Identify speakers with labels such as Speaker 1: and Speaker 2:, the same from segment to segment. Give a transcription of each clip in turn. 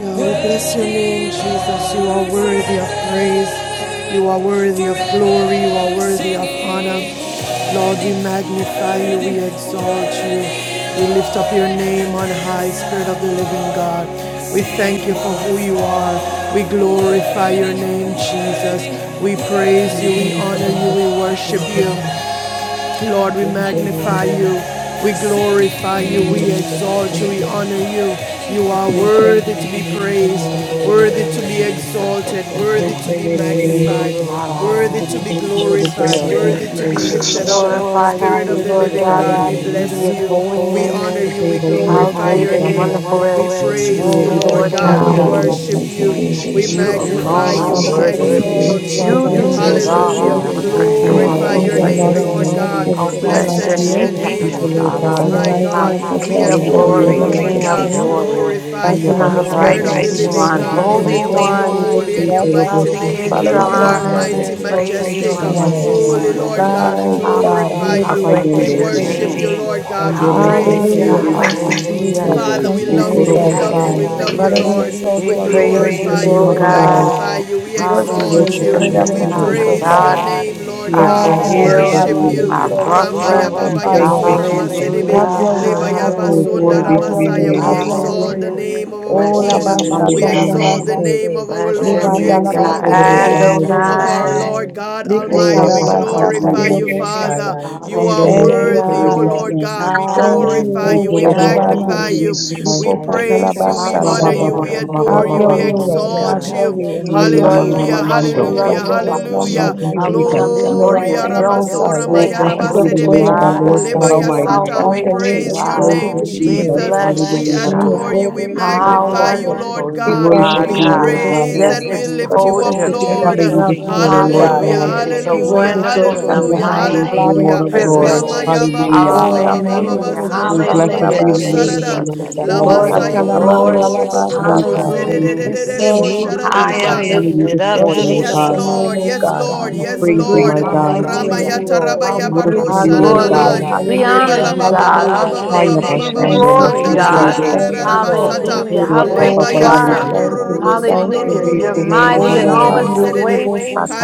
Speaker 1: We bless your name, Jesus. You are worthy of praise. You are worthy of glory. You are worthy of honor. Lord, we magnify you. We exalt you. We lift up your name on high, Spirit of the living God. We thank you for who you are. We glorify your name, Jesus. We praise
Speaker 2: Praise
Speaker 1: you.
Speaker 2: the
Speaker 1: We honor
Speaker 2: Lord.
Speaker 1: you. We
Speaker 2: Thank you,
Speaker 1: worship
Speaker 2: Lord.
Speaker 1: you.
Speaker 2: We
Speaker 1: Lord, we
Speaker 2: bless you, Lord.
Speaker 1: magnify you. We
Speaker 2: We
Speaker 1: glorify
Speaker 2: honor
Speaker 1: you. We exalt you.
Speaker 2: Hallelujah.
Speaker 1: We honor you. You
Speaker 2: We
Speaker 1: are
Speaker 2: praise you,
Speaker 1: worthy
Speaker 2: King
Speaker 1: to
Speaker 2: of
Speaker 1: be
Speaker 2: Kings and
Speaker 1: praised,
Speaker 2: Lord of Lords.
Speaker 1: worthy to be
Speaker 3: You,
Speaker 1: exalted,
Speaker 2: We
Speaker 1: worthy
Speaker 2: praise
Speaker 1: to
Speaker 2: you,
Speaker 1: be
Speaker 2: great I am.
Speaker 1: magnified,
Speaker 3: God,
Speaker 1: worthy
Speaker 2: Father, we
Speaker 1: to be
Speaker 2: thank you for this day
Speaker 4: We
Speaker 1: glorified,
Speaker 2: that
Speaker 3: still.
Speaker 4: give
Speaker 2: you
Speaker 4: you
Speaker 2: have
Speaker 1: worthy to be
Speaker 4: thanks
Speaker 2: made.
Speaker 3: We
Speaker 4: this
Speaker 1: lifted
Speaker 4: morning.
Speaker 1: up.
Speaker 3: glorify you,
Speaker 2: We
Speaker 1: Spirit
Speaker 3: dear
Speaker 1: of
Speaker 2: thank
Speaker 1: the
Speaker 2: you,
Speaker 3: Lord
Speaker 2: Lord
Speaker 1: living
Speaker 3: God,
Speaker 2: God.
Speaker 3: in the
Speaker 1: God, we
Speaker 2: This
Speaker 1: bless
Speaker 3: beauty of
Speaker 1: you. We
Speaker 3: holiness.
Speaker 4: We
Speaker 2: is
Speaker 1: honor
Speaker 2: the
Speaker 1: you.
Speaker 2: day
Speaker 1: We
Speaker 2: that
Speaker 4: glorify
Speaker 2: you
Speaker 4: you.
Speaker 3: How
Speaker 2: have
Speaker 1: glorify
Speaker 3: great
Speaker 2: made,
Speaker 1: your
Speaker 3: and
Speaker 2: God.
Speaker 1: name.
Speaker 3: wonderful is
Speaker 1: We
Speaker 3: your name,
Speaker 2: And we
Speaker 1: praise
Speaker 2: will
Speaker 1: you, Lord
Speaker 2: rejoice
Speaker 3: Lord
Speaker 2: and be
Speaker 1: God. We
Speaker 2: glad
Speaker 3: God.
Speaker 2: in
Speaker 5: Hallelujah.
Speaker 2: it,
Speaker 1: worship
Speaker 2: my
Speaker 5: Thank you,
Speaker 2: God.
Speaker 4: Praise
Speaker 1: you.
Speaker 4: your
Speaker 1: We
Speaker 5: Jesus.
Speaker 4: name.
Speaker 3: You
Speaker 4: We
Speaker 2: We
Speaker 1: magnify
Speaker 3: alone
Speaker 4: praise
Speaker 2: thank
Speaker 1: you.
Speaker 3: are
Speaker 4: your
Speaker 1: We
Speaker 5: Father,
Speaker 2: you
Speaker 5: we
Speaker 4: name. We
Speaker 3: worthy.
Speaker 5: praise
Speaker 2: for the
Speaker 5: you,
Speaker 4: praise
Speaker 5: we
Speaker 2: love
Speaker 1: exalt
Speaker 4: you.
Speaker 2: of
Speaker 1: you.
Speaker 5: exalt
Speaker 3: You
Speaker 5: you,
Speaker 2: God.
Speaker 5: we
Speaker 3: deserve
Speaker 5: worship
Speaker 3: all the
Speaker 1: Hallelujah.
Speaker 5: you.
Speaker 1: We
Speaker 2: We
Speaker 3: honor
Speaker 2: thank
Speaker 3: and
Speaker 2: you,
Speaker 5: King
Speaker 2: Lord
Speaker 5: of
Speaker 3: all
Speaker 2: God,
Speaker 1: glorify
Speaker 3: the
Speaker 1: magnify your
Speaker 2: for
Speaker 5: kings and
Speaker 2: grace and
Speaker 5: Lord
Speaker 1: name, Lord
Speaker 3: praise.
Speaker 5: of
Speaker 2: for
Speaker 5: lords,
Speaker 1: God.
Speaker 2: mercy.
Speaker 5: there
Speaker 3: Oh,
Speaker 5: is
Speaker 1: Oh,
Speaker 5: none
Speaker 1: Blessed God.
Speaker 3: bless
Speaker 5: like
Speaker 3: your
Speaker 1: be
Speaker 5: you.
Speaker 1: the
Speaker 3: name,
Speaker 1: name,
Speaker 2: Thank
Speaker 1: of
Speaker 2: you,
Speaker 3: Heavenly
Speaker 1: the
Speaker 2: Lord
Speaker 1: Most
Speaker 3: Father.
Speaker 5: From the
Speaker 2: God.
Speaker 1: High
Speaker 5: rising of
Speaker 3: Holy
Speaker 5: the
Speaker 1: God. We
Speaker 3: King
Speaker 5: sun
Speaker 3: of
Speaker 2: Hallelujah,
Speaker 5: until the
Speaker 1: adore you,
Speaker 2: your
Speaker 5: going
Speaker 3: glory,
Speaker 5: down
Speaker 2: holy
Speaker 5: of
Speaker 1: Lord
Speaker 5: the
Speaker 3: King of
Speaker 1: God.
Speaker 2: name.
Speaker 5: same,
Speaker 1: We
Speaker 3: glory.
Speaker 1: glorify
Speaker 5: God,
Speaker 2: Haya
Speaker 5: your
Speaker 1: you.
Speaker 5: name
Speaker 3: Our
Speaker 1: Spirit
Speaker 5: is
Speaker 1: of
Speaker 2: bashando,
Speaker 1: the
Speaker 5: worthy to be
Speaker 3: righteous
Speaker 1: living
Speaker 3: one,
Speaker 5: praised,
Speaker 1: God,
Speaker 5: your
Speaker 1: one, we lift up
Speaker 5: name
Speaker 2: mosaic,
Speaker 5: is
Speaker 3: Holy
Speaker 1: holy
Speaker 5: worthy
Speaker 1: your
Speaker 5: to
Speaker 3: One.
Speaker 5: be
Speaker 1: holy and
Speaker 2: Ye
Speaker 5: lifted
Speaker 1: your
Speaker 5: up.
Speaker 1: mighty
Speaker 3: Oh,
Speaker 2: korobo
Speaker 1: Yes,
Speaker 3: we
Speaker 2: si
Speaker 1: name.
Speaker 3: give
Speaker 5: Father,
Speaker 3: you
Speaker 1: You
Speaker 2: terebe
Speaker 5: we
Speaker 1: are
Speaker 5: bless you
Speaker 2: san,
Speaker 3: honor.
Speaker 5: and
Speaker 1: mighty,
Speaker 5: we
Speaker 3: We
Speaker 1: majestic,
Speaker 5: exalt
Speaker 3: praise
Speaker 5: you
Speaker 3: you
Speaker 5: this
Speaker 3: on
Speaker 2: rama
Speaker 3: this
Speaker 5: morning.
Speaker 1: holy,
Speaker 2: mando,
Speaker 1: Lord
Speaker 3: morning.
Speaker 1: God. We
Speaker 5: My
Speaker 1: Ah,
Speaker 5: God,
Speaker 1: glorify
Speaker 3: Hallelujah.
Speaker 2: rapa
Speaker 5: we
Speaker 3: How
Speaker 1: you
Speaker 2: papa
Speaker 1: We
Speaker 5: exalt
Speaker 3: great
Speaker 5: you,
Speaker 3: is
Speaker 5: we
Speaker 2: yende,
Speaker 3: your
Speaker 5: praise
Speaker 1: worship you,
Speaker 3: name.
Speaker 6: Hallelujah.
Speaker 5: you.
Speaker 1: Lord God. We
Speaker 2: shando
Speaker 1: praise you.
Speaker 2: mo se
Speaker 3: Hallelujah.
Speaker 5: Hallelujah.
Speaker 2: terebe
Speaker 5: Thank you,
Speaker 2: si,
Speaker 3: Hallelujah.
Speaker 5: Jesus.
Speaker 1: Father,
Speaker 6: Glory
Speaker 5: Thank
Speaker 1: we
Speaker 6: be
Speaker 5: you,
Speaker 2: ye
Speaker 1: love
Speaker 6: to
Speaker 1: you,
Speaker 3: Hey,
Speaker 1: we
Speaker 2: korobo
Speaker 5: Jesus.
Speaker 1: love
Speaker 6: God.
Speaker 1: you,
Speaker 3: I
Speaker 1: we
Speaker 2: san.
Speaker 1: love you,
Speaker 6: Hallelujah.
Speaker 5: Father,
Speaker 3: praises.
Speaker 5: we
Speaker 1: Lord. we
Speaker 5: exalt
Speaker 3: We
Speaker 5: you and we
Speaker 1: glorify
Speaker 2: Praise
Speaker 3: praise
Speaker 5: worship
Speaker 2: the
Speaker 3: you,
Speaker 5: you,
Speaker 1: you,
Speaker 2: name
Speaker 3: oh
Speaker 1: we
Speaker 2: of
Speaker 5: Lord
Speaker 2: the
Speaker 1: magnify
Speaker 5: God.
Speaker 2: Lord.
Speaker 3: God.
Speaker 1: you, we
Speaker 5: We
Speaker 1: exalt you,
Speaker 2: We
Speaker 5: worship you in
Speaker 2: worship
Speaker 3: Hallelujah.
Speaker 2: you
Speaker 5: spirit
Speaker 2: this
Speaker 5: and
Speaker 1: we
Speaker 5: in
Speaker 3: You
Speaker 5: truth,
Speaker 3: are our
Speaker 2: morning.
Speaker 5: O
Speaker 1: praise magnify
Speaker 6: Hallelujah.
Speaker 1: you,
Speaker 3: God,
Speaker 1: your
Speaker 5: God.
Speaker 3: and
Speaker 1: name, Lord
Speaker 2: We
Speaker 3: our
Speaker 1: God.
Speaker 6: Thank
Speaker 2: exalt
Speaker 1: We
Speaker 5: My
Speaker 2: you.
Speaker 3: shield,
Speaker 5: God,
Speaker 1: worship
Speaker 5: we
Speaker 1: you.
Speaker 6: you, Lord. Hallelujah.
Speaker 2: Hallelujah.
Speaker 6: Thank you,
Speaker 3: our
Speaker 1: I
Speaker 5: exalt
Speaker 1: was
Speaker 5: you, we
Speaker 1: Ramaya
Speaker 3: buckler.
Speaker 1: Baba
Speaker 2: We
Speaker 1: worthy
Speaker 5: magnify
Speaker 1: Yasura
Speaker 2: thank
Speaker 5: you.
Speaker 2: you,
Speaker 1: before you
Speaker 2: Jesus.
Speaker 1: Masedebe,
Speaker 5: Have
Speaker 3: Hallelujah.
Speaker 5: your way,
Speaker 1: Lebaya
Speaker 5: have
Speaker 1: were.
Speaker 5: your
Speaker 2: Oh,
Speaker 5: way,
Speaker 1: Basunda
Speaker 3: Hallelujah.
Speaker 5: have
Speaker 2: glory to
Speaker 5: your
Speaker 2: your
Speaker 5: way,
Speaker 1: We
Speaker 5: have
Speaker 2: name.
Speaker 5: your way.
Speaker 1: exalt the
Speaker 3: Hallelujah.
Speaker 1: name of our
Speaker 5: Oh,
Speaker 3: Blessed
Speaker 1: King.
Speaker 4: We
Speaker 3: you,
Speaker 1: We
Speaker 5: Labashata,
Speaker 4: worship
Speaker 3: God.
Speaker 2: Hallelujah.
Speaker 1: exalt
Speaker 4: you
Speaker 1: the
Speaker 5: Lalabaste,
Speaker 4: this
Speaker 1: name of
Speaker 4: morning,
Speaker 1: our
Speaker 3: Bless
Speaker 4: Lord
Speaker 3: your
Speaker 1: Lord. We
Speaker 4: God.
Speaker 5: Libanda,
Speaker 3: name,
Speaker 2: Thank
Speaker 1: exalt
Speaker 3: God.
Speaker 2: the
Speaker 1: the
Speaker 5: Labaste,
Speaker 2: Lord
Speaker 1: name
Speaker 2: God.
Speaker 1: of
Speaker 4: Thank
Speaker 1: our
Speaker 4: you.
Speaker 5: Tedidididisatai,
Speaker 3: Adonai.
Speaker 1: Lord
Speaker 4: We
Speaker 1: God
Speaker 6: Lord.
Speaker 5: Lipu,
Speaker 2: Oh,
Speaker 4: Bless
Speaker 1: Almighty. We
Speaker 4: you.
Speaker 3: Yahweh.
Speaker 2: rapa papa
Speaker 5: Karabasata,
Speaker 1: glorify you,
Speaker 2: yende,
Speaker 4: We adore
Speaker 1: Father.
Speaker 5: Lirobosai.
Speaker 4: your
Speaker 1: You
Speaker 4: name,
Speaker 1: are
Speaker 2: shando mo
Speaker 4: mighty
Speaker 5: Thank
Speaker 2: se
Speaker 5: you,
Speaker 4: God.
Speaker 1: worthy, O
Speaker 3: Hallelujah.
Speaker 4: How
Speaker 2: terebe
Speaker 5: Jesus.
Speaker 1: Lord
Speaker 4: much
Speaker 2: si,
Speaker 4: we
Speaker 1: God. We
Speaker 4: could
Speaker 5: Thank
Speaker 4: have
Speaker 5: you,
Speaker 1: glorify
Speaker 4: been.
Speaker 2: ye
Speaker 5: oh,
Speaker 1: you. We
Speaker 2: korobo
Speaker 6: Thank you,
Speaker 2: si
Speaker 3: Hallelujah.
Speaker 1: magnify
Speaker 5: Sharabandi,
Speaker 2: terebe
Speaker 4: Jesus,
Speaker 1: you.
Speaker 4: we
Speaker 2: san,
Speaker 1: We
Speaker 5: Lipu,
Speaker 4: lift
Speaker 6: Lord.
Speaker 4: you up
Speaker 1: praise you. We
Speaker 4: this
Speaker 1: honor
Speaker 2: rapa
Speaker 5: Katalabasatai.
Speaker 4: morning.
Speaker 1: you.
Speaker 2: papa
Speaker 1: We
Speaker 3: Hallelujah.
Speaker 2: papa
Speaker 5: Have
Speaker 1: adore you.
Speaker 4: We
Speaker 5: your
Speaker 2: papa
Speaker 1: We
Speaker 5: way,
Speaker 3: Glorious
Speaker 4: praise
Speaker 5: Lord.
Speaker 4: your
Speaker 5: Have
Speaker 1: exalt
Speaker 3: God.
Speaker 5: your
Speaker 1: you.
Speaker 4: name.
Speaker 5: way. Have
Speaker 3: We
Speaker 5: your
Speaker 4: We
Speaker 3: love
Speaker 5: way.
Speaker 1: Hallelujah.
Speaker 3: you,
Speaker 4: This
Speaker 3: God. We
Speaker 2: Yamamamamando.
Speaker 5: Oh
Speaker 1: Hallelujah.
Speaker 4: morning,
Speaker 3: love
Speaker 5: God,
Speaker 3: you,
Speaker 5: there is
Speaker 4: Father,
Speaker 3: Father.
Speaker 5: none
Speaker 2: Thank
Speaker 1: Hallelujah.
Speaker 5: like
Speaker 1: Hallelujah. like
Speaker 2: you,
Speaker 3: How
Speaker 5: you.
Speaker 4: we
Speaker 3: we
Speaker 2: Jesus.
Speaker 3: come
Speaker 5: From the
Speaker 3: before
Speaker 4: exalt
Speaker 1: Glory.
Speaker 3: your
Speaker 1: snow.
Speaker 4: your
Speaker 5: rising of the
Speaker 3: throne
Speaker 4: name.
Speaker 3: to
Speaker 1: Aramasora Make us
Speaker 5: sun
Speaker 4: God.
Speaker 2: Oh,
Speaker 3: say
Speaker 4: We
Speaker 3: how
Speaker 2: blessed
Speaker 5: until
Speaker 2: be
Speaker 5: the
Speaker 2: the
Speaker 3: good you
Speaker 1: mayarabasedebe.
Speaker 5: going
Speaker 2: name of
Speaker 5: down
Speaker 2: the
Speaker 4: magnify
Speaker 1: holy
Speaker 5: of
Speaker 3: are.
Speaker 4: the
Speaker 5: the
Speaker 2: Lord
Speaker 1: as
Speaker 4: name
Speaker 2: God
Speaker 4: of
Speaker 1: Lebaya
Speaker 5: same.
Speaker 4: the
Speaker 2: Almighty.
Speaker 3: How
Speaker 4: Lord
Speaker 1: sata.
Speaker 5: God,
Speaker 1: We
Speaker 5: your
Speaker 4: God.
Speaker 3: great
Speaker 5: name
Speaker 3: you
Speaker 1: praise
Speaker 5: is
Speaker 1: your
Speaker 3: are.
Speaker 2: Thank
Speaker 5: worthy
Speaker 1: name,
Speaker 4: Almighty.
Speaker 5: to
Speaker 2: you,
Speaker 5: be
Speaker 3: We
Speaker 2: Jesus.
Speaker 1: Jesus.
Speaker 5: praised.
Speaker 3: bless
Speaker 1: We
Speaker 3: you,
Speaker 5: Your
Speaker 2: Hallelujah.
Speaker 5: name
Speaker 1: adore
Speaker 5: is
Speaker 3: God.
Speaker 1: you.
Speaker 5: worthy
Speaker 1: We
Speaker 5: to be
Speaker 3: How
Speaker 5: lifted
Speaker 1: magnify
Speaker 5: up.
Speaker 4: Glory
Speaker 1: you, Lord
Speaker 3: wonderful
Speaker 2: We
Speaker 5: We
Speaker 3: you
Speaker 1: God. We Yes,
Speaker 4: Thank
Speaker 5: thank
Speaker 2: worship
Speaker 3: are,
Speaker 5: you,
Speaker 2: you,
Speaker 5: Lord, for
Speaker 3: God.
Speaker 2: Lord
Speaker 5: this
Speaker 2: God.
Speaker 1: praise
Speaker 5: day.
Speaker 3: Yes,
Speaker 1: and
Speaker 3: to
Speaker 1: we
Speaker 5: For
Speaker 1: lift you
Speaker 5: this
Speaker 3: behold
Speaker 1: up,
Speaker 5: is
Speaker 3: your
Speaker 5: the
Speaker 2: We
Speaker 5: day that
Speaker 1: Lord.
Speaker 2: honor
Speaker 5: you
Speaker 3: beauty.
Speaker 2: you
Speaker 5: have
Speaker 2: this
Speaker 1: Hallelujah.
Speaker 5: made,
Speaker 2: morning,
Speaker 5: oh
Speaker 2: Lord
Speaker 5: God.
Speaker 1: Hallelujah.
Speaker 2: God.
Speaker 3: Hallelujah. It's a
Speaker 5: We will
Speaker 1: Hallelujah.
Speaker 3: wonderful
Speaker 5: rejoice
Speaker 3: and a
Speaker 5: and
Speaker 2: King
Speaker 5: be
Speaker 2: of
Speaker 1: Hallelujah.
Speaker 5: ha-
Speaker 2: kings
Speaker 3: mighty
Speaker 5: glad
Speaker 2: and
Speaker 5: in
Speaker 2: Lord
Speaker 1: Hallelujah.
Speaker 5: it
Speaker 2: of
Speaker 5: this
Speaker 2: lords.
Speaker 3: privilege.
Speaker 1: Lama
Speaker 5: morning.
Speaker 1: Yes, ya
Speaker 6: Hallelujah.
Speaker 1: ba ba ba ba
Speaker 2: Hallelujah.
Speaker 5: Oh, la
Speaker 1: ba ba
Speaker 5: mande de
Speaker 3: Hallelujah.
Speaker 5: de
Speaker 2: Oh,
Speaker 1: robo
Speaker 5: bestata la
Speaker 2: blessed
Speaker 3: Hallelujah,
Speaker 2: be the name
Speaker 5: base.
Speaker 2: of the
Speaker 1: sarada.
Speaker 3: Jesus.
Speaker 2: Lord God
Speaker 6: Glory,
Speaker 5: Oh,
Speaker 1: Lama
Speaker 3: Lord of
Speaker 2: Almighty.
Speaker 6: glory,
Speaker 5: kata
Speaker 1: sayo
Speaker 5: la
Speaker 1: Oh, robo bo bo
Speaker 5: manda
Speaker 6: glory,
Speaker 1: bo
Speaker 5: la
Speaker 3: Lords.
Speaker 1: bo bo
Speaker 2: Thank
Speaker 6: glory.
Speaker 1: bo
Speaker 2: you,
Speaker 1: se
Speaker 5: bastatai.
Speaker 1: de
Speaker 3: Hallelujah.
Speaker 2: Jesus.
Speaker 3: We see
Speaker 5: Thank
Speaker 3: you
Speaker 5: you,
Speaker 3: high
Speaker 5: Jesus.
Speaker 2: We
Speaker 3: and
Speaker 2: honor you
Speaker 3: lifted
Speaker 2: this
Speaker 5: Lord,
Speaker 3: up,
Speaker 5: we
Speaker 1: Yes,
Speaker 2: morning,
Speaker 5: lift
Speaker 2: Lord
Speaker 5: up your
Speaker 3: Jesus.
Speaker 2: God.
Speaker 5: name,
Speaker 1: Lord.
Speaker 5: O
Speaker 1: Yes,
Speaker 5: God.
Speaker 1: Lord.
Speaker 2: We
Speaker 1: Yes,
Speaker 2: praise you,
Speaker 3: Hallelujah.
Speaker 5: Great
Speaker 1: Lord.
Speaker 2: my
Speaker 5: and
Speaker 2: God.
Speaker 5: mighty
Speaker 6: Hallelujah.
Speaker 5: are
Speaker 3: Hallelujah.
Speaker 1: Ramaya
Speaker 5: you, Lord.
Speaker 3: How
Speaker 2: We
Speaker 1: tarabaya
Speaker 3: we give
Speaker 2: worship
Speaker 3: you
Speaker 2: you,
Speaker 1: baroshana
Speaker 2: Lord
Speaker 3: glory.
Speaker 5: Hallelujah,
Speaker 1: nanai.
Speaker 2: God.
Speaker 3: We
Speaker 1: Leba
Speaker 3: honor
Speaker 5: hallelujah,
Speaker 1: la
Speaker 3: you,
Speaker 1: ba ba
Speaker 3: God,
Speaker 1: baba
Speaker 3: on
Speaker 5: hallelujah.
Speaker 1: ba
Speaker 3: today.
Speaker 1: ba ba
Speaker 2: Haya
Speaker 3: We
Speaker 1: ba ba ba
Speaker 3: give
Speaker 1: ba
Speaker 3: you
Speaker 1: ba
Speaker 5: Thank
Speaker 2: bashando
Speaker 5: you,
Speaker 2: mo
Speaker 3: glory,
Speaker 1: sanda
Speaker 2: se
Speaker 1: da da
Speaker 3: God.
Speaker 5: Jesus.
Speaker 1: da
Speaker 2: terebe.
Speaker 5: Thank you, Lord.
Speaker 7: for
Speaker 1: sata.
Speaker 2: Oh,
Speaker 3: Hallelujah. How
Speaker 2: Rapa
Speaker 1: Leba
Speaker 5: Oh
Speaker 3: great
Speaker 2: Papa
Speaker 3: you
Speaker 1: ya
Speaker 5: God, we
Speaker 6: You
Speaker 2: Yende.
Speaker 3: are.
Speaker 6: are
Speaker 1: sondo
Speaker 5: thank
Speaker 6: the
Speaker 5: you, we
Speaker 1: robo
Speaker 6: Lord,
Speaker 7: moving
Speaker 6: and you
Speaker 5: thank
Speaker 1: sondo
Speaker 6: are the
Speaker 1: lo
Speaker 5: you.
Speaker 3: Hallelujah.
Speaker 1: lo
Speaker 2: Praise
Speaker 1: lo
Speaker 3: You're
Speaker 1: lo
Speaker 2: the
Speaker 1: lo lo
Speaker 2: name of
Speaker 1: bo
Speaker 2: the
Speaker 5: Oh
Speaker 3: mighty in
Speaker 1: shoro
Speaker 3: all
Speaker 1: bo
Speaker 3: of
Speaker 2: Lord.
Speaker 3: your ways.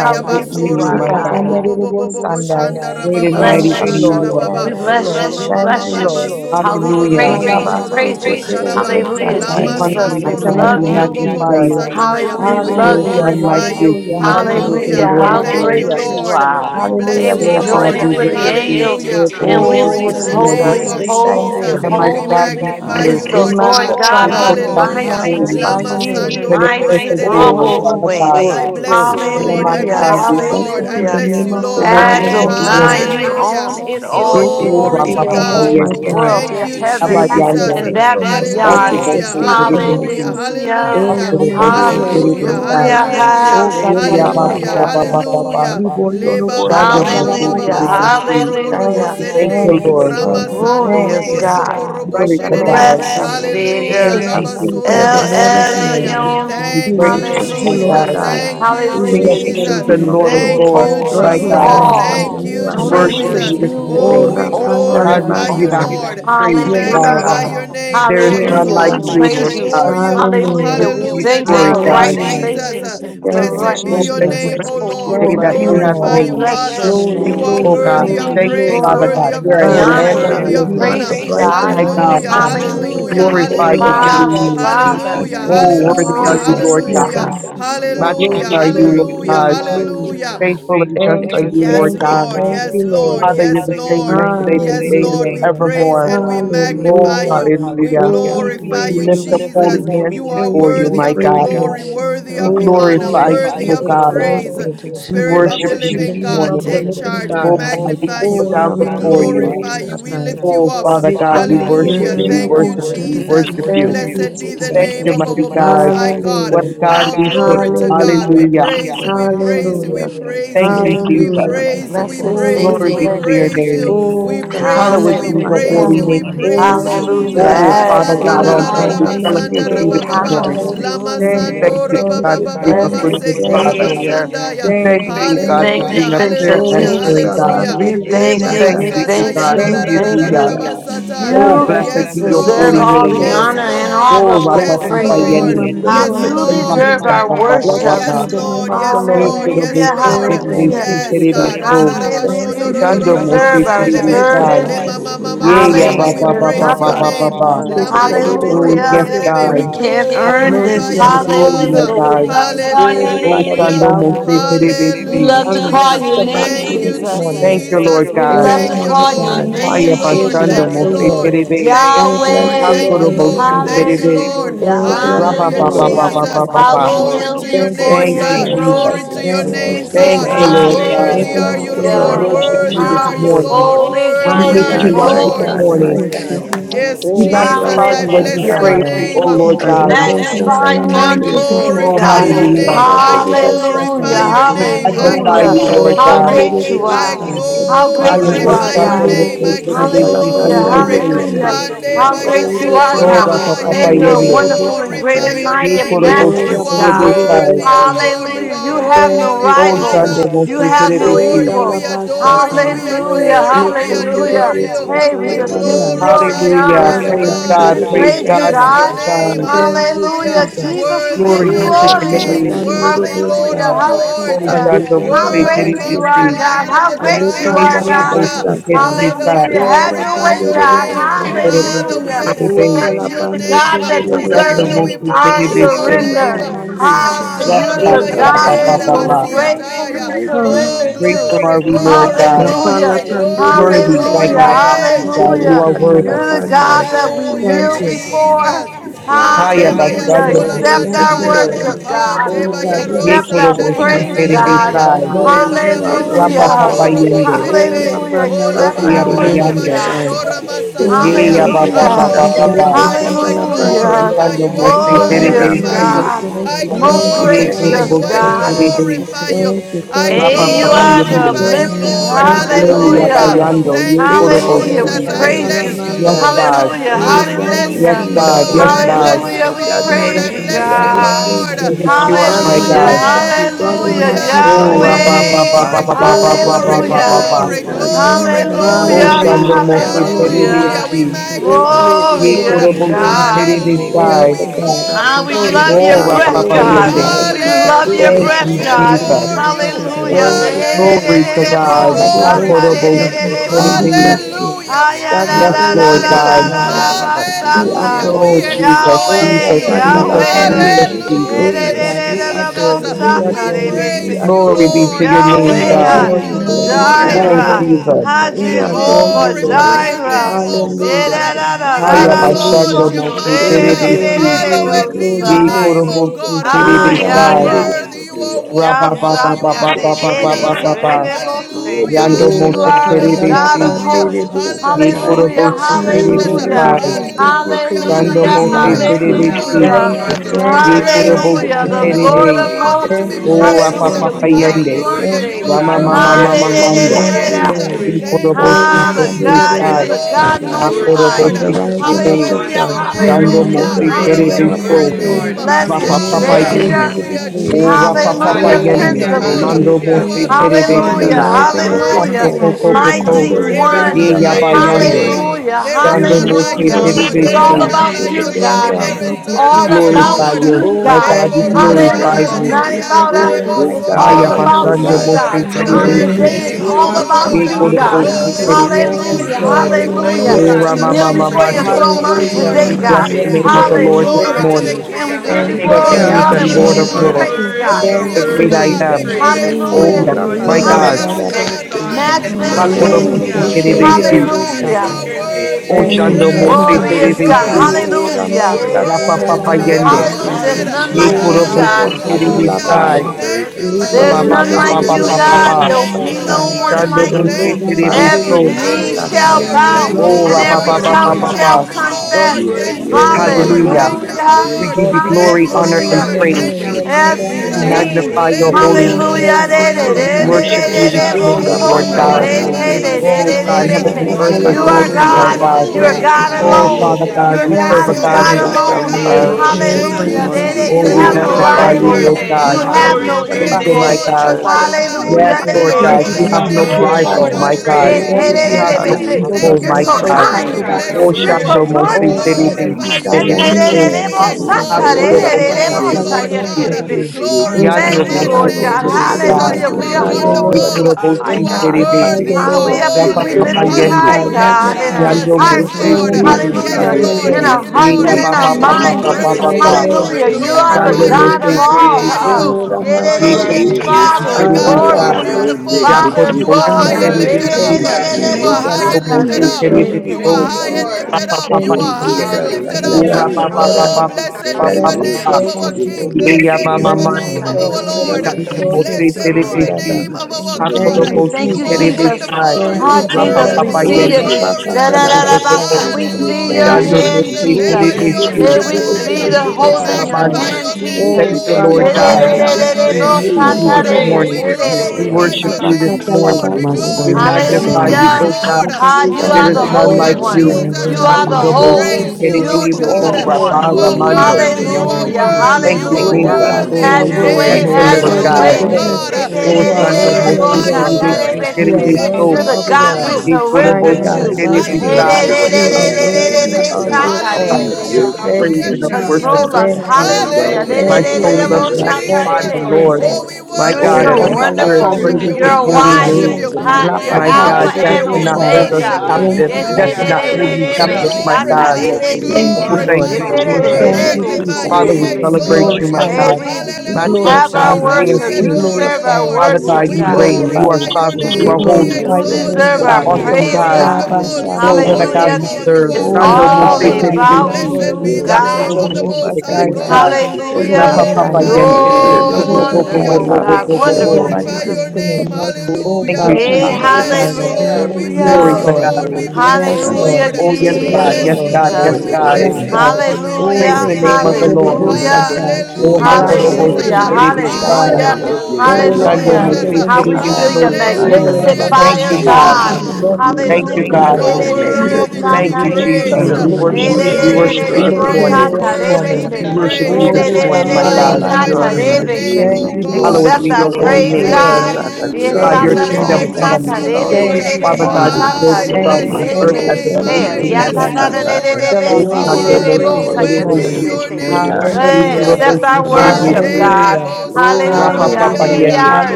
Speaker 3: How
Speaker 1: ba
Speaker 2: We
Speaker 3: great
Speaker 2: honor
Speaker 6: Lord,
Speaker 3: you
Speaker 1: soro
Speaker 2: you,
Speaker 3: are,
Speaker 1: bo
Speaker 2: my
Speaker 6: and
Speaker 1: bo
Speaker 2: God.
Speaker 1: bo
Speaker 3: God.
Speaker 1: bo
Speaker 6: you
Speaker 1: bo
Speaker 6: are
Speaker 1: bo bo bo bo
Speaker 6: the
Speaker 5: Ipakaniribosandai.
Speaker 1: shanda ra
Speaker 2: Great
Speaker 3: We
Speaker 1: ba
Speaker 2: and
Speaker 1: ba
Speaker 7: our
Speaker 1: ba
Speaker 2: mighty
Speaker 5: Thank
Speaker 1: ba
Speaker 3: bless
Speaker 5: you,
Speaker 2: are
Speaker 1: la
Speaker 3: you.
Speaker 2: you,
Speaker 1: ta
Speaker 5: Lord.
Speaker 2: Lord.
Speaker 3: We
Speaker 5: Thank you,
Speaker 6: Lord.
Speaker 3: bless you.
Speaker 5: Lord.
Speaker 1: Rama
Speaker 3: We
Speaker 1: ma
Speaker 5: Thank
Speaker 1: ma
Speaker 5: you,
Speaker 3: bless
Speaker 1: ma
Speaker 3: you.
Speaker 5: Lord.
Speaker 3: How
Speaker 1: ro
Speaker 3: we
Speaker 1: ro ro ro
Speaker 2: Hallelujah.
Speaker 1: ro
Speaker 3: praise you. We
Speaker 1: ro ro ro ro
Speaker 3: praise
Speaker 1: bo
Speaker 3: you.
Speaker 1: shara ba.
Speaker 3: Hallelujah.
Speaker 7: morning
Speaker 2: We
Speaker 1: Lama
Speaker 5: Halabasukitiribisatai.
Speaker 2: honor you,
Speaker 3: Jesus,
Speaker 2: my
Speaker 3: we
Speaker 1: sando
Speaker 4: you.
Speaker 1: robo
Speaker 2: God.
Speaker 5: Thank
Speaker 2: We
Speaker 3: love
Speaker 1: bo
Speaker 5: you,
Speaker 1: bo bo
Speaker 3: you.
Speaker 1: bo
Speaker 2: magnify
Speaker 1: bo
Speaker 6: Hallelujah.
Speaker 4: You
Speaker 5: Jesus.
Speaker 2: you.
Speaker 4: are
Speaker 1: sataya.
Speaker 3: Hallelujah.
Speaker 1: We
Speaker 3: We
Speaker 4: worthy
Speaker 6: Hallelujah.
Speaker 4: of
Speaker 2: There
Speaker 3: love
Speaker 2: is
Speaker 3: you.
Speaker 5: Hallelujah,
Speaker 2: none
Speaker 1: glorify
Speaker 2: like
Speaker 4: thanksgiving.
Speaker 1: magnify
Speaker 2: you,
Speaker 1: you. Hallelujah,
Speaker 5: hallelujah,
Speaker 2: King of Kings
Speaker 4: Thank
Speaker 2: and
Speaker 3: Hallelujah.
Speaker 5: hallelujah,
Speaker 2: Lord of
Speaker 3: How
Speaker 1: Thank you,
Speaker 2: Lords.
Speaker 5: hallelujah.
Speaker 3: great
Speaker 4: you,
Speaker 3: you
Speaker 1: Lord. We
Speaker 3: are.
Speaker 4: Son,
Speaker 1: bless
Speaker 3: Hey,
Speaker 5: Hallelujah
Speaker 1: you,
Speaker 4: and
Speaker 5: is
Speaker 3: we
Speaker 4: Holy
Speaker 5: the
Speaker 2: Oh God,
Speaker 3: join
Speaker 1: Lord.
Speaker 5: highest
Speaker 1: Hallelujah,
Speaker 3: in
Speaker 2: we
Speaker 3: with the
Speaker 2: worship
Speaker 5: praise.
Speaker 4: Spirit.
Speaker 2: you in
Speaker 3: angels
Speaker 4: It's
Speaker 2: spirit and
Speaker 4: not
Speaker 3: and
Speaker 2: in
Speaker 3: we
Speaker 4: that
Speaker 2: truth
Speaker 1: Glory
Speaker 5: Oh,
Speaker 2: this
Speaker 3: sing,
Speaker 1: to
Speaker 2: morning.
Speaker 3: Holy,
Speaker 1: the
Speaker 5: Jesus,
Speaker 1: like
Speaker 5: we
Speaker 4: you
Speaker 1: name of Jesus.
Speaker 4: have a
Speaker 5: thank
Speaker 3: holy,
Speaker 2: In the
Speaker 5: you.
Speaker 1: We
Speaker 2: mighty
Speaker 4: glory
Speaker 3: holy
Speaker 2: God,
Speaker 4: and
Speaker 2: we
Speaker 1: magnify
Speaker 7: from
Speaker 2: pray.
Speaker 1: you,
Speaker 3: is
Speaker 4: praise
Speaker 5: We
Speaker 3: the
Speaker 1: Lord
Speaker 4: to
Speaker 1: God.
Speaker 3: Lord
Speaker 5: magnify
Speaker 2: We
Speaker 3: God
Speaker 4: God.
Speaker 5: your
Speaker 2: just bow
Speaker 5: name. We
Speaker 1: Hallelujah.
Speaker 2: before
Speaker 3: Almighty.
Speaker 1: Almighty.
Speaker 4: You are
Speaker 2: you.
Speaker 5: magnify
Speaker 1: Lama
Speaker 5: your
Speaker 3: He
Speaker 1: magnify
Speaker 3: is
Speaker 1: you.
Speaker 4: our
Speaker 5: name.
Speaker 1: Sando
Speaker 2: Heaven and
Speaker 1: Robo
Speaker 2: earth
Speaker 3: mighty in
Speaker 4: Son,
Speaker 1: Sedede.
Speaker 2: adore
Speaker 3: all of
Speaker 2: you,
Speaker 4: and
Speaker 3: his
Speaker 5: Oh,
Speaker 2: Father
Speaker 3: ways.
Speaker 4: you
Speaker 2: God.
Speaker 1: I
Speaker 5: glory,
Speaker 1: bless
Speaker 6: Hallelujah.
Speaker 1: you, yes,
Speaker 5: glory,
Speaker 4: are
Speaker 2: In the
Speaker 1: Lord.
Speaker 5: glory.
Speaker 6: Hallelujah.
Speaker 1: I
Speaker 4: Almighty.
Speaker 2: mighty
Speaker 3: Hallelujah.
Speaker 6: Hallelujah.
Speaker 2: God, we pray.
Speaker 5: Blessed
Speaker 4: You
Speaker 5: be
Speaker 3: Hallelujah.
Speaker 5: the
Speaker 1: bless
Speaker 5: name
Speaker 1: you,
Speaker 4: are
Speaker 5: of the
Speaker 8: God
Speaker 1: Lord. I
Speaker 2: Oh,
Speaker 5: Lord in
Speaker 4: the
Speaker 2: blessed be
Speaker 5: most
Speaker 4: Lord,
Speaker 2: your
Speaker 3: Adonai,
Speaker 1: bless
Speaker 5: high.
Speaker 2: holy
Speaker 3: you
Speaker 2: name.
Speaker 1: you,
Speaker 3: own
Speaker 4: you
Speaker 1: Lord.
Speaker 3: it
Speaker 1: Hallelujah. Yes,
Speaker 3: all.
Speaker 4: are God,
Speaker 5: Great
Speaker 3: You
Speaker 5: is
Speaker 2: Oh,
Speaker 4: and
Speaker 5: your
Speaker 1: Glory
Speaker 3: own
Speaker 4: you
Speaker 1: to
Speaker 2: Rapa
Speaker 3: the
Speaker 2: Papa
Speaker 5: faithfulness,
Speaker 1: God.
Speaker 3: whole
Speaker 5: my
Speaker 2: Yende.
Speaker 1: yes,
Speaker 3: world,
Speaker 5: God.
Speaker 1: Thank
Speaker 3: the
Speaker 1: you,
Speaker 4: are
Speaker 1: Jesus.
Speaker 3: heaven,
Speaker 5: Great
Speaker 2: Abba
Speaker 4: all
Speaker 5: is your
Speaker 2: Yando.
Speaker 3: and
Speaker 4: glory
Speaker 3: that
Speaker 4: to
Speaker 5: faithfulness.
Speaker 1: Hallelujah.
Speaker 2: Dando
Speaker 5: Great
Speaker 4: God
Speaker 3: beyond.
Speaker 5: is your
Speaker 4: and the
Speaker 2: Bosi
Speaker 4: Son, and the Holy Spirit.
Speaker 5: faithfulness.
Speaker 1: Hallelujah.
Speaker 2: Tiribisi,
Speaker 3: Hallelujah.
Speaker 1: Hallelujah,
Speaker 5: Oh,
Speaker 2: Akuro
Speaker 4: You
Speaker 2: Bosi
Speaker 5: Lamandere
Speaker 4: you are
Speaker 2: Tiribisi,
Speaker 5: Besatai.
Speaker 3: Hallelujah.
Speaker 1: hallelujah, Hallelujah.
Speaker 5: Oh,
Speaker 1: Oh,
Speaker 2: Ye
Speaker 1: Hallelujah,
Speaker 4: the
Speaker 2: Yaba Baba
Speaker 3: Hallelujah.
Speaker 4: you
Speaker 5: Katalabasete.
Speaker 2: Baba
Speaker 4: are
Speaker 2: Baba,
Speaker 1: hallelujah.
Speaker 4: you.
Speaker 1: Papa. Le
Speaker 5: Libondorobo
Speaker 1: baba baba,
Speaker 2: Shando
Speaker 1: ba
Speaker 2: Bosi
Speaker 4: Manuela
Speaker 3: Hallelujah.
Speaker 5: Sandalabasai.
Speaker 1: sando
Speaker 4: Anna,
Speaker 2: Tiribisi.
Speaker 1: robo
Speaker 4: and
Speaker 1: robo
Speaker 5: Thank
Speaker 1: hallelujah.
Speaker 3: Hallelujah.
Speaker 5: you,
Speaker 2: Thank
Speaker 1: sedede.
Speaker 2: you,
Speaker 5: thank you,
Speaker 2: Lord.
Speaker 4: Anthony
Speaker 1: Rama
Speaker 5: thank you,
Speaker 1: sando
Speaker 5: thank
Speaker 1: robo
Speaker 3: Glorious
Speaker 5: you.
Speaker 1: soko
Speaker 3: God.
Speaker 1: robo
Speaker 5: Bright
Speaker 2: Glory
Speaker 4: Mike
Speaker 5: and
Speaker 2: to
Speaker 1: sedede.
Speaker 5: morning
Speaker 2: God.
Speaker 3: Blessed
Speaker 5: star,
Speaker 4: Robo
Speaker 5: the
Speaker 1: Hallelujah.
Speaker 3: Savior.
Speaker 2: Thank
Speaker 5: King
Speaker 1: Savior,
Speaker 5: of
Speaker 2: you,
Speaker 1: Lama
Speaker 5: kings
Speaker 1: soya
Speaker 2: Jesus.
Speaker 5: and
Speaker 1: El
Speaker 5: the
Speaker 3: El
Speaker 5: Lord of
Speaker 1: masandaya.
Speaker 5: Lords.
Speaker 1: Thank
Speaker 6: Hallelujah,
Speaker 1: you,
Speaker 3: Elyon,
Speaker 8: Almighty,
Speaker 2: And we
Speaker 5: We
Speaker 4: more
Speaker 8: the
Speaker 2: praise
Speaker 5: worship
Speaker 2: you,
Speaker 8: God
Speaker 2: my
Speaker 5: you,
Speaker 8: that
Speaker 1: Jesus.
Speaker 5: Lord
Speaker 3: hallelujah,
Speaker 2: God.
Speaker 8: is
Speaker 5: God.
Speaker 1: Thank
Speaker 4: this
Speaker 1: you,
Speaker 5: We
Speaker 4: is
Speaker 1: Jesus.
Speaker 2: King of
Speaker 3: hallelujah.
Speaker 5: worship the
Speaker 2: kings
Speaker 3: You
Speaker 5: King
Speaker 2: and
Speaker 5: of
Speaker 8: to
Speaker 2: Lord of
Speaker 3: rule
Speaker 8: be
Speaker 1: Thank
Speaker 5: Kings.
Speaker 2: lords,
Speaker 1: you,
Speaker 8: praised,
Speaker 5: Lord,
Speaker 2: my
Speaker 3: over
Speaker 8: your
Speaker 5: you are
Speaker 2: God.
Speaker 1: Jesus.
Speaker 4: moment
Speaker 3: all,
Speaker 4: that
Speaker 5: awesome
Speaker 8: word
Speaker 1: Thank
Speaker 8: to
Speaker 4: we
Speaker 5: and
Speaker 4: are
Speaker 1: you,
Speaker 5: you are
Speaker 2: We
Speaker 8: be
Speaker 4: moved
Speaker 1: Jesus.
Speaker 2: worship
Speaker 3: hallelujah.
Speaker 5: mighty.
Speaker 2: you this
Speaker 8: exalted.
Speaker 3: You
Speaker 1: Oh,
Speaker 5: Oh,
Speaker 4: up
Speaker 2: morning.
Speaker 3: rule
Speaker 1: we
Speaker 5: Rapanda
Speaker 8: Your
Speaker 3: over
Speaker 2: God,
Speaker 3: it
Speaker 2: we
Speaker 1: glorify
Speaker 2: give
Speaker 8: word,
Speaker 1: you,
Speaker 2: you the
Speaker 3: all,
Speaker 5: Labasai.
Speaker 1: Lord.
Speaker 4: to
Speaker 2: highest
Speaker 1: We
Speaker 4: the
Speaker 2: praise,
Speaker 5: Yes,
Speaker 4: blessing
Speaker 2: God.
Speaker 1: magnify
Speaker 3: hallelujah,
Speaker 1: your
Speaker 5: God.
Speaker 4: of
Speaker 1: name.
Speaker 8: Lord
Speaker 1: We
Speaker 2: There is
Speaker 8: God,
Speaker 4: our God
Speaker 5: Yes,
Speaker 2: none
Speaker 3: hallelujah.
Speaker 2: like
Speaker 1: exalt
Speaker 3: We
Speaker 4: is
Speaker 1: you.
Speaker 6: hallelujah,
Speaker 1: like
Speaker 5: God.
Speaker 8: there
Speaker 2: you,
Speaker 1: We
Speaker 8: is
Speaker 3: praise
Speaker 2: Lord
Speaker 6: let's
Speaker 4: found
Speaker 3: you,
Speaker 8: none
Speaker 2: God.
Speaker 4: up
Speaker 8: but
Speaker 1: adore
Speaker 8: you,
Speaker 6: praise
Speaker 1: you.
Speaker 6: the
Speaker 1: Hallelujah.
Speaker 8: mighty
Speaker 5: Hallelujah.
Speaker 3: hallelujah.
Speaker 4: here.
Speaker 2: We give
Speaker 8: God.
Speaker 3: We
Speaker 2: you
Speaker 6: Lord.
Speaker 3: thank
Speaker 4: Let
Speaker 3: you
Speaker 4: us
Speaker 1: thank
Speaker 2: glory,
Speaker 3: for
Speaker 1: you.
Speaker 2: God.
Speaker 3: right
Speaker 4: do
Speaker 5: Hallelujah.
Speaker 1: Jesus. Uh,
Speaker 4: this
Speaker 3: relationship
Speaker 4: moment
Speaker 3: with the
Speaker 8: Lord,
Speaker 5: Thank
Speaker 4: in
Speaker 8: we
Speaker 5: you,
Speaker 4: might
Speaker 3: right
Speaker 1: Blessed be
Speaker 8: give
Speaker 1: right
Speaker 4: be
Speaker 2: Lord,
Speaker 8: you
Speaker 1: your
Speaker 2: thank
Speaker 5: Jesus.
Speaker 2: you
Speaker 1: name,
Speaker 2: for
Speaker 8: honor,
Speaker 1: O
Speaker 2: this
Speaker 8: we
Speaker 3: wonderful
Speaker 4: the
Speaker 8: give
Speaker 1: Lord.
Speaker 2: new day
Speaker 8: you
Speaker 1: We
Speaker 5: Thank
Speaker 4: lift
Speaker 2: that
Speaker 3: ruler.
Speaker 5: you,
Speaker 4: up
Speaker 2: you
Speaker 8: praise.
Speaker 4: the
Speaker 2: have
Speaker 5: Lord.
Speaker 3: Oh,
Speaker 1: glorify you,
Speaker 2: made.
Speaker 4: name
Speaker 6: Hallelujah,
Speaker 4: of
Speaker 3: bless
Speaker 1: Father.
Speaker 4: the
Speaker 3: your
Speaker 8: But
Speaker 5: Glory,
Speaker 8: you
Speaker 6: hallelujah,
Speaker 2: Thank
Speaker 4: whole
Speaker 1: You
Speaker 8: are
Speaker 1: are
Speaker 2: you,
Speaker 3: name.
Speaker 4: God.
Speaker 2: oh
Speaker 5: glory,
Speaker 8: God
Speaker 3: We
Speaker 2: God.
Speaker 8: and
Speaker 1: worthy of
Speaker 5: glory,
Speaker 3: give
Speaker 2: Thank
Speaker 3: you
Speaker 8: God
Speaker 1: praise,
Speaker 2: you,
Speaker 5: glory.
Speaker 6: my
Speaker 2: Father
Speaker 1: worthy
Speaker 3: glory,
Speaker 8: alone.
Speaker 2: God.
Speaker 1: of
Speaker 8: You
Speaker 2: We
Speaker 8: are
Speaker 2: are in
Speaker 4: Bless
Speaker 3: we
Speaker 2: the
Speaker 4: the
Speaker 1: glory,
Speaker 5: Ah,
Speaker 8: God
Speaker 3: honor
Speaker 2: land
Speaker 8: all
Speaker 2: of
Speaker 3: you,
Speaker 2: the
Speaker 4: name.
Speaker 1: worthy
Speaker 5: God,
Speaker 8: by
Speaker 3: we
Speaker 6: God,
Speaker 1: of
Speaker 7: Lift
Speaker 5: you
Speaker 7: it
Speaker 5: are
Speaker 2: living.
Speaker 1: honor.
Speaker 5: the
Speaker 3: praise
Speaker 8: yourself.
Speaker 3: you,
Speaker 5: bright
Speaker 3: God.
Speaker 5: and
Speaker 2: My
Speaker 5: morning
Speaker 6: we
Speaker 2: God,
Speaker 1: Hallelujah,
Speaker 6: are
Speaker 8: Oh,
Speaker 5: star.
Speaker 6: great.
Speaker 2: we
Speaker 1: hallelujah,
Speaker 3: Hallelujah.
Speaker 1: Hallelujah.
Speaker 8: omnipotent
Speaker 4: Hallelujah.
Speaker 2: glorify
Speaker 5: Oh,
Speaker 2: your
Speaker 8: Father,
Speaker 1: hallelujah.
Speaker 2: holy
Speaker 8: I
Speaker 1: Hallelujah, Oh,
Speaker 3: Father,
Speaker 5: Jesus,
Speaker 4: Hallelujah.
Speaker 8: bless
Speaker 2: name.
Speaker 8: and
Speaker 3: Father,
Speaker 1: hallelujah,
Speaker 5: Jesus,
Speaker 8: praise
Speaker 4: We
Speaker 8: your
Speaker 2: Oh,
Speaker 8: name.
Speaker 2: worthy
Speaker 5: Jesus,
Speaker 4: praise, we
Speaker 2: are you,
Speaker 5: Jesus,
Speaker 2: Lord God.
Speaker 1: hallelujah,
Speaker 3: hallelujah,
Speaker 5: Jesus.
Speaker 8: Worthy,
Speaker 6: We are
Speaker 3: hallelujah.
Speaker 4: praise.
Speaker 6: worthy
Speaker 2: Matchless
Speaker 5: Glory,
Speaker 2: are
Speaker 6: to
Speaker 2: you,
Speaker 6: be
Speaker 5: glory,
Speaker 2: Lord
Speaker 5: glory,
Speaker 2: God.
Speaker 6: praised,
Speaker 5: glory.
Speaker 8: Father
Speaker 6: Lord.
Speaker 1: hallelujah.
Speaker 8: God,
Speaker 1: Hallelujah
Speaker 6: We
Speaker 2: Faithful and
Speaker 1: people
Speaker 8: worthy
Speaker 1: with
Speaker 2: just
Speaker 4: we
Speaker 1: the
Speaker 6: lift
Speaker 5: Thank
Speaker 8: to
Speaker 2: are
Speaker 1: church
Speaker 5: you,
Speaker 8: be
Speaker 1: for
Speaker 2: you,
Speaker 4: bless
Speaker 6: you
Speaker 1: Yes, you,
Speaker 2: Lord
Speaker 5: thank
Speaker 1: Lord
Speaker 8: praised,
Speaker 5: you,
Speaker 6: up, Lord.
Speaker 1: Lord.
Speaker 2: God.
Speaker 1: God.
Speaker 5: thank
Speaker 1: Yes,
Speaker 8: worthy
Speaker 6: We
Speaker 5: you,
Speaker 8: to
Speaker 6: are
Speaker 8: be
Speaker 1: Lord.
Speaker 5: Lord.
Speaker 2: Father,
Speaker 1: Yes,
Speaker 6: hallelujah.
Speaker 2: you're
Speaker 1: Father, you're
Speaker 2: the
Speaker 1: the
Speaker 4: you,
Speaker 8: exalted,
Speaker 2: same
Speaker 1: Lord. same
Speaker 8: worthy
Speaker 2: yesterday,
Speaker 1: yesterday, Yes,
Speaker 8: to
Speaker 1: yesterday,
Speaker 8: be
Speaker 2: today, and
Speaker 1: Lord. We
Speaker 5: Hallelujah,
Speaker 1: today, We
Speaker 8: lifted
Speaker 1: praise
Speaker 4: we
Speaker 8: and
Speaker 2: forevermore.
Speaker 1: and we forevermore.
Speaker 7: you
Speaker 1: magnify
Speaker 2: Oh,
Speaker 1: Hallelujah. Oh,
Speaker 5: hallelujah.
Speaker 1: you. We hallelujah. Oh,
Speaker 2: hallelujah.
Speaker 8: high.
Speaker 5: Oh, we
Speaker 1: glorify you,
Speaker 2: We
Speaker 5: praise
Speaker 1: We
Speaker 6: None
Speaker 2: lift
Speaker 4: bless
Speaker 5: you,
Speaker 8: Hallelujah.
Speaker 5: we
Speaker 2: up
Speaker 6: like
Speaker 1: lift
Speaker 6: you,
Speaker 1: up Jesus.
Speaker 2: holy
Speaker 4: you.
Speaker 6: my
Speaker 5: praise you,
Speaker 1: holy
Speaker 2: hands
Speaker 1: You
Speaker 5: we
Speaker 1: are
Speaker 8: Hallelujah.
Speaker 6: God.
Speaker 1: hands we
Speaker 5: praise
Speaker 2: before
Speaker 5: you,
Speaker 2: you,
Speaker 1: worthy
Speaker 5: we
Speaker 1: before
Speaker 2: my
Speaker 1: of the my
Speaker 6: We
Speaker 1: you,
Speaker 5: praise
Speaker 1: God.
Speaker 2: God.
Speaker 6: are
Speaker 5: you.
Speaker 1: glory,
Speaker 8: Yes, and
Speaker 1: worthy
Speaker 8: the
Speaker 2: We
Speaker 1: of
Speaker 6: hallelujah.
Speaker 1: the
Speaker 4: God
Speaker 1: We honor,
Speaker 5: Oh,
Speaker 4: bless
Speaker 8: wonder of
Speaker 2: glorify
Speaker 1: glorify
Speaker 6: Oh,
Speaker 5: Jesus,
Speaker 8: the
Speaker 2: you,
Speaker 1: worthy you,
Speaker 5: we
Speaker 2: oh
Speaker 6: we
Speaker 8: po-
Speaker 6: are
Speaker 1: of
Speaker 4: you,
Speaker 1: you, the O
Speaker 8: po-
Speaker 2: God.
Speaker 1: God.
Speaker 8: po-
Speaker 6: high and
Speaker 8: po-
Speaker 5: exalt
Speaker 1: praise.
Speaker 8: po-
Speaker 5: you.
Speaker 8: to
Speaker 6: lifted up,
Speaker 2: We
Speaker 6: O
Speaker 4: praise
Speaker 8: send
Speaker 1: Spirit We
Speaker 6: Lord,
Speaker 1: of the
Speaker 4: you,
Speaker 2: worship
Speaker 8: it.
Speaker 1: worship
Speaker 5: Blessed
Speaker 2: you
Speaker 6: to
Speaker 5: be
Speaker 2: this
Speaker 5: the
Speaker 1: living you
Speaker 6: God.
Speaker 1: this
Speaker 5: name
Speaker 1: God,
Speaker 5: of
Speaker 1: take
Speaker 5: the
Speaker 2: morning.
Speaker 8: Yeah,
Speaker 1: morning.
Speaker 5: living
Speaker 8: la-
Speaker 1: charge. We
Speaker 6: This
Speaker 1: Oh
Speaker 8: la-
Speaker 2: Oh
Speaker 8: la,
Speaker 5: God.
Speaker 2: God,
Speaker 8: po-
Speaker 1: magnify
Speaker 2: we
Speaker 6: morning,
Speaker 8: po-
Speaker 6: we
Speaker 1: God, we
Speaker 8: po-
Speaker 2: bow
Speaker 1: you.
Speaker 6: take
Speaker 5: Oh,
Speaker 8: po-
Speaker 2: down
Speaker 1: bow We
Speaker 8: po-
Speaker 6: a
Speaker 1: down before
Speaker 8: po-
Speaker 5: Raman
Speaker 2: before
Speaker 6: tender
Speaker 8: po-
Speaker 2: you.
Speaker 8: po-
Speaker 9: Thank
Speaker 1: glorify you.
Speaker 8: to
Speaker 6: Father.
Speaker 1: you. We
Speaker 8: send.
Speaker 1: lift you.
Speaker 6: We
Speaker 1: you
Speaker 2: Oh,
Speaker 1: up. Oh
Speaker 2: Father
Speaker 1: Father
Speaker 2: God,
Speaker 6: magnify
Speaker 1: God, we
Speaker 2: we
Speaker 8: Oh,
Speaker 6: you,
Speaker 1: Hallelujah.
Speaker 2: worship
Speaker 1: worship
Speaker 2: you,
Speaker 1: you.
Speaker 2: we
Speaker 8: mighty
Speaker 1: Thank
Speaker 6: God,
Speaker 1: We
Speaker 2: worship
Speaker 1: you,
Speaker 6: the
Speaker 8: God,
Speaker 2: you,
Speaker 1: worship you.
Speaker 5: Lipondekerebesatai.
Speaker 6: Son,
Speaker 2: we
Speaker 6: and
Speaker 1: Jesus. We
Speaker 2: worship
Speaker 1: worship
Speaker 6: the
Speaker 1: you.
Speaker 2: you.
Speaker 5: Thank
Speaker 6: Holy
Speaker 5: you,
Speaker 1: Blessed
Speaker 6: Spirit.
Speaker 1: be the
Speaker 2: Thank
Speaker 5: Jesus.
Speaker 1: name
Speaker 2: you,
Speaker 6: Blessed
Speaker 2: mighty
Speaker 6: is
Speaker 1: most
Speaker 2: God.
Speaker 1: High
Speaker 6: the
Speaker 1: God.
Speaker 2: What
Speaker 5: Hallelujah.
Speaker 2: a God
Speaker 1: All
Speaker 2: we serve.
Speaker 1: glory
Speaker 4: celebrate
Speaker 1: to God.
Speaker 5: Hallelujah.
Speaker 1: We
Speaker 6: Hallelujah,
Speaker 2: Hallelujah.
Speaker 1: praise you. We praise you. We
Speaker 5: Hallelujah.
Speaker 6: hallelujah,
Speaker 1: praise
Speaker 2: Thank
Speaker 4: you. Amen. We bless
Speaker 1: you.
Speaker 2: you,
Speaker 4: you
Speaker 1: We
Speaker 2: Jesus.
Speaker 5: Hallelujah.
Speaker 1: praise you. We
Speaker 3: Blessed
Speaker 5: Oh,
Speaker 1: praise you.
Speaker 2: Glory
Speaker 1: We
Speaker 2: be
Speaker 5: glory.
Speaker 3: Savior,
Speaker 2: to your
Speaker 1: praise you.
Speaker 2: name.
Speaker 1: We
Speaker 5: Oh,
Speaker 1: praise you. Hallowed
Speaker 5: consuming
Speaker 2: Hallowed
Speaker 1: be
Speaker 2: be
Speaker 1: your
Speaker 2: your
Speaker 1: Praise
Speaker 5: fire.
Speaker 1: you. We
Speaker 2: holy
Speaker 3: hallelujah,
Speaker 2: name.
Speaker 1: praise
Speaker 5: Oh,
Speaker 1: you.
Speaker 3: hallelujah.
Speaker 1: Hallelujah.
Speaker 6: hallelujah,
Speaker 5: Jesus.
Speaker 2: Oh, Father
Speaker 8: bless your
Speaker 2: God
Speaker 5: We
Speaker 1: la
Speaker 6: hallelujah,
Speaker 1: la
Speaker 2: Almighty,
Speaker 3: Adonai,
Speaker 8: name.
Speaker 1: la
Speaker 2: we
Speaker 1: basanda
Speaker 2: celebrate
Speaker 1: Father,
Speaker 3: say
Speaker 2: you
Speaker 6: hallelujah,
Speaker 1: we
Speaker 2: this
Speaker 1: rababa worship
Speaker 2: morning.
Speaker 5: Kanamanderebesatai.
Speaker 1: you.
Speaker 6: hallelujah.
Speaker 2: We
Speaker 5: Thank
Speaker 8: Hallelujah.
Speaker 5: you,
Speaker 2: thank
Speaker 3: hallelujah.
Speaker 2: you, oh
Speaker 5: thank
Speaker 2: God,
Speaker 5: you,
Speaker 2: for
Speaker 1: baba
Speaker 2: being a
Speaker 1: baba
Speaker 5: thank
Speaker 2: good,
Speaker 3: Blessed
Speaker 5: you,
Speaker 4: Yes,
Speaker 1: your
Speaker 2: good
Speaker 1: seko goodness,
Speaker 5: thank
Speaker 2: Father.
Speaker 5: you,
Speaker 3: Savior,
Speaker 6: Hallelujah,
Speaker 2: We
Speaker 4: it
Speaker 5: thank
Speaker 2: thank
Speaker 4: is
Speaker 5: you,
Speaker 2: you, oh
Speaker 3: we
Speaker 2: God,
Speaker 5: thank
Speaker 1: hallelujah
Speaker 5: you.
Speaker 2: for
Speaker 3: thank you,
Speaker 1: hallelujah
Speaker 2: being a
Speaker 3: Prince
Speaker 2: prayer
Speaker 3: of
Speaker 5: Oh,
Speaker 3: Peace.
Speaker 2: answering God.
Speaker 1: hallelujah God.
Speaker 3: We
Speaker 5: Ramandere
Speaker 3: thank
Speaker 2: We
Speaker 3: you,
Speaker 2: thank
Speaker 3: we
Speaker 5: Bosatai.
Speaker 2: you, oh
Speaker 1: sata
Speaker 3: thank
Speaker 1: ya
Speaker 2: God.
Speaker 3: you,
Speaker 1: da
Speaker 3: we
Speaker 1: da
Speaker 5: Thank
Speaker 1: da
Speaker 5: you,
Speaker 1: da da
Speaker 6: hallelujah,
Speaker 3: thank
Speaker 2: Hallelujah.
Speaker 3: you.
Speaker 5: Jesus.
Speaker 6: hallelujah,
Speaker 1: basata Oh,
Speaker 5: Oh,
Speaker 2: Oh,
Speaker 4: today.
Speaker 3: You
Speaker 5: blessed
Speaker 1: yes
Speaker 2: blessed be
Speaker 5: be the
Speaker 2: your
Speaker 5: name
Speaker 3: deserve
Speaker 1: Lord
Speaker 2: holy
Speaker 5: of the
Speaker 3: all
Speaker 1: Yes,
Speaker 3: the
Speaker 2: name.
Speaker 5: Lord.
Speaker 3: honor
Speaker 1: Lord.
Speaker 3: and all
Speaker 2: Oh,
Speaker 3: of
Speaker 1: Oh,
Speaker 3: the
Speaker 1: Yes,
Speaker 2: Rapa
Speaker 5: Blessed be
Speaker 2: Papa
Speaker 5: the
Speaker 3: praise.
Speaker 1: Lord.
Speaker 5: name
Speaker 2: Yende.
Speaker 5: of the
Speaker 1: Yes,
Speaker 3: How
Speaker 1: Lord.
Speaker 5: Lord.
Speaker 3: you
Speaker 8: Hallelujah,
Speaker 3: deserve
Speaker 8: Lord.
Speaker 3: our
Speaker 6: hallelujah,
Speaker 5: Blessed
Speaker 3: worship.
Speaker 1: Yes,
Speaker 5: be
Speaker 1: Lord. Yes,
Speaker 5: the name
Speaker 1: Lord.
Speaker 5: of
Speaker 1: Yes,
Speaker 5: the Lord.
Speaker 1: Lord.
Speaker 6: hallelujah.
Speaker 3: Hallelujah,
Speaker 5: Oh,
Speaker 6: Oh
Speaker 5: thank
Speaker 6: God,
Speaker 3: hallelujah,
Speaker 5: you,
Speaker 1: Yes,
Speaker 6: I'm here
Speaker 1: God. so.
Speaker 6: for
Speaker 5: Jesus.
Speaker 8: You're
Speaker 6: you.
Speaker 2: Chando
Speaker 4: Adore
Speaker 8: worthy,
Speaker 5: Thank
Speaker 3: hallelujah.
Speaker 5: you,
Speaker 8: mighty
Speaker 3: You
Speaker 5: Jesus.
Speaker 8: God.
Speaker 6: Hallelujah, hallelujah,
Speaker 8: You're
Speaker 2: Mose
Speaker 3: deserve our
Speaker 8: worthy
Speaker 5: Thank
Speaker 8: to
Speaker 5: you,
Speaker 8: be
Speaker 7: that
Speaker 2: Terebesai.
Speaker 3: service.
Speaker 1: Mama,
Speaker 5: Father.
Speaker 7: we
Speaker 8: praised.
Speaker 1: praise. mama,
Speaker 7: breathe
Speaker 8: You're
Speaker 7: this
Speaker 2: Yea, ya
Speaker 5: Worthy
Speaker 8: worthy
Speaker 5: is
Speaker 7: morning.
Speaker 2: ba
Speaker 8: to
Speaker 3: Hallelujah.
Speaker 2: ba
Speaker 5: the
Speaker 8: be
Speaker 2: ba
Speaker 3: There's
Speaker 5: Lamb
Speaker 2: ba
Speaker 1: praise
Speaker 5: of
Speaker 2: ba
Speaker 1: your
Speaker 5: God.
Speaker 2: ba
Speaker 1: name.
Speaker 8: exalted.
Speaker 3: nothing.
Speaker 2: ba
Speaker 8: You're
Speaker 2: ba.
Speaker 8: worthy
Speaker 5: Take it
Speaker 8: to
Speaker 1: Lama
Speaker 8: be
Speaker 5: away
Speaker 6: hallelujah,
Speaker 4: you,
Speaker 7: Hallelujah,
Speaker 5: the
Speaker 2: Oh,
Speaker 7: Lord.
Speaker 5: sins
Speaker 1: yotorobo Oh,
Speaker 8: lifted
Speaker 1: yes,
Speaker 5: of
Speaker 2: yes,
Speaker 3: Hallelujah.
Speaker 8: up.
Speaker 5: this
Speaker 6: hallelujah.
Speaker 1: serebe. We
Speaker 3: We
Speaker 2: God.
Speaker 5: year.
Speaker 3: can't
Speaker 5: Have
Speaker 1: glorify
Speaker 3: earn
Speaker 8: You're
Speaker 2: We
Speaker 5: mercy
Speaker 3: this.
Speaker 1: you,
Speaker 2: give
Speaker 5: on
Speaker 2: you
Speaker 5: us
Speaker 1: Oh,
Speaker 8: none,
Speaker 5: this
Speaker 2: glory,
Speaker 8: like
Speaker 1: Father.
Speaker 3: Hallelujah.
Speaker 2: my
Speaker 8: God,
Speaker 3: But
Speaker 5: morning.
Speaker 3: we
Speaker 2: God.
Speaker 8: like
Speaker 3: love to
Speaker 8: you.
Speaker 3: call your
Speaker 5: Oh,
Speaker 4: Lord,
Speaker 2: Oh,
Speaker 1: Oh,
Speaker 5: Father,
Speaker 3: name.
Speaker 5: we
Speaker 8: Oh
Speaker 1: Hallelujah.
Speaker 2: Chando
Speaker 5: bow
Speaker 8: God,
Speaker 2: Mose
Speaker 5: before
Speaker 8: that is
Speaker 5: you
Speaker 3: We
Speaker 8: more
Speaker 2: Terebesi.
Speaker 8: than
Speaker 3: love to
Speaker 5: and we
Speaker 1: Hallelujah.
Speaker 3: call
Speaker 4: Christmas
Speaker 8: enough,
Speaker 3: your
Speaker 6: Hallelujah,
Speaker 5: step
Speaker 8: dear
Speaker 6: hallelujah,
Speaker 5: back
Speaker 3: name,
Speaker 1: Thank
Speaker 5: to you
Speaker 1: you,
Speaker 8: God.
Speaker 5: this
Speaker 1: Jesus. Thank
Speaker 3: Jesus.
Speaker 6: hallelujah.
Speaker 5: morning.
Speaker 2: Thank you, Lord
Speaker 1: you,
Speaker 3: We
Speaker 1: Lord
Speaker 2: God.
Speaker 3: love
Speaker 5: Oh,
Speaker 1: Thank
Speaker 3: to
Speaker 1: you,
Speaker 5: my
Speaker 3: call
Speaker 1: Lord.
Speaker 7: I
Speaker 3: your
Speaker 5: God.
Speaker 8: Hallelujah,
Speaker 1: Thank you,
Speaker 2: Haya
Speaker 3: name,
Speaker 1: Lord.
Speaker 5: Oh,
Speaker 1: Thank
Speaker 5: bless
Speaker 2: Bashando
Speaker 8: Lord
Speaker 1: you,
Speaker 3: Jesus.
Speaker 5: the
Speaker 2: Mose
Speaker 1: Lord.
Speaker 5: Lord.
Speaker 8: Jesus.
Speaker 1: Thank you,
Speaker 2: Terebe.
Speaker 1: Lord.
Speaker 5: Oh, bless
Speaker 4: week
Speaker 8: Yes,
Speaker 5: the
Speaker 1: Thank
Speaker 3: Yahweh,
Speaker 5: Lord,
Speaker 8: shin
Speaker 1: you,
Speaker 2: Hakoro
Speaker 5: oh,
Speaker 8: da da
Speaker 2: Mose
Speaker 5: my
Speaker 1: Lord.
Speaker 8: da da da
Speaker 5: soul
Speaker 8: da
Speaker 2: Terebe.
Speaker 8: po po
Speaker 1: Lord.
Speaker 3: hallelujah,
Speaker 8: po po
Speaker 5: Oh,
Speaker 7: feel
Speaker 8: po
Speaker 2: Ba
Speaker 5: bless
Speaker 7: the
Speaker 8: to
Speaker 2: ba
Speaker 1: Hallelujah,
Speaker 2: ba
Speaker 5: the
Speaker 8: shin
Speaker 2: ba
Speaker 8: da
Speaker 5: Lord.
Speaker 2: ba
Speaker 3: hallelujah.
Speaker 8: da
Speaker 2: ba
Speaker 8: da
Speaker 10: Hallelujah.
Speaker 1: Jesus.
Speaker 8: da
Speaker 2: ba
Speaker 8: da
Speaker 3: How
Speaker 8: po
Speaker 2: ba.
Speaker 3: we
Speaker 8: po po
Speaker 1: Glory
Speaker 4: today.
Speaker 3: kneel
Speaker 8: po
Speaker 1: to
Speaker 8: po
Speaker 1: your
Speaker 5: Thank
Speaker 8: po po
Speaker 5: you,
Speaker 3: before
Speaker 8: po
Speaker 1: name,
Speaker 2: Thank
Speaker 8: po
Speaker 10: Yes,
Speaker 2: you,
Speaker 3: your
Speaker 10: Lord
Speaker 9: you.
Speaker 8: po
Speaker 1: God.
Speaker 5: Jesus.
Speaker 8: po
Speaker 2: Jesus.
Speaker 8: po
Speaker 1: Glory
Speaker 3: throne.
Speaker 8: to
Speaker 1: to
Speaker 10: Jesus.
Speaker 8: shin.
Speaker 1: your
Speaker 5: Thank
Speaker 4: Amen.
Speaker 5: you,
Speaker 3: We
Speaker 1: name,
Speaker 10: Yes, we
Speaker 3: say
Speaker 2: Thank
Speaker 1: God.
Speaker 2: you,
Speaker 5: Jesus.
Speaker 8: Yeah,
Speaker 10: praise
Speaker 2: Lord
Speaker 10: your
Speaker 8: na- na-
Speaker 10: name,
Speaker 2: God.
Speaker 5: Oh,
Speaker 8: na-
Speaker 10: O
Speaker 1: Worthy
Speaker 8: bo-
Speaker 1: are
Speaker 8: bo-
Speaker 5: bless
Speaker 1: you,
Speaker 10: God.
Speaker 5: the
Speaker 8: bo- bo-
Speaker 2: We
Speaker 1: Lord.
Speaker 8: bo-
Speaker 5: Lord.
Speaker 3: hallelujah.
Speaker 8: bo-
Speaker 2: worship
Speaker 8: to
Speaker 5: Oh,
Speaker 2: you
Speaker 5: my
Speaker 1: Worthy
Speaker 2: this
Speaker 8: send the
Speaker 3: Ah,
Speaker 1: are
Speaker 4: Amen.
Speaker 1: you,
Speaker 5: soul.
Speaker 8: buckle.
Speaker 2: morning.
Speaker 1: Lord.
Speaker 3: holy,
Speaker 5: My
Speaker 2: We
Speaker 1: Worthy
Speaker 4: Amen.
Speaker 8: I
Speaker 2: lift
Speaker 1: are
Speaker 3: holy,
Speaker 5: God,
Speaker 2: you
Speaker 1: you,
Speaker 8: bless
Speaker 2: up
Speaker 5: my
Speaker 8: you,
Speaker 2: this
Speaker 5: God,
Speaker 3: holy.
Speaker 8: Lord. I
Speaker 1: Lord.
Speaker 5: my
Speaker 2: morning.
Speaker 8: bless
Speaker 5: God.
Speaker 8: you, Holy
Speaker 7: fruit
Speaker 1: Yes,
Speaker 2: We
Speaker 4: Praise
Speaker 5: Oh,
Speaker 4: you
Speaker 1: Jesus,
Speaker 5: Lord,
Speaker 10: Thank
Speaker 2: magnify
Speaker 1: I
Speaker 2: you and we
Speaker 1: bless
Speaker 8: Spirit.
Speaker 1: your
Speaker 2: praise
Speaker 3: Hallelujah.
Speaker 5: Abasandai.
Speaker 2: you,
Speaker 1: name.
Speaker 2: O
Speaker 6: Hallelujah,
Speaker 3: Hey,
Speaker 2: Lord
Speaker 3: we
Speaker 2: God.
Speaker 6: glory,
Speaker 5: Alebo
Speaker 8: You
Speaker 3: magnify
Speaker 8: are
Speaker 3: you
Speaker 1: I
Speaker 8: worthy
Speaker 3: on
Speaker 8: to
Speaker 5: Satalamande.
Speaker 8: be
Speaker 3: today,
Speaker 6: hallelujah.
Speaker 2: Oh,
Speaker 8: lifted
Speaker 1: glorify
Speaker 3: God.
Speaker 8: on
Speaker 5: Oh,
Speaker 1: your
Speaker 8: high.
Speaker 2: hallelujah.
Speaker 1: name.
Speaker 5: Rapade
Speaker 6: Yes,
Speaker 5: de
Speaker 6: yes,
Speaker 3: Hallelujah.
Speaker 1: Glorify
Speaker 5: Besatai.
Speaker 8: There
Speaker 6: Oh,
Speaker 1: your
Speaker 8: is
Speaker 1: name.
Speaker 8: no
Speaker 2: We
Speaker 6: pretty
Speaker 8: one like
Speaker 4: pray to
Speaker 1: I
Speaker 4: today. Praise
Speaker 6: mamá,
Speaker 2: magnify
Speaker 4: you,
Speaker 3: Hallelujah.
Speaker 2: you,
Speaker 6: mamá,
Speaker 8: God
Speaker 2: Lord
Speaker 8: like
Speaker 3: How
Speaker 6: you
Speaker 8: you.
Speaker 1: glory.
Speaker 2: God.
Speaker 5: Ashatalapande de
Speaker 3: great you
Speaker 6: quería my
Speaker 1: I
Speaker 3: are.
Speaker 8: God,
Speaker 5: Besai.
Speaker 6: cosas,
Speaker 8: you
Speaker 4: cannot
Speaker 8: are
Speaker 6: you
Speaker 3: How
Speaker 2: I
Speaker 4: be
Speaker 8: God
Speaker 3: great
Speaker 2: am
Speaker 6: quería
Speaker 3: you
Speaker 8: that
Speaker 4: as
Speaker 6: my
Speaker 3: are,
Speaker 1: glorify
Speaker 8: is
Speaker 1: your
Speaker 8: more
Speaker 2: Bashando
Speaker 5: Alukonde
Speaker 6: cosas,
Speaker 3: God.
Speaker 5: de
Speaker 4: loving
Speaker 1: name.
Speaker 2: Mose
Speaker 8: than
Speaker 1: I
Speaker 4: as
Speaker 8: enough. You
Speaker 2: Terebesi
Speaker 6: you
Speaker 8: are
Speaker 6: are
Speaker 3: Hallelujah.
Speaker 5: Boshatalapanda
Speaker 8: God
Speaker 1: glory.
Speaker 6: worthy,
Speaker 8: that
Speaker 2: Terebesi.
Speaker 8: is a
Speaker 3: Hallelujah.
Speaker 5: Yekande.
Speaker 6: Lord, you
Speaker 3: How
Speaker 7: throughout
Speaker 6: quería
Speaker 4: God,
Speaker 3: great
Speaker 6: más
Speaker 5: Oh,
Speaker 3: you
Speaker 4: who
Speaker 7: our
Speaker 3: are,
Speaker 6: cosas,
Speaker 2: Oh,
Speaker 5: Repanda
Speaker 3: God.
Speaker 6: you are
Speaker 2: Rapa Papa
Speaker 1: I
Speaker 3: Hey,
Speaker 5: Lapande
Speaker 3: you're
Speaker 2: Yende.
Speaker 5: de
Speaker 6: worthy,
Speaker 3: wonderful and great
Speaker 6: you
Speaker 1: glorify
Speaker 6: are
Speaker 5: Besatai.
Speaker 3: and
Speaker 4: is
Speaker 1: your
Speaker 3: mighty
Speaker 2: Ye
Speaker 1: name.
Speaker 6: worthy,
Speaker 3: and
Speaker 6: you are worthy, you are
Speaker 4: living
Speaker 5: Oh,
Speaker 2: Korobosi
Speaker 1: You
Speaker 3: matchless
Speaker 1: are
Speaker 5: Rapande
Speaker 3: God.
Speaker 5: de
Speaker 2: Terebesi.
Speaker 1: worthy,
Speaker 6: worthy,
Speaker 1: O Lord.
Speaker 5: Besai.
Speaker 4: the
Speaker 1: You
Speaker 4: abundant grace, life,
Speaker 3: Hallelujah.
Speaker 1: are
Speaker 3: You
Speaker 4: and
Speaker 3: have
Speaker 5: Thank
Speaker 3: no
Speaker 1: holy.
Speaker 4: mercy.
Speaker 5: you,
Speaker 2: Oh,
Speaker 3: rival.
Speaker 2: Shando
Speaker 5: Jesus.
Speaker 1: Father.
Speaker 3: You
Speaker 2: Mose
Speaker 3: have no
Speaker 5: O
Speaker 1: Adore you,
Speaker 2: Terebesi.
Speaker 3: equal.
Speaker 4: Praise
Speaker 1: adore you,
Speaker 5: Dalabastatai,
Speaker 4: you pray to
Speaker 6: you
Speaker 3: Hallelujah,
Speaker 6: are
Speaker 1: adore
Speaker 4: today.
Speaker 1: you. We
Speaker 5: Lokunde de
Speaker 3: hallelujah.
Speaker 1: adore you.
Speaker 7: spirit.
Speaker 3: Hey,
Speaker 6: worthy,
Speaker 3: we
Speaker 1: We
Speaker 8: you,
Speaker 3: just
Speaker 7: Spirit
Speaker 3: give you
Speaker 6: Lord,
Speaker 5: Bestatapanai,
Speaker 1: glorify
Speaker 3: glory and
Speaker 8: Lord.
Speaker 2: Hallelujah.
Speaker 6: hallelujah,
Speaker 5: O
Speaker 8: Hallelujah.
Speaker 3: honor.
Speaker 2: Praise
Speaker 5: Rabande
Speaker 3: We, we
Speaker 2: God,
Speaker 5: de
Speaker 1: God.
Speaker 2: praise
Speaker 1: We
Speaker 6: Lord,
Speaker 3: praise
Speaker 7: of the
Speaker 3: you,
Speaker 2: God,
Speaker 1: bless
Speaker 6: you
Speaker 1: your
Speaker 6: are
Speaker 7: Lord,
Speaker 5: Bestatai.
Speaker 2: praise
Speaker 3: God.
Speaker 2: God.
Speaker 1: name.
Speaker 4: Then the Christmas,
Speaker 5: Thank you,
Speaker 1: Hallelujah.
Speaker 3: Hallelujah.
Speaker 4: yes, then
Speaker 5: Jesus.
Speaker 7: God,
Speaker 3: Jesus, we
Speaker 1: Worthy
Speaker 8: God,
Speaker 2: Glory
Speaker 3: give
Speaker 4: the
Speaker 3: you
Speaker 5: O
Speaker 1: King
Speaker 2: be
Speaker 1: of
Speaker 2: to the
Speaker 1: Kings,
Speaker 3: glory.
Speaker 8: I
Speaker 4: God,
Speaker 6: Lord,
Speaker 4: you
Speaker 2: name.
Speaker 8: bless
Speaker 4: are
Speaker 8: your
Speaker 5: Shatalapande de
Speaker 7: hallelujah.
Speaker 6: glory
Speaker 8: holy
Speaker 6: be
Speaker 1: worthy
Speaker 6: to
Speaker 1: Lord
Speaker 8: name.
Speaker 3: Hallelujah,
Speaker 1: of
Speaker 5: Bostai,
Speaker 6: God,
Speaker 4: worthy,
Speaker 2: Oh,
Speaker 1: Lords,
Speaker 8: Open
Speaker 3: hallelujah.
Speaker 8: your
Speaker 6: hallelujah,
Speaker 2: Shando
Speaker 5: Alepo
Speaker 3: How
Speaker 2: Mose
Speaker 8: glory
Speaker 1: worthy
Speaker 3: great
Speaker 8: and
Speaker 3: you
Speaker 8: give
Speaker 2: Terebesi.
Speaker 3: are,
Speaker 5: Karabastete,
Speaker 8: you
Speaker 3: God.
Speaker 8: honor.
Speaker 3: How great
Speaker 4: God, you are
Speaker 1: Lamb
Speaker 3: you
Speaker 2: Ye
Speaker 1: of
Speaker 3: are,
Speaker 1: God.
Speaker 8: I
Speaker 3: God.
Speaker 8: give
Speaker 2: Korobosi
Speaker 8: you
Speaker 4: kind, you
Speaker 5: Alepandalabastatai,
Speaker 4: are
Speaker 1: Father.
Speaker 8: praise.
Speaker 1: We
Speaker 2: Terebesi.
Speaker 3: Hallelujah.
Speaker 5: O
Speaker 3: Have your
Speaker 8: God,
Speaker 1: glorify
Speaker 3: way,
Speaker 5: Rapande
Speaker 1: your
Speaker 5: de
Speaker 3: God.
Speaker 8: you
Speaker 1: name.
Speaker 8: are
Speaker 4: worthy, you are worthy, you are
Speaker 6: hallelujah,
Speaker 8: worthy
Speaker 5: Bestatai,
Speaker 2: Comfortable
Speaker 8: to
Speaker 1: Father, we
Speaker 8: be
Speaker 3: Hallelujah.
Speaker 4: worthy,
Speaker 7: God,
Speaker 2: city
Speaker 5: O
Speaker 8: exalted.
Speaker 2: baby.
Speaker 1: exalt
Speaker 6: hallelujah,
Speaker 8: You
Speaker 3: And you're
Speaker 1: your
Speaker 3: the
Speaker 5: Talapande
Speaker 3: God
Speaker 1: name.
Speaker 5: Kende
Speaker 3: that
Speaker 6: Thank
Speaker 5: de
Speaker 4: you
Speaker 7: fill us
Speaker 8: are
Speaker 3: deserves
Speaker 1: Father,
Speaker 2: Comfortable
Speaker 5: Bestai,
Speaker 8: worthy
Speaker 1: we
Speaker 8: to be
Speaker 3: our
Speaker 2: city
Speaker 1: praise.
Speaker 5: E
Speaker 2: baby.
Speaker 8: lifted on
Speaker 3: surrender.
Speaker 8: high.
Speaker 1: Be
Speaker 5: Kondalamande,
Speaker 1: a
Speaker 3: Ah,
Speaker 8: Lord,
Speaker 4: are
Speaker 7: with
Speaker 2: Ba
Speaker 1: sword
Speaker 3: you're
Speaker 2: ba
Speaker 8: right
Speaker 1: of
Speaker 5: O
Speaker 3: the
Speaker 1: my
Speaker 2: ba
Speaker 8: now,
Speaker 2: ba
Speaker 7: your
Speaker 2: ba
Speaker 3: God we
Speaker 2: ba
Speaker 8: O
Speaker 1: head,
Speaker 7: fruit.
Speaker 1: of
Speaker 2: ba
Speaker 1: my
Speaker 2: ba.
Speaker 5: Rabastatai.
Speaker 8: God, I
Speaker 3: gratefully
Speaker 1: Oh,
Speaker 3: surrender
Speaker 11: Hallelujah.
Speaker 3: to.
Speaker 2: Grateful
Speaker 8: lift
Speaker 11: Thank
Speaker 1: glory,
Speaker 2: are
Speaker 11: you,
Speaker 8: your
Speaker 2: we,
Speaker 7: God,
Speaker 8: holy
Speaker 2: Lord
Speaker 1: glory,
Speaker 11: Jesus.
Speaker 5: La
Speaker 2: God.
Speaker 8: name,
Speaker 11: Glory be
Speaker 5: pala
Speaker 3: Hallelujah.
Speaker 11: to
Speaker 1: glory,
Speaker 11: God.
Speaker 8: O
Speaker 11: And
Speaker 5: pandele
Speaker 11: the
Speaker 1: glory,
Speaker 8: King
Speaker 2: Worthy,
Speaker 8: of
Speaker 11: Father, the
Speaker 2: thy
Speaker 11: Son,
Speaker 3: Hallelujah.
Speaker 11: and the
Speaker 1: glory.
Speaker 2: God,
Speaker 5: besatai.
Speaker 8: glory,
Speaker 11: Holy
Speaker 8: I
Speaker 2: worthy
Speaker 11: Spirit,
Speaker 8: give
Speaker 11: I
Speaker 2: God,
Speaker 8: you
Speaker 5: Lipo
Speaker 2: you
Speaker 11: worship
Speaker 3: Hallelujah.
Speaker 2: are
Speaker 11: you, I
Speaker 8: honor,
Speaker 5: kana
Speaker 11: adore
Speaker 5: la
Speaker 2: worthy.
Speaker 11: you, I
Speaker 3: You're the
Speaker 7: fill us
Speaker 3: God
Speaker 5: pandai.
Speaker 11: magnify
Speaker 3: that
Speaker 7: with
Speaker 11: you,
Speaker 3: we
Speaker 7: our
Speaker 11: I lift
Speaker 1: Hallelujah,
Speaker 5: Thank
Speaker 3: kneel
Speaker 8: I
Speaker 11: you up.
Speaker 8: give you
Speaker 5: you.
Speaker 11: Hallelujah.
Speaker 1: Jesus.
Speaker 3: before.
Speaker 8: praise.
Speaker 1: Ah,
Speaker 2: Haya
Speaker 5: Thank
Speaker 11: Hallelujah.
Speaker 5: you,
Speaker 3: Hallelujah.
Speaker 2: bastando
Speaker 1: sola
Speaker 5: Jesus.
Speaker 3: Accept
Speaker 1: manda,
Speaker 8: Hallelujah,
Speaker 5: Thank
Speaker 3: our
Speaker 5: you,
Speaker 8: yes,
Speaker 11: Hallelujah.
Speaker 5: Lord.
Speaker 2: besi
Speaker 3: worship,
Speaker 8: Lord,
Speaker 1: ah,
Speaker 3: God.
Speaker 5: Oh God,
Speaker 11: Hallelujah.
Speaker 5: we
Speaker 8: hallelujah.
Speaker 2: ye
Speaker 3: Accept
Speaker 1: rosa,
Speaker 5: worship
Speaker 3: our
Speaker 11: Hallelujah.
Speaker 5: the
Speaker 2: korobo
Speaker 5: King
Speaker 2: si
Speaker 5: of
Speaker 3: praise,
Speaker 1: da, da,
Speaker 7: first
Speaker 5: Kings.
Speaker 1: da.
Speaker 11: Praise
Speaker 3: God.
Speaker 8: Hallelujah,
Speaker 11: you,
Speaker 2: terebesai,
Speaker 11: I lift
Speaker 5: Lord,
Speaker 11: you up,
Speaker 1: Leba
Speaker 11: I
Speaker 5: you are
Speaker 8: hallelujah, yes,
Speaker 11: magnify
Speaker 1: sio
Speaker 2: rapa
Speaker 11: you.
Speaker 8: and uh,
Speaker 3: Hallelujah.
Speaker 2: papa
Speaker 5: wonderful.
Speaker 9: Thank
Speaker 8: bo-
Speaker 1: noro
Speaker 8: bo-
Speaker 1: bo
Speaker 8: bo-
Speaker 2: yende,
Speaker 8: bo-
Speaker 5: Oh
Speaker 8: bo-
Speaker 1: serebe.
Speaker 8: bo-
Speaker 3: Hallelujah.
Speaker 8: bo-
Speaker 5: rapanda
Speaker 1: Ola
Speaker 5: la
Speaker 7: fruit.
Speaker 2: o
Speaker 3: Accept
Speaker 1: baba
Speaker 3: our
Speaker 5: pandele
Speaker 11: Hallelujah.
Speaker 8: and
Speaker 3: worship,
Speaker 1: ya
Speaker 2: yabayando,
Speaker 11: Lord, I
Speaker 3: God.
Speaker 5: besai.
Speaker 11: pray
Speaker 1: shora
Speaker 11: for my
Speaker 8: uh,
Speaker 11: star,
Speaker 5: Lipo
Speaker 2: ye
Speaker 11: Lord,
Speaker 8: yes,
Speaker 11: in
Speaker 5: nele
Speaker 11: the name
Speaker 3: Hallelujah.
Speaker 11: of
Speaker 8: bo- bo-
Speaker 5: besata.
Speaker 8: bo-
Speaker 2: yabababababa,
Speaker 11: Jesus.
Speaker 8: bo-
Speaker 5: Lipo
Speaker 8: bo-
Speaker 1: Glorify you,
Speaker 8: bo-
Speaker 11: Send it
Speaker 5: kata
Speaker 11: to
Speaker 5: la
Speaker 11: the
Speaker 8: bo-
Speaker 11: other.
Speaker 8: bo- bo-
Speaker 5: pande.
Speaker 1: glorify
Speaker 3: Hallelujah.
Speaker 2: dando
Speaker 11: Send it to
Speaker 2: mose
Speaker 5: Lipo
Speaker 11: the
Speaker 5: nala
Speaker 3: Glorious
Speaker 8: bo-
Speaker 11: other.
Speaker 1: you,
Speaker 2: terebesi,
Speaker 5: mande.
Speaker 3: God.
Speaker 5: Thank
Speaker 1: I
Speaker 5: you,
Speaker 7: In we name of
Speaker 3: Most
Speaker 5: thank
Speaker 8: Yanda
Speaker 4: above
Speaker 5: you,
Speaker 8: bo
Speaker 2: ye
Speaker 11: Send it
Speaker 4: that,
Speaker 8: bo
Speaker 1: glorify
Speaker 5: thank
Speaker 11: to
Speaker 8: bo
Speaker 3: gracious
Speaker 11: the
Speaker 5: you,
Speaker 1: you,
Speaker 2: korobo
Speaker 7: Jesus,
Speaker 8: bo
Speaker 1: I
Speaker 8: bo
Speaker 2: si
Speaker 5: thank
Speaker 8: bo
Speaker 3: God.
Speaker 8: bo
Speaker 5: you.
Speaker 8: bo
Speaker 2: terebe,
Speaker 8: bo
Speaker 11: other.
Speaker 8: bo
Speaker 1: glorify
Speaker 8: bo
Speaker 1: you,
Speaker 5: Thank you,
Speaker 1: I glorify you, I
Speaker 6: you.
Speaker 8: bo
Speaker 5: thank
Speaker 8: bo
Speaker 5: you,
Speaker 2: rapa
Speaker 3: Hey,
Speaker 7: we
Speaker 8: bo
Speaker 3: you
Speaker 7: thank
Speaker 8: bo.
Speaker 7: you
Speaker 2: papa
Speaker 5: thank
Speaker 11: I
Speaker 3: are the
Speaker 5: you,
Speaker 11: worship
Speaker 2: yende,
Speaker 1: glorify you,
Speaker 5: thank
Speaker 11: you, I
Speaker 3: uplifting.
Speaker 5: you,
Speaker 7: for the
Speaker 1: Lord.
Speaker 11: adore
Speaker 8: Yanda
Speaker 11: you,
Speaker 5: thank
Speaker 8: da
Speaker 1: Hallelujah.
Speaker 4: you
Speaker 2: Oh,
Speaker 5: you,
Speaker 8: da
Speaker 7: blessing.
Speaker 6: Hallelujah.
Speaker 8: da
Speaker 11: I
Speaker 5: thank
Speaker 8: da
Speaker 11: magnify
Speaker 8: bo
Speaker 11: you.
Speaker 3: Hallelujah.
Speaker 8: bo
Speaker 5: you.
Speaker 8: bo
Speaker 4: are
Speaker 2: Yabayando,
Speaker 8: bo
Speaker 1: Thank
Speaker 4: Lord.
Speaker 2: Ye
Speaker 8: bo
Speaker 11: So,
Speaker 8: da
Speaker 5: Eh,
Speaker 7: All
Speaker 3: Hallelujah.
Speaker 5: Robo
Speaker 7: that
Speaker 8: shanda
Speaker 3: We
Speaker 2: Korobosi.
Speaker 1: Yes,
Speaker 8: da
Speaker 1: I
Speaker 8: da da
Speaker 7: is,
Speaker 3: praise
Speaker 1: bless
Speaker 5: Shandala
Speaker 8: da
Speaker 11: Hallelujah.
Speaker 3: you.
Speaker 8: da
Speaker 1: you,
Speaker 8: da.
Speaker 2: Yes,
Speaker 7: we
Speaker 5: Mandai.
Speaker 1: Lord.
Speaker 2: God.
Speaker 3: Hallelujah.
Speaker 9: you.
Speaker 6: Hallelujah.
Speaker 4: your
Speaker 5: Eh,
Speaker 1: I
Speaker 11: Yes,
Speaker 5: thank
Speaker 1: bless
Speaker 11: Lord,
Speaker 5: you,
Speaker 11: we
Speaker 2: Yes,
Speaker 1: you,
Speaker 4: lame
Speaker 8: Hallelujah,
Speaker 3: Hallelujah.
Speaker 11: thank you,
Speaker 2: God.
Speaker 5: Jesus.
Speaker 9: Thank
Speaker 2: Yes,
Speaker 1: Lord.
Speaker 5: Thank
Speaker 8: hallelujah.
Speaker 5: you.
Speaker 11: Jesus.
Speaker 2: God.
Speaker 4: children,
Speaker 11: Hallelujah.
Speaker 3: Hallelujah.
Speaker 7: bless
Speaker 3: We
Speaker 12: Hallelujah,
Speaker 5: God,
Speaker 12: Lord.
Speaker 7: you,
Speaker 5: we
Speaker 12: We
Speaker 4: the
Speaker 1: Lord,
Speaker 7: that
Speaker 8: Oh,
Speaker 3: praise
Speaker 12: bless
Speaker 5: bless
Speaker 1: I
Speaker 12: your
Speaker 3: you,
Speaker 12: name,
Speaker 7: we
Speaker 5: you.
Speaker 8: bless
Speaker 4: lame
Speaker 1: bless
Speaker 7: will
Speaker 8: your
Speaker 5: God,
Speaker 12: God.
Speaker 1: you,
Speaker 7: walk
Speaker 5: we
Speaker 3: God.
Speaker 4: father,
Speaker 8: name,
Speaker 5: praise
Speaker 11: Adoration.
Speaker 1: Lord.
Speaker 2: We
Speaker 5: you.
Speaker 8: Lord.
Speaker 2: lift
Speaker 12: We
Speaker 2: you up,
Speaker 5: God,
Speaker 2: my
Speaker 5: we
Speaker 7: this
Speaker 12: worship
Speaker 3: Hallelujah.
Speaker 12: you,
Speaker 8: Hallelujah.
Speaker 2: God.
Speaker 5: worship
Speaker 12: Lord.
Speaker 7: effective
Speaker 5: you.
Speaker 12: We
Speaker 5: God, we
Speaker 7: word,
Speaker 4: lame
Speaker 3: Hallelujah.
Speaker 12: glorify
Speaker 7: God.
Speaker 1: Hallelujah.
Speaker 8: Yes,
Speaker 12: you,
Speaker 5: magnify
Speaker 2: Oh,
Speaker 8: yanda
Speaker 12: God.
Speaker 5: your
Speaker 8: bo
Speaker 4: Jesus
Speaker 2: Rabba,
Speaker 8: bo
Speaker 2: ba,
Speaker 5: name.
Speaker 3: Yahweh.
Speaker 2: ba,
Speaker 8: bo
Speaker 2: ba,
Speaker 1: Glory,
Speaker 8: bo
Speaker 4: Christ
Speaker 7: Hallelujah,
Speaker 2: ba,
Speaker 4: of
Speaker 8: bo
Speaker 7: to
Speaker 2: ba,
Speaker 8: bo
Speaker 7: the
Speaker 2: ba,
Speaker 8: bo
Speaker 5: Oh,
Speaker 2: ba,
Speaker 4: Nazareth,
Speaker 11: Hallelujah.
Speaker 1: glory,
Speaker 2: ba,
Speaker 8: da
Speaker 5: thank
Speaker 8: sh-
Speaker 7: Lord,
Speaker 2: ba,
Speaker 7: to
Speaker 4: the
Speaker 2: ba,
Speaker 5: you,
Speaker 11: Adoration.
Speaker 3: Hallelujah.
Speaker 12: Lord,
Speaker 2: ba.
Speaker 4: Son
Speaker 12: we
Speaker 1: glory,
Speaker 7: the
Speaker 4: of
Speaker 5: Jesus.
Speaker 12: magnify
Speaker 1: glory,
Speaker 11: Hallelujah.
Speaker 12: your
Speaker 8: Yanda
Speaker 4: Mighty
Speaker 8: da da
Speaker 2: Oh,
Speaker 12: name.
Speaker 8: da
Speaker 3: Hallelujah.
Speaker 1: glory.
Speaker 4: Yahweh,
Speaker 8: bo
Speaker 2: Shando
Speaker 5: Hallelujah.
Speaker 8: bo bo
Speaker 2: Mose
Speaker 8: bo bo
Speaker 11: Thank
Speaker 8: bo
Speaker 11: you,
Speaker 5: Hallelujah.
Speaker 8: da
Speaker 3: Hallelujah.
Speaker 1: We
Speaker 2: Terebesi.
Speaker 11: Lord
Speaker 8: shanda
Speaker 4: the
Speaker 12: Hallelujah.
Speaker 8: da
Speaker 5: Oh,
Speaker 8: da.
Speaker 1: magnify.
Speaker 11: Jesus.
Speaker 5: glory,
Speaker 4: Son of
Speaker 2: Ye
Speaker 12: We
Speaker 3: Glorious
Speaker 5: glory,
Speaker 4: Mighty
Speaker 11: Hallelujah.
Speaker 7: Lord.
Speaker 2: Korobosi
Speaker 12: exalt
Speaker 11: Worship.
Speaker 5: glory.
Speaker 8: Andara
Speaker 1: Hallelujah.
Speaker 3: God.
Speaker 12: your
Speaker 8: popo
Speaker 4: Yahweh,
Speaker 12: name,
Speaker 7: Praise
Speaker 8: popo
Speaker 12: mighty
Speaker 5: Glory
Speaker 1: We
Speaker 2: Terebesi.
Speaker 5: to
Speaker 11: Hallelujah.
Speaker 12: God.
Speaker 8: popo
Speaker 12: You
Speaker 5: God.
Speaker 12: are
Speaker 4: the Son of Mighty Yahweh, the Son
Speaker 3: Ah,
Speaker 8: poto
Speaker 12: worthy.
Speaker 3: we
Speaker 4: of
Speaker 1: glorify
Speaker 5: Glory
Speaker 3: love
Speaker 1: your
Speaker 5: to
Speaker 11: Hallelujah.
Speaker 1: name.
Speaker 2: Oh,
Speaker 3: your
Speaker 8: shendara
Speaker 5: God.
Speaker 7: and
Speaker 2: Rabba,
Speaker 3: breath,
Speaker 2: ba,
Speaker 5: Glory to
Speaker 3: God.
Speaker 4: Mighty Yahweh, the
Speaker 2: Yende.
Speaker 5: God.
Speaker 4: Son
Speaker 8: yeshandara
Speaker 12: Hallelujah,
Speaker 3: We
Speaker 12: Lord
Speaker 8: popo
Speaker 1: Hallelujah.
Speaker 3: love
Speaker 12: God.
Speaker 4: of
Speaker 8: popo
Speaker 3: your
Speaker 5: Oh,
Speaker 12: You're
Speaker 4: Mighty
Speaker 2: Thank
Speaker 11: Adoration.
Speaker 8: popo
Speaker 3: breath,
Speaker 2: you,
Speaker 5: thank
Speaker 12: awesome.
Speaker 8: popo
Speaker 11: Thank
Speaker 5: you,
Speaker 2: Jesus.
Speaker 3: God.
Speaker 5: Jesus.
Speaker 8: tayendara
Speaker 1: you.
Speaker 8: da da da.
Speaker 3: Hallelujah.
Speaker 5: Thank
Speaker 7: glory
Speaker 5: you,
Speaker 7: to
Speaker 8: I
Speaker 1: Hallelujah.
Speaker 7: the King,
Speaker 2: Glory
Speaker 11: you,
Speaker 5: Jesus.
Speaker 8: cast
Speaker 2: to
Speaker 8: out
Speaker 12: Lord,
Speaker 8: of
Speaker 12: you
Speaker 7: Jesus,
Speaker 2: God.
Speaker 3: De-de-de-de-de-bo,
Speaker 5: God, we
Speaker 2: Ha
Speaker 12: reign.
Speaker 1: Glory.
Speaker 5: worship
Speaker 8: imagination,
Speaker 7: to the
Speaker 5: you.
Speaker 2: Korobosi
Speaker 4: Yahweh,
Speaker 7: Lord,
Speaker 8: God,
Speaker 5: God,
Speaker 3: sata-de-de-de-de-bo,
Speaker 7: to
Speaker 5: we
Speaker 12: Lord, we
Speaker 5: bless
Speaker 3: sa-
Speaker 2: Terebesi.
Speaker 5: you.
Speaker 12: glorify
Speaker 1: Hallelujah. We
Speaker 12: you.
Speaker 5: God, we
Speaker 2: Yes,
Speaker 5: praise
Speaker 12: Hallelujah.
Speaker 5: you
Speaker 2: Lord
Speaker 8: thou
Speaker 5: this
Speaker 7: the
Speaker 2: God.
Speaker 8: worthy
Speaker 5: morning.
Speaker 7: Lord,
Speaker 12: You
Speaker 8: God
Speaker 3: Aya-da-da-da-da-da-da-ba,
Speaker 7: but
Speaker 8: to
Speaker 12: alone
Speaker 8: be
Speaker 12: are
Speaker 5: We
Speaker 3: sata.
Speaker 1: hallelujah.
Speaker 12: worthy,
Speaker 8: revealed.
Speaker 5: adore
Speaker 7: to
Speaker 2: Oh,
Speaker 12: God.
Speaker 5: you.
Speaker 1: We
Speaker 2: Jesus,
Speaker 12: Hallelujah.
Speaker 5: Oh,
Speaker 3: Yahweh,
Speaker 2: Jesus,
Speaker 8: Thou
Speaker 5: Rapanda
Speaker 7: the
Speaker 2: Jesus,
Speaker 8: worthy
Speaker 12: We
Speaker 7: Son,
Speaker 3: Yahweh.
Speaker 8: Lord
Speaker 5: Lapande.
Speaker 2: Jesus,
Speaker 12: lift
Speaker 8: God
Speaker 12: you
Speaker 8: to
Speaker 12: up,
Speaker 7: to
Speaker 8: be
Speaker 7: the
Speaker 2: Jesus.
Speaker 5: Hey,
Speaker 7: Son,
Speaker 1: Hallelujah,
Speaker 7: to
Speaker 5: God,
Speaker 12: Jesus.
Speaker 6: Thank
Speaker 8: exalted.
Speaker 5: we
Speaker 3: De-de-de-de-de-de-bo,
Speaker 5: adore
Speaker 12: Hallelujah.
Speaker 5: you.
Speaker 6: you.
Speaker 7: the
Speaker 8: I
Speaker 5: We
Speaker 1: Jesus.
Speaker 7: Son,
Speaker 8: lift
Speaker 5: adore
Speaker 8: your
Speaker 5: you. We
Speaker 1: Praise
Speaker 3: sata-de-be-se.
Speaker 8: name
Speaker 1: you,
Speaker 2: Glory
Speaker 5: adore
Speaker 8: on
Speaker 2: be
Speaker 5: you.
Speaker 1: Lord.
Speaker 2: to
Speaker 12: Hallelujah,
Speaker 2: your
Speaker 8: high.
Speaker 12: Lord
Speaker 5: We
Speaker 2: name,
Speaker 12: God. We
Speaker 3: Yahweh
Speaker 2: God.
Speaker 3: uh,
Speaker 8: There
Speaker 6: Hallelujah.
Speaker 5: adore
Speaker 8: is
Speaker 5: you,
Speaker 1: You,
Speaker 8: none
Speaker 12: glorify
Speaker 5: Lord.
Speaker 12: you.
Speaker 8: like
Speaker 5: We
Speaker 7: to
Speaker 1: Lord.
Speaker 6: You
Speaker 8: you,
Speaker 2: Oh,
Speaker 5: adore
Speaker 3: Jireh,
Speaker 8: mighty
Speaker 5: you.
Speaker 6: are
Speaker 2: Jesus.
Speaker 11: Lord
Speaker 8: God.
Speaker 12: We
Speaker 3: Ha
Speaker 1: We
Speaker 5: We
Speaker 11: Jesus.
Speaker 5: adore
Speaker 12: magnify
Speaker 8: Lord
Speaker 12: your
Speaker 3: Jehovah
Speaker 5: you,
Speaker 12: name,
Speaker 8: God,
Speaker 1: glorify
Speaker 5: Lord.
Speaker 4: the
Speaker 12: O
Speaker 1: you,
Speaker 8: this
Speaker 4: Son
Speaker 12: God.
Speaker 3: Jireh.
Speaker 12: We
Speaker 4: of
Speaker 7: the
Speaker 8: morning
Speaker 7: Son, to
Speaker 1: oh
Speaker 8: I
Speaker 12: exalt
Speaker 8: come
Speaker 3: Eh,
Speaker 12: your
Speaker 5: Hallelujah.
Speaker 1: God.
Speaker 3: da,
Speaker 8: before
Speaker 3: da,
Speaker 12: name,
Speaker 8: you
Speaker 3: da,
Speaker 1: We
Speaker 8: to
Speaker 3: da,
Speaker 2: Haya
Speaker 3: da,
Speaker 8: say,
Speaker 3: bo,
Speaker 4: Rabban
Speaker 8: have
Speaker 2: bashando
Speaker 1: exalt
Speaker 5: Hallelujah.
Speaker 3: so,
Speaker 12: King
Speaker 8: your
Speaker 1: you,
Speaker 2: mose
Speaker 3: no,
Speaker 8: way,
Speaker 3: de,
Speaker 8: Lord
Speaker 1: Father.
Speaker 3: de,
Speaker 5: Oh,
Speaker 12: Jesus.
Speaker 3: de,
Speaker 12: You are
Speaker 3: de,
Speaker 8: God.
Speaker 5: glory,
Speaker 2: terebesi.
Speaker 3: de, de,
Speaker 12: worthy,
Speaker 5: glory,
Speaker 3: bo,
Speaker 1: Hallowed
Speaker 12: Lord of
Speaker 1: be
Speaker 4: Amen
Speaker 5: glory,
Speaker 1: your
Speaker 2: Ye
Speaker 4: and
Speaker 1: name,
Speaker 3: sai.
Speaker 12: praise.
Speaker 5: glory.
Speaker 4: the
Speaker 2: korobosi
Speaker 8: Oh,
Speaker 1: God.
Speaker 5: Oh,
Speaker 3: Ah,
Speaker 8: forgive
Speaker 1: You
Speaker 4: Christian
Speaker 12: You
Speaker 3: yeah,
Speaker 1: are
Speaker 12: are
Speaker 2: terebesi.
Speaker 8: me,
Speaker 5: Ramande. de-
Speaker 4: leaders
Speaker 11: Adoration.
Speaker 3: yeah.
Speaker 12: worthy of
Speaker 1: worthy. You
Speaker 4: who
Speaker 1: are
Speaker 4: are
Speaker 12: glory.
Speaker 2: Rabba
Speaker 1: wonderful.
Speaker 4: coming
Speaker 2: ba
Speaker 4: back
Speaker 2: ba
Speaker 4: from
Speaker 2: ba ba ba ba
Speaker 12: You are
Speaker 2: ba
Speaker 4: the
Speaker 2: ba
Speaker 12: worthy
Speaker 2: ba
Speaker 12: of
Speaker 2: ba.
Speaker 4: Spirit.
Speaker 12: honor.
Speaker 3: Yasatadededededebose.
Speaker 4: Robo
Speaker 9: you.
Speaker 2: Yando
Speaker 1: Hallelujah.
Speaker 12: Hallelujah.
Speaker 5: Oh,
Speaker 3: You
Speaker 2: mose
Speaker 3: are
Speaker 9: Thank
Speaker 4: Scripture,
Speaker 3: the
Speaker 5: Rapanda
Speaker 4: which
Speaker 3: God of
Speaker 2: terebesi.
Speaker 5: Lapande
Speaker 3: hosts.
Speaker 5: de
Speaker 2: Ye
Speaker 4: is
Speaker 1: Hallelujah.
Speaker 5: Bistatai.
Speaker 3: Hallelujah,
Speaker 2: korobosi
Speaker 8: I
Speaker 5: Eh, Rodo
Speaker 4: Rabban
Speaker 5: de
Speaker 3: hallelujah,
Speaker 4: that
Speaker 8: repent,
Speaker 2: terebesi.
Speaker 8: oh
Speaker 4: comes
Speaker 5: Bosque,
Speaker 8: God.
Speaker 1: Hallelujah.
Speaker 5: Tere de
Speaker 4: to
Speaker 2: Yando
Speaker 3: hallelujah,
Speaker 13: name.
Speaker 2: mose
Speaker 8: Oh,
Speaker 4: send
Speaker 13: Hallelujah.
Speaker 4: the
Speaker 1: You are
Speaker 2: terebesi.
Speaker 4: Spirit
Speaker 3: hallelujah,
Speaker 5: Thank
Speaker 8: hallelujah.
Speaker 4: to
Speaker 5: you,
Speaker 13: God,
Speaker 1: Worthy
Speaker 8: La,
Speaker 13: your
Speaker 1: to
Speaker 8: la,
Speaker 4: you.
Speaker 1: be
Speaker 5: thank
Speaker 8: la,
Speaker 1: praised.
Speaker 2: Ye
Speaker 5: you,
Speaker 13: word
Speaker 8: la, la, la,
Speaker 5: thank you,
Speaker 8: la,
Speaker 3: hallelujah,
Speaker 2: korobosi
Speaker 8: bo,
Speaker 1: You
Speaker 3: the
Speaker 5: thank
Speaker 8: bo,
Speaker 1: are
Speaker 8: bo,
Speaker 1: worthy.
Speaker 5: you,
Speaker 3: Lord
Speaker 2: terebe.
Speaker 3: of
Speaker 8: bo,
Speaker 13: is
Speaker 8: bo,
Speaker 14: God, we
Speaker 8: bo,
Speaker 3: hosts.
Speaker 1: to
Speaker 5: thank
Speaker 8: to
Speaker 1: be
Speaker 5: you,
Speaker 4: Rain
Speaker 2: Oh,
Speaker 8: sing.
Speaker 5: Lord,
Speaker 1: Praised.
Speaker 14: worship
Speaker 4: that
Speaker 2: rapa
Speaker 8: Da, da,
Speaker 3: Hallelujah,
Speaker 5: thank
Speaker 4: you
Speaker 8: da,
Speaker 3: we
Speaker 2: papa
Speaker 8: da,
Speaker 5: you,
Speaker 8: da,
Speaker 1: Hallelujah.
Speaker 4: never
Speaker 13: God,
Speaker 3: thank
Speaker 8: da.
Speaker 3: you
Speaker 2: yende.
Speaker 14: you,
Speaker 13: worship
Speaker 3: on
Speaker 5: thank
Speaker 1: You
Speaker 13: you,
Speaker 3: today.
Speaker 5: you,
Speaker 1: are
Speaker 2: Rama
Speaker 13: God.
Speaker 2: mama
Speaker 5: Jesus,
Speaker 1: worthy. to
Speaker 13: Praise
Speaker 2: mama
Speaker 13: your
Speaker 14: we
Speaker 13: name,
Speaker 1: be
Speaker 2: mando.
Speaker 5: thank
Speaker 13: Holy
Speaker 8: Hallelujah,
Speaker 14: worship
Speaker 5: you,
Speaker 4: can
Speaker 3: Hallelujah,
Speaker 4: be
Speaker 5: Lord.
Speaker 13: Spirit.
Speaker 2: Ye
Speaker 1: Praised.
Speaker 4: finished.
Speaker 14: you, we
Speaker 1: Thank
Speaker 8: hallelujah,
Speaker 5: Oh, la
Speaker 2: korobosi
Speaker 3: Ah,
Speaker 14: worship
Speaker 13: God,
Speaker 14: you,
Speaker 3: the
Speaker 5: man de di
Speaker 8: hallelujah,
Speaker 5: di
Speaker 14: Jesus.
Speaker 3: God,
Speaker 13: your
Speaker 5: di
Speaker 3: you're
Speaker 1: you.
Speaker 2: terebesi.
Speaker 5: di
Speaker 13: name,
Speaker 3: the
Speaker 1: Glory,
Speaker 13: God.
Speaker 3: God
Speaker 1: to
Speaker 5: statura,
Speaker 3: most
Speaker 1: the
Speaker 4: Yes,
Speaker 3: high.
Speaker 13: Glorify
Speaker 1: Lord.
Speaker 5: from
Speaker 4: and
Speaker 5: the
Speaker 13: you.
Speaker 2: Akorobosi
Speaker 4: the
Speaker 5: rising
Speaker 2: terebe.
Speaker 5: of the
Speaker 1: Hallowed
Speaker 13: God,
Speaker 1: be
Speaker 4: Spirit
Speaker 3: Hallelujah,
Speaker 13: you
Speaker 1: your
Speaker 13: are
Speaker 5: sun
Speaker 1: name.
Speaker 4: and
Speaker 13: worthy
Speaker 2: Dando
Speaker 13: to be
Speaker 5: until
Speaker 3: hallelujah,
Speaker 5: the
Speaker 8: hallelujah,
Speaker 2: Mose
Speaker 1: Hallowed
Speaker 5: going
Speaker 13: praised. You
Speaker 5: down
Speaker 13: are
Speaker 5: of the
Speaker 3: hallelujah.
Speaker 1: your
Speaker 8: hallelujah,
Speaker 2: Terebeso,
Speaker 13: worthy,
Speaker 5: same,
Speaker 1: name.
Speaker 13: Lord.
Speaker 5: the
Speaker 3: Blessed
Speaker 2: Rapa
Speaker 8: hallelujah,
Speaker 4: come
Speaker 5: new
Speaker 2: Papa
Speaker 5: is
Speaker 13: Hallelujah.
Speaker 1: Hallelujah,
Speaker 5: ready
Speaker 2: Yende,
Speaker 3: Savior.
Speaker 5: to be
Speaker 4: to
Speaker 5: praised.
Speaker 2: O
Speaker 1: Jesus.
Speaker 4: the
Speaker 2: Rapa
Speaker 8: hallelujah,
Speaker 2: Papa
Speaker 4: Spirit
Speaker 3: Hallelujah,
Speaker 13: Hallelujah.
Speaker 5: Oh, la
Speaker 3: Prince
Speaker 2: Yende,
Speaker 5: man
Speaker 3: of
Speaker 8: hallelujah,
Speaker 5: de
Speaker 15: Lord
Speaker 5: di di
Speaker 3: Peace.
Speaker 5: di
Speaker 1: The
Speaker 5: di
Speaker 2: Mando
Speaker 13: Hallelujah.
Speaker 8: Jesus
Speaker 2: Mose
Speaker 5: statura,
Speaker 8: of
Speaker 1: glory
Speaker 13: God,
Speaker 5: from the
Speaker 8: glory.
Speaker 3: Hallelujah.
Speaker 13: you
Speaker 2: Terebesi,
Speaker 4: of
Speaker 13: are
Speaker 5: rising of
Speaker 13: worthy.
Speaker 5: the
Speaker 8: I
Speaker 1: hiding.
Speaker 4: coming
Speaker 3: Hallelujah.
Speaker 14: This
Speaker 2: Hapo
Speaker 13: You
Speaker 5: sun
Speaker 13: are
Speaker 14: was the
Speaker 8: bless
Speaker 2: Coco
Speaker 8: your
Speaker 13: worthy. You are
Speaker 4: in
Speaker 2: Coco,
Speaker 3: Mighty
Speaker 5: until
Speaker 8: name,
Speaker 13: worthy,
Speaker 5: the
Speaker 4: the
Speaker 8: I
Speaker 1: There is
Speaker 14: Lord.
Speaker 13: God.
Speaker 5: going
Speaker 8: bless
Speaker 3: one.
Speaker 2: Ye
Speaker 5: down
Speaker 8: your
Speaker 5: of
Speaker 13: Praise
Speaker 5: the
Speaker 1: the
Speaker 13: your
Speaker 8: holy
Speaker 1: Lord.
Speaker 5: same.
Speaker 2: Yabayando,
Speaker 13: name,
Speaker 4: Spirit.
Speaker 8: name.
Speaker 3: Hallelujah.
Speaker 1: There is
Speaker 13: Jesus.
Speaker 2: Shando
Speaker 4: Yes,
Speaker 5: Eh,
Speaker 2: Mose
Speaker 3: Hallelujah.
Speaker 5: until
Speaker 13: God,
Speaker 5: the
Speaker 14: I
Speaker 3: It's
Speaker 8: Hallelujah,
Speaker 5: going
Speaker 13: bless
Speaker 1: there is
Speaker 3: all
Speaker 2: Terebesi.
Speaker 13: your
Speaker 5: down,
Speaker 3: about
Speaker 13: name.
Speaker 5: until the
Speaker 1: the
Speaker 3: you,
Speaker 5: going
Speaker 1: Lord.
Speaker 13: Your
Speaker 3: God.
Speaker 4: but
Speaker 13: name.
Speaker 1: There
Speaker 5: down.
Speaker 8: hallelujah,
Speaker 1: is
Speaker 3: It's
Speaker 1: none
Speaker 2: We
Speaker 3: all
Speaker 13: Glorify
Speaker 1: like
Speaker 13: your name,
Speaker 3: about
Speaker 8: hallelujah,
Speaker 4: not
Speaker 2: glorify
Speaker 13: Holy
Speaker 2: you,
Speaker 3: you,
Speaker 4: now.
Speaker 5: Oh,
Speaker 2: my
Speaker 3: God.
Speaker 2: God,
Speaker 5: thank
Speaker 2: we
Speaker 5: you,
Speaker 14: respect
Speaker 1: Sheboros,
Speaker 8: Yanda
Speaker 13: God.
Speaker 8: da
Speaker 2: glorify
Speaker 8: da
Speaker 3: Hallelujah.
Speaker 13: You
Speaker 5: Jesus.
Speaker 3: It's
Speaker 13: are
Speaker 8: da
Speaker 2: you.
Speaker 8: da da
Speaker 14: Christ
Speaker 3: not
Speaker 13: worthy.
Speaker 14: the
Speaker 8: da
Speaker 3: about
Speaker 8: bu
Speaker 3: us.
Speaker 14: Jesus.
Speaker 5: Oh,
Speaker 13: Worthy.
Speaker 8: bu
Speaker 5: my
Speaker 8: bu
Speaker 3: It's
Speaker 8: tu
Speaker 5: God.
Speaker 2: Haya
Speaker 3: all
Speaker 13: praise.
Speaker 1: Shebosorobo.
Speaker 5: Oh, my
Speaker 8: shanda.
Speaker 3: about
Speaker 2: Bashando
Speaker 3: you,
Speaker 5: God.
Speaker 2: Mose
Speaker 1: Glory
Speaker 3: God.
Speaker 13: God,
Speaker 1: to
Speaker 13: your
Speaker 1: the
Speaker 5: Your
Speaker 3: On
Speaker 8: Yanda
Speaker 14: Thank
Speaker 1: mighty
Speaker 14: you
Speaker 13: word
Speaker 8: da
Speaker 5: name
Speaker 2: Terebesi,
Speaker 8: da
Speaker 3: today,
Speaker 5: is
Speaker 8: da
Speaker 3: it's
Speaker 13: is
Speaker 8: bu
Speaker 1: of
Speaker 12: Yekendarabakashayabai.
Speaker 3: all
Speaker 5: worthy
Speaker 8: bu
Speaker 1: our
Speaker 5: to
Speaker 8: bu
Speaker 5: be
Speaker 13: exalted.
Speaker 3: about
Speaker 8: bu
Speaker 1: Lord.
Speaker 2: Ye
Speaker 14: with
Speaker 3: you,
Speaker 8: tu
Speaker 6: the
Speaker 5: praised.
Speaker 13: Hallelujah.
Speaker 3: God.
Speaker 6: Father
Speaker 14: all
Speaker 6: God.
Speaker 14: the
Speaker 2: Kodobosi
Speaker 8: shanda
Speaker 14: Lord
Speaker 6: You
Speaker 8: da.
Speaker 1: Glory,
Speaker 14: God.
Speaker 5: Yes,
Speaker 2: Terebesi,
Speaker 3: Hallelujah.
Speaker 5: Lord.
Speaker 1: glory,
Speaker 14: In the
Speaker 13: Mighty
Speaker 3: Hallelujah.
Speaker 14: name of
Speaker 2: O
Speaker 1: glory,
Speaker 13: God,
Speaker 12: Yandarobokoshoyomomomomomo.
Speaker 5: Yes,
Speaker 3: We
Speaker 2: Rama
Speaker 8: Hallelujah,
Speaker 5: Lord.
Speaker 3: kneel
Speaker 2: Mama
Speaker 3: before
Speaker 13: praise,
Speaker 3: your
Speaker 2: Mando.
Speaker 8: Jesus. I
Speaker 3: throne on
Speaker 14: thank
Speaker 8: give
Speaker 13: praise,
Speaker 14: the
Speaker 8: you
Speaker 5: Hallelujah.
Speaker 14: Lord
Speaker 2: We
Speaker 3: today,
Speaker 1: Lord.
Speaker 2: bless
Speaker 8: honor. I
Speaker 3: God.
Speaker 2: the
Speaker 13: praise.
Speaker 5: Yes,
Speaker 8: give
Speaker 2: name
Speaker 8: you
Speaker 14: God.
Speaker 2: of the
Speaker 5: Lord.
Speaker 2: Lord this
Speaker 12: Yekendarabakatai.
Speaker 8: praise.
Speaker 1: Glory
Speaker 5: Thank
Speaker 14: No,
Speaker 3: Hallelujah.
Speaker 13: Hallelujah,
Speaker 1: to the
Speaker 5: you.
Speaker 2: morning,
Speaker 3: And
Speaker 6: are
Speaker 14: Lord,
Speaker 3: we
Speaker 1: King.
Speaker 3: give
Speaker 14: I
Speaker 5: Thank
Speaker 3: you
Speaker 2: King
Speaker 5: you.
Speaker 8: Oh,
Speaker 2: of
Speaker 7: the
Speaker 1: Glory,
Speaker 3: glory,
Speaker 7: Son,
Speaker 5: Thank
Speaker 13: hallelujah.
Speaker 2: Kings
Speaker 8: heaven
Speaker 5: you.
Speaker 3: honor.
Speaker 2: and
Speaker 8: and
Speaker 3: We
Speaker 2: Lord
Speaker 5: Thank
Speaker 2: of
Speaker 3: give
Speaker 13: You
Speaker 8: earth
Speaker 3: you
Speaker 5: you.
Speaker 8: are
Speaker 13: are
Speaker 2: Lords,
Speaker 12: Andaribikeshayabai.
Speaker 3: praise,
Speaker 8: filled
Speaker 13: worthy,
Speaker 14: thank the
Speaker 3: God.
Speaker 8: with
Speaker 14: Lord.
Speaker 13: your
Speaker 5: Thank
Speaker 8: your
Speaker 2: the
Speaker 5: you,
Speaker 13: word
Speaker 14: for
Speaker 1: glorious
Speaker 13: is
Speaker 2: great
Speaker 14: You
Speaker 12: Glory
Speaker 2: I
Speaker 1: God.
Speaker 12: to the
Speaker 8: glory.
Speaker 2: am
Speaker 5: Jesus.
Speaker 14: shall
Speaker 12: King
Speaker 14: open
Speaker 13: praise.
Speaker 7: to
Speaker 12: of
Speaker 1: Praise
Speaker 14: my
Speaker 6: the
Speaker 7: the
Speaker 14: life,
Speaker 2: Oh
Speaker 12: Kings
Speaker 8: Hallelujah,
Speaker 12: and
Speaker 5: Oh,
Speaker 12: the
Speaker 3: Hallelujah.
Speaker 2: yes,
Speaker 14: Almighty
Speaker 12: Lord
Speaker 13: God,
Speaker 1: you.
Speaker 12: of
Speaker 2: my
Speaker 13: your
Speaker 5: Rapanda
Speaker 14: God.
Speaker 1: Glory
Speaker 13: word
Speaker 12: Lords.
Speaker 8: hallelujah.
Speaker 2: God.
Speaker 13: is
Speaker 3: Hallelujah.
Speaker 1: God. We
Speaker 5: Lamarabasi.
Speaker 14: In
Speaker 12: You
Speaker 14: the
Speaker 12: are
Speaker 13: exalted.
Speaker 6: Father
Speaker 14: name
Speaker 1: magnify
Speaker 14: of
Speaker 3: Matchless
Speaker 1: you.
Speaker 13: Hallelujah.
Speaker 12: worthy,
Speaker 14: Jesus,
Speaker 5: Oh,
Speaker 3: King.
Speaker 8: Hallelujah,
Speaker 2: Hakorobusi
Speaker 12: glorious
Speaker 8: bu
Speaker 6: God.
Speaker 14: thank
Speaker 12: Lord.
Speaker 1: Glory,
Speaker 5: Rebenkende
Speaker 12: You are
Speaker 13: God,
Speaker 8: shanda.
Speaker 2: terebesi.
Speaker 14: you,
Speaker 12: holy.
Speaker 13: lift up
Speaker 3: Hallelujah.
Speaker 5: Debosatai.
Speaker 13: your name,
Speaker 1: worthy
Speaker 14: Father.
Speaker 1: to
Speaker 2: Oh
Speaker 6: Thank
Speaker 5: Thank
Speaker 14: Honor
Speaker 1: be
Speaker 5: you.
Speaker 14: your
Speaker 2: shando
Speaker 8: Yeah,
Speaker 14: great
Speaker 12: Awesome
Speaker 13: Jesus.
Speaker 1: praised.
Speaker 5: Thank
Speaker 2: mose
Speaker 8: bu
Speaker 14: name.
Speaker 5: you.
Speaker 3: Glorious
Speaker 12: Father,
Speaker 8: shanda
Speaker 12: you
Speaker 3: God.
Speaker 1: Worthy
Speaker 8: da
Speaker 12: are
Speaker 13: Hallelujah.
Speaker 8: da
Speaker 2: terebesi.
Speaker 8: da.
Speaker 5: Oh,
Speaker 14: That's
Speaker 3: Hallelujah.
Speaker 14: the
Speaker 1: Lord,
Speaker 12: mighty.
Speaker 1: worthy
Speaker 5: Ramasa
Speaker 14: Lord.
Speaker 13: Worthy
Speaker 2: Rapa
Speaker 13: is
Speaker 1: is
Speaker 2: papa
Speaker 13: the
Speaker 14: My God,
Speaker 2: yende.
Speaker 13: love.
Speaker 8: Hallelujah,
Speaker 14: I
Speaker 8: bu
Speaker 5: Kandala
Speaker 3: Hallelujah.
Speaker 14: thank
Speaker 8: tu
Speaker 3: There's
Speaker 14: you,
Speaker 1: it.
Speaker 14: Lord.
Speaker 3: none
Speaker 2: Ye
Speaker 12: Hallelujah.
Speaker 3: like
Speaker 8: shanda
Speaker 12: You
Speaker 13: Hallelujah,
Speaker 12: are
Speaker 5: O
Speaker 8: da
Speaker 3: you,
Speaker 8: da da
Speaker 14: God,
Speaker 13: hallelujah.
Speaker 12: worthy
Speaker 14: for
Speaker 5: ripo
Speaker 3: God.
Speaker 12: of
Speaker 2: korobusi
Speaker 8: bu
Speaker 14: your
Speaker 8: bu
Speaker 11: I
Speaker 8: bu
Speaker 14: production.
Speaker 8: bu
Speaker 1: Hallelujah.
Speaker 12: glory. You
Speaker 8: tu
Speaker 12: are
Speaker 13: God,
Speaker 14: My
Speaker 2: terebesai.
Speaker 8: shanda.
Speaker 5: katalabai,
Speaker 14: God,
Speaker 12: worthy of
Speaker 14: I
Speaker 1: Thank
Speaker 13: bless
Speaker 14: thank
Speaker 12: honor.
Speaker 1: you,
Speaker 14: you,
Speaker 13: and
Speaker 14: Lord
Speaker 5: ripo
Speaker 3: There's
Speaker 14: God,
Speaker 2: Baba
Speaker 1: Lord.
Speaker 3: none
Speaker 2: baba
Speaker 13: glorify
Speaker 14: for
Speaker 3: like
Speaker 12: You
Speaker 14: dwelling
Speaker 12: are
Speaker 2: baba
Speaker 13: your
Speaker 3: you,
Speaker 8: Hallelujah.
Speaker 2: baba
Speaker 12: worthy of
Speaker 13: name,
Speaker 3: God.
Speaker 8: Bless
Speaker 5: ketelebesanda
Speaker 8: your
Speaker 2: baba.
Speaker 3: There'll
Speaker 12: worship,
Speaker 14: I
Speaker 8: name,
Speaker 3: be
Speaker 1: you,
Speaker 12: God.
Speaker 14: thank
Speaker 13: Jesus.
Speaker 14: you
Speaker 3: no
Speaker 5: labasai,
Speaker 8: Lord.
Speaker 14: for
Speaker 12: Thank
Speaker 1: Lord.
Speaker 14: the
Speaker 3: one
Speaker 8: Bless
Speaker 2: Shando
Speaker 12: you.
Speaker 8: your
Speaker 3: like
Speaker 14: mercy
Speaker 3: you,
Speaker 8: holy
Speaker 3: God.
Speaker 2: mose
Speaker 5: Lord
Speaker 1: Thank you,
Speaker 8: name.
Speaker 14: of
Speaker 5: abandon
Speaker 1: Lord.
Speaker 12: Mighty
Speaker 14: God,
Speaker 3: Every
Speaker 11: worship
Speaker 2: terebeso.
Speaker 5: the
Speaker 11: and
Speaker 1: Thank you, Lord. Thank
Speaker 12: God,
Speaker 1: you,
Speaker 3: knee
Speaker 8: Thank
Speaker 11: adore
Speaker 12: we
Speaker 8: you,
Speaker 11: you,
Speaker 12: honor
Speaker 1: Lord.
Speaker 12: your
Speaker 11: like
Speaker 3: shall
Speaker 5: abandelebesatai.
Speaker 14: Lord.
Speaker 13: Hallelujah,
Speaker 11: a
Speaker 8: Lord,
Speaker 14: I
Speaker 3: bow
Speaker 11: fire
Speaker 8: of
Speaker 12: name.
Speaker 5: Lord,
Speaker 11: of
Speaker 5: we
Speaker 2: Oh
Speaker 3: and
Speaker 5: lift
Speaker 11: you.
Speaker 8: heaven
Speaker 14: Thank
Speaker 2: rapa
Speaker 5: your
Speaker 3: every
Speaker 14: you,
Speaker 13: hallelujah,
Speaker 14: God,
Speaker 2: Papa,
Speaker 5: name
Speaker 8: and
Speaker 14: for
Speaker 3: tongue
Speaker 5: on
Speaker 12: Heavenly
Speaker 13: hallelujah.
Speaker 2: Papa,
Speaker 8: earth.
Speaker 11: Hallelujah.
Speaker 3: shall
Speaker 14: filling
Speaker 11: Thank
Speaker 5: high.
Speaker 2: Papa.
Speaker 14: us
Speaker 12: Father,
Speaker 1: Lord.
Speaker 11: you,
Speaker 14: up
Speaker 12: we
Speaker 5: Lord,
Speaker 14: again,
Speaker 5: we
Speaker 3: confess.
Speaker 12: worship
Speaker 11: Jesus.
Speaker 4: You
Speaker 14: God,
Speaker 4: are
Speaker 5: lift
Speaker 12: your
Speaker 1: Thank
Speaker 11: You
Speaker 5: your
Speaker 14: filling
Speaker 1: you,
Speaker 14: us
Speaker 4: well
Speaker 11: come
Speaker 14: up
Speaker 5: name
Speaker 1: Lord.
Speaker 12: name.
Speaker 11: that you
Speaker 5: on
Speaker 11: get
Speaker 2: Hallelujah.
Speaker 5: high.
Speaker 4: worthy,
Speaker 11: on
Speaker 8: Hallelujah.
Speaker 11: the
Speaker 12: We
Speaker 14: with
Speaker 3: Hallelujah.
Speaker 11: chain.
Speaker 13: Worthy,
Speaker 14: your
Speaker 4: mighty
Speaker 2: We
Speaker 14: love,
Speaker 11: Da,
Speaker 2: give
Speaker 5: Lord,
Speaker 2: you
Speaker 4: God,
Speaker 14: God.
Speaker 5: we
Speaker 11: da, da,
Speaker 12: glorify
Speaker 5: lift
Speaker 11: da,
Speaker 14: Thank
Speaker 12: you,
Speaker 2: glory,
Speaker 11: da,
Speaker 5: your
Speaker 12: my
Speaker 11: da.
Speaker 2: honor,
Speaker 14: you,
Speaker 2: and
Speaker 12: God.
Speaker 5: name,
Speaker 3: Hallelujah.
Speaker 5: your
Speaker 1: you, Lord.
Speaker 13: hallelujah.
Speaker 12: We
Speaker 14: Jesus.
Speaker 2: praise.
Speaker 1: Thank
Speaker 12: lift
Speaker 5: name,
Speaker 13: We
Speaker 12: you
Speaker 1: you,
Speaker 5: your
Speaker 14: Glory
Speaker 12: up.
Speaker 14: to
Speaker 5: name
Speaker 11: Yeah,
Speaker 13: Bless
Speaker 11: da,
Speaker 14: God.
Speaker 3: Every
Speaker 11: da, da,
Speaker 5: on
Speaker 13: your
Speaker 2: We
Speaker 1: Jesus.
Speaker 5: high.
Speaker 13: name,
Speaker 8: Hallelujah.
Speaker 11: yeah,
Speaker 3: knee.
Speaker 11: da,
Speaker 13: Holy
Speaker 11: da,
Speaker 2: magnify
Speaker 11: da,
Speaker 12: We
Speaker 2: your
Speaker 1: Lebo
Speaker 13: Spirit.
Speaker 4: magnificent,
Speaker 11: da,
Speaker 2: holy
Speaker 11: da,
Speaker 5: Oh,
Speaker 12: worship
Speaker 11: yeah,
Speaker 2: name.
Speaker 12: you,
Speaker 11: da,
Speaker 3: Hallelujah.
Speaker 11: da,
Speaker 5: thank you,
Speaker 12: God.
Speaker 3: De-
Speaker 13: God, we
Speaker 12: We
Speaker 3: de-
Speaker 13: lift
Speaker 11: da, da,
Speaker 2: We
Speaker 11: da,
Speaker 3: de- de-
Speaker 11: da,
Speaker 13: up
Speaker 5: Jesus.
Speaker 14: Hallelujah.
Speaker 4: you
Speaker 12: exalt
Speaker 13: your
Speaker 2: worship
Speaker 11: yeah,
Speaker 12: you,
Speaker 3: de-
Speaker 2: you
Speaker 12: my
Speaker 3: de-
Speaker 13: name,
Speaker 11: da,
Speaker 2: this
Speaker 3: de-
Speaker 13: God.
Speaker 5: Oh,
Speaker 12: King.
Speaker 3: bo-
Speaker 13: We
Speaker 2: morning,
Speaker 3: so-
Speaker 2: Lord
Speaker 4: because
Speaker 13: Glorify
Speaker 3: no.
Speaker 14: Hallelujah.
Speaker 13: your
Speaker 2: God.
Speaker 3: De-
Speaker 8: Hallelujah.
Speaker 12: You
Speaker 4: Mary
Speaker 13: name,
Speaker 12: are
Speaker 11: da, da, da, da, worship and adore you, da,
Speaker 3: de-
Speaker 11: da, da, da,
Speaker 5: rapandalamande,
Speaker 12: worthy
Speaker 1: rabarabasaya.
Speaker 3: de-
Speaker 4: Ellen
Speaker 14: Thank
Speaker 12: of
Speaker 3: de- de-
Speaker 11: da,
Speaker 12: all
Speaker 14: you
Speaker 2: Oh
Speaker 11: da,
Speaker 4: has
Speaker 14: for
Speaker 3: de-
Speaker 11: da.
Speaker 2: God,
Speaker 4: to
Speaker 3: they
Speaker 12: praise,
Speaker 5: ripa
Speaker 2: heaven
Speaker 3: say,
Speaker 4: be
Speaker 2: and earth
Speaker 13: God.
Speaker 12: worthy of
Speaker 13: You
Speaker 1: Hallelujah.
Speaker 3: You
Speaker 12: all
Speaker 11: I
Speaker 13: are
Speaker 2: adore
Speaker 3: are
Speaker 2: you,
Speaker 4: so
Speaker 5: katalapandi.
Speaker 13: worthy
Speaker 11: worship
Speaker 2: my
Speaker 13: of
Speaker 12: glory.
Speaker 14: helping us,
Speaker 11: and
Speaker 3: God.
Speaker 13: our
Speaker 2: God.
Speaker 11: adore
Speaker 3: You
Speaker 14: Father.
Speaker 3: are
Speaker 11: you,
Speaker 4: mighty
Speaker 5: Thank
Speaker 13: praise.
Speaker 4: God.
Speaker 11: my
Speaker 5: you,
Speaker 14: You
Speaker 12: We
Speaker 3: God
Speaker 11: Lord.
Speaker 5: thank
Speaker 2: Oh,
Speaker 14: follow
Speaker 4: You
Speaker 14: us,
Speaker 5: you,
Speaker 3: alone.
Speaker 12: worship
Speaker 4: are
Speaker 2: Father
Speaker 4: the
Speaker 12: you,
Speaker 14: man.
Speaker 13: Hallelujah.
Speaker 11: You
Speaker 3: You
Speaker 2: God,
Speaker 3: are
Speaker 12: Lord
Speaker 11: are
Speaker 2: we
Speaker 5: thank
Speaker 1: Bless
Speaker 2: serve
Speaker 4: Alpha
Speaker 3: God
Speaker 2: a
Speaker 5: you,
Speaker 12: God.
Speaker 3: and
Speaker 1: your
Speaker 9: you.
Speaker 14: You
Speaker 2: God
Speaker 13: Blessed be
Speaker 2: who
Speaker 1: name,
Speaker 14: follow
Speaker 3: God
Speaker 5: Jesus.
Speaker 2: sits
Speaker 7: Break
Speaker 14: us,
Speaker 11: the
Speaker 1: Lord
Speaker 13: your
Speaker 7: down
Speaker 2: high
Speaker 3: alone.
Speaker 14: you
Speaker 2: and
Speaker 1: God.
Speaker 13: name,
Speaker 4: and
Speaker 2: looks
Speaker 14: Lord.
Speaker 5: Thank you,
Speaker 7: barriers
Speaker 12: Hallelujah.
Speaker 14: God,
Speaker 2: low.
Speaker 11: Lord
Speaker 4: the
Speaker 7: this
Speaker 13: Jesus.
Speaker 5: Jesus.
Speaker 3: Hallelujah.
Speaker 4: most
Speaker 3: De-
Speaker 9: Thank
Speaker 11: Jesus.
Speaker 14: my
Speaker 7: morning,
Speaker 14: God,
Speaker 3: de-
Speaker 2: Oh,
Speaker 3: You
Speaker 14: thank
Speaker 2: we
Speaker 4: gifted
Speaker 3: have
Speaker 5: Oh,
Speaker 3: no
Speaker 13: Glory
Speaker 2: magnify you,
Speaker 4: nature
Speaker 13: to
Speaker 7: barriers
Speaker 13: your
Speaker 3: rival.
Speaker 7: of
Speaker 2: Lord
Speaker 5: hallelujah.
Speaker 13: name.
Speaker 2: God.
Speaker 3: You
Speaker 4: which
Speaker 5: Father,
Speaker 3: have
Speaker 7: oppression,
Speaker 5: we
Speaker 13: Glory
Speaker 12: Magnify
Speaker 3: no
Speaker 14: you
Speaker 13: to
Speaker 4: I
Speaker 5: shall
Speaker 1: We
Speaker 12: you,
Speaker 14: for
Speaker 13: your
Speaker 2: Thank
Speaker 4: look
Speaker 5: back
Speaker 2: you,
Speaker 14: this.
Speaker 13: name,
Speaker 2: my
Speaker 5: you.
Speaker 3: equal.
Speaker 1: exalt,
Speaker 12: Lord.
Speaker 4: at
Speaker 2: God.
Speaker 7: barriers
Speaker 4: the
Speaker 7: of
Speaker 5: Father,
Speaker 13: Jesus.
Speaker 5: we
Speaker 7: oppression
Speaker 5: praise
Speaker 2: Yes,
Speaker 4: beginning
Speaker 3: Hallelujah.
Speaker 12: We
Speaker 5: you.
Speaker 4: of
Speaker 3: De-
Speaker 2: Lord
Speaker 3: de-
Speaker 13: God,
Speaker 8: Hallelujah.
Speaker 4: the
Speaker 3: de-
Speaker 2: God,
Speaker 14: Oh,
Speaker 12: glorify
Speaker 7: on
Speaker 2: you
Speaker 3: de-
Speaker 7: the
Speaker 5: Even
Speaker 13: you
Speaker 4: end.
Speaker 2: have
Speaker 12: you
Speaker 3: de-
Speaker 5: as
Speaker 7: Lord
Speaker 13: are
Speaker 3: de-
Speaker 2: no
Speaker 12: and
Speaker 8: Bo
Speaker 5: the
Speaker 8: bo
Speaker 3: bo-
Speaker 5: deer
Speaker 8: bo
Speaker 13: worthy
Speaker 12: lift
Speaker 7: God,
Speaker 13: to
Speaker 12: you
Speaker 3: so-
Speaker 14: Thank
Speaker 8: bo
Speaker 4: Because
Speaker 2: rival,
Speaker 1: Lord.
Speaker 8: bo
Speaker 5: panted
Speaker 12: up.
Speaker 3: no.
Speaker 2: my
Speaker 4: I
Speaker 5: after
Speaker 14: you,
Speaker 8: bo
Speaker 5: the
Speaker 4: say
Speaker 2: God.
Speaker 8: bo
Speaker 13: praise.
Speaker 3: De-
Speaker 8: bo bo
Speaker 3: de- de-
Speaker 5: water
Speaker 8: bo
Speaker 4: in
Speaker 2: You
Speaker 8: bo
Speaker 3: de-
Speaker 5: brook,
Speaker 4: the
Speaker 8: bo
Speaker 2: have
Speaker 3: de-
Speaker 2: no
Speaker 3: they
Speaker 7: barriers
Speaker 3: say,
Speaker 8: tasha
Speaker 7: of
Speaker 12: You
Speaker 5: so
Speaker 8: da
Speaker 11: Yeah,
Speaker 5: does
Speaker 2: equal,
Speaker 1: Thank
Speaker 4: creation
Speaker 8: da
Speaker 1: you.
Speaker 12: alone
Speaker 11: da,
Speaker 3: You're
Speaker 5: my
Speaker 1: for
Speaker 8: da
Speaker 2: my
Speaker 12: are
Speaker 11: da,
Speaker 3: so
Speaker 13: You
Speaker 8: da
Speaker 11: da,
Speaker 14: thank
Speaker 13: are
Speaker 11: yeah,
Speaker 5: soul
Speaker 8: da
Speaker 7: not
Speaker 2: God.
Speaker 11: da,
Speaker 14: you,
Speaker 8: bo
Speaker 13: worthy,
Speaker 3: kind.
Speaker 8: bo
Speaker 5: panted
Speaker 12: worthy.
Speaker 4: that
Speaker 8: bo
Speaker 13: God. You
Speaker 8: bo
Speaker 13: are
Speaker 2: Oh,
Speaker 5: after
Speaker 1: Bless
Speaker 8: bo
Speaker 11: da,
Speaker 1: you.
Speaker 11: da,
Speaker 5: thee.
Speaker 3: You're
Speaker 8: bo
Speaker 13: worthy to
Speaker 14: thank
Speaker 3: so
Speaker 2: Shando
Speaker 8: bo
Speaker 13: be
Speaker 2: Mose
Speaker 14: you.
Speaker 8: bo bo
Speaker 3: good.
Speaker 8: bo
Speaker 5: Oh,
Speaker 12: You
Speaker 7: worthy,
Speaker 5: God,
Speaker 8: tasha
Speaker 12: alone
Speaker 5: we
Speaker 13: exalted.
Speaker 2: Terebe,
Speaker 12: are
Speaker 4: you
Speaker 1: Glorify
Speaker 4: are
Speaker 1: your
Speaker 3: Ye
Speaker 5: desire
Speaker 13: Come,
Speaker 14: Thank you
Speaker 2: Terebe,
Speaker 1: name.
Speaker 12: worthy.
Speaker 4: the
Speaker 8: and
Speaker 14: God,
Speaker 8: da da
Speaker 5: you,
Speaker 2: So,
Speaker 5: Lord
Speaker 14: for
Speaker 3: tererere
Speaker 8: da
Speaker 1: We
Speaker 8: da
Speaker 14: enjoying
Speaker 8: bo
Speaker 5: God.
Speaker 14: us
Speaker 3: bossa,
Speaker 8: bo
Speaker 7: Hallelujah
Speaker 14: this
Speaker 1: exalt.
Speaker 8: bo
Speaker 4: number
Speaker 8: bo
Speaker 7: to
Speaker 2: Hakuro
Speaker 14: way,
Speaker 8: bo
Speaker 5: Oh,
Speaker 4: one.
Speaker 7: the
Speaker 8: bo
Speaker 11: In The
Speaker 8: bo
Speaker 3: tarerere
Speaker 2: Mose
Speaker 11: name
Speaker 8: bo
Speaker 1: Adore
Speaker 4: You
Speaker 1: you,
Speaker 7: Father,
Speaker 4: must
Speaker 3: bossa,
Speaker 8: tasha
Speaker 1: Lord
Speaker 8: and
Speaker 3: ye
Speaker 11: of
Speaker 12: Halakandaribikeshe
Speaker 4: have
Speaker 8: da
Speaker 13: God,
Speaker 2: Terebe,
Speaker 8: da
Speaker 1: God.
Speaker 4: done
Speaker 8: da
Speaker 4: the
Speaker 3: terebe.
Speaker 5: Sakatalabaseke.
Speaker 14: for
Speaker 12: yabamai.
Speaker 13: God,
Speaker 1: Glory
Speaker 8: ah
Speaker 5: We
Speaker 14: making
Speaker 1: to
Speaker 14: us
Speaker 13: we
Speaker 8: la
Speaker 1: your
Speaker 3: Thank
Speaker 2: Yando
Speaker 8: la
Speaker 3: you,
Speaker 8: la
Speaker 2: Mose
Speaker 5: magnify
Speaker 8: la
Speaker 3: Lord
Speaker 8: bo
Speaker 7: for
Speaker 5: you.
Speaker 3: God.
Speaker 2: Terebe,
Speaker 13: praise,
Speaker 8: tasha
Speaker 5: Oh,
Speaker 8: and da
Speaker 2: God.
Speaker 8: la
Speaker 3: Hallelujah.
Speaker 8: la
Speaker 3: We
Speaker 13: praise.
Speaker 8: la
Speaker 1: are
Speaker 8: la
Speaker 5: magnify
Speaker 12: Yandarubukusho
Speaker 5: the
Speaker 8: la bo
Speaker 4: creation.
Speaker 3: hold
Speaker 5: Lord.
Speaker 8: bo
Speaker 12: yobobo.
Speaker 3: you,
Speaker 2: Nikuro
Speaker 1: wonderful.
Speaker 2: Mose
Speaker 8: Cast
Speaker 13: Hallelujah.
Speaker 5: Oh,
Speaker 3: my
Speaker 1: You
Speaker 8: on
Speaker 1: are
Speaker 8: every
Speaker 3: God.
Speaker 4: My
Speaker 14: in
Speaker 4: God,
Speaker 2: Terebe,
Speaker 5: magnify
Speaker 4: yeah,
Speaker 5: the
Speaker 1: worthy.
Speaker 13: Jesus.
Speaker 1: You
Speaker 3: Ah,
Speaker 14: peace,
Speaker 8: imagination
Speaker 3: we
Speaker 1: are
Speaker 5: Lord.
Speaker 8: of
Speaker 3: have,
Speaker 13: Bless
Speaker 4: this,
Speaker 12: Yekenda
Speaker 8: what
Speaker 1: holy.
Speaker 2: Rapa
Speaker 3: we
Speaker 8: had
Speaker 5: Oh,
Speaker 13: your
Speaker 4: this,
Speaker 8: come
Speaker 2: Papa
Speaker 3: lift
Speaker 13: name,
Speaker 3: you
Speaker 1: Hallelujah,
Speaker 8: against
Speaker 2: Yende,
Speaker 8: the
Speaker 3: high,
Speaker 5: magnify,
Speaker 8: word
Speaker 12: rabakatai.
Speaker 8: of
Speaker 3: God,
Speaker 14: Lord.
Speaker 3: in
Speaker 8: God.
Speaker 13: God.
Speaker 5: magnify.
Speaker 3: our
Speaker 2: Yando
Speaker 8: Lord,
Speaker 3: hearts.
Speaker 8: I
Speaker 2: Mose
Speaker 13: Lord,
Speaker 1: Lord.
Speaker 5: Oh,
Speaker 8: just
Speaker 1: Yes,
Speaker 12: Glory
Speaker 13: you
Speaker 2: Terebe,
Speaker 8: praise
Speaker 12: be
Speaker 14: And
Speaker 8: you.
Speaker 13: are
Speaker 3: Hallelujah.
Speaker 14: Lord,
Speaker 12: to
Speaker 5: magnify the
Speaker 13: your
Speaker 8: Lord,
Speaker 14: thank you,
Speaker 8: I
Speaker 1: Lord,
Speaker 3: In
Speaker 13: name
Speaker 12: God.
Speaker 5: Lord
Speaker 8: just
Speaker 3: our
Speaker 1: yes,
Speaker 2: Ye
Speaker 3: hearts
Speaker 1: Lord.
Speaker 3: and
Speaker 5: with
Speaker 3: in
Speaker 2: Yaba
Speaker 14: Lord.
Speaker 3: our
Speaker 5: me.
Speaker 2: Papa
Speaker 5: Oh,
Speaker 8: thank you,
Speaker 2: Papa
Speaker 3: minds.
Speaker 8: Lord,
Speaker 1: Praise
Speaker 8: for
Speaker 2: Papa
Speaker 5: magnify the
Speaker 2: Papa.
Speaker 13: is
Speaker 8: waking me up
Speaker 5: Lord.
Speaker 1: and
Speaker 3: Hallelujah.
Speaker 13: great
Speaker 8: this
Speaker 3: You
Speaker 13: and
Speaker 14: in
Speaker 3: are
Speaker 1: glorify
Speaker 8: morning.
Speaker 14: the
Speaker 13: great
Speaker 3: the
Speaker 12: Glory
Speaker 2: Sando
Speaker 14: name
Speaker 3: God
Speaker 14: of
Speaker 3: of
Speaker 2: Mose
Speaker 5: Hallelujah.
Speaker 12: be
Speaker 14: Jesus.
Speaker 3: all.
Speaker 11: the
Speaker 13: praise.
Speaker 11: Lord
Speaker 12: to
Speaker 2: Terebesi,
Speaker 3: Uh,
Speaker 8: Lord,
Speaker 14: Lord.
Speaker 11: is
Speaker 5: Oh,
Speaker 8: for
Speaker 11: to be
Speaker 3: yeah, yeah,
Speaker 8: another
Speaker 12: God.
Speaker 3: yeah,
Speaker 1: you.
Speaker 13: God,
Speaker 8: day
Speaker 13: you
Speaker 8: of
Speaker 3: yeah,
Speaker 13: are
Speaker 11: praised.
Speaker 3: yeah.
Speaker 8: your
Speaker 5: Ramaskatai.
Speaker 13: from
Speaker 1: Yes,
Speaker 2: Yekorobosi
Speaker 8: grace and
Speaker 3: Father
Speaker 13: everlasting
Speaker 3: of
Speaker 1: Lord
Speaker 8: your
Speaker 14: Hallelujah.
Speaker 1: God,
Speaker 13: to
Speaker 1: you
Speaker 11: Praise
Speaker 4: this,
Speaker 11: you,
Speaker 14: God,
Speaker 12: Halakanda
Speaker 8: mercy.
Speaker 3: glory.
Speaker 1: are
Speaker 2: Terebesai,
Speaker 11: the Lord.
Speaker 4: this,
Speaker 1: beautiful.
Speaker 13: everlasting.
Speaker 8: O
Speaker 12: rabakasha
Speaker 5: Alalalabaskatai.
Speaker 3: Father
Speaker 11: Praise
Speaker 8: King
Speaker 3: of
Speaker 1: You
Speaker 4: this,
Speaker 11: you,
Speaker 8: of
Speaker 1: are
Speaker 11: the
Speaker 12: yabai.
Speaker 5: And
Speaker 2: Yakorobosi
Speaker 1: high
Speaker 5: let
Speaker 11: Lord.
Speaker 3: glory.
Speaker 1: and
Speaker 5: us
Speaker 8: glory,
Speaker 1: lifted.
Speaker 13: Hallelujah.
Speaker 11: Praise
Speaker 8: I
Speaker 11: you,
Speaker 2: Terebesi,
Speaker 5: exalt
Speaker 8: am.
Speaker 5: his
Speaker 3: Tererere
Speaker 1: You
Speaker 5: name
Speaker 11: the
Speaker 13: Thank
Speaker 1: are
Speaker 12: Yekenda
Speaker 3: bossa,
Speaker 1: high
Speaker 2: Sando
Speaker 5: together.
Speaker 1: and lifted
Speaker 2: Mose
Speaker 1: up.
Speaker 12: rabakasha
Speaker 13: you.
Speaker 8: Lord
Speaker 5: Thank
Speaker 14: name
Speaker 8: of
Speaker 14: of
Speaker 5: you,
Speaker 3: tarerere.
Speaker 1: You
Speaker 13: Thank
Speaker 12: Yekendarabakashayababai.
Speaker 1: are
Speaker 2: Terebeso,
Speaker 13: you,
Speaker 8: Lords,
Speaker 1: high
Speaker 5: Jesus.
Speaker 8: I
Speaker 1: and
Speaker 13: Lord.
Speaker 1: lifted
Speaker 14: Jesus.
Speaker 2: Papa
Speaker 8: praise
Speaker 1: up.
Speaker 8: you,
Speaker 2: Papa
Speaker 5: Thank
Speaker 12: We
Speaker 8: I
Speaker 1: You
Speaker 5: you,
Speaker 1: are
Speaker 12: bless
Speaker 1: high
Speaker 2: Yende,
Speaker 12: you,
Speaker 1: and
Speaker 8: exalt
Speaker 5: Jesus.
Speaker 12: Lord.
Speaker 8: you,
Speaker 12: We
Speaker 1: lifted
Speaker 5: And
Speaker 8: I
Speaker 5: let
Speaker 1: up.
Speaker 12: bless
Speaker 14: Hallelujah.
Speaker 8: lift
Speaker 5: us,
Speaker 2: Ura
Speaker 13: Hallelujah.
Speaker 8: your
Speaker 12: you.
Speaker 5: and
Speaker 2: Papa
Speaker 5: let
Speaker 8: name
Speaker 13: Hallelujah.
Speaker 5: us,
Speaker 1: Oh,
Speaker 2: Papa
Speaker 8: on
Speaker 14: Hallelujah.
Speaker 1: blessed
Speaker 2: Papa
Speaker 5: let
Speaker 1: be
Speaker 12: We
Speaker 5: us
Speaker 1: the name
Speaker 2: Papa,
Speaker 8: Lord,
Speaker 13: Hallelujah.
Speaker 1: of
Speaker 12: worship
Speaker 5: exalt
Speaker 1: our
Speaker 12: you,
Speaker 5: his
Speaker 8: Lord,
Speaker 14: Thank you. Thank
Speaker 12: Lord.
Speaker 14: you.
Speaker 12: We
Speaker 1: King.
Speaker 5: name.
Speaker 16: You.
Speaker 1: Blessed
Speaker 8: God,
Speaker 14: Thank
Speaker 2: Yeya
Speaker 12: worship
Speaker 14: you,
Speaker 1: be
Speaker 2: Mama
Speaker 8: you
Speaker 5: Let
Speaker 8: are
Speaker 12: you.
Speaker 5: us
Speaker 3: Yes, I
Speaker 1: the
Speaker 2: Mando,
Speaker 13: Thank
Speaker 1: name
Speaker 8: Lord
Speaker 3: thought
Speaker 1: of
Speaker 8: in
Speaker 3: it
Speaker 13: you,
Speaker 8: the
Speaker 14: Lord.
Speaker 5: exalt,
Speaker 1: our
Speaker 3: was
Speaker 5: let
Speaker 14: We
Speaker 8: name
Speaker 3: sick.
Speaker 1: Lord.
Speaker 5: us
Speaker 8: of
Speaker 4: yeah,
Speaker 2: Sando
Speaker 13: Jesus.
Speaker 5: exalt
Speaker 13: Thank
Speaker 5: his
Speaker 2: Mose
Speaker 1: Blessed
Speaker 8: Jesus.
Speaker 13: you,
Speaker 5: name
Speaker 14: thank
Speaker 13: Lord.
Speaker 6: you.
Speaker 1: be the
Speaker 12: Hallelujah,
Speaker 5: together.
Speaker 2: Terebesi,
Speaker 8: In
Speaker 1: name
Speaker 14: you For
Speaker 1: of
Speaker 14: this
Speaker 8: the
Speaker 12: God.
Speaker 8: name
Speaker 1: our
Speaker 8: of
Speaker 4: the
Speaker 8: the
Speaker 14: United
Speaker 1: God.
Speaker 5: Thank
Speaker 3: We
Speaker 5: you,
Speaker 8: Lord
Speaker 2: Hakorobosi
Speaker 3: thank
Speaker 4: name
Speaker 1: You
Speaker 3: you,
Speaker 6: I'm
Speaker 5: Jesus.
Speaker 1: are
Speaker 13: Thank
Speaker 8: Jesus,
Speaker 13: you,
Speaker 14: States.
Speaker 3: Jesus.
Speaker 2: Terebesai,
Speaker 1: wonderful.
Speaker 5: Thank
Speaker 13: Lord.
Speaker 8: I
Speaker 1: You
Speaker 4: You
Speaker 5: you,
Speaker 3: Ah,
Speaker 1: are
Speaker 8: give
Speaker 9: you.
Speaker 8: you
Speaker 12: You
Speaker 2: Rapa
Speaker 12: are
Speaker 13: Worship,
Speaker 3: Jesus,
Speaker 14: My
Speaker 5: Jesus.
Speaker 3: we
Speaker 1: worthy.
Speaker 9: Thank
Speaker 2: Papa
Speaker 11: Lord.
Speaker 8: honor, I
Speaker 5: Oh,
Speaker 3: see
Speaker 4: are
Speaker 12: worthy,
Speaker 3: you.
Speaker 2: Yende,
Speaker 14: God,
Speaker 8: give
Speaker 3: Da,
Speaker 13: worship.
Speaker 14: my
Speaker 8: you
Speaker 12: Lord.
Speaker 10: you.
Speaker 3: da,
Speaker 14: God, my God.
Speaker 8: praise.
Speaker 1: Glorious.
Speaker 3: da, da,
Speaker 5: Rapakatalabasai.
Speaker 2: Bobobobo,
Speaker 3: ba.
Speaker 13: Bless,
Speaker 1: We
Speaker 3: We
Speaker 8: Lord,
Speaker 3: see
Speaker 12: You
Speaker 1: Hallelujah.
Speaker 3: your
Speaker 12: are
Speaker 8: Lord,
Speaker 5: Thank
Speaker 8: Lord,
Speaker 2: Sando
Speaker 5: you.
Speaker 8: Lord,
Speaker 3: hand,
Speaker 2: Mose
Speaker 1: lift your
Speaker 8: Lord, Lord,
Speaker 1: name
Speaker 5: Oh,
Speaker 3: Jesus.
Speaker 1: on
Speaker 13: bless
Speaker 1: Sebario
Speaker 2: Terebesi,
Speaker 12: worthy,
Speaker 5: rebe-
Speaker 13: your
Speaker 8: Shanda,
Speaker 5: be
Speaker 3: Hey,
Speaker 5: be
Speaker 13: name.
Speaker 8: Lord,
Speaker 5: be
Speaker 3: we
Speaker 8: Lord,
Speaker 12: Lord,
Speaker 5: be be be be
Speaker 13: Bless
Speaker 3: see
Speaker 13: your name.
Speaker 8: Lord,
Speaker 3: the
Speaker 5: be
Speaker 2: Yeya
Speaker 8: Lord,
Speaker 3: holes
Speaker 10: Masayam,
Speaker 8: Lord,
Speaker 13: God.
Speaker 8: Lord,
Speaker 12: of
Speaker 3: in
Speaker 2: Mama
Speaker 8: Lord,
Speaker 3: your
Speaker 8: Lord,
Speaker 5: Rebebebebebebebebebebeshatai.
Speaker 2: Mando.
Speaker 1: By
Speaker 8: Lord,
Speaker 12: praise.
Speaker 1: your
Speaker 3: hand,
Speaker 8: Shanda.
Speaker 1: name,
Speaker 3: Jesus.
Speaker 13: Your
Speaker 5: Oh,
Speaker 2: Thank you,
Speaker 13: name
Speaker 1: Lord,
Speaker 13: is
Speaker 1: we
Speaker 2: Lord
Speaker 3: Yeah, da,
Speaker 2: God.
Speaker 1: glory,
Speaker 3: da,
Speaker 13: great
Speaker 8: Yenda
Speaker 3: da,
Speaker 5: Sadabandai.
Speaker 13: and
Speaker 3: da,
Speaker 8: Lord,
Speaker 12: We
Speaker 3: da,
Speaker 8: Lord,
Speaker 2: We
Speaker 13: great
Speaker 8: Lord,
Speaker 3: bo,
Speaker 2: worship
Speaker 12: worship
Speaker 3: sa,
Speaker 2: you
Speaker 8: Shanda,
Speaker 12: you,
Speaker 1: Lord,
Speaker 3: ta,
Speaker 2: this
Speaker 3: da, da,
Speaker 8: Lord,
Speaker 13: praise.
Speaker 2: morning.
Speaker 3: da,
Speaker 12: Jesus.
Speaker 3: da,
Speaker 5: Lipokorobosote.
Speaker 3: da,
Speaker 1: glory your
Speaker 2: We
Speaker 3: da,
Speaker 8: Lord.
Speaker 3: da,
Speaker 2: worship
Speaker 3: da.
Speaker 2: you this
Speaker 1: name, Lord,
Speaker 2: morning.
Speaker 1: we God.
Speaker 12: We
Speaker 5: Lipakatalabase.
Speaker 2: We
Speaker 10: Masalam,
Speaker 1: glorify,
Speaker 8: Lord
Speaker 12: worship you,
Speaker 5: Thank
Speaker 12: O
Speaker 2: magnify
Speaker 5: you,
Speaker 10: Masayam.
Speaker 2: you,
Speaker 3: Hallelujah.
Speaker 2: O
Speaker 12: God.
Speaker 5: Jesus.
Speaker 2: God.
Speaker 1: Lord.
Speaker 3: Ha, you
Speaker 2: There
Speaker 5: Thank
Speaker 3: are
Speaker 2: is
Speaker 1: Hallelujah.
Speaker 3: the
Speaker 5: you,
Speaker 13: God,
Speaker 2: none
Speaker 13: we
Speaker 3: Holy
Speaker 5: thank
Speaker 2: like
Speaker 13: worship
Speaker 5: you,
Speaker 3: One.
Speaker 2: you.
Speaker 13: you,
Speaker 12: Glorify
Speaker 5: thank
Speaker 13: we
Speaker 12: your
Speaker 5: you.
Speaker 13: worship
Speaker 3: You are
Speaker 1: you
Speaker 13: you,
Speaker 3: the
Speaker 12: name.
Speaker 10: Irandayamaha,
Speaker 13: Holy
Speaker 2: Hakodobo
Speaker 3: Holy,
Speaker 2: si
Speaker 5: Oh,
Speaker 13: Spirit.
Speaker 5: God.
Speaker 2: terebe
Speaker 1: Lord God,
Speaker 12: We
Speaker 5: All
Speaker 2: robo
Speaker 5: the
Speaker 3: beautiful
Speaker 12: lift
Speaker 1: you
Speaker 5: glory,
Speaker 12: you
Speaker 3: One.
Speaker 2: raba
Speaker 12: up,
Speaker 1: are
Speaker 5: all the
Speaker 13: We
Speaker 12: King
Speaker 2: ramando.
Speaker 5: honor
Speaker 1: worthy, you
Speaker 5: belongs
Speaker 1: are
Speaker 13: give
Speaker 5: to
Speaker 12: Jesus.
Speaker 3: Hallelujah.
Speaker 13: you
Speaker 10: Irandayamaha,
Speaker 5: you.
Speaker 1: worthy, you
Speaker 2: Thank
Speaker 1: are
Speaker 2: you,
Speaker 5: Oh,
Speaker 3: Hallelujah.
Speaker 2: Jesus.
Speaker 10: Irandayamaha.
Speaker 13: all
Speaker 5: God,
Speaker 13: the
Speaker 4: worthy.
Speaker 5: you
Speaker 1: worthy.
Speaker 5: are
Speaker 3: Have
Speaker 10: Holy,
Speaker 3: your
Speaker 5: worthy.
Speaker 12: Hallelujah.
Speaker 10: holy,
Speaker 1: Hey,
Speaker 8: Jesus,
Speaker 3: way.
Speaker 13: praise,
Speaker 2: Thank
Speaker 4: You
Speaker 2: the
Speaker 5: You are
Speaker 10: holy
Speaker 3: Have
Speaker 1: Spirit of
Speaker 2: Lord
Speaker 1: the
Speaker 13: the
Speaker 10: are
Speaker 3: your
Speaker 4: are
Speaker 10: you,
Speaker 5: worthy of
Speaker 2: God.
Speaker 13: praise,
Speaker 3: way.
Speaker 1: living
Speaker 5: it
Speaker 10: Lord.
Speaker 5: all.
Speaker 4: awesome.
Speaker 3: You're
Speaker 1: God,
Speaker 8: worthy are
Speaker 13: praise.
Speaker 2: O
Speaker 1: we
Speaker 5: You
Speaker 4: That
Speaker 5: are
Speaker 8: you to
Speaker 2: Sando
Speaker 12: We
Speaker 8: be
Speaker 5: worthy
Speaker 3: the
Speaker 1: glory
Speaker 5: of
Speaker 2: Mosi
Speaker 5: it
Speaker 12: worship
Speaker 8: praised,
Speaker 4: is
Speaker 5: all.
Speaker 12: you
Speaker 13: We
Speaker 1: you,
Speaker 2: Terebe
Speaker 12: and
Speaker 8: worthy
Speaker 1: Lord,
Speaker 12: adore
Speaker 1: we
Speaker 4: God
Speaker 2: Si
Speaker 13: praise,
Speaker 12: you,
Speaker 8: are
Speaker 5: You are
Speaker 12: God.
Speaker 8: you
Speaker 2: Terebe
Speaker 8: to
Speaker 4: and
Speaker 2: So,
Speaker 5: worthy
Speaker 13: Hallelujah.
Speaker 5: of
Speaker 1: exalt.
Speaker 5: it
Speaker 3: God
Speaker 5: all.
Speaker 3: we
Speaker 4: mercy.
Speaker 2: De
Speaker 5: My
Speaker 3: surrender
Speaker 2: Kodobo
Speaker 12: We
Speaker 2: Si
Speaker 5: God,
Speaker 8: Oh,
Speaker 13: Praise
Speaker 3: to.
Speaker 4: high
Speaker 8: look,
Speaker 5: my
Speaker 13: your
Speaker 4: and
Speaker 2: Terebe
Speaker 1: Hallelujah.
Speaker 12: bless
Speaker 8: I
Speaker 5: King,
Speaker 13: name.
Speaker 2: Sai,
Speaker 12: you.
Speaker 4: lifted
Speaker 8: thank you,
Speaker 4: up,
Speaker 5: you are
Speaker 8: Lord,
Speaker 4: God
Speaker 8: from the
Speaker 5: worthy
Speaker 8: rising
Speaker 5: of
Speaker 8: of
Speaker 4: Almighty.
Speaker 5: it
Speaker 8: the sun
Speaker 5: all.
Speaker 4: We
Speaker 2: sacrifice
Speaker 13: Hallelujah.
Speaker 4: wait
Speaker 2: of
Speaker 8: and
Speaker 4: with
Speaker 5: Thank
Speaker 2: praise
Speaker 8: going
Speaker 5: you,
Speaker 2: and
Speaker 1: Hallelujah.
Speaker 2: of
Speaker 4: you, we
Speaker 13: Hallelujah.
Speaker 8: down of
Speaker 12: Halakandoribikeshitai.
Speaker 5: Jesus.
Speaker 2: worship.
Speaker 3: Control
Speaker 8: the
Speaker 3: us.
Speaker 5: Thank you.
Speaker 8: Lord.
Speaker 4: bow
Speaker 13: And
Speaker 3: Hallelujah.
Speaker 1: Hallelujah.
Speaker 4: down in
Speaker 2: My
Speaker 5: Thank you,
Speaker 2: soul does
Speaker 5: Jesus.
Speaker 13: thank
Speaker 4: reverence
Speaker 5: Thank
Speaker 13: you,
Speaker 2: magnify
Speaker 5: you,
Speaker 2: the
Speaker 4: to
Speaker 13: Lord.
Speaker 4: you,
Speaker 2: Lord.
Speaker 12: Handoribikeshayababai.
Speaker 9: you.
Speaker 1: Oh,
Speaker 5: Jesus.
Speaker 1: we
Speaker 2: My
Speaker 3: You are
Speaker 1: worship,
Speaker 5: Oh,
Speaker 2: God
Speaker 4: and
Speaker 2: and
Speaker 3: so
Speaker 13: Oh,
Speaker 2: my
Speaker 9: Thank
Speaker 13: we
Speaker 4: we
Speaker 1: we
Speaker 5: shaka
Speaker 13: bless
Speaker 2: spirit
Speaker 12: We
Speaker 5: lapa
Speaker 1: worship,
Speaker 3: wonderful.
Speaker 13: your name.
Speaker 4: praise
Speaker 2: praises
Speaker 12: worship
Speaker 3: You're
Speaker 4: your
Speaker 2: his
Speaker 5: nirubo
Speaker 12: you,
Speaker 3: a
Speaker 2: holy
Speaker 4: name,
Speaker 13: Lord.
Speaker 3: wise.
Speaker 5: shatai.
Speaker 12: Lord.
Speaker 4: O
Speaker 3: You're
Speaker 8: Oh,
Speaker 2: name.
Speaker 4: my
Speaker 3: uh,
Speaker 8: God,
Speaker 13: Hallelujah.
Speaker 1: we
Speaker 3: you're
Speaker 4: God
Speaker 5: lapa
Speaker 2: My
Speaker 1: worship.
Speaker 3: Alpha
Speaker 13: Hallelujah.
Speaker 2: God,
Speaker 5: Shatalapandiribosatai.
Speaker 2: death
Speaker 3: and
Speaker 4: Almighty.
Speaker 1: We Yes,
Speaker 2: cannot
Speaker 5: Lapakandiriboshai.
Speaker 2: hold
Speaker 12: We
Speaker 2: us
Speaker 1: worship,
Speaker 3: Omega.
Speaker 4: There
Speaker 1: we
Speaker 4: is
Speaker 12: worship
Speaker 5: Thank
Speaker 1: Yes,
Speaker 2: captive.
Speaker 5: you,
Speaker 12: you,
Speaker 4: no
Speaker 2: Death
Speaker 5: Father.
Speaker 12: Lord.
Speaker 6: to
Speaker 1: worship
Speaker 2: cannot
Speaker 1: you.
Speaker 13: Hallelujah.
Speaker 2: hold
Speaker 6: the
Speaker 4: God
Speaker 2: me
Speaker 1: Yes,
Speaker 5: Thank
Speaker 3: Yetererererebe
Speaker 6: Bashan.
Speaker 2: captive,
Speaker 4: like
Speaker 5: you.
Speaker 2: my
Speaker 1: Glory,
Speaker 6: We
Speaker 4: you,
Speaker 2: God.
Speaker 6: bless the
Speaker 1: Yes,
Speaker 4: Heavenly
Speaker 12: We
Speaker 6: name
Speaker 3: satarebese.
Speaker 5: Thank
Speaker 8: you
Speaker 5: you,
Speaker 4: Father.
Speaker 2: Oh,
Speaker 1: glorify,
Speaker 8: are
Speaker 13: Lord, you
Speaker 1: we
Speaker 8: the
Speaker 12: worship
Speaker 2: thank
Speaker 5: Lord.
Speaker 6: of
Speaker 2: you,
Speaker 12: you,
Speaker 6: the
Speaker 13: are
Speaker 6: Lord.
Speaker 12: Lord.
Speaker 8: beginning
Speaker 1: Yes,
Speaker 2: Jesus.
Speaker 6: Bless
Speaker 13: worthy.
Speaker 8: and
Speaker 5: Thank
Speaker 4: There
Speaker 8: the
Speaker 6: him.
Speaker 5: you,
Speaker 8: end.
Speaker 4: is
Speaker 6: Bless
Speaker 1: magnify
Speaker 5: Jesus.
Speaker 1: you.
Speaker 6: him.
Speaker 2: Father,
Speaker 1: We
Speaker 6: Bless
Speaker 13: Praise.
Speaker 2: we
Speaker 4: no
Speaker 8: You
Speaker 5: We
Speaker 8: are
Speaker 6: him.
Speaker 2: celebrate
Speaker 6: Bless
Speaker 3: Yetererererebunsotorebese.
Speaker 1: exalt
Speaker 8: God
Speaker 2: you,
Speaker 6: him.
Speaker 4: God
Speaker 1: you.
Speaker 2: my
Speaker 5: glorify
Speaker 8: that
Speaker 3: Hey,
Speaker 4: like
Speaker 8: is
Speaker 5: you.
Speaker 2: God.
Speaker 3: we
Speaker 4: you,
Speaker 12: We
Speaker 5: We
Speaker 4: mighty
Speaker 2: Matchless
Speaker 1: Hallelujah.
Speaker 12: bless
Speaker 3: have
Speaker 12: you,
Speaker 8: magnificent.
Speaker 5: glorify
Speaker 2: God,
Speaker 3: our
Speaker 12: God.
Speaker 8: You
Speaker 5: you.
Speaker 2: King
Speaker 8: are
Speaker 2: of
Speaker 3: worship.
Speaker 5: We
Speaker 4: Robo
Speaker 8: God
Speaker 3: You
Speaker 2: Kings.
Speaker 8: that
Speaker 1: Adore you,
Speaker 4: Six,
Speaker 3: deserve
Speaker 8: is
Speaker 5: glorify
Speaker 3: our
Speaker 5: you.
Speaker 1: Lord.
Speaker 8: all
Speaker 2: Father
Speaker 8: in
Speaker 4: Robo
Speaker 2: God,
Speaker 3: worship,
Speaker 5: We
Speaker 4: Six,
Speaker 2: you
Speaker 8: all.
Speaker 3: God.
Speaker 2: reign.
Speaker 6: Glory
Speaker 5: glorify
Speaker 2: You are
Speaker 1: Glorify
Speaker 5: you.
Speaker 6: to
Speaker 1: your
Speaker 6: your
Speaker 2: sovereign.
Speaker 1: name.
Speaker 2: You
Speaker 5: We
Speaker 4: Robo
Speaker 8: Oh,
Speaker 2: are
Speaker 6: worthy,
Speaker 4: Six,
Speaker 2: holy.
Speaker 6: your
Speaker 5: glorify
Speaker 3: You
Speaker 5: your
Speaker 8: hallelujah,
Speaker 4: Robo
Speaker 6: worthy,
Speaker 1: Exalt
Speaker 5: name,
Speaker 1: you.
Speaker 3: deserve
Speaker 2: Oh,
Speaker 8: hallelujah,
Speaker 6: your
Speaker 3: our
Speaker 13: Thank
Speaker 5: Father.
Speaker 8: da
Speaker 1: You
Speaker 6: worthy.
Speaker 4: Six,
Speaker 8: da
Speaker 2: awesome
Speaker 13: you,
Speaker 1: are
Speaker 3: praise,
Speaker 8: da
Speaker 13: Lord.
Speaker 2: God.
Speaker 8: bo-
Speaker 6: Bless
Speaker 8: bo-
Speaker 3: God.
Speaker 5: Abba,
Speaker 1: wonderful. You
Speaker 8: yes,
Speaker 1: are
Speaker 6: you,
Speaker 12: We
Speaker 2: Oh,
Speaker 1: wonderful.
Speaker 2: what
Speaker 5: Sharabba,
Speaker 2: a
Speaker 4: Robo
Speaker 6: Lord.
Speaker 2: God
Speaker 12: worship
Speaker 3: Hallelujah.
Speaker 2: we
Speaker 4: Six,
Speaker 12: you, Lord.
Speaker 1: You
Speaker 2: serve.
Speaker 1: are
Speaker 3: It's
Speaker 6: Bless
Speaker 5: Oh,
Speaker 2: Sando
Speaker 4: Robo
Speaker 1: wonderful.
Speaker 6: you,
Speaker 2: Mose
Speaker 3: all
Speaker 5: Father
Speaker 6: Lord.
Speaker 5: God,
Speaker 8: hallelujah,
Speaker 5: you
Speaker 3: about
Speaker 5: are
Speaker 8: Lord,
Speaker 2: Terebesi.
Speaker 8: la
Speaker 1: Blessed
Speaker 8: la
Speaker 3: you,
Speaker 5: worthy.
Speaker 1: be
Speaker 4: Six,
Speaker 1: the
Speaker 8: la la
Speaker 3: God.
Speaker 1: name
Speaker 8: la,
Speaker 2: Yakudo
Speaker 4: God,
Speaker 1: of
Speaker 8: la,
Speaker 2: Mose
Speaker 6: Hallelujah.
Speaker 1: the
Speaker 8: bo-
Speaker 5: Jehovah
Speaker 8: bo-
Speaker 1: Most
Speaker 8: bo-
Speaker 4: my
Speaker 1: High
Speaker 8: bo-
Speaker 2: Terebesi.
Speaker 5: Jireh.
Speaker 8: to
Speaker 1: God.
Speaker 8: shake.
Speaker 1: We Yes,
Speaker 3: Hallelujah.
Speaker 5: Jehovah
Speaker 2: Rapa
Speaker 6: Thank
Speaker 1: glorify,
Speaker 8: And the
Speaker 2: Papa
Speaker 8: bo-
Speaker 5: Jireh.
Speaker 8: bo- bo-
Speaker 2: Yende.
Speaker 12: We
Speaker 8: bo- bo-
Speaker 12: bless
Speaker 3: You're
Speaker 8: bo-
Speaker 2: Yo,
Speaker 8: bo-
Speaker 12: you.
Speaker 2: bo,
Speaker 8: bo-
Speaker 5: Jehovah
Speaker 2: bo,
Speaker 8: bo-
Speaker 2: bo,
Speaker 8: bo-
Speaker 3: wonderful,
Speaker 2: bo,
Speaker 8: bo-
Speaker 5: Jireh.
Speaker 2: bo,
Speaker 8: bo.
Speaker 3: God.
Speaker 2: bo, bo,
Speaker 3: Wonderful,
Speaker 8: I
Speaker 2: bo.
Speaker 5: Jehovah
Speaker 1: glorify
Speaker 8: lift
Speaker 3: Jesus.
Speaker 8: your
Speaker 1: your
Speaker 5: Tiskanu.
Speaker 1: name.
Speaker 8: name on high,
Speaker 5: Oh
Speaker 2: Thank
Speaker 1: Hallelujah.
Speaker 5: God,
Speaker 2: you,
Speaker 8: Almighty
Speaker 5: you
Speaker 3: Hey,
Speaker 5: are
Speaker 8: God.
Speaker 2: Jesus.
Speaker 1: bless you,
Speaker 5: provider.
Speaker 4: God,
Speaker 13: Hallelujah.
Speaker 1: Lord. We bless
Speaker 5: Yes,
Speaker 2: Glory
Speaker 8: Hallelujah,
Speaker 3: hallelujah.
Speaker 1: you,
Speaker 4: God,
Speaker 2: to
Speaker 8: la
Speaker 5: Lord.
Speaker 12: We
Speaker 8: la
Speaker 1: Lord.
Speaker 2: God.
Speaker 8: la
Speaker 1: We
Speaker 8: la.
Speaker 12: bless
Speaker 1: bless
Speaker 4: you
Speaker 5: Yes,
Speaker 12: you.
Speaker 1: you,
Speaker 8: Father
Speaker 3: Hallelujah,
Speaker 1: Lord.
Speaker 5: Lord.
Speaker 1: We Yes,
Speaker 2: Oh,
Speaker 8: God,
Speaker 9: you.
Speaker 2: yes,
Speaker 8: you are
Speaker 7: your
Speaker 8: the
Speaker 4: can
Speaker 5: Yes,
Speaker 2: God.
Speaker 7: will,
Speaker 1: bless
Speaker 2: Yes,
Speaker 8: same
Speaker 1: you, Yes,
Speaker 5: Lord.
Speaker 2: God.
Speaker 8: God
Speaker 2: Yes,
Speaker 1: Lord.
Speaker 7: for
Speaker 9: Thank
Speaker 3: Jesus.
Speaker 1: We
Speaker 7: your
Speaker 1: Yes,
Speaker 2: God.
Speaker 1: bless
Speaker 8: yesterday,
Speaker 5: Yes,
Speaker 7: way,
Speaker 1: you,
Speaker 4: can
Speaker 5: God.
Speaker 1: Lord.
Speaker 8: today,
Speaker 1: We
Speaker 8: and
Speaker 1: bless
Speaker 5: Oh,
Speaker 2: Praise
Speaker 3: Hallelujah,
Speaker 2: the
Speaker 1: you,
Speaker 8: forever.
Speaker 2: name
Speaker 1: Lord.
Speaker 2: of the
Speaker 7: and
Speaker 4: can
Speaker 8: You're
Speaker 5: repepeperebo
Speaker 2: Lord.
Speaker 10: Thank
Speaker 8: my
Speaker 3: hallelujah,
Speaker 7: for
Speaker 5: satai.
Speaker 8: God, you're
Speaker 4: get
Speaker 2: Oh,
Speaker 7: your
Speaker 1: Hallelujah.
Speaker 4: God
Speaker 10: you.
Speaker 4: and
Speaker 12: We
Speaker 8: God
Speaker 13: Hallelujah.
Speaker 2: Hakorobo,
Speaker 4: God.
Speaker 2: Si
Speaker 12: bless
Speaker 7: Father,
Speaker 3: hallelujah,
Speaker 12: you.
Speaker 5: Alamanderebo
Speaker 4: And all
Speaker 2: Terebesai,
Speaker 5: satai.
Speaker 3: hallelujah,
Speaker 8: the
Speaker 4: of your
Speaker 5: Oh,
Speaker 1: Hallelujah.
Speaker 8: impossible.
Speaker 4: ways
Speaker 5: la
Speaker 7: and
Speaker 13: Hallelujah.
Speaker 7: for
Speaker 2: Sando
Speaker 3: hallelujah.
Speaker 4: might
Speaker 2: Mose
Speaker 7: your
Speaker 8: You're
Speaker 6: you.
Speaker 3: How
Speaker 5: pandelebo
Speaker 8: the
Speaker 13: Hallelujah.
Speaker 3: we
Speaker 7: contract.
Speaker 8: God
Speaker 3: feel
Speaker 5: satai.
Speaker 4: be
Speaker 8: of
Speaker 3: your
Speaker 1: Hallelujah.
Speaker 2: Terebeso.
Speaker 8: my
Speaker 4: praised
Speaker 5: Oh, la
Speaker 3: magnificent
Speaker 6: Lord,
Speaker 4: and
Speaker 8: salvation.
Speaker 2: Thank
Speaker 3: fire,
Speaker 2: you,
Speaker 10: Jesus.
Speaker 2: God.
Speaker 5: rabasatai.
Speaker 8: You're the
Speaker 7: Thank
Speaker 3: God.
Speaker 4: praised.
Speaker 10: Hallelujah.
Speaker 7: you,
Speaker 8: God
Speaker 5: Lord,
Speaker 7: Lord
Speaker 8: of
Speaker 5: we look
Speaker 7: God,
Speaker 2: Thank
Speaker 4: We
Speaker 5: to
Speaker 4: are
Speaker 2: you,
Speaker 5: you,
Speaker 7: as
Speaker 3: Hallelujah.
Speaker 7: a
Speaker 2: God.
Speaker 8: miracles.
Speaker 4: praying
Speaker 5: Lord.
Speaker 4: that
Speaker 8: You're
Speaker 5: We
Speaker 8: the
Speaker 4: we are
Speaker 5: look
Speaker 7: waymaker.
Speaker 1: Worthy
Speaker 5: to
Speaker 8: God
Speaker 1: to be
Speaker 5: you.
Speaker 8: of
Speaker 2: Thank
Speaker 5: We
Speaker 2: you,
Speaker 4: being
Speaker 5: look to
Speaker 2: Jesus.
Speaker 1: praised.
Speaker 5: you.
Speaker 3: Re-re-re-re-bo-sa-ta-re-re-se.
Speaker 5: We
Speaker 7: You
Speaker 2: We
Speaker 5: look
Speaker 7: Lord
Speaker 12: Hallelujah,
Speaker 5: to
Speaker 4: blessed
Speaker 8: transformation,
Speaker 2: worship
Speaker 12: Lord
Speaker 5: you.
Speaker 2: you.
Speaker 7: Jesus,
Speaker 4: here
Speaker 12: God,
Speaker 2: We
Speaker 12: you're
Speaker 7: that
Speaker 4: this
Speaker 1: Worthy
Speaker 2: worship
Speaker 7: you
Speaker 5: We
Speaker 1: praise,
Speaker 2: you
Speaker 12: worthy.
Speaker 7: are
Speaker 2: this
Speaker 5: look
Speaker 8: restoration.
Speaker 4: morning.
Speaker 5: to
Speaker 7: the
Speaker 5: you
Speaker 8: God,
Speaker 2: morning.
Speaker 8: you're
Speaker 4: We
Speaker 5: this
Speaker 8: the
Speaker 13: Hallelujah.
Speaker 1: Worthy
Speaker 8: God of
Speaker 5: morning.
Speaker 1: praise.
Speaker 2: We
Speaker 3: Re-re-re-re-re-re-bo-sa-ta-re-re-se.
Speaker 8: hope.
Speaker 2: worship
Speaker 13: Hallelujah.
Speaker 3: re
Speaker 2: you
Speaker 3: re bo, sa, ta, re re se. re
Speaker 5: Oh,
Speaker 2: this
Speaker 3: re,
Speaker 4: thank
Speaker 3: re,
Speaker 12: We
Speaker 3: re,
Speaker 2: morning,
Speaker 3: re,
Speaker 7: you
Speaker 2: my
Speaker 3: re, bo,
Speaker 12: worship
Speaker 8: There
Speaker 7: Lord,
Speaker 2: God.
Speaker 12: you.
Speaker 8: is
Speaker 7: that
Speaker 3: sa
Speaker 7: you
Speaker 1: Hallowed
Speaker 3: ta
Speaker 7: are
Speaker 8: none
Speaker 5: rebandaramandi.
Speaker 7: the
Speaker 1: be
Speaker 3: re
Speaker 1: your
Speaker 3: re
Speaker 8: like
Speaker 7: Prince of
Speaker 3: se
Speaker 1: name,
Speaker 3: Re, re, re, re, re, re, sa, ta, re, re, se.
Speaker 8: you.
Speaker 5: Thank
Speaker 4: you
Speaker 1: O
Speaker 7: Peace.
Speaker 5: you,
Speaker 4: for
Speaker 5: Lord.
Speaker 4: the grace of
Speaker 8: Oh,
Speaker 2: Hallowed
Speaker 1: God.
Speaker 3: Accept
Speaker 2: be
Speaker 3: our
Speaker 2: your holy
Speaker 8: Jesus,
Speaker 5: Thank
Speaker 8: I
Speaker 3: praise,
Speaker 5: you,
Speaker 7: Thank
Speaker 2: name.
Speaker 8: worship
Speaker 1: Thank
Speaker 7: you,
Speaker 5: Lord.
Speaker 13: Bless
Speaker 3: God.
Speaker 7: God,
Speaker 8: you.
Speaker 12: Hallelujah,
Speaker 4: the
Speaker 7: that
Speaker 1: you,
Speaker 12: Lord
Speaker 7: you
Speaker 4: Lord
Speaker 7: are
Speaker 1: Jesus.
Speaker 2: God,
Speaker 12: God.
Speaker 5: Thank
Speaker 7: the
Speaker 2: your
Speaker 8: Oh,
Speaker 4: of
Speaker 5: you,
Speaker 2: kingdom
Speaker 4: heaven
Speaker 7: calm
Speaker 5: Jesus.
Speaker 7: and
Speaker 8: Jesus, I
Speaker 7: the
Speaker 2: come.
Speaker 1: I bless you,
Speaker 12: We
Speaker 7: storm.
Speaker 8: magnify
Speaker 1: Lord. I
Speaker 5: Thank you,
Speaker 12: glorify
Speaker 8: you.
Speaker 2: Father
Speaker 4: and
Speaker 12: you,
Speaker 2: God,
Speaker 5: Father.
Speaker 2: your
Speaker 4: glory.
Speaker 12: God.
Speaker 2: will be
Speaker 5: Thank
Speaker 7: Doku
Speaker 2: done
Speaker 1: bless
Speaker 5: you,
Speaker 8: Oh,
Speaker 2: on
Speaker 1: your
Speaker 8: thank
Speaker 2: earth
Speaker 5: thank you,
Speaker 2: as
Speaker 7: boku
Speaker 12: We
Speaker 3: Re-sa-ta-re-re-sa-ta-re-re-re-re-re-bo-sa-ta-re-re-re-se.
Speaker 2: it
Speaker 1: name. I
Speaker 5: thank
Speaker 4: The
Speaker 12: exalt
Speaker 2: is
Speaker 5: you,
Speaker 12: your
Speaker 3: Hey,
Speaker 7: rishikiri
Speaker 2: in
Speaker 12: name,
Speaker 1: bless
Speaker 4: only
Speaker 5: Jesus.
Speaker 2: heaven.
Speaker 1: you,
Speaker 12: mighty
Speaker 3: yatakara
Speaker 4: one
Speaker 3: de
Speaker 7: risana
Speaker 3: de
Speaker 12: God.
Speaker 4: that
Speaker 1: Lord.
Speaker 3: de
Speaker 5: Fill
Speaker 3: be,
Speaker 5: our
Speaker 2: Oh,
Speaker 4: is
Speaker 6: your
Speaker 5: mouths
Speaker 3: siti
Speaker 4: here.
Speaker 6: word
Speaker 5: with
Speaker 2: Sando
Speaker 3: de, de
Speaker 6: is
Speaker 12: You
Speaker 7: raka
Speaker 12: are
Speaker 5: praise
Speaker 3: bo
Speaker 2: Mose
Speaker 6: to
Speaker 11: Yeah.
Speaker 6: be
Speaker 5: this
Speaker 4: This
Speaker 12: worthy,
Speaker 3: Eh,
Speaker 1: Hallowed
Speaker 7: boku
Speaker 4: is
Speaker 13: us,
Speaker 12: Lord.
Speaker 3: de
Speaker 1: be
Speaker 6: praised
Speaker 5: morning.
Speaker 12: You
Speaker 3: de
Speaker 7: boku
Speaker 2: Terebesi.
Speaker 6: this
Speaker 12: are
Speaker 1: your
Speaker 3: de.
Speaker 13: dear
Speaker 6: morning.
Speaker 1: name,
Speaker 4: my
Speaker 12: holy,
Speaker 7: shida.
Speaker 13: Lord.
Speaker 6: I'm
Speaker 1: Jesus.
Speaker 12: God.
Speaker 3: Hey,
Speaker 13: Worship,
Speaker 5: Hallelujah,
Speaker 12: You
Speaker 6: magnified.
Speaker 2: Yikorobo,
Speaker 3: Accept
Speaker 12: are
Speaker 2: Si
Speaker 6: na,
Speaker 3: our
Speaker 6: na,
Speaker 13: worship,
Speaker 12: awesome.
Speaker 3: worship,
Speaker 4: prayer
Speaker 2: Terebesi.
Speaker 7: Hallelujah,
Speaker 13: Lord.
Speaker 3: God.
Speaker 5: hallelujah,
Speaker 7: Jesus, we
Speaker 6: Oh,
Speaker 13: Lift
Speaker 2: Rapa
Speaker 4: Lord,
Speaker 13: your
Speaker 3: Hallelujah.
Speaker 6: please,
Speaker 2: Papa
Speaker 6: I
Speaker 13: name,
Speaker 3: We
Speaker 5: hallelujah,
Speaker 13: Holy
Speaker 12: You
Speaker 2: Yende.
Speaker 6: lift
Speaker 12: are
Speaker 3: are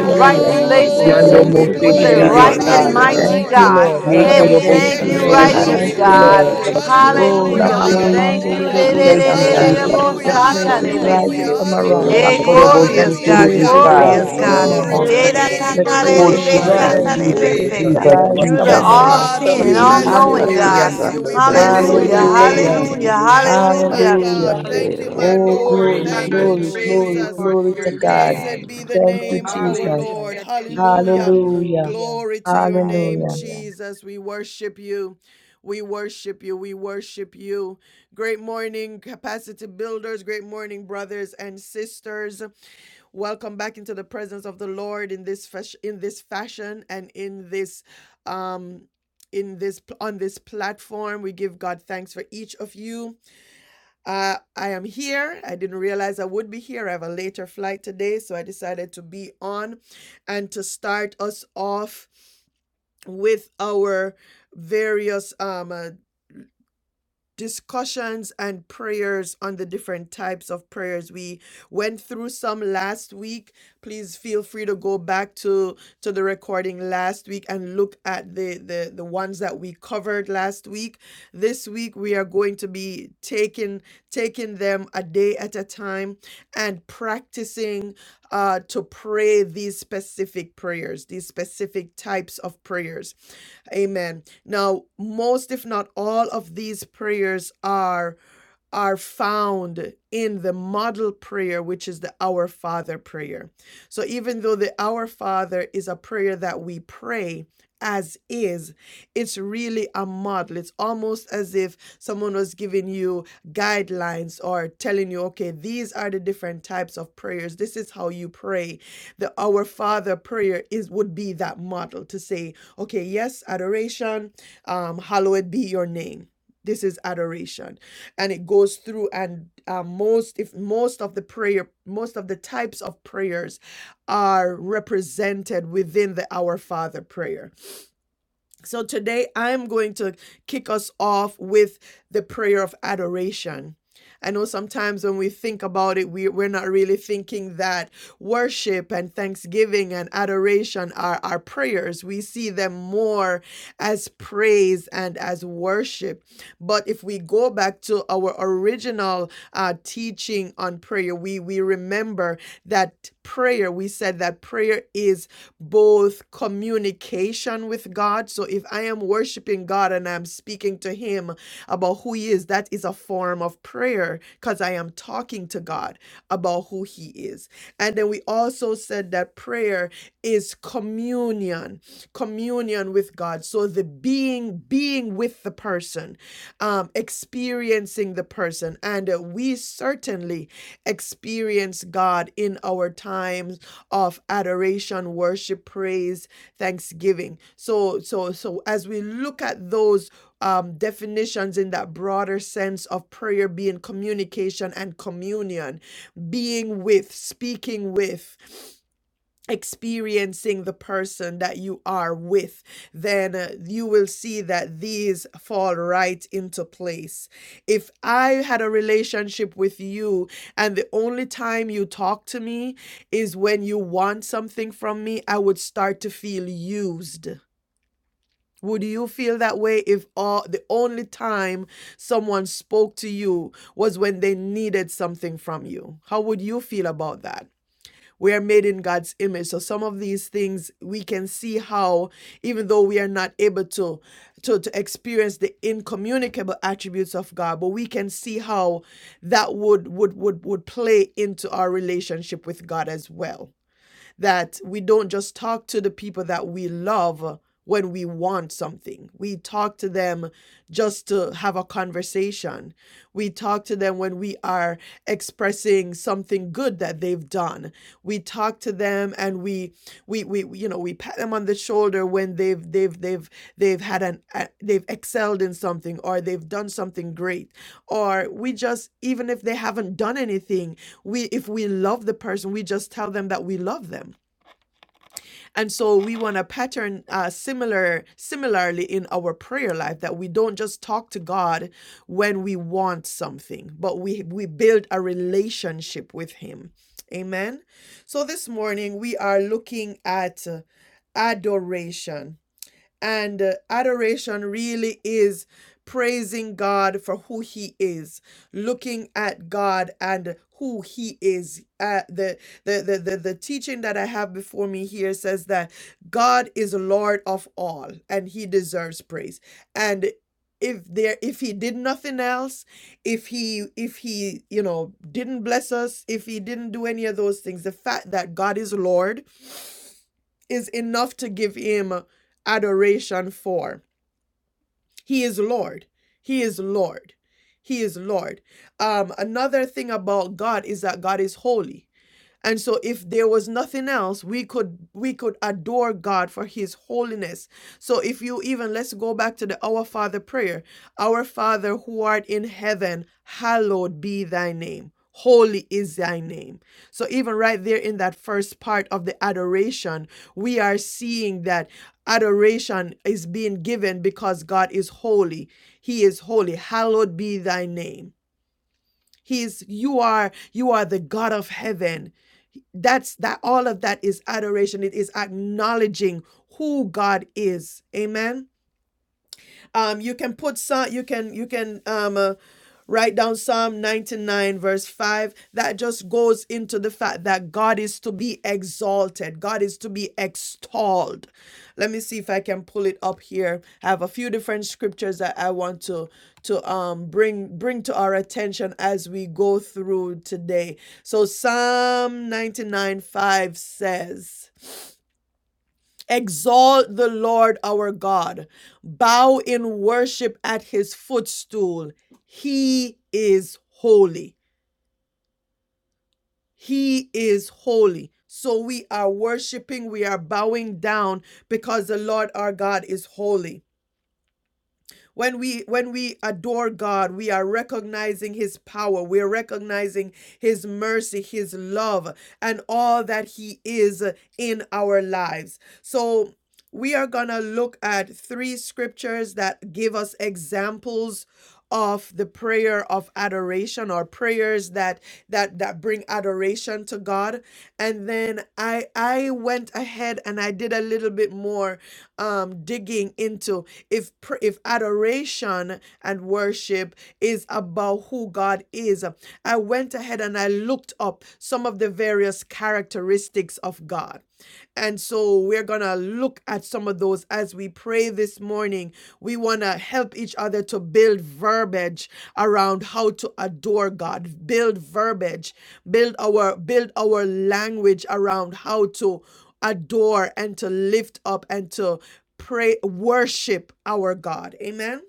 Speaker 6: it up.
Speaker 13: Spirit.
Speaker 6: na,
Speaker 3: right
Speaker 4: bless
Speaker 6: na,
Speaker 4: him,
Speaker 13: God,
Speaker 7: bless
Speaker 4: bless
Speaker 12: You
Speaker 2: Yando
Speaker 3: relationship
Speaker 12: are
Speaker 5: Thank
Speaker 1: we
Speaker 7: your
Speaker 5: you,
Speaker 4: bless
Speaker 7: name.
Speaker 2: Mose
Speaker 3: with
Speaker 13: glorify
Speaker 3: the
Speaker 13: your
Speaker 1: glory.
Speaker 12: righteous.
Speaker 5: Jesus.
Speaker 13: name,
Speaker 3: right and
Speaker 4: him,
Speaker 1: you,
Speaker 2: Terebesai.
Speaker 6: Glory.
Speaker 13: Jesus.
Speaker 4: Lord,
Speaker 7: Hallelujah,
Speaker 3: mighty
Speaker 5: Thank
Speaker 1: Lord. Uh,
Speaker 5: you,
Speaker 12: You
Speaker 4: God,
Speaker 12: are
Speaker 3: God.
Speaker 5: Lord.
Speaker 13: God,
Speaker 2: Ye
Speaker 3: Hey,
Speaker 13: your
Speaker 3: we
Speaker 1: Lord
Speaker 6: Ananamasti,
Speaker 13: name
Speaker 2: korobo
Speaker 12: faithful,
Speaker 5: Thank
Speaker 13: is
Speaker 3: thank
Speaker 5: you,
Speaker 2: si
Speaker 3: you,
Speaker 12: God.
Speaker 13: great
Speaker 5: Lord.
Speaker 4: I
Speaker 13: and
Speaker 8: you,
Speaker 2: terebe.
Speaker 6: Ananamasti,
Speaker 7: hallelujah.
Speaker 12: Glory
Speaker 3: righteous
Speaker 5: Thank
Speaker 13: great
Speaker 1: Oh,
Speaker 13: and
Speaker 4: pray
Speaker 1: Yes, we
Speaker 8: darling
Speaker 5: you,
Speaker 1: exalt you, Lord
Speaker 4: you
Speaker 5: Lord.
Speaker 3: God.
Speaker 4: to
Speaker 8: God,
Speaker 13: great.
Speaker 12: to
Speaker 4: be,
Speaker 12: your
Speaker 6: Kuriyarabasti.
Speaker 4: Lord
Speaker 5: Oh,
Speaker 4: God,
Speaker 6: We
Speaker 5: la
Speaker 1: Hallelujah,
Speaker 3: Hallelujah.
Speaker 12: name.
Speaker 13: Father,
Speaker 3: We
Speaker 13: you
Speaker 5: mama
Speaker 13: are
Speaker 8: everything
Speaker 6: praise
Speaker 3: thank
Speaker 5: mande
Speaker 13: the
Speaker 8: that
Speaker 5: de
Speaker 3: you.
Speaker 5: de
Speaker 13: last,
Speaker 3: de
Speaker 6: you,
Speaker 1: Hallelujah.
Speaker 5: bo
Speaker 8: you
Speaker 3: de
Speaker 6: love
Speaker 2: Thank
Speaker 3: de
Speaker 6: you,
Speaker 12: Forever,
Speaker 2: you,
Speaker 3: de
Speaker 6: Lord.
Speaker 3: de
Speaker 13: last
Speaker 5: satai.
Speaker 6: We
Speaker 12: God,
Speaker 3: de
Speaker 2: Jesus.
Speaker 12: you
Speaker 13: day.
Speaker 11: Hallelujah.
Speaker 3: bo
Speaker 4: it
Speaker 3: dererererebo,
Speaker 6: love
Speaker 12: are the
Speaker 5: Let
Speaker 4: is
Speaker 6: you, love
Speaker 1: hallelujah,
Speaker 13: Hallelujah.
Speaker 5: praises
Speaker 12: same.
Speaker 6: you,
Speaker 4: this
Speaker 7: Sunday,
Speaker 6: love
Speaker 1: hallelujah, hallelujah, Yes,
Speaker 5: rise
Speaker 6: you,
Speaker 3: satarebese.
Speaker 5: from
Speaker 13: Thank
Speaker 1: yes,
Speaker 5: among
Speaker 6: Lord.
Speaker 4: God,
Speaker 2: Ha
Speaker 5: us.
Speaker 3: Hey,
Speaker 4: you're
Speaker 7: Sunday,
Speaker 12: Hallelujah,
Speaker 6: Ananamasti.
Speaker 2: korobo
Speaker 4: not
Speaker 5: Let
Speaker 2: si
Speaker 4: at
Speaker 3: glorious
Speaker 13: you,
Speaker 6: We
Speaker 4: the
Speaker 12: mighty
Speaker 3: God,
Speaker 2: terebe
Speaker 12: God.
Speaker 5: praises
Speaker 4: praises
Speaker 13: Lord.
Speaker 2: sai.
Speaker 6: adore
Speaker 1: yes,
Speaker 3: glorious
Speaker 4: of
Speaker 5: rise
Speaker 6: you,
Speaker 5: from
Speaker 4: your
Speaker 3: God.
Speaker 6: Lord.
Speaker 5: among
Speaker 1: Glory
Speaker 4: people,
Speaker 5: us.
Speaker 13: Worship,
Speaker 7: more
Speaker 1: to the
Speaker 7: than
Speaker 3: Yera
Speaker 13: you,
Speaker 1: Yes,
Speaker 5: Let
Speaker 1: name
Speaker 12: Hallelujah,
Speaker 6: Ananamasti.
Speaker 1: of
Speaker 13: worship,
Speaker 1: our
Speaker 4: of
Speaker 6: There
Speaker 2: Oh,
Speaker 12: King
Speaker 1: yes,
Speaker 5: praises
Speaker 6: is
Speaker 3: tatarerebe,
Speaker 13: God.
Speaker 1: Lord.
Speaker 4: God,
Speaker 6: none
Speaker 2: Jesus,
Speaker 6: like
Speaker 4: and
Speaker 5: rise.
Speaker 12: Jesus.
Speaker 6: you,
Speaker 1: yes.
Speaker 5: Let
Speaker 4: maybe
Speaker 2: Jesus,
Speaker 13: Praise.
Speaker 4: this
Speaker 6: Lord.
Speaker 3: satarebese.
Speaker 5: praises
Speaker 2: Jesus,
Speaker 4: Lord,
Speaker 5: rise
Speaker 3: You're
Speaker 6: Ananamasti.
Speaker 7: happy.
Speaker 5: from
Speaker 3: the
Speaker 2: Jesus.
Speaker 4: God,
Speaker 1: Yes,
Speaker 5: among
Speaker 13: Hallelujah.
Speaker 3: all
Speaker 5: us.
Speaker 1: Father,
Speaker 12: Hallelujah,
Speaker 1: we
Speaker 3: seeing, all
Speaker 1: bless,
Speaker 4: you
Speaker 1: all
Speaker 9: you.
Speaker 4: lift
Speaker 6: Hallelujah,
Speaker 7: but
Speaker 4: up
Speaker 3: knowing
Speaker 1: we
Speaker 7: to
Speaker 12: Jehovah.
Speaker 4: and
Speaker 13: Hallelujah.
Speaker 1: bless
Speaker 5: Hallelujah.
Speaker 3: God.
Speaker 1: you,
Speaker 6: hallelujah.
Speaker 4: to
Speaker 1: we
Speaker 7: trust
Speaker 13: Blessed
Speaker 7: and
Speaker 4: be
Speaker 9: Thank
Speaker 1: bless
Speaker 13: is
Speaker 4: us
Speaker 1: you,
Speaker 7: obey.
Speaker 6: Great
Speaker 3: Hallelujah,
Speaker 13: your
Speaker 12: You
Speaker 6: is
Speaker 1: Lord.
Speaker 6: thy
Speaker 4: a
Speaker 13: name.
Speaker 12: are
Speaker 5: Hallelujah.
Speaker 12: the
Speaker 6: name,
Speaker 3: hallelujah,
Speaker 4: man,
Speaker 6: Lord.
Speaker 12: Most High
Speaker 1: morning,
Speaker 7: Trust
Speaker 1: my
Speaker 12: God.
Speaker 3: hallelujah.
Speaker 1: God.
Speaker 7: and
Speaker 5: Hallelujah.
Speaker 7: obey,
Speaker 1: Thank you,
Speaker 13: Hallelujah.
Speaker 7: Lord,
Speaker 1: my Oh,
Speaker 5: Oh,
Speaker 1: Lord.
Speaker 13: Glory,
Speaker 5: glory,
Speaker 13: honor,
Speaker 1: Thank
Speaker 13: and
Speaker 1: you,
Speaker 5: glory,
Speaker 12: Hallelujah.
Speaker 13: praise,
Speaker 1: Jesus.
Speaker 5: glory,
Speaker 13: Lord,
Speaker 5: glory
Speaker 12: We
Speaker 5: to
Speaker 13: your
Speaker 12: give you
Speaker 5: God.
Speaker 13: name.
Speaker 1: Blessed
Speaker 12: glory,
Speaker 1: be the
Speaker 12: Lord.
Speaker 5: Thank you,
Speaker 1: name of our
Speaker 13: Hallelujah.
Speaker 5: Jesus.
Speaker 1: Lord.
Speaker 13: Jesus.
Speaker 12: We give
Speaker 1: Hallelujah.
Speaker 12: you glory.
Speaker 5: Hallelujah.
Speaker 1: Glory to your name,
Speaker 5: Hallelujah.
Speaker 1: Jesus. We worship you. We worship you. We worship you. Great morning, capacity builders. Great morning, brothers and sisters. Welcome back into the presence of the Lord in this fash- in this fashion and in this um in this on this platform. We give God thanks for each of you. Uh, I am here. I didn't realize I would be here. I have a later flight today, so I decided to be on and to start us off with our various um, uh, discussions and prayers on the different types of prayers we went through some last week please feel free to go back to to the recording last week and look at the the the ones that we covered last week this week we are going to be taking taking them a day at a time and practicing uh to pray these specific prayers these specific types of prayers Amen. Now, most if not all of these prayers are are found in the model prayer which is the Our Father prayer. So even though the Our Father is a prayer that we pray as is, it's really a model. It's almost as if someone was giving you guidelines or telling you, okay, these are the different types of prayers. This is how you pray. The Our Father prayer is would be that model to say Okay, yes, adoration. Um, hallowed be your name. This is adoration. And it goes through and uh, most if most of the prayer, most of the types of prayers are represented within the Our Father prayer so today I'm going to kick us off with the prayer of adoration. I know sometimes when we think about it, we, we're not really thinking that worship and thanksgiving and adoration are our prayers. We see them more as praise and as worship. But if we go back to our original uh, teaching on prayer, we, we remember that prayer, we said that prayer is both communication with God. So if I am worshiping God and I'm speaking to Him about who He is, that is a form of prayer because I am talking to God about who He is. And then we also said that prayer is communion, communion with God. So the being, being with the person, um, experiencing the person. And uh, we certainly experience God in our times of adoration, worship, praise, thanksgiving. So, so, so as we look at those um, definitions in that broader sense of prayer being communication and communion, being with, speaking with experiencing the person that you are with, then uh, you will see that these fall right into place. If I had a relationship with you and the only time you talk to me is when you want something from me, I would start to feel used. Would you feel that way if all the only time someone spoke to you was when they needed something from you? How would you feel about that? we are made in God's image. So some of these things we can see how even though we are not able to to, to experience the incommunicable attributes of God, but we can see how that would would would would play into our relationship with God as well that we don't just talk to the people that we love when we want something. We talk to them just to have a conversation. We talk to them when we are expressing something good that they've done. We talk to them and we we we you know, we pat them on the shoulder when they've they've they've they've had an a- they've excelled in something or they've done something great or we just even if they haven't done anything we if we love the person we just tell them that we love them and so we want a pattern uh, similar similarly in our prayer life that we don't just talk to god when we want something but we we build a relationship with him amen so this morning we are looking at uh, adoration and uh, adoration really is praising God for who He is, looking at God and who He is. Uh, the, the, the, the, the teaching that I have before me here says that God is Lord of all and He deserves praise. And if there if he did nothing else if he if he you know didn't bless us if he didn't do any of those things the fact that god is lord is enough to give him adoration for. He is Lord. He is Lord. He is Lord. Um, another thing about God is that God is holy. And so if there was nothing else, we could we could adore God for his holiness. So if you even let's go back to the Our Father prayer. Our Father who art in heaven, hallowed be thy name. Holy is thy name. So even right there in that first part of the adoration, we are seeing that adoration is being given because God is holy. He is holy. Hallowed be thy name. He is you are you are the God of heaven that's that all of that is adoration it is acknowledging who god is amen um, you can put some. You can you can um, uh, write down Psalm ninety nine verse five. That just goes into the fact that God is to be exalted. God is to be extolled. Let me see if I can pull it up here. I have a few different scriptures that I want to to um bring bring to our attention as we go through today. So Psalm ninety nine five says. Exalt the Lord our God. Bow in worship at his footstool. He is holy. He is holy. So we are worshiping, we are bowing down because the Lord our God is holy. When we when we adore God, we are recognizing his power. We are recognizing his mercy, his love, and all that he is in our lives. So we are going to look at three scriptures that give us examples of the prayer of adoration or prayers that that that bring adoration to God and then I I went ahead and I did a little bit more um digging into if if adoration and worship is about who God is, I went ahead and I looked up some of the various characteristics of God. And so we're going to look at some of those as we pray this morning. We want to help each other to build verbiage around how to adore God, build verbiage, build our build our language around how to adore and to lift up and to pray worship our God. Amen.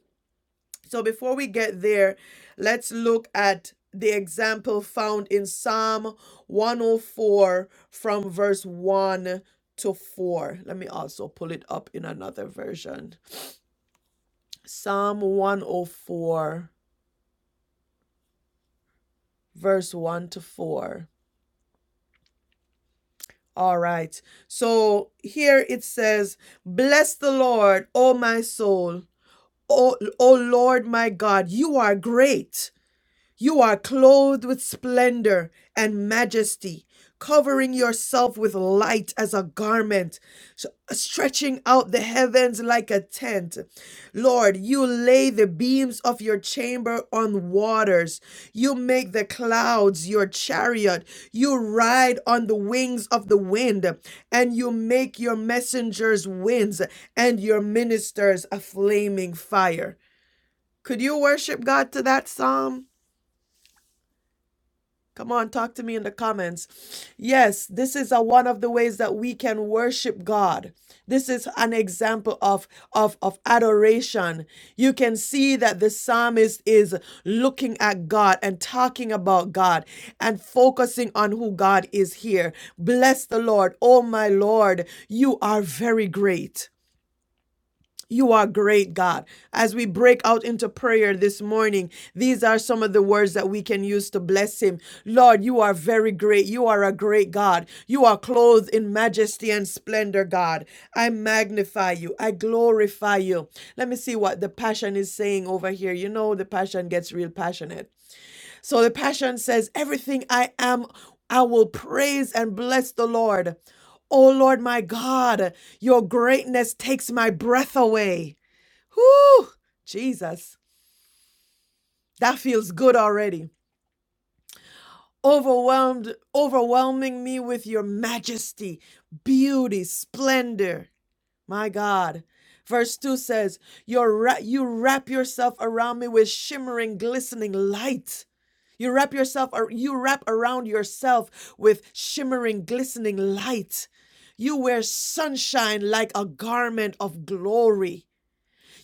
Speaker 1: So before we get there, let's look at the example found in Psalm 104 from verse 1 to 4. Let me also pull it up in another version. Psalm 104 verse 1 to 4. All right. So here it says, "Bless the Lord, O my soul. O, o Lord my God, you are great." You are clothed with splendor and majesty, covering yourself with light as a garment, s- stretching out the heavens like a tent. Lord, you lay the beams of your chamber on waters. You make the clouds your chariot. You ride on the wings of the wind, and you make your messengers winds and your ministers a flaming fire. Could you worship God to that psalm? Come on, talk to me in the comments. Yes, this is a, one of the ways that we can worship God. This is an example of, of, of adoration. You can see that the psalmist is looking at God and talking about God and focusing on who God is here. Bless the Lord. Oh, my Lord, you are very great. You are great, God. As we break out into prayer this morning, these are some of the words that we can use to bless Him. Lord, you are very great. You are a great God. You are clothed in majesty and splendor, God. I magnify you. I glorify you. Let me see what the passion is saying over here. You know, the passion gets real passionate. So the passion says, Everything I am, I will praise and bless the Lord. Oh Lord, my God, your greatness takes my breath away. Whew, Jesus, that feels good already. Overwhelmed, overwhelming me with your majesty, beauty, splendor. My God. Verse 2 says, "Your ra- You wrap yourself around me with shimmering, glistening light. You wrap yourself, you wrap around yourself with shimmering, glistening light. You wear sunshine like a garment of glory.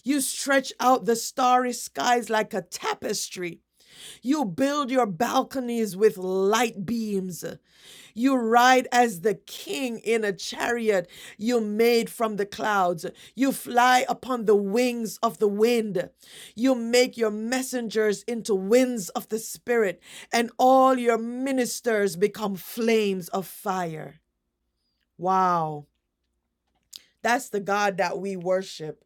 Speaker 1: You stretch out the starry skies like a tapestry. You build your balconies with light beams. You ride as the king in a chariot you made from the clouds. You fly upon the wings of the wind. You make your messengers into winds of the spirit, and all your ministers become flames of fire. Wow. That's the God that we worship.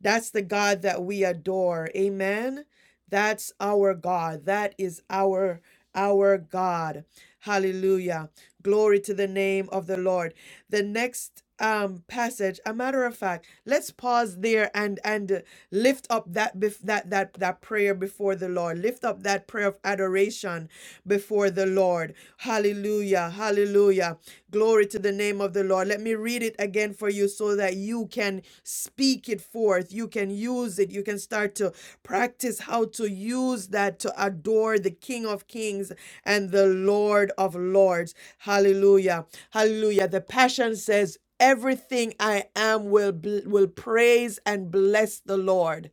Speaker 1: That's the God that we adore. Amen. That's our God. That is our our God. Hallelujah. Glory to the name of the Lord. The next um passage, a matter of fact, let's pause there and and uh, lift up that bef- that that that prayer before the Lord. Lift up that prayer of adoration before the Lord. Hallelujah. Hallelujah. Glory to the name of the Lord. Let me read it again for you so that you can can speak it forth. You can use it. You can start to practice how to use that to adore the King of Kings and the Lord of Lords. Hallelujah. Hallelujah. The Passion says, Everything I am will, bl- will praise and bless the Lord.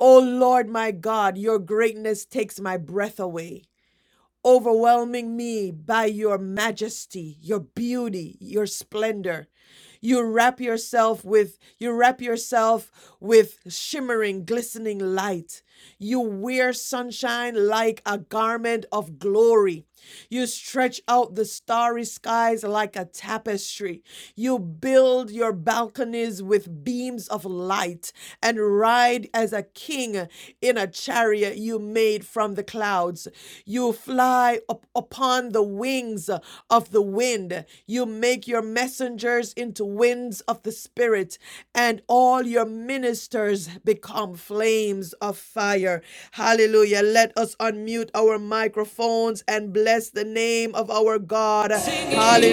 Speaker 1: Oh Lord, my God, your greatness takes my breath away overwhelming me by your majesty, your beauty, your splendor. You wrap yourself with you wrap yourself with shimmering glistening light. You wear sunshine like a garment of glory. You stretch out the starry skies like a tapestry. You build your balconies with beams of light and ride as a king in a chariot you made from the clouds. You fly up upon the wings of the wind. You make your messengers into winds of the spirit, and all your your ministers become flames of fire. Hallelujah. Let us unmute our microphones and bless the name of our God.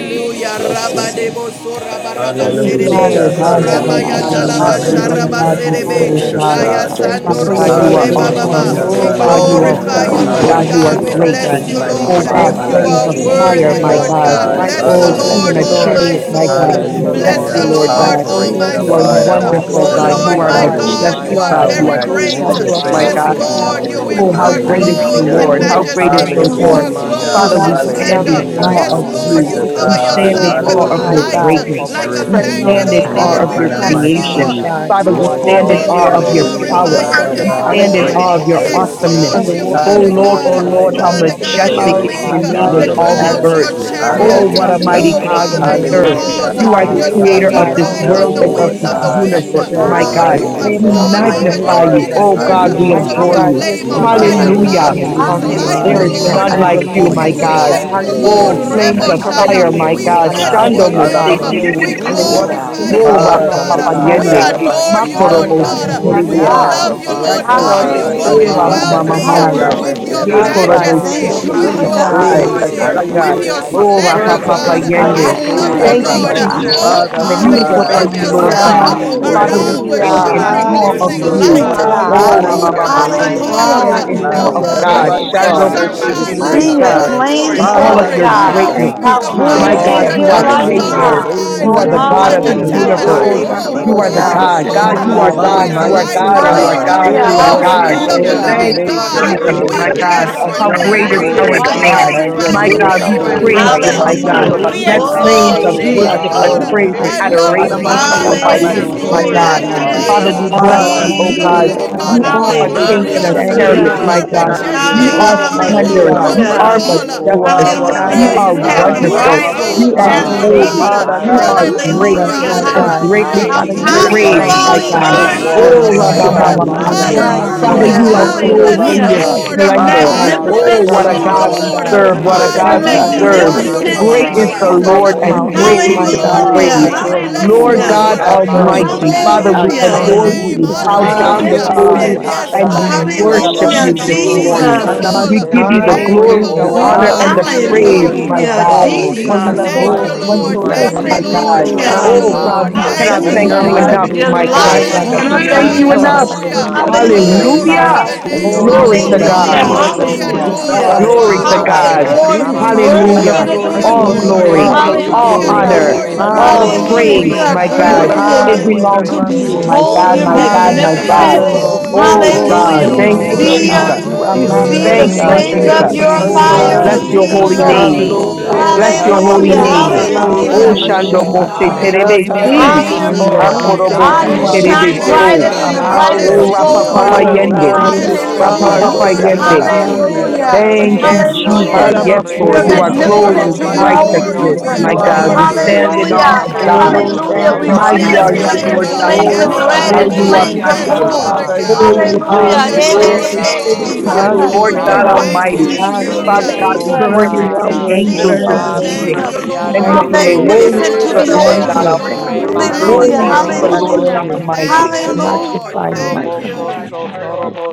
Speaker 10: We Bless
Speaker 1: Rabba
Speaker 10: you.
Speaker 1: debo soraba raba
Speaker 10: Thank
Speaker 2: Thank
Speaker 10: you,
Speaker 2: you,
Speaker 1: serede.
Speaker 6: Hallelujah,
Speaker 2: Lord.
Speaker 8: Above,
Speaker 10: Jesus.
Speaker 2: Hi,
Speaker 5: Hallelujah.
Speaker 8: above, I
Speaker 1: Ramaya
Speaker 8: see
Speaker 6: hallelujah,
Speaker 2: Abashando
Speaker 1: talaba
Speaker 8: you.
Speaker 2: Mose.
Speaker 10: Majesty.
Speaker 2: What a
Speaker 5: Hallelujah.
Speaker 1: sharaba
Speaker 14: Hallelujah,
Speaker 2: God
Speaker 6: hallelujah.
Speaker 5: Thank
Speaker 2: we
Speaker 5: you,
Speaker 10: We
Speaker 8: Yeah,
Speaker 1: serebe.
Speaker 8: and
Speaker 2: serve,
Speaker 6: Glory
Speaker 14: hallelujah,
Speaker 6: to
Speaker 10: worship
Speaker 5: Jesus.
Speaker 8: that,
Speaker 2: God.
Speaker 10: your
Speaker 8: above, above,
Speaker 6: God.
Speaker 1: Laya
Speaker 17: Desde
Speaker 8: above,
Speaker 5: Thank
Speaker 14: hallelujah.
Speaker 5: you
Speaker 12: Hallelujah.
Speaker 1: sando
Speaker 2: Father
Speaker 5: for
Speaker 8: above,
Speaker 5: your
Speaker 10: majesty,
Speaker 2: God,
Speaker 1: robo
Speaker 2: you
Speaker 5: word
Speaker 2: are
Speaker 14: Glory
Speaker 1: sheba
Speaker 5: this
Speaker 17: Terebesioro,
Speaker 14: to
Speaker 1: baba.
Speaker 5: morning.
Speaker 2: awesome.
Speaker 10: Jesus.
Speaker 6: Hallelujah,
Speaker 12: Glory
Speaker 1: We
Speaker 5: Oh,
Speaker 12: be
Speaker 5: la
Speaker 12: to
Speaker 2: God, you
Speaker 5: mama
Speaker 8: above,
Speaker 2: are
Speaker 12: God.
Speaker 17: Correbastian
Speaker 1: glorify
Speaker 5: mama
Speaker 6: hallelujah,
Speaker 1: you,
Speaker 10: Now
Speaker 2: holy.
Speaker 8: above,
Speaker 1: Lord
Speaker 12: Hallelujah,
Speaker 4: to
Speaker 2: God,
Speaker 14: God.
Speaker 2: you
Speaker 12: Lord.
Speaker 2: are
Speaker 1: God.
Speaker 14: and
Speaker 1: We
Speaker 4: be
Speaker 6: hallelujah.
Speaker 10: glorified
Speaker 2: great.
Speaker 17: Tarabasioro,
Speaker 1: bless
Speaker 5: mama
Speaker 1: you,
Speaker 10: King
Speaker 12: We
Speaker 10: of
Speaker 2: Oh,
Speaker 1: Lord.
Speaker 14: thank
Speaker 6: Mighty
Speaker 2: God,
Speaker 14: God,
Speaker 10: all
Speaker 5: Thank
Speaker 1: You
Speaker 5: you,
Speaker 12: glorify
Speaker 14: we
Speaker 2: flames
Speaker 12: your
Speaker 17: Rebacase
Speaker 1: are
Speaker 5: Lord.
Speaker 2: of
Speaker 6: everlasting
Speaker 10: King.
Speaker 5: Thank you,
Speaker 14: exalt
Speaker 12: Father.
Speaker 2: fire,
Speaker 1: worthy,
Speaker 14: you.
Speaker 2: my
Speaker 4: the
Speaker 1: Lord
Speaker 12: We
Speaker 6: glorious
Speaker 5: Lord.
Speaker 10: who
Speaker 17: Terebesioro,
Speaker 2: God.
Speaker 1: God.
Speaker 12: exalt
Speaker 6: God,
Speaker 12: you,
Speaker 5: My
Speaker 14: My
Speaker 10: You
Speaker 1: Bless
Speaker 12: my
Speaker 1: the
Speaker 5: soul
Speaker 2: Oh,
Speaker 14: God,
Speaker 4: city,
Speaker 14: we
Speaker 5: bless
Speaker 2: King
Speaker 10: ascribe
Speaker 4: which
Speaker 1: Lord,
Speaker 2: in
Speaker 5: the
Speaker 2: a
Speaker 14: worship
Speaker 12: God.
Speaker 1: oh
Speaker 4: is
Speaker 6: hallelujah,
Speaker 5: Lord.
Speaker 1: my
Speaker 5: My
Speaker 2: chariot,
Speaker 17: Correbasientere.
Speaker 2: my
Speaker 14: you.
Speaker 5: soul
Speaker 2: God.
Speaker 5: bless
Speaker 1: soul.
Speaker 12: We
Speaker 17: Bless
Speaker 2: We
Speaker 5: the
Speaker 14: We
Speaker 17: the
Speaker 2: bless
Speaker 1: Bless
Speaker 12: adore
Speaker 5: Lord.
Speaker 17: Lord,
Speaker 2: you,
Speaker 12: you,
Speaker 6: hallelujah.
Speaker 1: the
Speaker 14: exalt
Speaker 17: O
Speaker 2: Lord
Speaker 14: your
Speaker 6: How
Speaker 5: My
Speaker 12: mighty
Speaker 17: my
Speaker 1: Lord,
Speaker 4: one
Speaker 2: God.
Speaker 5: soul
Speaker 1: oh
Speaker 6: great
Speaker 12: God.
Speaker 14: great
Speaker 12: We
Speaker 1: my
Speaker 5: bless
Speaker 4: thing,
Speaker 6: thou
Speaker 2: You
Speaker 5: the
Speaker 2: are
Speaker 4: is
Speaker 17: soul.
Speaker 4: not
Speaker 6: art,
Speaker 5: Lord,
Speaker 14: name.
Speaker 1: soul.
Speaker 6: how
Speaker 12: worship
Speaker 3: Oh,
Speaker 5: God.
Speaker 2: wonderful,
Speaker 5: Lord,
Speaker 1: Oh
Speaker 12: you.
Speaker 14: My
Speaker 17: Bless
Speaker 5: you
Speaker 2: God.
Speaker 5: are
Speaker 17: the
Speaker 6: excellent,
Speaker 2: You
Speaker 5: my
Speaker 1: Lord,
Speaker 2: are
Speaker 1: my
Speaker 14: God,
Speaker 17: Lord,
Speaker 5: God.
Speaker 3: God.
Speaker 14: we
Speaker 17: O
Speaker 6: hallelujah.
Speaker 1: God,
Speaker 12: We
Speaker 17: my
Speaker 1: you
Speaker 14: bless
Speaker 2: majestic,
Speaker 5: You are
Speaker 1: are
Speaker 2: God.
Speaker 6: How
Speaker 4: the city, is
Speaker 12: extol
Speaker 2: You
Speaker 5: very
Speaker 1: very
Speaker 2: are
Speaker 17: soul.
Speaker 14: you.
Speaker 12: you,
Speaker 3: Oh,
Speaker 5: great
Speaker 1: great.
Speaker 17: O
Speaker 5: and
Speaker 12: Father
Speaker 3: Father
Speaker 5: you
Speaker 2: goodness,
Speaker 5: are
Speaker 14: We
Speaker 4: not the city,
Speaker 12: God.
Speaker 2: my
Speaker 10: Jesus,
Speaker 1: Yes,
Speaker 12: We
Speaker 17: God,
Speaker 6: magnificent
Speaker 5: clothed
Speaker 2: God.
Speaker 3: God.
Speaker 17: you
Speaker 5: with
Speaker 6: this
Speaker 17: are
Speaker 14: worship
Speaker 1: Lord,
Speaker 17: ever
Speaker 12: magnify
Speaker 14: you,
Speaker 1: you,
Speaker 6: morning,
Speaker 12: you.
Speaker 2: Oh,
Speaker 5: majesty
Speaker 1: you
Speaker 14: God.
Speaker 2: how
Speaker 17: great.
Speaker 4: is
Speaker 1: are
Speaker 14: We
Speaker 2: great
Speaker 10: you
Speaker 3: Hallelujah,
Speaker 2: is
Speaker 5: and
Speaker 2: the
Speaker 6: hallelujah.
Speaker 1: clothed
Speaker 12: All
Speaker 14: magnify
Speaker 1: in
Speaker 2: Lord!
Speaker 17: Oh,
Speaker 5: splendor
Speaker 2: How
Speaker 3: hallelujah.
Speaker 14: you.
Speaker 12: glory
Speaker 17: you
Speaker 5: this
Speaker 2: great is
Speaker 5: morning,
Speaker 1: majesty.
Speaker 12: belongs
Speaker 5: O
Speaker 2: the
Speaker 17: close
Speaker 12: to
Speaker 1: You
Speaker 14: My
Speaker 12: you,
Speaker 3: Hallelujah.
Speaker 2: Lord!
Speaker 1: are
Speaker 5: God.
Speaker 17: in
Speaker 10: are the
Speaker 12: Lord
Speaker 10: one
Speaker 14: God,
Speaker 10: who
Speaker 5: You
Speaker 6: Hallelujah.
Speaker 2: Father,
Speaker 12: God.
Speaker 14: my
Speaker 1: clothed
Speaker 4: not
Speaker 17: majesty
Speaker 5: wrap
Speaker 12: All
Speaker 1: in
Speaker 2: we
Speaker 10: set
Speaker 3: God.
Speaker 17: and
Speaker 14: God,
Speaker 5: yourself
Speaker 2: stand
Speaker 14: there
Speaker 3: Hallelujah.
Speaker 12: worship
Speaker 2: in
Speaker 1: splendor.
Speaker 5: in
Speaker 10: the
Speaker 14: is
Speaker 6: Hallelujah.
Speaker 2: awe
Speaker 5: light
Speaker 1: Yes,
Speaker 17: splendor.
Speaker 2: of
Speaker 14: none
Speaker 10: borders
Speaker 14: like
Speaker 6: Glory
Speaker 10: for
Speaker 1: Lord,
Speaker 5: as
Speaker 2: you.
Speaker 5: if
Speaker 12: belongs
Speaker 6: to
Speaker 14: you.
Speaker 1: you
Speaker 5: it
Speaker 12: to
Speaker 17: Oh
Speaker 3: Thank
Speaker 5: is
Speaker 1: cover
Speaker 2: We
Speaker 12: you,
Speaker 10: abortion.
Speaker 6: God.
Speaker 14: You
Speaker 2: stand
Speaker 3: you.
Speaker 17: God,
Speaker 5: a
Speaker 14: are
Speaker 2: in
Speaker 12: God.
Speaker 1: yourself
Speaker 14: the
Speaker 17: you
Speaker 4: the
Speaker 1: with
Speaker 2: awe
Speaker 12: You
Speaker 5: robe,
Speaker 12: are
Speaker 2: of
Speaker 14: true
Speaker 3: God.
Speaker 5: my
Speaker 2: your
Speaker 17: so
Speaker 12: high
Speaker 14: God.
Speaker 6: Hallelujah.
Speaker 14: You
Speaker 17: you
Speaker 3: We
Speaker 5: God.
Speaker 2: greatness.
Speaker 1: light
Speaker 14: are
Speaker 10: This
Speaker 17: cover
Speaker 1: like
Speaker 14: the
Speaker 12: and
Speaker 10: father
Speaker 1: a
Speaker 2: We
Speaker 3: thank
Speaker 5: Spreading
Speaker 14: living.
Speaker 12: lifted
Speaker 6: Everything
Speaker 5: out
Speaker 1: blanket.
Speaker 12: up,
Speaker 6: I
Speaker 2: stand
Speaker 3: you,
Speaker 5: the
Speaker 17: yourself
Speaker 2: in
Speaker 1: Oh
Speaker 17: with
Speaker 5: sky
Speaker 3: God.
Speaker 6: have
Speaker 2: awe
Speaker 1: God,
Speaker 12: Father,
Speaker 10: further
Speaker 2: of
Speaker 5: like
Speaker 18: Create
Speaker 1: we
Speaker 5: a
Speaker 12: In
Speaker 14: You
Speaker 2: your
Speaker 6: and
Speaker 17: light,
Speaker 12: your
Speaker 6: I
Speaker 14: are the
Speaker 17: O
Speaker 10: believes
Speaker 6: might
Speaker 1: bless
Speaker 12: train
Speaker 5: canopy, my
Speaker 14: worthy
Speaker 2: creation.
Speaker 17: God.
Speaker 6: see.
Speaker 1: you.
Speaker 14: God.
Speaker 5: God.
Speaker 12: indeed
Speaker 2: Father,
Speaker 17: You
Speaker 2: we stand
Speaker 14: You
Speaker 2: in
Speaker 14: are
Speaker 6: Lord.
Speaker 17: adorn
Speaker 1: Oh,
Speaker 3: Hallelujah.
Speaker 1: we
Speaker 12: fills
Speaker 14: El
Speaker 2: awe
Speaker 5: Hallelujah.
Speaker 2: of
Speaker 12: this
Speaker 2: your
Speaker 5: Laying the
Speaker 17: yourself with
Speaker 14: Shaddai,
Speaker 2: power.
Speaker 12: temple.
Speaker 1: glorify
Speaker 5: beams
Speaker 6: Hallelujah.
Speaker 5: of
Speaker 1: your
Speaker 6: Thou
Speaker 14: my
Speaker 5: your
Speaker 17: light
Speaker 10: in
Speaker 2: We
Speaker 12: God, we
Speaker 17: uh,
Speaker 3: I
Speaker 1: name,
Speaker 6: art
Speaker 3: am
Speaker 14: God.
Speaker 5: palace,
Speaker 2: stand in
Speaker 5: my
Speaker 17: and
Speaker 14: You
Speaker 1: Lord.
Speaker 6: great.
Speaker 12: worship
Speaker 2: awe
Speaker 14: are
Speaker 5: God
Speaker 2: of your
Speaker 17: cover
Speaker 12: you.
Speaker 10: mercy,
Speaker 6: Very
Speaker 14: El
Speaker 3: the
Speaker 6: great.
Speaker 2: awesomeness.
Speaker 17: yourself
Speaker 5: on
Speaker 1: Exalt
Speaker 5: the
Speaker 10: mercy,
Speaker 17: with
Speaker 1: you,
Speaker 3: Lord.
Speaker 10: and
Speaker 12: Father,
Speaker 2: Oh
Speaker 5: waters
Speaker 1: Father
Speaker 14: Elyon,
Speaker 12: we
Speaker 10: love.
Speaker 14: my
Speaker 1: God.
Speaker 2: Lord,
Speaker 5: above,
Speaker 12: lift
Speaker 2: oh
Speaker 17: shimmering
Speaker 12: you
Speaker 14: God.
Speaker 6: Hallelujah.
Speaker 5: mighty
Speaker 2: Lord,
Speaker 14: You
Speaker 12: up.
Speaker 10: and
Speaker 2: how
Speaker 14: are
Speaker 5: God,
Speaker 6: Lord,
Speaker 17: glitter.
Speaker 1: Father
Speaker 12: God,
Speaker 6: you're
Speaker 5: making
Speaker 12: we
Speaker 5: the
Speaker 1: God,
Speaker 12: bow
Speaker 1: you
Speaker 2: majestic
Speaker 6: clothed
Speaker 2: is
Speaker 5: clouds,
Speaker 1: make
Speaker 3: Stop
Speaker 6: with
Speaker 2: your
Speaker 5: my
Speaker 12: before
Speaker 3: it.
Speaker 1: uh,
Speaker 14: you
Speaker 2: name
Speaker 5: God,
Speaker 12: you.
Speaker 14: are
Speaker 2: in
Speaker 17: Rebasi
Speaker 1: the
Speaker 5: your
Speaker 17: and
Speaker 6: honor
Speaker 2: all
Speaker 6: and
Speaker 10: love,
Speaker 2: the
Speaker 3: Oh,
Speaker 1: clouds
Speaker 14: Jehovah
Speaker 5: chariot,
Speaker 2: earth.
Speaker 4: city,
Speaker 1: your
Speaker 6: majesty.
Speaker 3: Lord
Speaker 12: You are
Speaker 5: and
Speaker 2: Oh,
Speaker 1: chariot.
Speaker 14: Jireh.
Speaker 17: terebesioro.
Speaker 3: God.
Speaker 5: walking
Speaker 2: what
Speaker 5: on
Speaker 2: a
Speaker 5: the
Speaker 12: mighty.
Speaker 6: Hallelujah.
Speaker 17: You
Speaker 14: You
Speaker 2: mighty
Speaker 1: Oh,
Speaker 5: wings
Speaker 12: You
Speaker 5: of
Speaker 12: are
Speaker 14: are
Speaker 2: God
Speaker 17: make
Speaker 5: the
Speaker 2: we
Speaker 1: Father,
Speaker 17: his
Speaker 1: you
Speaker 5: wind.
Speaker 12: holy.
Speaker 2: serve.
Speaker 14: Jehovah
Speaker 17: cloud your
Speaker 6: Hallelujah.
Speaker 1: cause
Speaker 3: Hallelujah.
Speaker 2: You are
Speaker 1: uh,
Speaker 2: the
Speaker 14: Nissi.
Speaker 6: You
Speaker 3: Prince
Speaker 12: You
Speaker 5: Hallelujah,
Speaker 10: Father,
Speaker 1: yourself
Speaker 17: chariot.
Speaker 2: creator
Speaker 12: are
Speaker 6: cover
Speaker 1: to
Speaker 14: You
Speaker 2: of
Speaker 5: God,
Speaker 1: ride
Speaker 17: uh.
Speaker 2: this
Speaker 5: and
Speaker 3: of
Speaker 14: are
Speaker 6: yourself,
Speaker 1: on
Speaker 2: world
Speaker 5: making
Speaker 10: glorify
Speaker 1: the wind
Speaker 5: the
Speaker 12: righteous.
Speaker 2: and
Speaker 10: you,
Speaker 2: of
Speaker 6: Lord
Speaker 12: You
Speaker 17: Oh
Speaker 2: this
Speaker 3: peace.
Speaker 5: wings
Speaker 14: Jehovah
Speaker 1: of
Speaker 12: are
Speaker 1: the
Speaker 5: his
Speaker 6: God,
Speaker 17: God,
Speaker 10: worship
Speaker 1: wind.
Speaker 17: you
Speaker 2: universe,
Speaker 14: Tiskenu.
Speaker 5: messengers
Speaker 12: faithful.
Speaker 17: fly
Speaker 6: with
Speaker 2: my
Speaker 4: is
Speaker 17: on
Speaker 1: Lord,
Speaker 4: not
Speaker 10: you,
Speaker 17: the
Speaker 1: you
Speaker 2: God.
Speaker 6: light
Speaker 14: You are
Speaker 1: have
Speaker 2: We
Speaker 17: wings
Speaker 5: flames
Speaker 14: the
Speaker 10: adore you.
Speaker 6: as
Speaker 5: of
Speaker 3: Hallelujah.
Speaker 4: the
Speaker 17: of
Speaker 1: called
Speaker 14: bread
Speaker 17: the
Speaker 6: with a
Speaker 12: God,
Speaker 5: fire,
Speaker 12: you
Speaker 5: his
Speaker 17: wind.
Speaker 2: magnify
Speaker 17: uh.
Speaker 14: life.
Speaker 2: you.
Speaker 12: reign,
Speaker 6: garment.
Speaker 2: Oh
Speaker 5: servants.
Speaker 1: Easter to
Speaker 17: Oh
Speaker 2: God,
Speaker 14: You
Speaker 2: we
Speaker 10: Lord,
Speaker 3: Hallelujah.
Speaker 14: are
Speaker 3: Hallelujah.
Speaker 5: Mighty
Speaker 6: Hallelujah.
Speaker 1: be
Speaker 14: the
Speaker 2: adore
Speaker 1: a
Speaker 10: Christ,
Speaker 5: God,
Speaker 2: you.
Speaker 17: God,
Speaker 5: you
Speaker 17: uh,
Speaker 1: flame of
Speaker 10: there is
Speaker 14: conquering
Speaker 5: established
Speaker 17: you
Speaker 5: the
Speaker 1: fire.
Speaker 3: Hallelujah.
Speaker 12: Lord God,
Speaker 5: earth
Speaker 2: Hallelujah.
Speaker 6: Hallelujah.
Speaker 5: on
Speaker 10: no
Speaker 5: its
Speaker 1: Who
Speaker 14: my
Speaker 1: is
Speaker 10: there's
Speaker 6: You
Speaker 10: no
Speaker 14: God,
Speaker 1: like
Speaker 14: we
Speaker 2: There
Speaker 1: you,
Speaker 5: foundation,
Speaker 2: is
Speaker 6: ride
Speaker 12: in
Speaker 17: Oh
Speaker 3: Hallelujah.
Speaker 1: Lord?
Speaker 14: honor
Speaker 6: on
Speaker 2: none
Speaker 5: and
Speaker 10: other
Speaker 12: all of your glory, in
Speaker 5: it
Speaker 14: you
Speaker 6: the
Speaker 12: all
Speaker 2: like
Speaker 5: will
Speaker 17: God,
Speaker 14: this
Speaker 10: Lord, there
Speaker 12: of
Speaker 2: you,
Speaker 1: Who
Speaker 5: never
Speaker 10: is
Speaker 6: wings
Speaker 12: your
Speaker 17: cover
Speaker 5: be
Speaker 2: my
Speaker 1: is
Speaker 10: no
Speaker 6: of your
Speaker 14: morning.
Speaker 2: God.
Speaker 5: shaken.
Speaker 17: yourself
Speaker 1: like
Speaker 10: other
Speaker 1: you,
Speaker 10: God.
Speaker 17: with
Speaker 12: splendor,
Speaker 14: We
Speaker 6: glory
Speaker 4: city,
Speaker 5: Hallelujah.
Speaker 6: and
Speaker 1: Lord?
Speaker 10: This
Speaker 2: Oh,
Speaker 10: is
Speaker 17: flame
Speaker 6: in your
Speaker 12: mighty
Speaker 17: of
Speaker 2: flames
Speaker 5: You
Speaker 14: glorify
Speaker 2: of
Speaker 6: majesty
Speaker 14: your
Speaker 12: God.
Speaker 5: covered it
Speaker 17: fire.
Speaker 2: fire,
Speaker 1: Reboshaya.
Speaker 14: name,
Speaker 5: with
Speaker 2: my
Speaker 6: and
Speaker 10: Your
Speaker 6: in
Speaker 5: deep,
Speaker 14: God.
Speaker 6: your
Speaker 17: In
Speaker 2: God.
Speaker 5: and
Speaker 17: the
Speaker 12: You
Speaker 5: as
Speaker 1: Bless
Speaker 5: it
Speaker 10: splendor
Speaker 14: We
Speaker 4: Thank
Speaker 6: power.
Speaker 5: were
Speaker 1: your
Speaker 2: Shando
Speaker 17: mighty
Speaker 5: your
Speaker 2: mo
Speaker 12: alone
Speaker 4: you.
Speaker 14: bless
Speaker 2: se
Speaker 17: name
Speaker 14: your
Speaker 17: of
Speaker 5: garment,
Speaker 1: name. We
Speaker 12: are
Speaker 14: name,
Speaker 5: and the
Speaker 17: Jesus,
Speaker 14: God.
Speaker 2: terebesi.
Speaker 6: Hallelujah.
Speaker 5: water
Speaker 3: Hallelujah.
Speaker 17: we
Speaker 1: glorify
Speaker 5: stood
Speaker 14: We
Speaker 1: you,
Speaker 2: No
Speaker 14: bow
Speaker 5: above the
Speaker 1: Lord
Speaker 2: rapa
Speaker 12: mighty.
Speaker 6: Father
Speaker 1: God.
Speaker 17: glorify
Speaker 2: papa
Speaker 5: mountains.
Speaker 14: before
Speaker 17: you,
Speaker 6: God,
Speaker 5: My
Speaker 14: you.
Speaker 1: We
Speaker 3: Hallelujah.
Speaker 17: oh
Speaker 2: yende.
Speaker 5: God.
Speaker 14: We
Speaker 1: adore
Speaker 17: God.
Speaker 14: thank
Speaker 1: you,
Speaker 14: you
Speaker 6: Hallelujah.
Speaker 14: for
Speaker 1: Lord
Speaker 17: We
Speaker 1: God.
Speaker 2: Makorobo
Speaker 14: who
Speaker 2: si
Speaker 5: Hallelujah.
Speaker 14: you
Speaker 17: adore
Speaker 3: Dear
Speaker 14: are.
Speaker 6: you
Speaker 17: you,
Speaker 2: terebesi
Speaker 1: We
Speaker 6: are
Speaker 5: Hallelujah.
Speaker 3: God.
Speaker 17: Abba
Speaker 14: We
Speaker 6: the
Speaker 1: love
Speaker 12: Abrimikishitai,
Speaker 1: you,
Speaker 14: thank
Speaker 5: God,
Speaker 6: great
Speaker 14: you,
Speaker 1: Lord
Speaker 5: you
Speaker 10: this is
Speaker 17: Father.
Speaker 14: God.
Speaker 2: terebesi.
Speaker 1: God.
Speaker 5: caused
Speaker 14: You
Speaker 5: the
Speaker 1: You
Speaker 6: God.
Speaker 17: Oh
Speaker 14: are
Speaker 5: spring
Speaker 14: a
Speaker 2: Oh,
Speaker 5: to
Speaker 13: Hallelujah.
Speaker 10: so
Speaker 3: Hallelujah.
Speaker 2: mama
Speaker 5: gush
Speaker 14: great
Speaker 17: God,
Speaker 6: Hallelujah.
Speaker 1: overwhelm
Speaker 5: into
Speaker 17: we
Speaker 2: mama
Speaker 13: Jesus.
Speaker 6: That
Speaker 5: the
Speaker 14: God,
Speaker 9: you.
Speaker 1: me
Speaker 17: bow
Speaker 6: stretches
Speaker 2: mando.
Speaker 13: Worship
Speaker 6: out
Speaker 14: a
Speaker 5: valleys.
Speaker 6: the
Speaker 1: with
Speaker 17: down
Speaker 12: God,
Speaker 17: to
Speaker 13: you,
Speaker 14: great
Speaker 3: Hallelujah.
Speaker 1: your
Speaker 17: you,
Speaker 2: Ye
Speaker 6: heavens
Speaker 5: My
Speaker 14: God
Speaker 13: God.
Speaker 17: oh
Speaker 14: that
Speaker 6: like
Speaker 5: God, and
Speaker 2: korobo
Speaker 9: Thank
Speaker 1: majesty,
Speaker 5: they
Speaker 17: God.
Speaker 2: si
Speaker 6: a
Speaker 5: flow
Speaker 3: Thank
Speaker 14: deserves
Speaker 13: Oh,
Speaker 12: God,
Speaker 14: a
Speaker 3: you,
Speaker 1: with
Speaker 5: between
Speaker 13: hallelujah.
Speaker 5: the
Speaker 3: Lord
Speaker 6: curtain.
Speaker 14: great
Speaker 1: your
Speaker 17: Lord,
Speaker 3: God.
Speaker 6: Oh,
Speaker 17: for
Speaker 2: terebesi.
Speaker 14: praise.
Speaker 5: mountains.
Speaker 13: Lord,
Speaker 17: your
Speaker 13: you
Speaker 1: beauty,
Speaker 5: My
Speaker 6: blessed
Speaker 13: are
Speaker 6: are
Speaker 14: My
Speaker 12: to
Speaker 17: beauty
Speaker 5: God.
Speaker 1: with
Speaker 17: is
Speaker 14: God,
Speaker 1: your
Speaker 13: glorious,
Speaker 6: you.
Speaker 17: like
Speaker 14: we
Speaker 2: Oh,
Speaker 5: The
Speaker 14: honor
Speaker 13: Lord.
Speaker 1: splendor,
Speaker 2: Rapa
Speaker 12: Father
Speaker 14: your
Speaker 5: birds of
Speaker 17: splendor.
Speaker 2: Papa
Speaker 5: the
Speaker 14: great
Speaker 1: God.
Speaker 12: God,
Speaker 3: Oh,
Speaker 5: sky
Speaker 6: Kukunta,
Speaker 14: name.
Speaker 12: we
Speaker 17: Oh
Speaker 13: Hallelujah.
Speaker 5: live
Speaker 2: Yende.
Speaker 3: bright
Speaker 1: I
Speaker 3: and
Speaker 1: love
Speaker 12: exalt
Speaker 17: God,
Speaker 6: Kuya
Speaker 1: you,
Speaker 13: You
Speaker 5: beside
Speaker 14: We
Speaker 2: Thank
Speaker 5: the
Speaker 17: we
Speaker 13: wrap
Speaker 3: morning
Speaker 2: you,
Speaker 1: Lord.
Speaker 14: honor
Speaker 17: love
Speaker 6: Tabaki,
Speaker 3: star.
Speaker 14: your
Speaker 17: you,
Speaker 5: springs,
Speaker 13: yourself
Speaker 2: Jesus.
Speaker 13: in
Speaker 17: oh
Speaker 14: great
Speaker 1: Oh,
Speaker 6: Father
Speaker 5: and they
Speaker 12: mighty
Speaker 13: marvelous
Speaker 17: God,
Speaker 1: Father,
Speaker 14: name.
Speaker 5: make
Speaker 17: oh
Speaker 5: their
Speaker 2: Beautiful
Speaker 1: you
Speaker 2: are
Speaker 14: We
Speaker 6: God,
Speaker 12: God,
Speaker 17: my
Speaker 1: wrap
Speaker 6: you
Speaker 2: you,
Speaker 13: radiant
Speaker 5: voices
Speaker 6: lay
Speaker 12: we
Speaker 14: honor
Speaker 6: the
Speaker 5: heard
Speaker 2: Lord
Speaker 3: Hallelujah.
Speaker 1: yourself
Speaker 17: God.
Speaker 13: light,
Speaker 2: God.
Speaker 14: your
Speaker 5: among
Speaker 12: worship
Speaker 5: the
Speaker 6: beams
Speaker 14: great
Speaker 6: of
Speaker 13: Lord.
Speaker 2: Father,
Speaker 1: around
Speaker 5: foliage.
Speaker 2: we
Speaker 6: your
Speaker 17: Oh
Speaker 14: name.
Speaker 12: your
Speaker 13: And
Speaker 2: stand
Speaker 3: Hallelujah.
Speaker 2: in
Speaker 6: chambers
Speaker 13: God,
Speaker 12: holy
Speaker 17: God,
Speaker 2: awe
Speaker 14: Glory
Speaker 13: worship
Speaker 12: name,
Speaker 17: oh
Speaker 2: of
Speaker 6: in
Speaker 1: glistening
Speaker 14: to
Speaker 3: See
Speaker 12: my
Speaker 6: the
Speaker 17: my
Speaker 5: Hallelujah.
Speaker 2: you.
Speaker 14: God.
Speaker 1: light.
Speaker 13: God.
Speaker 3: you,
Speaker 12: God.
Speaker 6: water,
Speaker 13: We
Speaker 17: God, I
Speaker 3: God.
Speaker 2: Oh,
Speaker 13: lift
Speaker 1: Oh
Speaker 6: Father
Speaker 17: love
Speaker 2: Rama
Speaker 1: Lord
Speaker 17: you
Speaker 5: Hallelujah.
Speaker 13: your
Speaker 6: God,
Speaker 14: Hallelujah.
Speaker 2: Mama
Speaker 1: God,
Speaker 12: For
Speaker 17: with
Speaker 6: who
Speaker 12: you
Speaker 2: Manda.
Speaker 13: might
Speaker 17: all
Speaker 6: makes
Speaker 2: We
Speaker 13: and
Speaker 6: the
Speaker 3: Hallelujah.
Speaker 17: my
Speaker 12: alone
Speaker 1: cause,
Speaker 2: stand
Speaker 3: like,
Speaker 2: in
Speaker 12: are
Speaker 13: matchless
Speaker 2: awe
Speaker 1: oh
Speaker 6: cloud,
Speaker 17: soul.
Speaker 2: of
Speaker 5: Hallelujah.
Speaker 12: worthy,
Speaker 14: Hallelujah,
Speaker 13: name.
Speaker 1: Father,
Speaker 5: My
Speaker 2: God.
Speaker 1: you
Speaker 12: King
Speaker 17: Oh
Speaker 1: wear
Speaker 13: Lord,
Speaker 2: Shando
Speaker 13: you
Speaker 5: God.
Speaker 14: hallelujah,
Speaker 6: Hedarabaki,
Speaker 17: God,
Speaker 2: Mose
Speaker 13: are
Speaker 12: Jesus.
Speaker 17: your
Speaker 3: You
Speaker 6: with
Speaker 1: sunshine
Speaker 5: My
Speaker 6: your
Speaker 1: like
Speaker 17: beauty
Speaker 3: see
Speaker 14: hallelujah.
Speaker 1: a
Speaker 3: your
Speaker 13: magnificent,
Speaker 2: Terebesi.
Speaker 17: with
Speaker 5: God.
Speaker 6: chariot,
Speaker 13: Lord.
Speaker 2: In
Speaker 3: flames,
Speaker 17: splendor,
Speaker 14: Thank you,
Speaker 2: all of
Speaker 3: Lord
Speaker 6: Father
Speaker 1: glory.
Speaker 17: oh
Speaker 2: your
Speaker 3: God.
Speaker 12: Yekenda
Speaker 13: Hallelujah.
Speaker 14: Jesus.
Speaker 17: God.
Speaker 6: God,
Speaker 5: Thank
Speaker 2: greatness.
Speaker 17: Uh,
Speaker 5: you,
Speaker 14: Thank
Speaker 3: How
Speaker 1: Spirit
Speaker 13: Oh,
Speaker 14: you,
Speaker 6: you
Speaker 1: of God,
Speaker 2: My
Speaker 1: you
Speaker 5: Jesus.
Speaker 3: brilliant
Speaker 17: Father,
Speaker 12: rabakashaya
Speaker 2: God,
Speaker 3: is
Speaker 14: Jesus.
Speaker 6: walk
Speaker 13: hallelujah,
Speaker 17: you're
Speaker 12: mama
Speaker 1: stretch
Speaker 2: you
Speaker 3: your
Speaker 2: are
Speaker 1: out
Speaker 17: like
Speaker 14: Thank
Speaker 13: God.
Speaker 12: mama
Speaker 1: the
Speaker 14: you,
Speaker 3: light,
Speaker 17: a
Speaker 6: on
Speaker 13: You
Speaker 6: the
Speaker 14: Lord.
Speaker 12: nori
Speaker 1: starry
Speaker 5: Hallelujah.
Speaker 2: faithful.
Speaker 13: are
Speaker 3: God.
Speaker 2: You
Speaker 17: shimmering
Speaker 14: Thank
Speaker 2: are
Speaker 14: you
Speaker 2: the
Speaker 1: skies.
Speaker 14: for
Speaker 17: light,
Speaker 6: wings
Speaker 2: God
Speaker 14: who
Speaker 6: of
Speaker 2: of
Speaker 6: the
Speaker 5: Hallelujah.
Speaker 17: oh
Speaker 2: the
Speaker 14: you
Speaker 13: wonderful,
Speaker 6: wind,
Speaker 14: are
Speaker 3: Hallelujah.
Speaker 14: this
Speaker 2: universe.
Speaker 17: God.
Speaker 1: Tapestry.
Speaker 13: God.
Speaker 6: Hey,
Speaker 5: Oh,
Speaker 17: Uh,
Speaker 13: You
Speaker 12: Lord
Speaker 13: are
Speaker 5: thank you
Speaker 1: Oh,
Speaker 14: morning.
Speaker 5: for
Speaker 2: You
Speaker 1: who
Speaker 2: are the
Speaker 12: God,
Speaker 1: are
Speaker 6: Hanamaki,
Speaker 3: Hallelujah.
Speaker 13: beautiful,
Speaker 14: Thank
Speaker 17: Reba
Speaker 12: as
Speaker 1: you,
Speaker 2: God.
Speaker 14: you
Speaker 12: you
Speaker 13: God.
Speaker 5: establishing,
Speaker 1: Lord?
Speaker 14: for
Speaker 2: God,
Speaker 5: my
Speaker 3: How
Speaker 12: wrap
Speaker 2: you are
Speaker 6: you
Speaker 5: God.
Speaker 14: all
Speaker 1: Who
Speaker 14: that
Speaker 2: God.
Speaker 1: is
Speaker 12: yourself
Speaker 13: Hallelujah.
Speaker 2: You
Speaker 17: Setioroko
Speaker 14: you
Speaker 3: brilliant.
Speaker 2: are
Speaker 12: in
Speaker 14: have
Speaker 5: Thank
Speaker 1: like
Speaker 6: Almighty
Speaker 5: you,
Speaker 14: done.
Speaker 2: God.
Speaker 12: light.
Speaker 13: You're an
Speaker 17: Reba
Speaker 1: you,
Speaker 2: You
Speaker 5: Lord.
Speaker 2: are
Speaker 1: Lord?
Speaker 6: God,
Speaker 13: awesome
Speaker 2: God.
Speaker 3: Hallelujah.
Speaker 5: Oh,
Speaker 2: You
Speaker 13: God.
Speaker 2: are
Speaker 12: My
Speaker 5: God,
Speaker 1: Oh,
Speaker 6: yes,
Speaker 17: Sataraba.
Speaker 3: Hallelujah.
Speaker 5: we
Speaker 14: Thank
Speaker 2: God.
Speaker 14: you,
Speaker 12: God,
Speaker 1: Son of
Speaker 17: In
Speaker 6: Lord,
Speaker 12: as
Speaker 1: the
Speaker 5: adore
Speaker 13: Hallelujah.
Speaker 17: the
Speaker 12: you
Speaker 3: Hallelujah.
Speaker 5: you.
Speaker 6: you
Speaker 2: Thank
Speaker 14: Jesus.
Speaker 1: living
Speaker 12: wear
Speaker 6: made
Speaker 12: and
Speaker 17: mighty
Speaker 13: Lord,
Speaker 5: We
Speaker 12: wrap
Speaker 2: you,
Speaker 6: your
Speaker 3: How
Speaker 1: God,
Speaker 13: we
Speaker 17: name
Speaker 2: Jesus,
Speaker 13: worship
Speaker 14: Glory
Speaker 17: of
Speaker 5: adore
Speaker 12: yourself
Speaker 1: we
Speaker 14: to
Speaker 2: my
Speaker 5: you.
Speaker 6: angels
Speaker 12: with
Speaker 13: this
Speaker 12: light
Speaker 2: God.
Speaker 5: We
Speaker 14: God.
Speaker 1: bless
Speaker 13: morning,
Speaker 17: Jesus.
Speaker 1: your
Speaker 2: How
Speaker 17: Uh,
Speaker 5: adore
Speaker 13: God.
Speaker 12: like
Speaker 1: name.
Speaker 3: brilliant
Speaker 5: you.
Speaker 2: great
Speaker 12: a
Speaker 13: I
Speaker 2: is
Speaker 3: is
Speaker 5: We
Speaker 3: your
Speaker 13: worship
Speaker 17: oh
Speaker 2: our
Speaker 6: is,
Speaker 1: We
Speaker 6: uh,
Speaker 12: robe,
Speaker 3: light.
Speaker 5: adore
Speaker 14: Hallelujah.
Speaker 17: God,
Speaker 2: God.
Speaker 5: you.
Speaker 12: God,
Speaker 6: and
Speaker 12: we
Speaker 17: your
Speaker 13: you.
Speaker 6: your
Speaker 1: glorify
Speaker 2: My
Speaker 1: your
Speaker 5: Oh,
Speaker 17: beauty
Speaker 2: God,
Speaker 12: bless
Speaker 2: we
Speaker 13: Oh,
Speaker 12: you.
Speaker 13: I
Speaker 6: ministry.
Speaker 17: take
Speaker 13: lift
Speaker 5: Rapanda
Speaker 1: name.
Speaker 2: praise
Speaker 17: my
Speaker 13: up
Speaker 2: you,
Speaker 13: your
Speaker 2: my
Speaker 17: breath
Speaker 5: Lapandi,
Speaker 14: You
Speaker 2: God.
Speaker 14: are
Speaker 3: Hallelujah.
Speaker 13: marvelous
Speaker 3: We
Speaker 1: We
Speaker 14: great,
Speaker 17: away.
Speaker 2: Let
Speaker 6: Kalabakokorobashi,
Speaker 17: Uh,
Speaker 6: are
Speaker 5: Ribisatai.
Speaker 14: God.
Speaker 8: above,
Speaker 2: flames
Speaker 12: Hallelujah,
Speaker 2: of
Speaker 1: exalt you,
Speaker 12: Lord
Speaker 17: oh
Speaker 5: We
Speaker 13: name,
Speaker 6: playing
Speaker 12: God.
Speaker 3: glorify
Speaker 1: Lord
Speaker 2: worship
Speaker 13: Holy
Speaker 5: adore
Speaker 2: and
Speaker 1: God.
Speaker 3: you,
Speaker 6: fire.
Speaker 14: You
Speaker 17: God.
Speaker 5: you,
Speaker 14: are
Speaker 2: praise
Speaker 3: God.
Speaker 17: Uh,
Speaker 14: the
Speaker 2: and
Speaker 1: I
Speaker 13: Spirit.
Speaker 5: mighty
Speaker 14: blessed
Speaker 1: love
Speaker 2: adoration
Speaker 5: God.
Speaker 1: you,
Speaker 8: Yes,
Speaker 17: Reba
Speaker 1: Lord.
Speaker 14: one.
Speaker 2: come
Speaker 12: Father,
Speaker 6: Panamashi,
Speaker 1: I
Speaker 13: Hallelujah.
Speaker 12: as
Speaker 2: from
Speaker 5: Help
Speaker 6: how
Speaker 12: you
Speaker 2: my
Speaker 5: us this
Speaker 14: You
Speaker 2: lips,
Speaker 1: love
Speaker 12: spread
Speaker 1: you.
Speaker 14: are
Speaker 2: my
Speaker 1: I
Speaker 12: the
Speaker 17: Setioroko
Speaker 5: morning,
Speaker 14: the
Speaker 6: magnificent
Speaker 13: Glory
Speaker 2: God.
Speaker 3: Hallelujah,
Speaker 5: my
Speaker 13: to
Speaker 12: sky
Speaker 6: you
Speaker 13: your
Speaker 5: God.
Speaker 8: Lord.
Speaker 12: out
Speaker 14: blessed
Speaker 12: like
Speaker 1: magnify
Speaker 6: are.
Speaker 3: Prince
Speaker 13: name,
Speaker 2: Father,
Speaker 1: you.
Speaker 3: of
Speaker 12: a
Speaker 14: one.
Speaker 2: we
Speaker 8: Yes,
Speaker 5: Ah,
Speaker 2: bless
Speaker 12: canopy,
Speaker 5: la
Speaker 6: Father,
Speaker 17: Nasiaraba.
Speaker 1: Oh,
Speaker 2: you,
Speaker 13: Jesus.
Speaker 8: Lord.
Speaker 6: you
Speaker 5: mande
Speaker 2: oh
Speaker 14: You
Speaker 5: de
Speaker 3: Peace.
Speaker 14: are
Speaker 2: God.
Speaker 5: de
Speaker 6: laid
Speaker 14: the
Speaker 5: de
Speaker 12: Lord,
Speaker 6: the
Speaker 5: bo
Speaker 12: we
Speaker 2: You
Speaker 1: God,
Speaker 14: almighty
Speaker 1: you
Speaker 2: are
Speaker 1: are
Speaker 2: a
Speaker 5: satai.
Speaker 12: worship
Speaker 2: king
Speaker 14: one.
Speaker 6: foundation
Speaker 2: in
Speaker 12: you.
Speaker 6: of
Speaker 2: a
Speaker 6: the
Speaker 1: glorious.
Speaker 5: Thank
Speaker 13: Hallelujah.
Speaker 5: you,
Speaker 14: You
Speaker 6: earth
Speaker 2: chariot,
Speaker 6: that
Speaker 1: You
Speaker 14: are
Speaker 8: Hallelujah.
Speaker 2: my
Speaker 3: Hallelujah.
Speaker 1: are
Speaker 6: should
Speaker 12: We
Speaker 5: Jesus.
Speaker 2: God.
Speaker 14: our,
Speaker 6: not be
Speaker 13: Hallelujah.
Speaker 14: Ja-
Speaker 12: worship
Speaker 2: You
Speaker 1: majestic.
Speaker 8: Yes,
Speaker 12: you,
Speaker 6: removed.
Speaker 2: are
Speaker 5: Oh,
Speaker 12: Lord
Speaker 1: You
Speaker 13: Lord,
Speaker 5: mighty
Speaker 13: you
Speaker 1: are
Speaker 6: Hey,
Speaker 2: splendorous.
Speaker 14: my
Speaker 12: God.
Speaker 13: are
Speaker 5: God.
Speaker 17: I
Speaker 2: You
Speaker 14: God,
Speaker 2: are
Speaker 3: Hallelujah.
Speaker 6: babababashi.
Speaker 13: worthy,
Speaker 14: you
Speaker 17: bless you,
Speaker 14: are
Speaker 6: You
Speaker 17: O
Speaker 1: you
Speaker 2: majestic.
Speaker 14: our
Speaker 13: Jesus.
Speaker 6: are
Speaker 1: are
Speaker 6: a
Speaker 17: God,
Speaker 14: love.
Speaker 2: You
Speaker 3: Hallelujah.
Speaker 6: great
Speaker 5: Thank
Speaker 1: praised,
Speaker 2: are
Speaker 3: You
Speaker 5: you,
Speaker 3: have
Speaker 13: Hallelujah.
Speaker 6: God.
Speaker 12: Hallelujah.
Speaker 3: no
Speaker 14: You
Speaker 2: wonderful.
Speaker 5: Jesus.
Speaker 17: Almighty
Speaker 3: rival.
Speaker 14: are
Speaker 12: As
Speaker 2: You
Speaker 12: you
Speaker 3: You
Speaker 1: Lord
Speaker 5: Thank
Speaker 2: are
Speaker 12: make
Speaker 3: have
Speaker 14: our
Speaker 12: the
Speaker 5: you,
Speaker 6: Haramakoshi.
Speaker 3: no
Speaker 17: God.
Speaker 13: Hallelujah.
Speaker 8: Lord.
Speaker 5: Lord.
Speaker 1: God.
Speaker 2: holy.
Speaker 14: God.
Speaker 12: clouds your
Speaker 3: equal.
Speaker 8: Hallelujah.
Speaker 6: Father
Speaker 17: I
Speaker 2: You
Speaker 13: Hallelujah.
Speaker 5: Thank
Speaker 2: are
Speaker 6: God,
Speaker 5: you,
Speaker 12: chariot,
Speaker 6: you
Speaker 14: You
Speaker 12: Father
Speaker 14: are
Speaker 2: great
Speaker 1: Hallelujah.
Speaker 17: worship
Speaker 6: cover
Speaker 5: Jesus,
Speaker 13: Lord,
Speaker 3: Hallelujah.
Speaker 12: God,
Speaker 6: us
Speaker 14: our
Speaker 5: my
Speaker 6: in
Speaker 13: you
Speaker 6: the
Speaker 17: you.
Speaker 2: and
Speaker 3: How
Speaker 13: are
Speaker 5: God.
Speaker 14: Elah.
Speaker 2: greatly
Speaker 1: Hallelujah.
Speaker 12: you
Speaker 13: great.
Speaker 3: how
Speaker 5: Father, you
Speaker 13: You
Speaker 6: with
Speaker 14: You
Speaker 12: reign
Speaker 6: a
Speaker 13: are
Speaker 5: laid
Speaker 12: in
Speaker 1: Blessed
Speaker 5: the
Speaker 12: all
Speaker 14: are
Speaker 2: praise,
Speaker 8: Hallelujah.
Speaker 17: Hallelujah
Speaker 13: mighty.
Speaker 10: exalted.
Speaker 17: to
Speaker 6: garment,
Speaker 2: my
Speaker 3: powerful
Speaker 12: glory.
Speaker 17: the
Speaker 3: you
Speaker 14: our
Speaker 5: foundations
Speaker 6: and
Speaker 2: God.
Speaker 5: of
Speaker 6: the
Speaker 17: Lamb
Speaker 3: are,
Speaker 17: of
Speaker 5: the
Speaker 13: Hallelujah.
Speaker 1: name
Speaker 14: love,
Speaker 1: of
Speaker 12: You
Speaker 5: earth,
Speaker 2: Oh,
Speaker 6: water
Speaker 1: the
Speaker 3: God.
Speaker 5: my
Speaker 13: You
Speaker 12: reign
Speaker 6: spit
Speaker 14: God.
Speaker 17: God.
Speaker 1: Lord.
Speaker 6: about
Speaker 5: God.
Speaker 6: the
Speaker 14: Glory
Speaker 12: victorious,
Speaker 8: We
Speaker 17: Father,
Speaker 8: are
Speaker 2: Ramamamamando.
Speaker 6: mountain.
Speaker 14: to
Speaker 12: O
Speaker 5: My
Speaker 17: for
Speaker 8: the
Speaker 13: are
Speaker 6: And I'm
Speaker 17: you
Speaker 14: God.
Speaker 6: a
Speaker 2: Father,
Speaker 5: God,
Speaker 8: praise
Speaker 5: you
Speaker 3: Hallelujah.
Speaker 1: Hallelujah.
Speaker 8: you,
Speaker 17: are
Speaker 2: you are
Speaker 6: three
Speaker 8: God,
Speaker 5: cover it
Speaker 6: quarter
Speaker 5: with
Speaker 8: Papa.
Speaker 2: clothed
Speaker 17: holy.
Speaker 1: Bless
Speaker 5: the
Speaker 6: mark.
Speaker 1: you,
Speaker 2: in
Speaker 13: wonderful.
Speaker 3: Hallelujah.
Speaker 12: You are
Speaker 5: deep
Speaker 2: your
Speaker 17: Oh
Speaker 1: Lord.
Speaker 14: Hallelujah.
Speaker 3: You're
Speaker 13: God.
Speaker 12: mighty
Speaker 17: God,
Speaker 13: You
Speaker 2: splendor.
Speaker 17: you
Speaker 6: Father,
Speaker 5: as
Speaker 13: are
Speaker 1: I
Speaker 12: Lord,
Speaker 5: this
Speaker 14: Hallelujah.
Speaker 6: your
Speaker 12: you
Speaker 2: Oh,
Speaker 3: magnificent
Speaker 17: alone
Speaker 1: worship,
Speaker 2: what
Speaker 3: to
Speaker 8: You
Speaker 2: a
Speaker 8: are
Speaker 17: are
Speaker 5: garment,
Speaker 12: are
Speaker 13: strong.
Speaker 6: voice
Speaker 2: God
Speaker 12: awesome.
Speaker 8: the
Speaker 6: is
Speaker 5: my
Speaker 2: we
Speaker 17: holy.
Speaker 1: Lord.
Speaker 14: Hallelujah.
Speaker 5: God.
Speaker 3: behold.
Speaker 2: serve.
Speaker 17: Holy
Speaker 14: Hallowed
Speaker 2: What a
Speaker 13: Hallelujah!
Speaker 6: ascended at
Speaker 1: I
Speaker 17: is
Speaker 5: My
Speaker 3: You're
Speaker 2: God
Speaker 6: about
Speaker 17: your
Speaker 2: we
Speaker 5: God,
Speaker 14: Be
Speaker 6: the
Speaker 5: the
Speaker 13: Hallelujah.
Speaker 1: glorify
Speaker 14: your
Speaker 2: serve.
Speaker 17: name,
Speaker 5: water
Speaker 12: Hallelujah.
Speaker 1: your
Speaker 17: my
Speaker 6: foyer,
Speaker 14: name.
Speaker 3: magnificent
Speaker 6: Mama
Speaker 5: stood
Speaker 1: name.
Speaker 2: Great
Speaker 3: to.
Speaker 6: Mama
Speaker 2: is
Speaker 13: You
Speaker 17: God.
Speaker 13: are
Speaker 8: God,
Speaker 2: the
Speaker 8: you are the
Speaker 14: Hallowed
Speaker 13: mighty
Speaker 5: above
Speaker 6: Shi.
Speaker 2: Lord
Speaker 5: the
Speaker 13: and
Speaker 2: and
Speaker 14: be
Speaker 17: Holy
Speaker 8: Lord.
Speaker 5: mountains.
Speaker 14: your
Speaker 1: Thank
Speaker 12: Hallelujah.
Speaker 17: is
Speaker 2: greatly
Speaker 13: strong.
Speaker 5: My
Speaker 6: Holy
Speaker 1: you,
Speaker 2: to
Speaker 14: name.
Speaker 17: your
Speaker 2: be
Speaker 1: Lord
Speaker 5: God, we
Speaker 6: God,
Speaker 1: God.
Speaker 3: Hallelujah.
Speaker 2: praised.
Speaker 14: You
Speaker 17: name.
Speaker 13: God.
Speaker 5: adore
Speaker 6: Adamashi,
Speaker 14: are
Speaker 5: you.
Speaker 1: Bless
Speaker 12: Lord,
Speaker 13: You
Speaker 1: you.
Speaker 2: Lord
Speaker 12: You
Speaker 6: you
Speaker 13: are
Speaker 3: Hallelujah.
Speaker 17: O
Speaker 14: holy.
Speaker 12: are
Speaker 5: We
Speaker 2: God
Speaker 12: worthy
Speaker 13: great
Speaker 17: reba
Speaker 6: are
Speaker 12: of
Speaker 5: adore
Speaker 14: Holy
Speaker 6: Mama
Speaker 17: se
Speaker 5: you.
Speaker 14: you
Speaker 2: Almighty,
Speaker 14: are
Speaker 13: and
Speaker 6: Mashi,
Speaker 5: We
Speaker 9: you.
Speaker 1: Glory.
Speaker 2: Father,
Speaker 14: God.
Speaker 2: we
Speaker 17: tioro
Speaker 8: You are
Speaker 6: a
Speaker 5: adore
Speaker 13: great
Speaker 12: praise,
Speaker 3: Hallelujah.
Speaker 2: adore
Speaker 17: kona
Speaker 8: God,
Speaker 5: you.
Speaker 2: you.
Speaker 8: you
Speaker 12: the
Speaker 14: Holy
Speaker 2: We
Speaker 8: are
Speaker 14: and
Speaker 1: Hallelujah.
Speaker 2: bow
Speaker 12: Lord.
Speaker 6: magnificent
Speaker 13: praise.
Speaker 8: perfect.
Speaker 2: down
Speaker 17: siaraba.
Speaker 6: great
Speaker 14: righteous,
Speaker 9: Thank you.
Speaker 2: before
Speaker 12: Oh,
Speaker 6: God,
Speaker 5: Hallelujah.
Speaker 13: Oh,
Speaker 2: you
Speaker 14: my
Speaker 13: you
Speaker 8: Oh,
Speaker 17: Reba
Speaker 13: are
Speaker 12: my
Speaker 3: Magnificent.
Speaker 1: Yes,
Speaker 2: and
Speaker 14: God.
Speaker 13: high
Speaker 2: we
Speaker 12: soul,
Speaker 13: and
Speaker 1: Lord.
Speaker 8: God,
Speaker 6: Adamashi,
Speaker 1: You
Speaker 13: you
Speaker 17: kasete
Speaker 13: are
Speaker 8: you
Speaker 13: lifted
Speaker 1: are
Speaker 8: are
Speaker 2: worship
Speaker 17: rebe
Speaker 3: Hallelujah.
Speaker 14: My
Speaker 8: God,
Speaker 2: you
Speaker 1: worthy,
Speaker 13: up,
Speaker 8: you
Speaker 2: this
Speaker 8: are
Speaker 12: and
Speaker 14: God,
Speaker 17: tioro
Speaker 6: Kadamashi,
Speaker 14: the
Speaker 13: Lord.
Speaker 2: morning.
Speaker 8: light.
Speaker 3: Jesus.
Speaker 17: kone
Speaker 8: You
Speaker 13: Hallelujah.
Speaker 8: are
Speaker 14: seraphim
Speaker 8: the
Speaker 2: We
Speaker 14: bow
Speaker 2: give
Speaker 1: Lord.
Speaker 8: breath
Speaker 2: you
Speaker 6: Adamashi, how
Speaker 2: the
Speaker 14: before
Speaker 17: sierebe.
Speaker 14: you
Speaker 6: great
Speaker 13: There's
Speaker 8: of
Speaker 2: glory, the
Speaker 5: Hallelujah.
Speaker 8: breath
Speaker 6: thou
Speaker 1: Who
Speaker 17: Oh
Speaker 12: all that is within.
Speaker 13: none
Speaker 12: I
Speaker 14: and
Speaker 1: you
Speaker 8: of
Speaker 14: they
Speaker 13: to
Speaker 2: honor,
Speaker 12: will
Speaker 6: art,
Speaker 2: and
Speaker 14: cry,
Speaker 1: are.
Speaker 6: O
Speaker 17: Lord,
Speaker 12: bless
Speaker 2: the
Speaker 17: we
Speaker 12: you.
Speaker 13: compare to
Speaker 5: Hallelujah.
Speaker 2: praise,
Speaker 14: holy.
Speaker 5: We
Speaker 6: glorious
Speaker 8: God.
Speaker 2: my
Speaker 13: you,
Speaker 8: You
Speaker 3: Hallelujah.
Speaker 17: glorify
Speaker 8: are
Speaker 2: God.
Speaker 5: adore
Speaker 6: God,
Speaker 8: God
Speaker 5: you.
Speaker 17: you.
Speaker 14: Holy
Speaker 13: praise.
Speaker 8: that
Speaker 2: When
Speaker 14: you
Speaker 2: we
Speaker 12: I
Speaker 14: are,
Speaker 8: gives
Speaker 17: We
Speaker 3: Jesus.
Speaker 8: me
Speaker 2: think,
Speaker 12: will
Speaker 1: Thank
Speaker 14: God.
Speaker 1: you,
Speaker 5: Oh,
Speaker 13: Hallelujah,
Speaker 17: bless
Speaker 8: breath.
Speaker 6: Adamashi,
Speaker 2: when
Speaker 12: worship
Speaker 8: You
Speaker 17: your
Speaker 8: are
Speaker 2: we
Speaker 1: Lord.
Speaker 8: the
Speaker 14: This
Speaker 2: think,
Speaker 5: Jesus,
Speaker 12: you,
Speaker 1: Thank you,
Speaker 2: my
Speaker 8: God.
Speaker 14: morning,
Speaker 6: Kodamashi,
Speaker 17: majestic
Speaker 14: God,
Speaker 2: God.
Speaker 1: Lord.
Speaker 12: Lord.
Speaker 13: Jesus.
Speaker 14: we
Speaker 5: you
Speaker 17: name,
Speaker 14: say,
Speaker 17: O
Speaker 5: are
Speaker 3: Hallelujah.
Speaker 2: Oh
Speaker 8: Oh
Speaker 6: surrender
Speaker 14: Holy,
Speaker 2: God,
Speaker 5: worthy.
Speaker 17: God.
Speaker 12: You're
Speaker 2: we
Speaker 12: worthy.
Speaker 8: God,
Speaker 5: You
Speaker 13: Hallelujah.
Speaker 12: You're
Speaker 5: set
Speaker 2: cannot
Speaker 8: that is
Speaker 5: the
Speaker 6: and
Speaker 14: holy,
Speaker 12: holy.
Speaker 17: Oh
Speaker 2: thank
Speaker 6: your
Speaker 2: you
Speaker 3: Hallelujah.
Speaker 13: Glory
Speaker 14: holy
Speaker 17: God,
Speaker 1: Lord.
Speaker 5: boundary,
Speaker 13: to
Speaker 2: enough,
Speaker 17: we
Speaker 14: you
Speaker 8: worthy
Speaker 3: Your
Speaker 2: my
Speaker 8: to
Speaker 13: your
Speaker 6: majesty
Speaker 14: are.
Speaker 8: be
Speaker 6: and
Speaker 5: my
Speaker 17: bless
Speaker 3: light
Speaker 2: God.
Speaker 6: I'm
Speaker 13: name,
Speaker 6: a
Speaker 17: your
Speaker 2: We
Speaker 12: You're
Speaker 5: God,
Speaker 3: is
Speaker 5: that they
Speaker 2: cannot
Speaker 8: exalted.
Speaker 6: sheep,
Speaker 8: You
Speaker 1: Hallelujah.
Speaker 2: thank
Speaker 8: are
Speaker 5: cannot
Speaker 13: Jesus.
Speaker 14: Almighty
Speaker 8: the
Speaker 2: you
Speaker 12: just.
Speaker 17: majestic
Speaker 6: and
Speaker 3: brilliant.
Speaker 6: I'm
Speaker 14: God,
Speaker 6: a
Speaker 5: cross
Speaker 8: God
Speaker 2: enough.
Speaker 5: and they
Speaker 1: Glory
Speaker 17: name.
Speaker 5: will
Speaker 13: Hallelujah.
Speaker 6: sheep, and
Speaker 5: cover the
Speaker 12: You
Speaker 6: I'm a
Speaker 12: are
Speaker 8: that
Speaker 14: glory
Speaker 4: relationship
Speaker 5: earth.
Speaker 14: to
Speaker 8: is
Speaker 13: We
Speaker 14: God.
Speaker 6: sheep,
Speaker 2: Hallelujah.
Speaker 13: worship
Speaker 3: Hallelujah.
Speaker 17: Rebase
Speaker 13: the
Speaker 6: the
Speaker 14: Thank
Speaker 12: faithful.
Speaker 1: name
Speaker 13: Holy
Speaker 5: Oh,
Speaker 14: you,
Speaker 6: sun
Speaker 1: of
Speaker 6: and
Speaker 17: pioro
Speaker 4: problem
Speaker 2: Glory
Speaker 8: eternal.
Speaker 1: our
Speaker 2: to
Speaker 5: Jesus,
Speaker 8: You're
Speaker 13: Spirit.
Speaker 4: between
Speaker 5: you
Speaker 14: Jesus.
Speaker 3: Hallelujah.
Speaker 2: God.
Speaker 8: God
Speaker 17: conosio
Speaker 6: moon
Speaker 5: cause
Speaker 8: that
Speaker 5: the
Speaker 6: and
Speaker 8: is
Speaker 6: the
Speaker 13: Hallelujah.
Speaker 17: robo,
Speaker 5: springs
Speaker 14: Hallelujah.
Speaker 5: to
Speaker 1: adore you.
Speaker 3: Hallelujah.
Speaker 8: merciful.
Speaker 5: gush
Speaker 6: stars,
Speaker 13: Lord,
Speaker 5: into
Speaker 2: Glory
Speaker 5: the
Speaker 2: to
Speaker 6: eh,
Speaker 3: How we
Speaker 13: bless
Speaker 6: and
Speaker 12: Hallelujah.
Speaker 6: I'm
Speaker 17: rebabasi
Speaker 6: a
Speaker 2: God.
Speaker 13: your
Speaker 5: valleys.
Speaker 8: You're the
Speaker 13: name.
Speaker 3: adore you.
Speaker 4: nations
Speaker 6: sheep,
Speaker 3: We
Speaker 14: Glory,
Speaker 8: God
Speaker 1: We
Speaker 13: Bless your name.
Speaker 17: antarabasi
Speaker 6: and
Speaker 3: worship
Speaker 5: Oh,
Speaker 14: glory,
Speaker 6: I'm
Speaker 2: Hallelujah.
Speaker 3: and
Speaker 8: that
Speaker 13: God.
Speaker 6: a
Speaker 5: glory,
Speaker 3: adore
Speaker 8: is
Speaker 17: erebe,
Speaker 14: glory.
Speaker 2: All
Speaker 4: and
Speaker 13: Glorify
Speaker 5: glory,
Speaker 3: you.
Speaker 12: I
Speaker 1: adore
Speaker 6: sheep,
Speaker 4: nations,
Speaker 1: you,
Speaker 13: your
Speaker 5: glory,
Speaker 2: glory,
Speaker 14: We
Speaker 12: will
Speaker 6: Father,
Speaker 13: name,
Speaker 8: honorable, oh
Speaker 12: bless
Speaker 5: glory,
Speaker 12: the
Speaker 8: God.
Speaker 6: your
Speaker 2: all
Speaker 14: worship
Speaker 17: rebacase
Speaker 5: glory.
Speaker 14: and
Speaker 13: Jesus.
Speaker 8: You're
Speaker 14: we
Speaker 3: Hallelujah.
Speaker 2: honor,
Speaker 12: Lord.
Speaker 14: honor
Speaker 1: adore
Speaker 6: glory, and
Speaker 17: terebe
Speaker 1: you.
Speaker 8: God,
Speaker 1: We
Speaker 6: I'm a
Speaker 8: you're
Speaker 14: you this
Speaker 2: all
Speaker 5: Hallowed
Speaker 8: God
Speaker 17: sioro
Speaker 5: be
Speaker 1: adore
Speaker 3: Hallelujah.
Speaker 5: your
Speaker 12: I will, I
Speaker 6: sheep,
Speaker 1: you,
Speaker 2: praise,
Speaker 14: morning.
Speaker 3: You
Speaker 4: religions,
Speaker 13: Hallelujah,
Speaker 3: are
Speaker 2: my
Speaker 5: name.
Speaker 13: God.
Speaker 17: conosio
Speaker 14: We
Speaker 13: You
Speaker 2: God.
Speaker 13: are
Speaker 12: will
Speaker 17: robo,
Speaker 6: overwhelming
Speaker 2: It
Speaker 3: brilliant
Speaker 13: worthy.
Speaker 14: extol
Speaker 5: Hallowed
Speaker 8: that
Speaker 14: you
Speaker 5: be
Speaker 2: belongs
Speaker 14: this
Speaker 3: to
Speaker 6: the
Speaker 5: your
Speaker 2: to
Speaker 8: honor.
Speaker 2: you,
Speaker 4: and
Speaker 13: You
Speaker 17: rebebe
Speaker 5: name.
Speaker 2: my
Speaker 14: morning.
Speaker 13: are
Speaker 8: Yes,
Speaker 3: behold.
Speaker 2: God,
Speaker 6: sin,
Speaker 3: You're
Speaker 13: worthy.
Speaker 8: Lord,
Speaker 2: my
Speaker 14: We
Speaker 8: and
Speaker 2: God,
Speaker 12: lift
Speaker 14: shall
Speaker 4: politics
Speaker 12: you
Speaker 8: praise
Speaker 5: Hallowed
Speaker 2: my
Speaker 5: be
Speaker 8: be
Speaker 14: back
Speaker 17: sienterebe,
Speaker 13: praise.
Speaker 12: up
Speaker 5: your
Speaker 12: and
Speaker 2: God.
Speaker 14: you
Speaker 6: Father,
Speaker 8: unto
Speaker 12: give you
Speaker 14: this
Speaker 8: your
Speaker 5: name.
Speaker 3: magnificent.
Speaker 6: as
Speaker 12: praise.
Speaker 6: we
Speaker 4: now
Speaker 1: Lord.
Speaker 8: God.
Speaker 6: see
Speaker 2: Oh
Speaker 14: morning.
Speaker 4: is
Speaker 10: Take
Speaker 17: rocorobo
Speaker 10: a
Speaker 5: Oh,
Speaker 8: There
Speaker 3: Hallelujah.
Speaker 2: God,
Speaker 8: is
Speaker 5: the
Speaker 6: your
Speaker 14: We
Speaker 4: linked
Speaker 10: seat,
Speaker 13: You
Speaker 3: We
Speaker 13: are
Speaker 2: thank
Speaker 8: none
Speaker 5: beauty,
Speaker 10: you
Speaker 4: to
Speaker 12: For
Speaker 14: bless
Speaker 4: The
Speaker 10: have
Speaker 2: you,
Speaker 17: sioro.
Speaker 5: your
Speaker 8: like
Speaker 10: that
Speaker 13: worthy,
Speaker 3: see
Speaker 14: you,
Speaker 10: all
Speaker 13: you
Speaker 3: you.
Speaker 13: are
Speaker 8: you.
Speaker 5: mouth.
Speaker 2: Jesus.
Speaker 6: beauty
Speaker 10: over
Speaker 5: You
Speaker 14: God.
Speaker 5: are
Speaker 3: We
Speaker 10: there.
Speaker 6: in
Speaker 10: Yeah,
Speaker 1: Oh,
Speaker 8: You
Speaker 10: I'm
Speaker 13: worthy,
Speaker 8: are
Speaker 3: see
Speaker 5: matchless,
Speaker 17: Hallelujah,
Speaker 6: your
Speaker 3: the
Speaker 1: hallelujah.
Speaker 2: Thank
Speaker 14: My
Speaker 8: God
Speaker 2: you,
Speaker 5: God.
Speaker 8: that
Speaker 3: flames
Speaker 14: God,
Speaker 6: sunset
Speaker 8: is
Speaker 13: rule,
Speaker 6: and
Speaker 3: of
Speaker 2: Jesus.
Speaker 14: my
Speaker 1: Hallelujah. Hallelujah.
Speaker 6: your
Speaker 3: your
Speaker 17: Jesus.
Speaker 14: God, there
Speaker 8: eternal.
Speaker 14: is
Speaker 13: rule,
Speaker 4: constant
Speaker 5: Oh,
Speaker 3: fire,
Speaker 10: going
Speaker 2: Bless
Speaker 6: sunrise,
Speaker 14: none
Speaker 10: to
Speaker 2: your
Speaker 14: like
Speaker 10: see,
Speaker 5: Jesus.
Speaker 14: you
Speaker 2: holy
Speaker 14: this
Speaker 17: Hallelujah,
Speaker 6: your
Speaker 10: I'm
Speaker 3: Jesus.
Speaker 13: God.
Speaker 2: name.
Speaker 10: going to be
Speaker 1: Oh,
Speaker 14: morning.
Speaker 10: in
Speaker 5: Hallelujah.
Speaker 1: we
Speaker 10: the
Speaker 13: Bless
Speaker 17: Jesus.
Speaker 8: God,
Speaker 1: bless you,
Speaker 2: Bless
Speaker 6: glory,
Speaker 13: your
Speaker 1: Lord.
Speaker 17: Uh,
Speaker 10: number
Speaker 13: name.
Speaker 2: your
Speaker 10: of
Speaker 2: holy
Speaker 3: Hallelujah.
Speaker 17: we
Speaker 10: the
Speaker 14: Holy,
Speaker 5: Oh,
Speaker 13: Glorify
Speaker 6: Harabakoshe,
Speaker 17: bow
Speaker 2: name.
Speaker 10: church,
Speaker 13: your
Speaker 8: it
Speaker 10: the
Speaker 14: holy,
Speaker 8: is
Speaker 13: name.
Speaker 17: down
Speaker 5: Ramandere
Speaker 2: Oh,
Speaker 17: to
Speaker 8: worthy
Speaker 3: Hallelujah.
Speaker 5: de
Speaker 14: holy
Speaker 4: national
Speaker 5: de
Speaker 1: Hallelujah.
Speaker 17: you,
Speaker 10: temple.
Speaker 8: to
Speaker 2: Shando
Speaker 14: you
Speaker 8: be
Speaker 17: oh
Speaker 14: are
Speaker 6: Anamati,
Speaker 2: Mose
Speaker 5: Bestatai.
Speaker 17: God.
Speaker 14: God.
Speaker 8: exalted.
Speaker 17: Uh,
Speaker 6: help
Speaker 2: Terebe
Speaker 8: You are the
Speaker 13: Hallelujah.
Speaker 17: oh
Speaker 6: us
Speaker 2: Si.
Speaker 5: Thank
Speaker 6: in
Speaker 3: Hallelujah.
Speaker 17: God,
Speaker 5: you,
Speaker 17: we
Speaker 8: Shianda,
Speaker 4: shift
Speaker 6: awe
Speaker 5: Lord.
Speaker 6: of
Speaker 17: bow
Speaker 14: Glory,
Speaker 6: your
Speaker 2: Akorobo
Speaker 8: Botin,
Speaker 3: Ah,
Speaker 17: down
Speaker 8: the
Speaker 2: Si
Speaker 5: You
Speaker 3: you
Speaker 14: glory,
Speaker 17: to
Speaker 13: Thank
Speaker 5: are
Speaker 8: Dede,
Speaker 13: you,
Speaker 14: glory.
Speaker 8: Bo,
Speaker 2: Terebe
Speaker 3: shine
Speaker 17: you.
Speaker 6: majesty
Speaker 8: Bo,
Speaker 5: matchless.
Speaker 17: Uh,
Speaker 13: Lord.
Speaker 14: Thank
Speaker 6: and
Speaker 8: Bo,
Speaker 2: So.
Speaker 6: your
Speaker 5: You
Speaker 14: you,
Speaker 3: brighter
Speaker 8: Bo,
Speaker 4: to
Speaker 3: than
Speaker 5: are
Speaker 8: Bo,
Speaker 3: the
Speaker 14: Lord.
Speaker 8: Bo,
Speaker 17: Reba
Speaker 13: Hallelujah.
Speaker 8: Bo,
Speaker 3: brightest
Speaker 6: power.
Speaker 5: matchless.
Speaker 2: Oh,
Speaker 8: Bo,
Speaker 3: of
Speaker 2: Rapa
Speaker 8: Bo.
Speaker 14: Thank you for
Speaker 2: Papa
Speaker 17: setioro
Speaker 14: your
Speaker 3: gold.
Speaker 6: Father
Speaker 13: Lord,
Speaker 5: Oh,
Speaker 14: great
Speaker 13: you
Speaker 2: Yende.
Speaker 13: are
Speaker 6: God, as
Speaker 14: name.
Speaker 6: the
Speaker 12: you
Speaker 5: Jesus.
Speaker 8: Yes,
Speaker 13: worthy,
Speaker 5: Eh,
Speaker 12: with
Speaker 2: Rapa
Speaker 17: conosiorobo.
Speaker 12: you.
Speaker 14: You
Speaker 3: Hallelujah.
Speaker 8: Lord. God.
Speaker 2: Papa
Speaker 6: stars
Speaker 14: are
Speaker 13: worthy,
Speaker 5: Rodobosata
Speaker 6: in the
Speaker 13: God.
Speaker 2: Yende.
Speaker 17: Reba
Speaker 6: mirror,
Speaker 14: powerful.
Speaker 5: Lamande.
Speaker 12: I give you thanks, Lord. I
Speaker 3: Hallelujah.
Speaker 13: Hallelujah.
Speaker 4: the is
Speaker 12: give you
Speaker 14: You
Speaker 2: Thank
Speaker 17: sienterebe
Speaker 14: are
Speaker 2: you,
Speaker 12: praise.
Speaker 5: Thank
Speaker 6: Anamati,
Speaker 5: you.
Speaker 13: Hallelujah.
Speaker 17: sioro
Speaker 1: Lord,
Speaker 2: Jesus.
Speaker 3: Hallelujah.
Speaker 5: Thank
Speaker 14: mighty.
Speaker 5: you,
Speaker 2: Yes,
Speaker 8: Jesus, your
Speaker 2: Lord,
Speaker 3: You're
Speaker 1: we
Speaker 6: Haramako,
Speaker 2: you
Speaker 17: correke
Speaker 14: You
Speaker 2: are
Speaker 5: Jesus.
Speaker 8: God,
Speaker 14: are
Speaker 13: There's
Speaker 8: that
Speaker 1: adore
Speaker 2: clothed
Speaker 12: You
Speaker 13: none
Speaker 8: is
Speaker 3: magnificent
Speaker 1: you.
Speaker 12: reign,
Speaker 3: to
Speaker 13: like
Speaker 1: We
Speaker 2: in
Speaker 8: all
Speaker 14: marvelous.
Speaker 13: you,
Speaker 12: Lord.
Speaker 17: seterebe.
Speaker 8: and
Speaker 1: adore
Speaker 8: all
Speaker 3: behold,
Speaker 13: Lord.
Speaker 8: you
Speaker 6: Nimamamasi,
Speaker 8: have
Speaker 17: No
Speaker 1: you.
Speaker 2: righteousness,
Speaker 5: Hallelujah.
Speaker 1: We
Speaker 8: God
Speaker 2: my
Speaker 3: Jesus.
Speaker 14: You
Speaker 6: you are
Speaker 8: and
Speaker 13: You
Speaker 2: God.
Speaker 1: adore
Speaker 14: are
Speaker 8: Lord
Speaker 13: are
Speaker 2: We
Speaker 17: siorobo
Speaker 1: you.
Speaker 5: Shalamande.
Speaker 8: God,
Speaker 13: worthy,
Speaker 2: stand
Speaker 8: you are
Speaker 2: in
Speaker 14: righteous.
Speaker 8: the
Speaker 2: awe
Speaker 6: magnificent,
Speaker 8: light
Speaker 3: Hallelujah.
Speaker 2: of
Speaker 8: in
Speaker 12: Hallelujah.
Speaker 17: siantaraba.
Speaker 13: praise.
Speaker 8: the
Speaker 2: God.
Speaker 14: You
Speaker 5: Oh,
Speaker 14: are
Speaker 13: You are
Speaker 6: Anamati,
Speaker 14: to
Speaker 3: Hallelujah.
Speaker 5: thank
Speaker 13: worthy,
Speaker 14: be
Speaker 3: We
Speaker 8: darkness.
Speaker 5: you,
Speaker 3: see
Speaker 2: Mighty
Speaker 17: Rabaka
Speaker 3: your
Speaker 2: are
Speaker 5: Jesus.
Speaker 13: praise.
Speaker 11: Oh
Speaker 2: you,
Speaker 14: exalted.
Speaker 3: flame,
Speaker 12: and
Speaker 2: Lord
Speaker 11: Lord
Speaker 12: that
Speaker 11: my
Speaker 17: seterebe
Speaker 1: God,
Speaker 2: God.
Speaker 3: flames of
Speaker 12: reaches
Speaker 5: Oh,
Speaker 11: God,
Speaker 8: Almighty
Speaker 14: My
Speaker 11: you are
Speaker 12: out.
Speaker 3: red
Speaker 17: sioro
Speaker 8: God,
Speaker 2: Oh,
Speaker 11: very
Speaker 3: and
Speaker 14: God,
Speaker 2: you
Speaker 8: you're
Speaker 14: my
Speaker 2: are
Speaker 11: great.
Speaker 5: Ramande.
Speaker 1: God,
Speaker 8: the
Speaker 3: flames
Speaker 11: You
Speaker 13: Hallelujah.
Speaker 3: of
Speaker 11: are
Speaker 14: God,
Speaker 6: Hallelujah,
Speaker 2: matchless.
Speaker 1: yes,
Speaker 8: God
Speaker 14: you
Speaker 8: of
Speaker 3: blue.
Speaker 11: clothed
Speaker 14: are
Speaker 17: conasiaraba.
Speaker 11: with
Speaker 6: Father,
Speaker 11: honor
Speaker 13: Hallelujah.
Speaker 2: Holy,
Speaker 1: God,
Speaker 11: and
Speaker 6: you
Speaker 17: Oh
Speaker 14: all
Speaker 2: holy,
Speaker 12: Hallelujah,
Speaker 14: by
Speaker 12: Lord,
Speaker 6: are
Speaker 11: majesty.
Speaker 17: God,
Speaker 3: Hallelujah.
Speaker 12: you're
Speaker 2: holy,
Speaker 13: Glory to
Speaker 17: we
Speaker 13: your
Speaker 2: holy
Speaker 14: yourself.
Speaker 12: worthy.
Speaker 17: bow
Speaker 1: Thank
Speaker 6: greatly
Speaker 13: name,
Speaker 17: down
Speaker 6: to
Speaker 11: You
Speaker 17: to
Speaker 2: is
Speaker 6: be
Speaker 14: There
Speaker 1: Lord,
Speaker 2: the
Speaker 1: we
Speaker 14: is
Speaker 11: cover
Speaker 17: you.
Speaker 13: Jesus.
Speaker 11: yourself
Speaker 6: praised.
Speaker 1: adore
Speaker 2: Lord
Speaker 14: nothing or
Speaker 17: For
Speaker 11: with
Speaker 5: Hallelujah.
Speaker 2: God
Speaker 3: Ah,
Speaker 14: no
Speaker 11: light
Speaker 3: we
Speaker 14: one
Speaker 11: as
Speaker 17: worthy
Speaker 2: Almighty.
Speaker 11: a
Speaker 13: Glory
Speaker 12: Lord,
Speaker 6: Adarabashi.
Speaker 3: see
Speaker 17: is
Speaker 11: gar-
Speaker 13: to
Speaker 14: to
Speaker 13: your
Speaker 17: your
Speaker 12: you
Speaker 3: you,
Speaker 12: are
Speaker 13: name,
Speaker 2: Father
Speaker 5: Hallelujah.
Speaker 1: Jesus.
Speaker 11: as
Speaker 17: name,
Speaker 2: God,
Speaker 14: compare
Speaker 13: Holy
Speaker 11: with
Speaker 2: we
Speaker 12: worthy.
Speaker 11: a
Speaker 17: O
Speaker 6: So
Speaker 14: to
Speaker 9: Thank
Speaker 3: Jesus.
Speaker 2: join
Speaker 14: you,
Speaker 8: light.
Speaker 2: in
Speaker 13: Spirit.
Speaker 11: garment.
Speaker 5: You
Speaker 2: with
Speaker 17: God.
Speaker 11: You
Speaker 5: are
Speaker 3: We
Speaker 2: the
Speaker 17: Uh,
Speaker 6: everything
Speaker 14: Almighty
Speaker 5: worthy.
Speaker 11: stretch
Speaker 6: that I
Speaker 2: angels
Speaker 17: O
Speaker 3: see
Speaker 5: You
Speaker 2: this
Speaker 11: out
Speaker 5: are
Speaker 8: You're
Speaker 3: you,
Speaker 8: the
Speaker 14: God.
Speaker 11: the
Speaker 17: God,
Speaker 6: am,
Speaker 5: worthy.
Speaker 12: We
Speaker 14: No
Speaker 1: Thank
Speaker 2: morning
Speaker 3: Jesus.
Speaker 11: heavens
Speaker 1: you,
Speaker 14: one
Speaker 17: beauty
Speaker 8: God
Speaker 11: like
Speaker 12: exalt
Speaker 14: can
Speaker 17: and
Speaker 6: Hanabashi,
Speaker 2: and
Speaker 6: you
Speaker 11: a
Speaker 12: you,
Speaker 2: we
Speaker 5: Thank
Speaker 3: How
Speaker 14: take
Speaker 1: Lord.
Speaker 5: you,
Speaker 12: my
Speaker 6: are
Speaker 14: your
Speaker 17: holy
Speaker 2: say,
Speaker 11: curtain.
Speaker 5: Lord.
Speaker 17: is
Speaker 6: great.
Speaker 2: Holy
Speaker 13: Hallelujah.
Speaker 12: King.
Speaker 17: your
Speaker 14: place.
Speaker 3: magnificent
Speaker 2: is
Speaker 3: to
Speaker 2: the
Speaker 1: Lord,
Speaker 11: You
Speaker 17: name.
Speaker 2: Lord
Speaker 5: Thank
Speaker 13: Hallelujah.
Speaker 3: behold.
Speaker 17: Uh,
Speaker 2: God
Speaker 11: lay
Speaker 14: My
Speaker 5: you.
Speaker 2: Almighty.
Speaker 6: Adarabashi,
Speaker 1: Lord.
Speaker 11: your
Speaker 14: God,
Speaker 6: so
Speaker 14: no
Speaker 1: Hallelujah.
Speaker 12: You
Speaker 14: one
Speaker 17: Reba
Speaker 14: can
Speaker 12: are
Speaker 11: beams
Speaker 14: take
Speaker 5: Hey
Speaker 12: in
Speaker 3: Hallelujah.
Speaker 11: of
Speaker 2: Holy
Speaker 12: all
Speaker 5: God,
Speaker 13: Hallelujah,
Speaker 12: of
Speaker 2: is
Speaker 11: your
Speaker 5: we
Speaker 6: Adarabashi.
Speaker 12: your
Speaker 2: the
Speaker 14: your
Speaker 17: setioro
Speaker 14: glory.
Speaker 11: upper
Speaker 2: Lord
Speaker 5: adore
Speaker 14: No
Speaker 13: hallelujah,
Speaker 2: God
Speaker 3: Hallelujah.
Speaker 17: pone
Speaker 14: one
Speaker 13: hallelujah.
Speaker 12: splendor,
Speaker 5: you.
Speaker 11: chambers
Speaker 12: God.
Speaker 14: can
Speaker 11: in
Speaker 2: Almighty.
Speaker 11: the
Speaker 14: take
Speaker 1: Thank you,
Speaker 5: We
Speaker 14: you.
Speaker 17: sierebe.
Speaker 11: water.
Speaker 3: Hallelujah.
Speaker 1: Lord.
Speaker 11: You
Speaker 13: Father,
Speaker 5: magnify
Speaker 12: We
Speaker 11: make
Speaker 5: you.
Speaker 13: thank
Speaker 14: My
Speaker 13: you,
Speaker 1: Thank
Speaker 17: Robo
Speaker 11: clouds
Speaker 14: God,
Speaker 12: worship
Speaker 13: God,
Speaker 1: you.
Speaker 14: we
Speaker 11: your
Speaker 12: you.
Speaker 17: koso
Speaker 14: bless
Speaker 13: for your
Speaker 11: chariot.
Speaker 14: you.
Speaker 17: torobo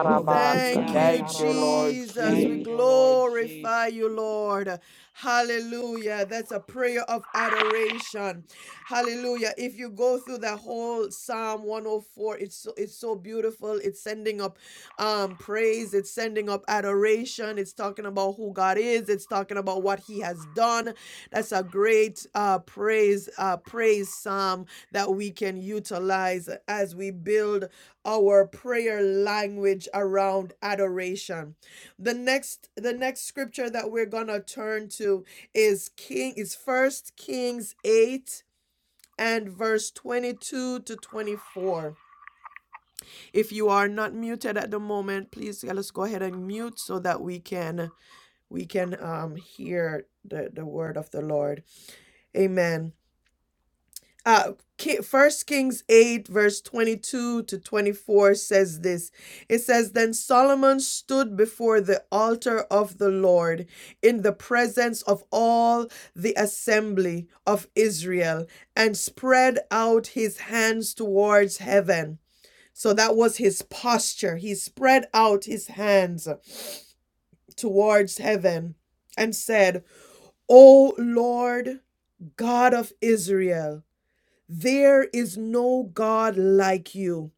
Speaker 14: Glory to
Speaker 1: Thank
Speaker 14: God.
Speaker 1: you,
Speaker 17: Thank you, Lord
Speaker 1: Jesus.
Speaker 14: And
Speaker 1: We
Speaker 14: Yes,
Speaker 17: Jesus.
Speaker 1: glorify you, Lord. Hallelujah. That's a prayer of adoration. Hallelujah. If you go through the whole Psalm 104, it's so, it's so beautiful. It's sending up um, praise, it's sending up adoration, it's talking about who God is, it's talking about what He has done. That's a great uh, praise, uh, praise Psalm that we can utilize as we build our prayer language around adoration. The next the next scripture that we're going to turn to is King is First Kings 8 and verse 22 to 24. If you are not muted at the moment, please let us go ahead and mute so that we can we can um hear the the word of the Lord. Amen. uh first kings 8 verse 22 to 24 says this it says then solomon stood before the altar of the lord in the presence of all the assembly of israel and spread out his hands towards heaven so that was his posture he spread out his hands towards heaven and said o lord god of israel there is no God like you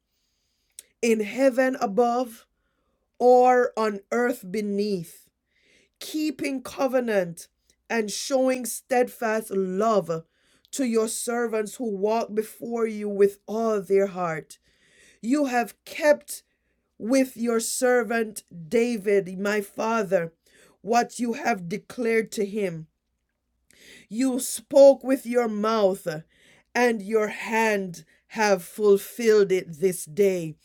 Speaker 1: in heaven above or on earth beneath, keeping covenant and showing steadfast love to your servants who walk before you with all their heart. You have kept with your servant David, my father, what you have declared to him. You spoke with your mouth, and your hand have fulfilled it this day.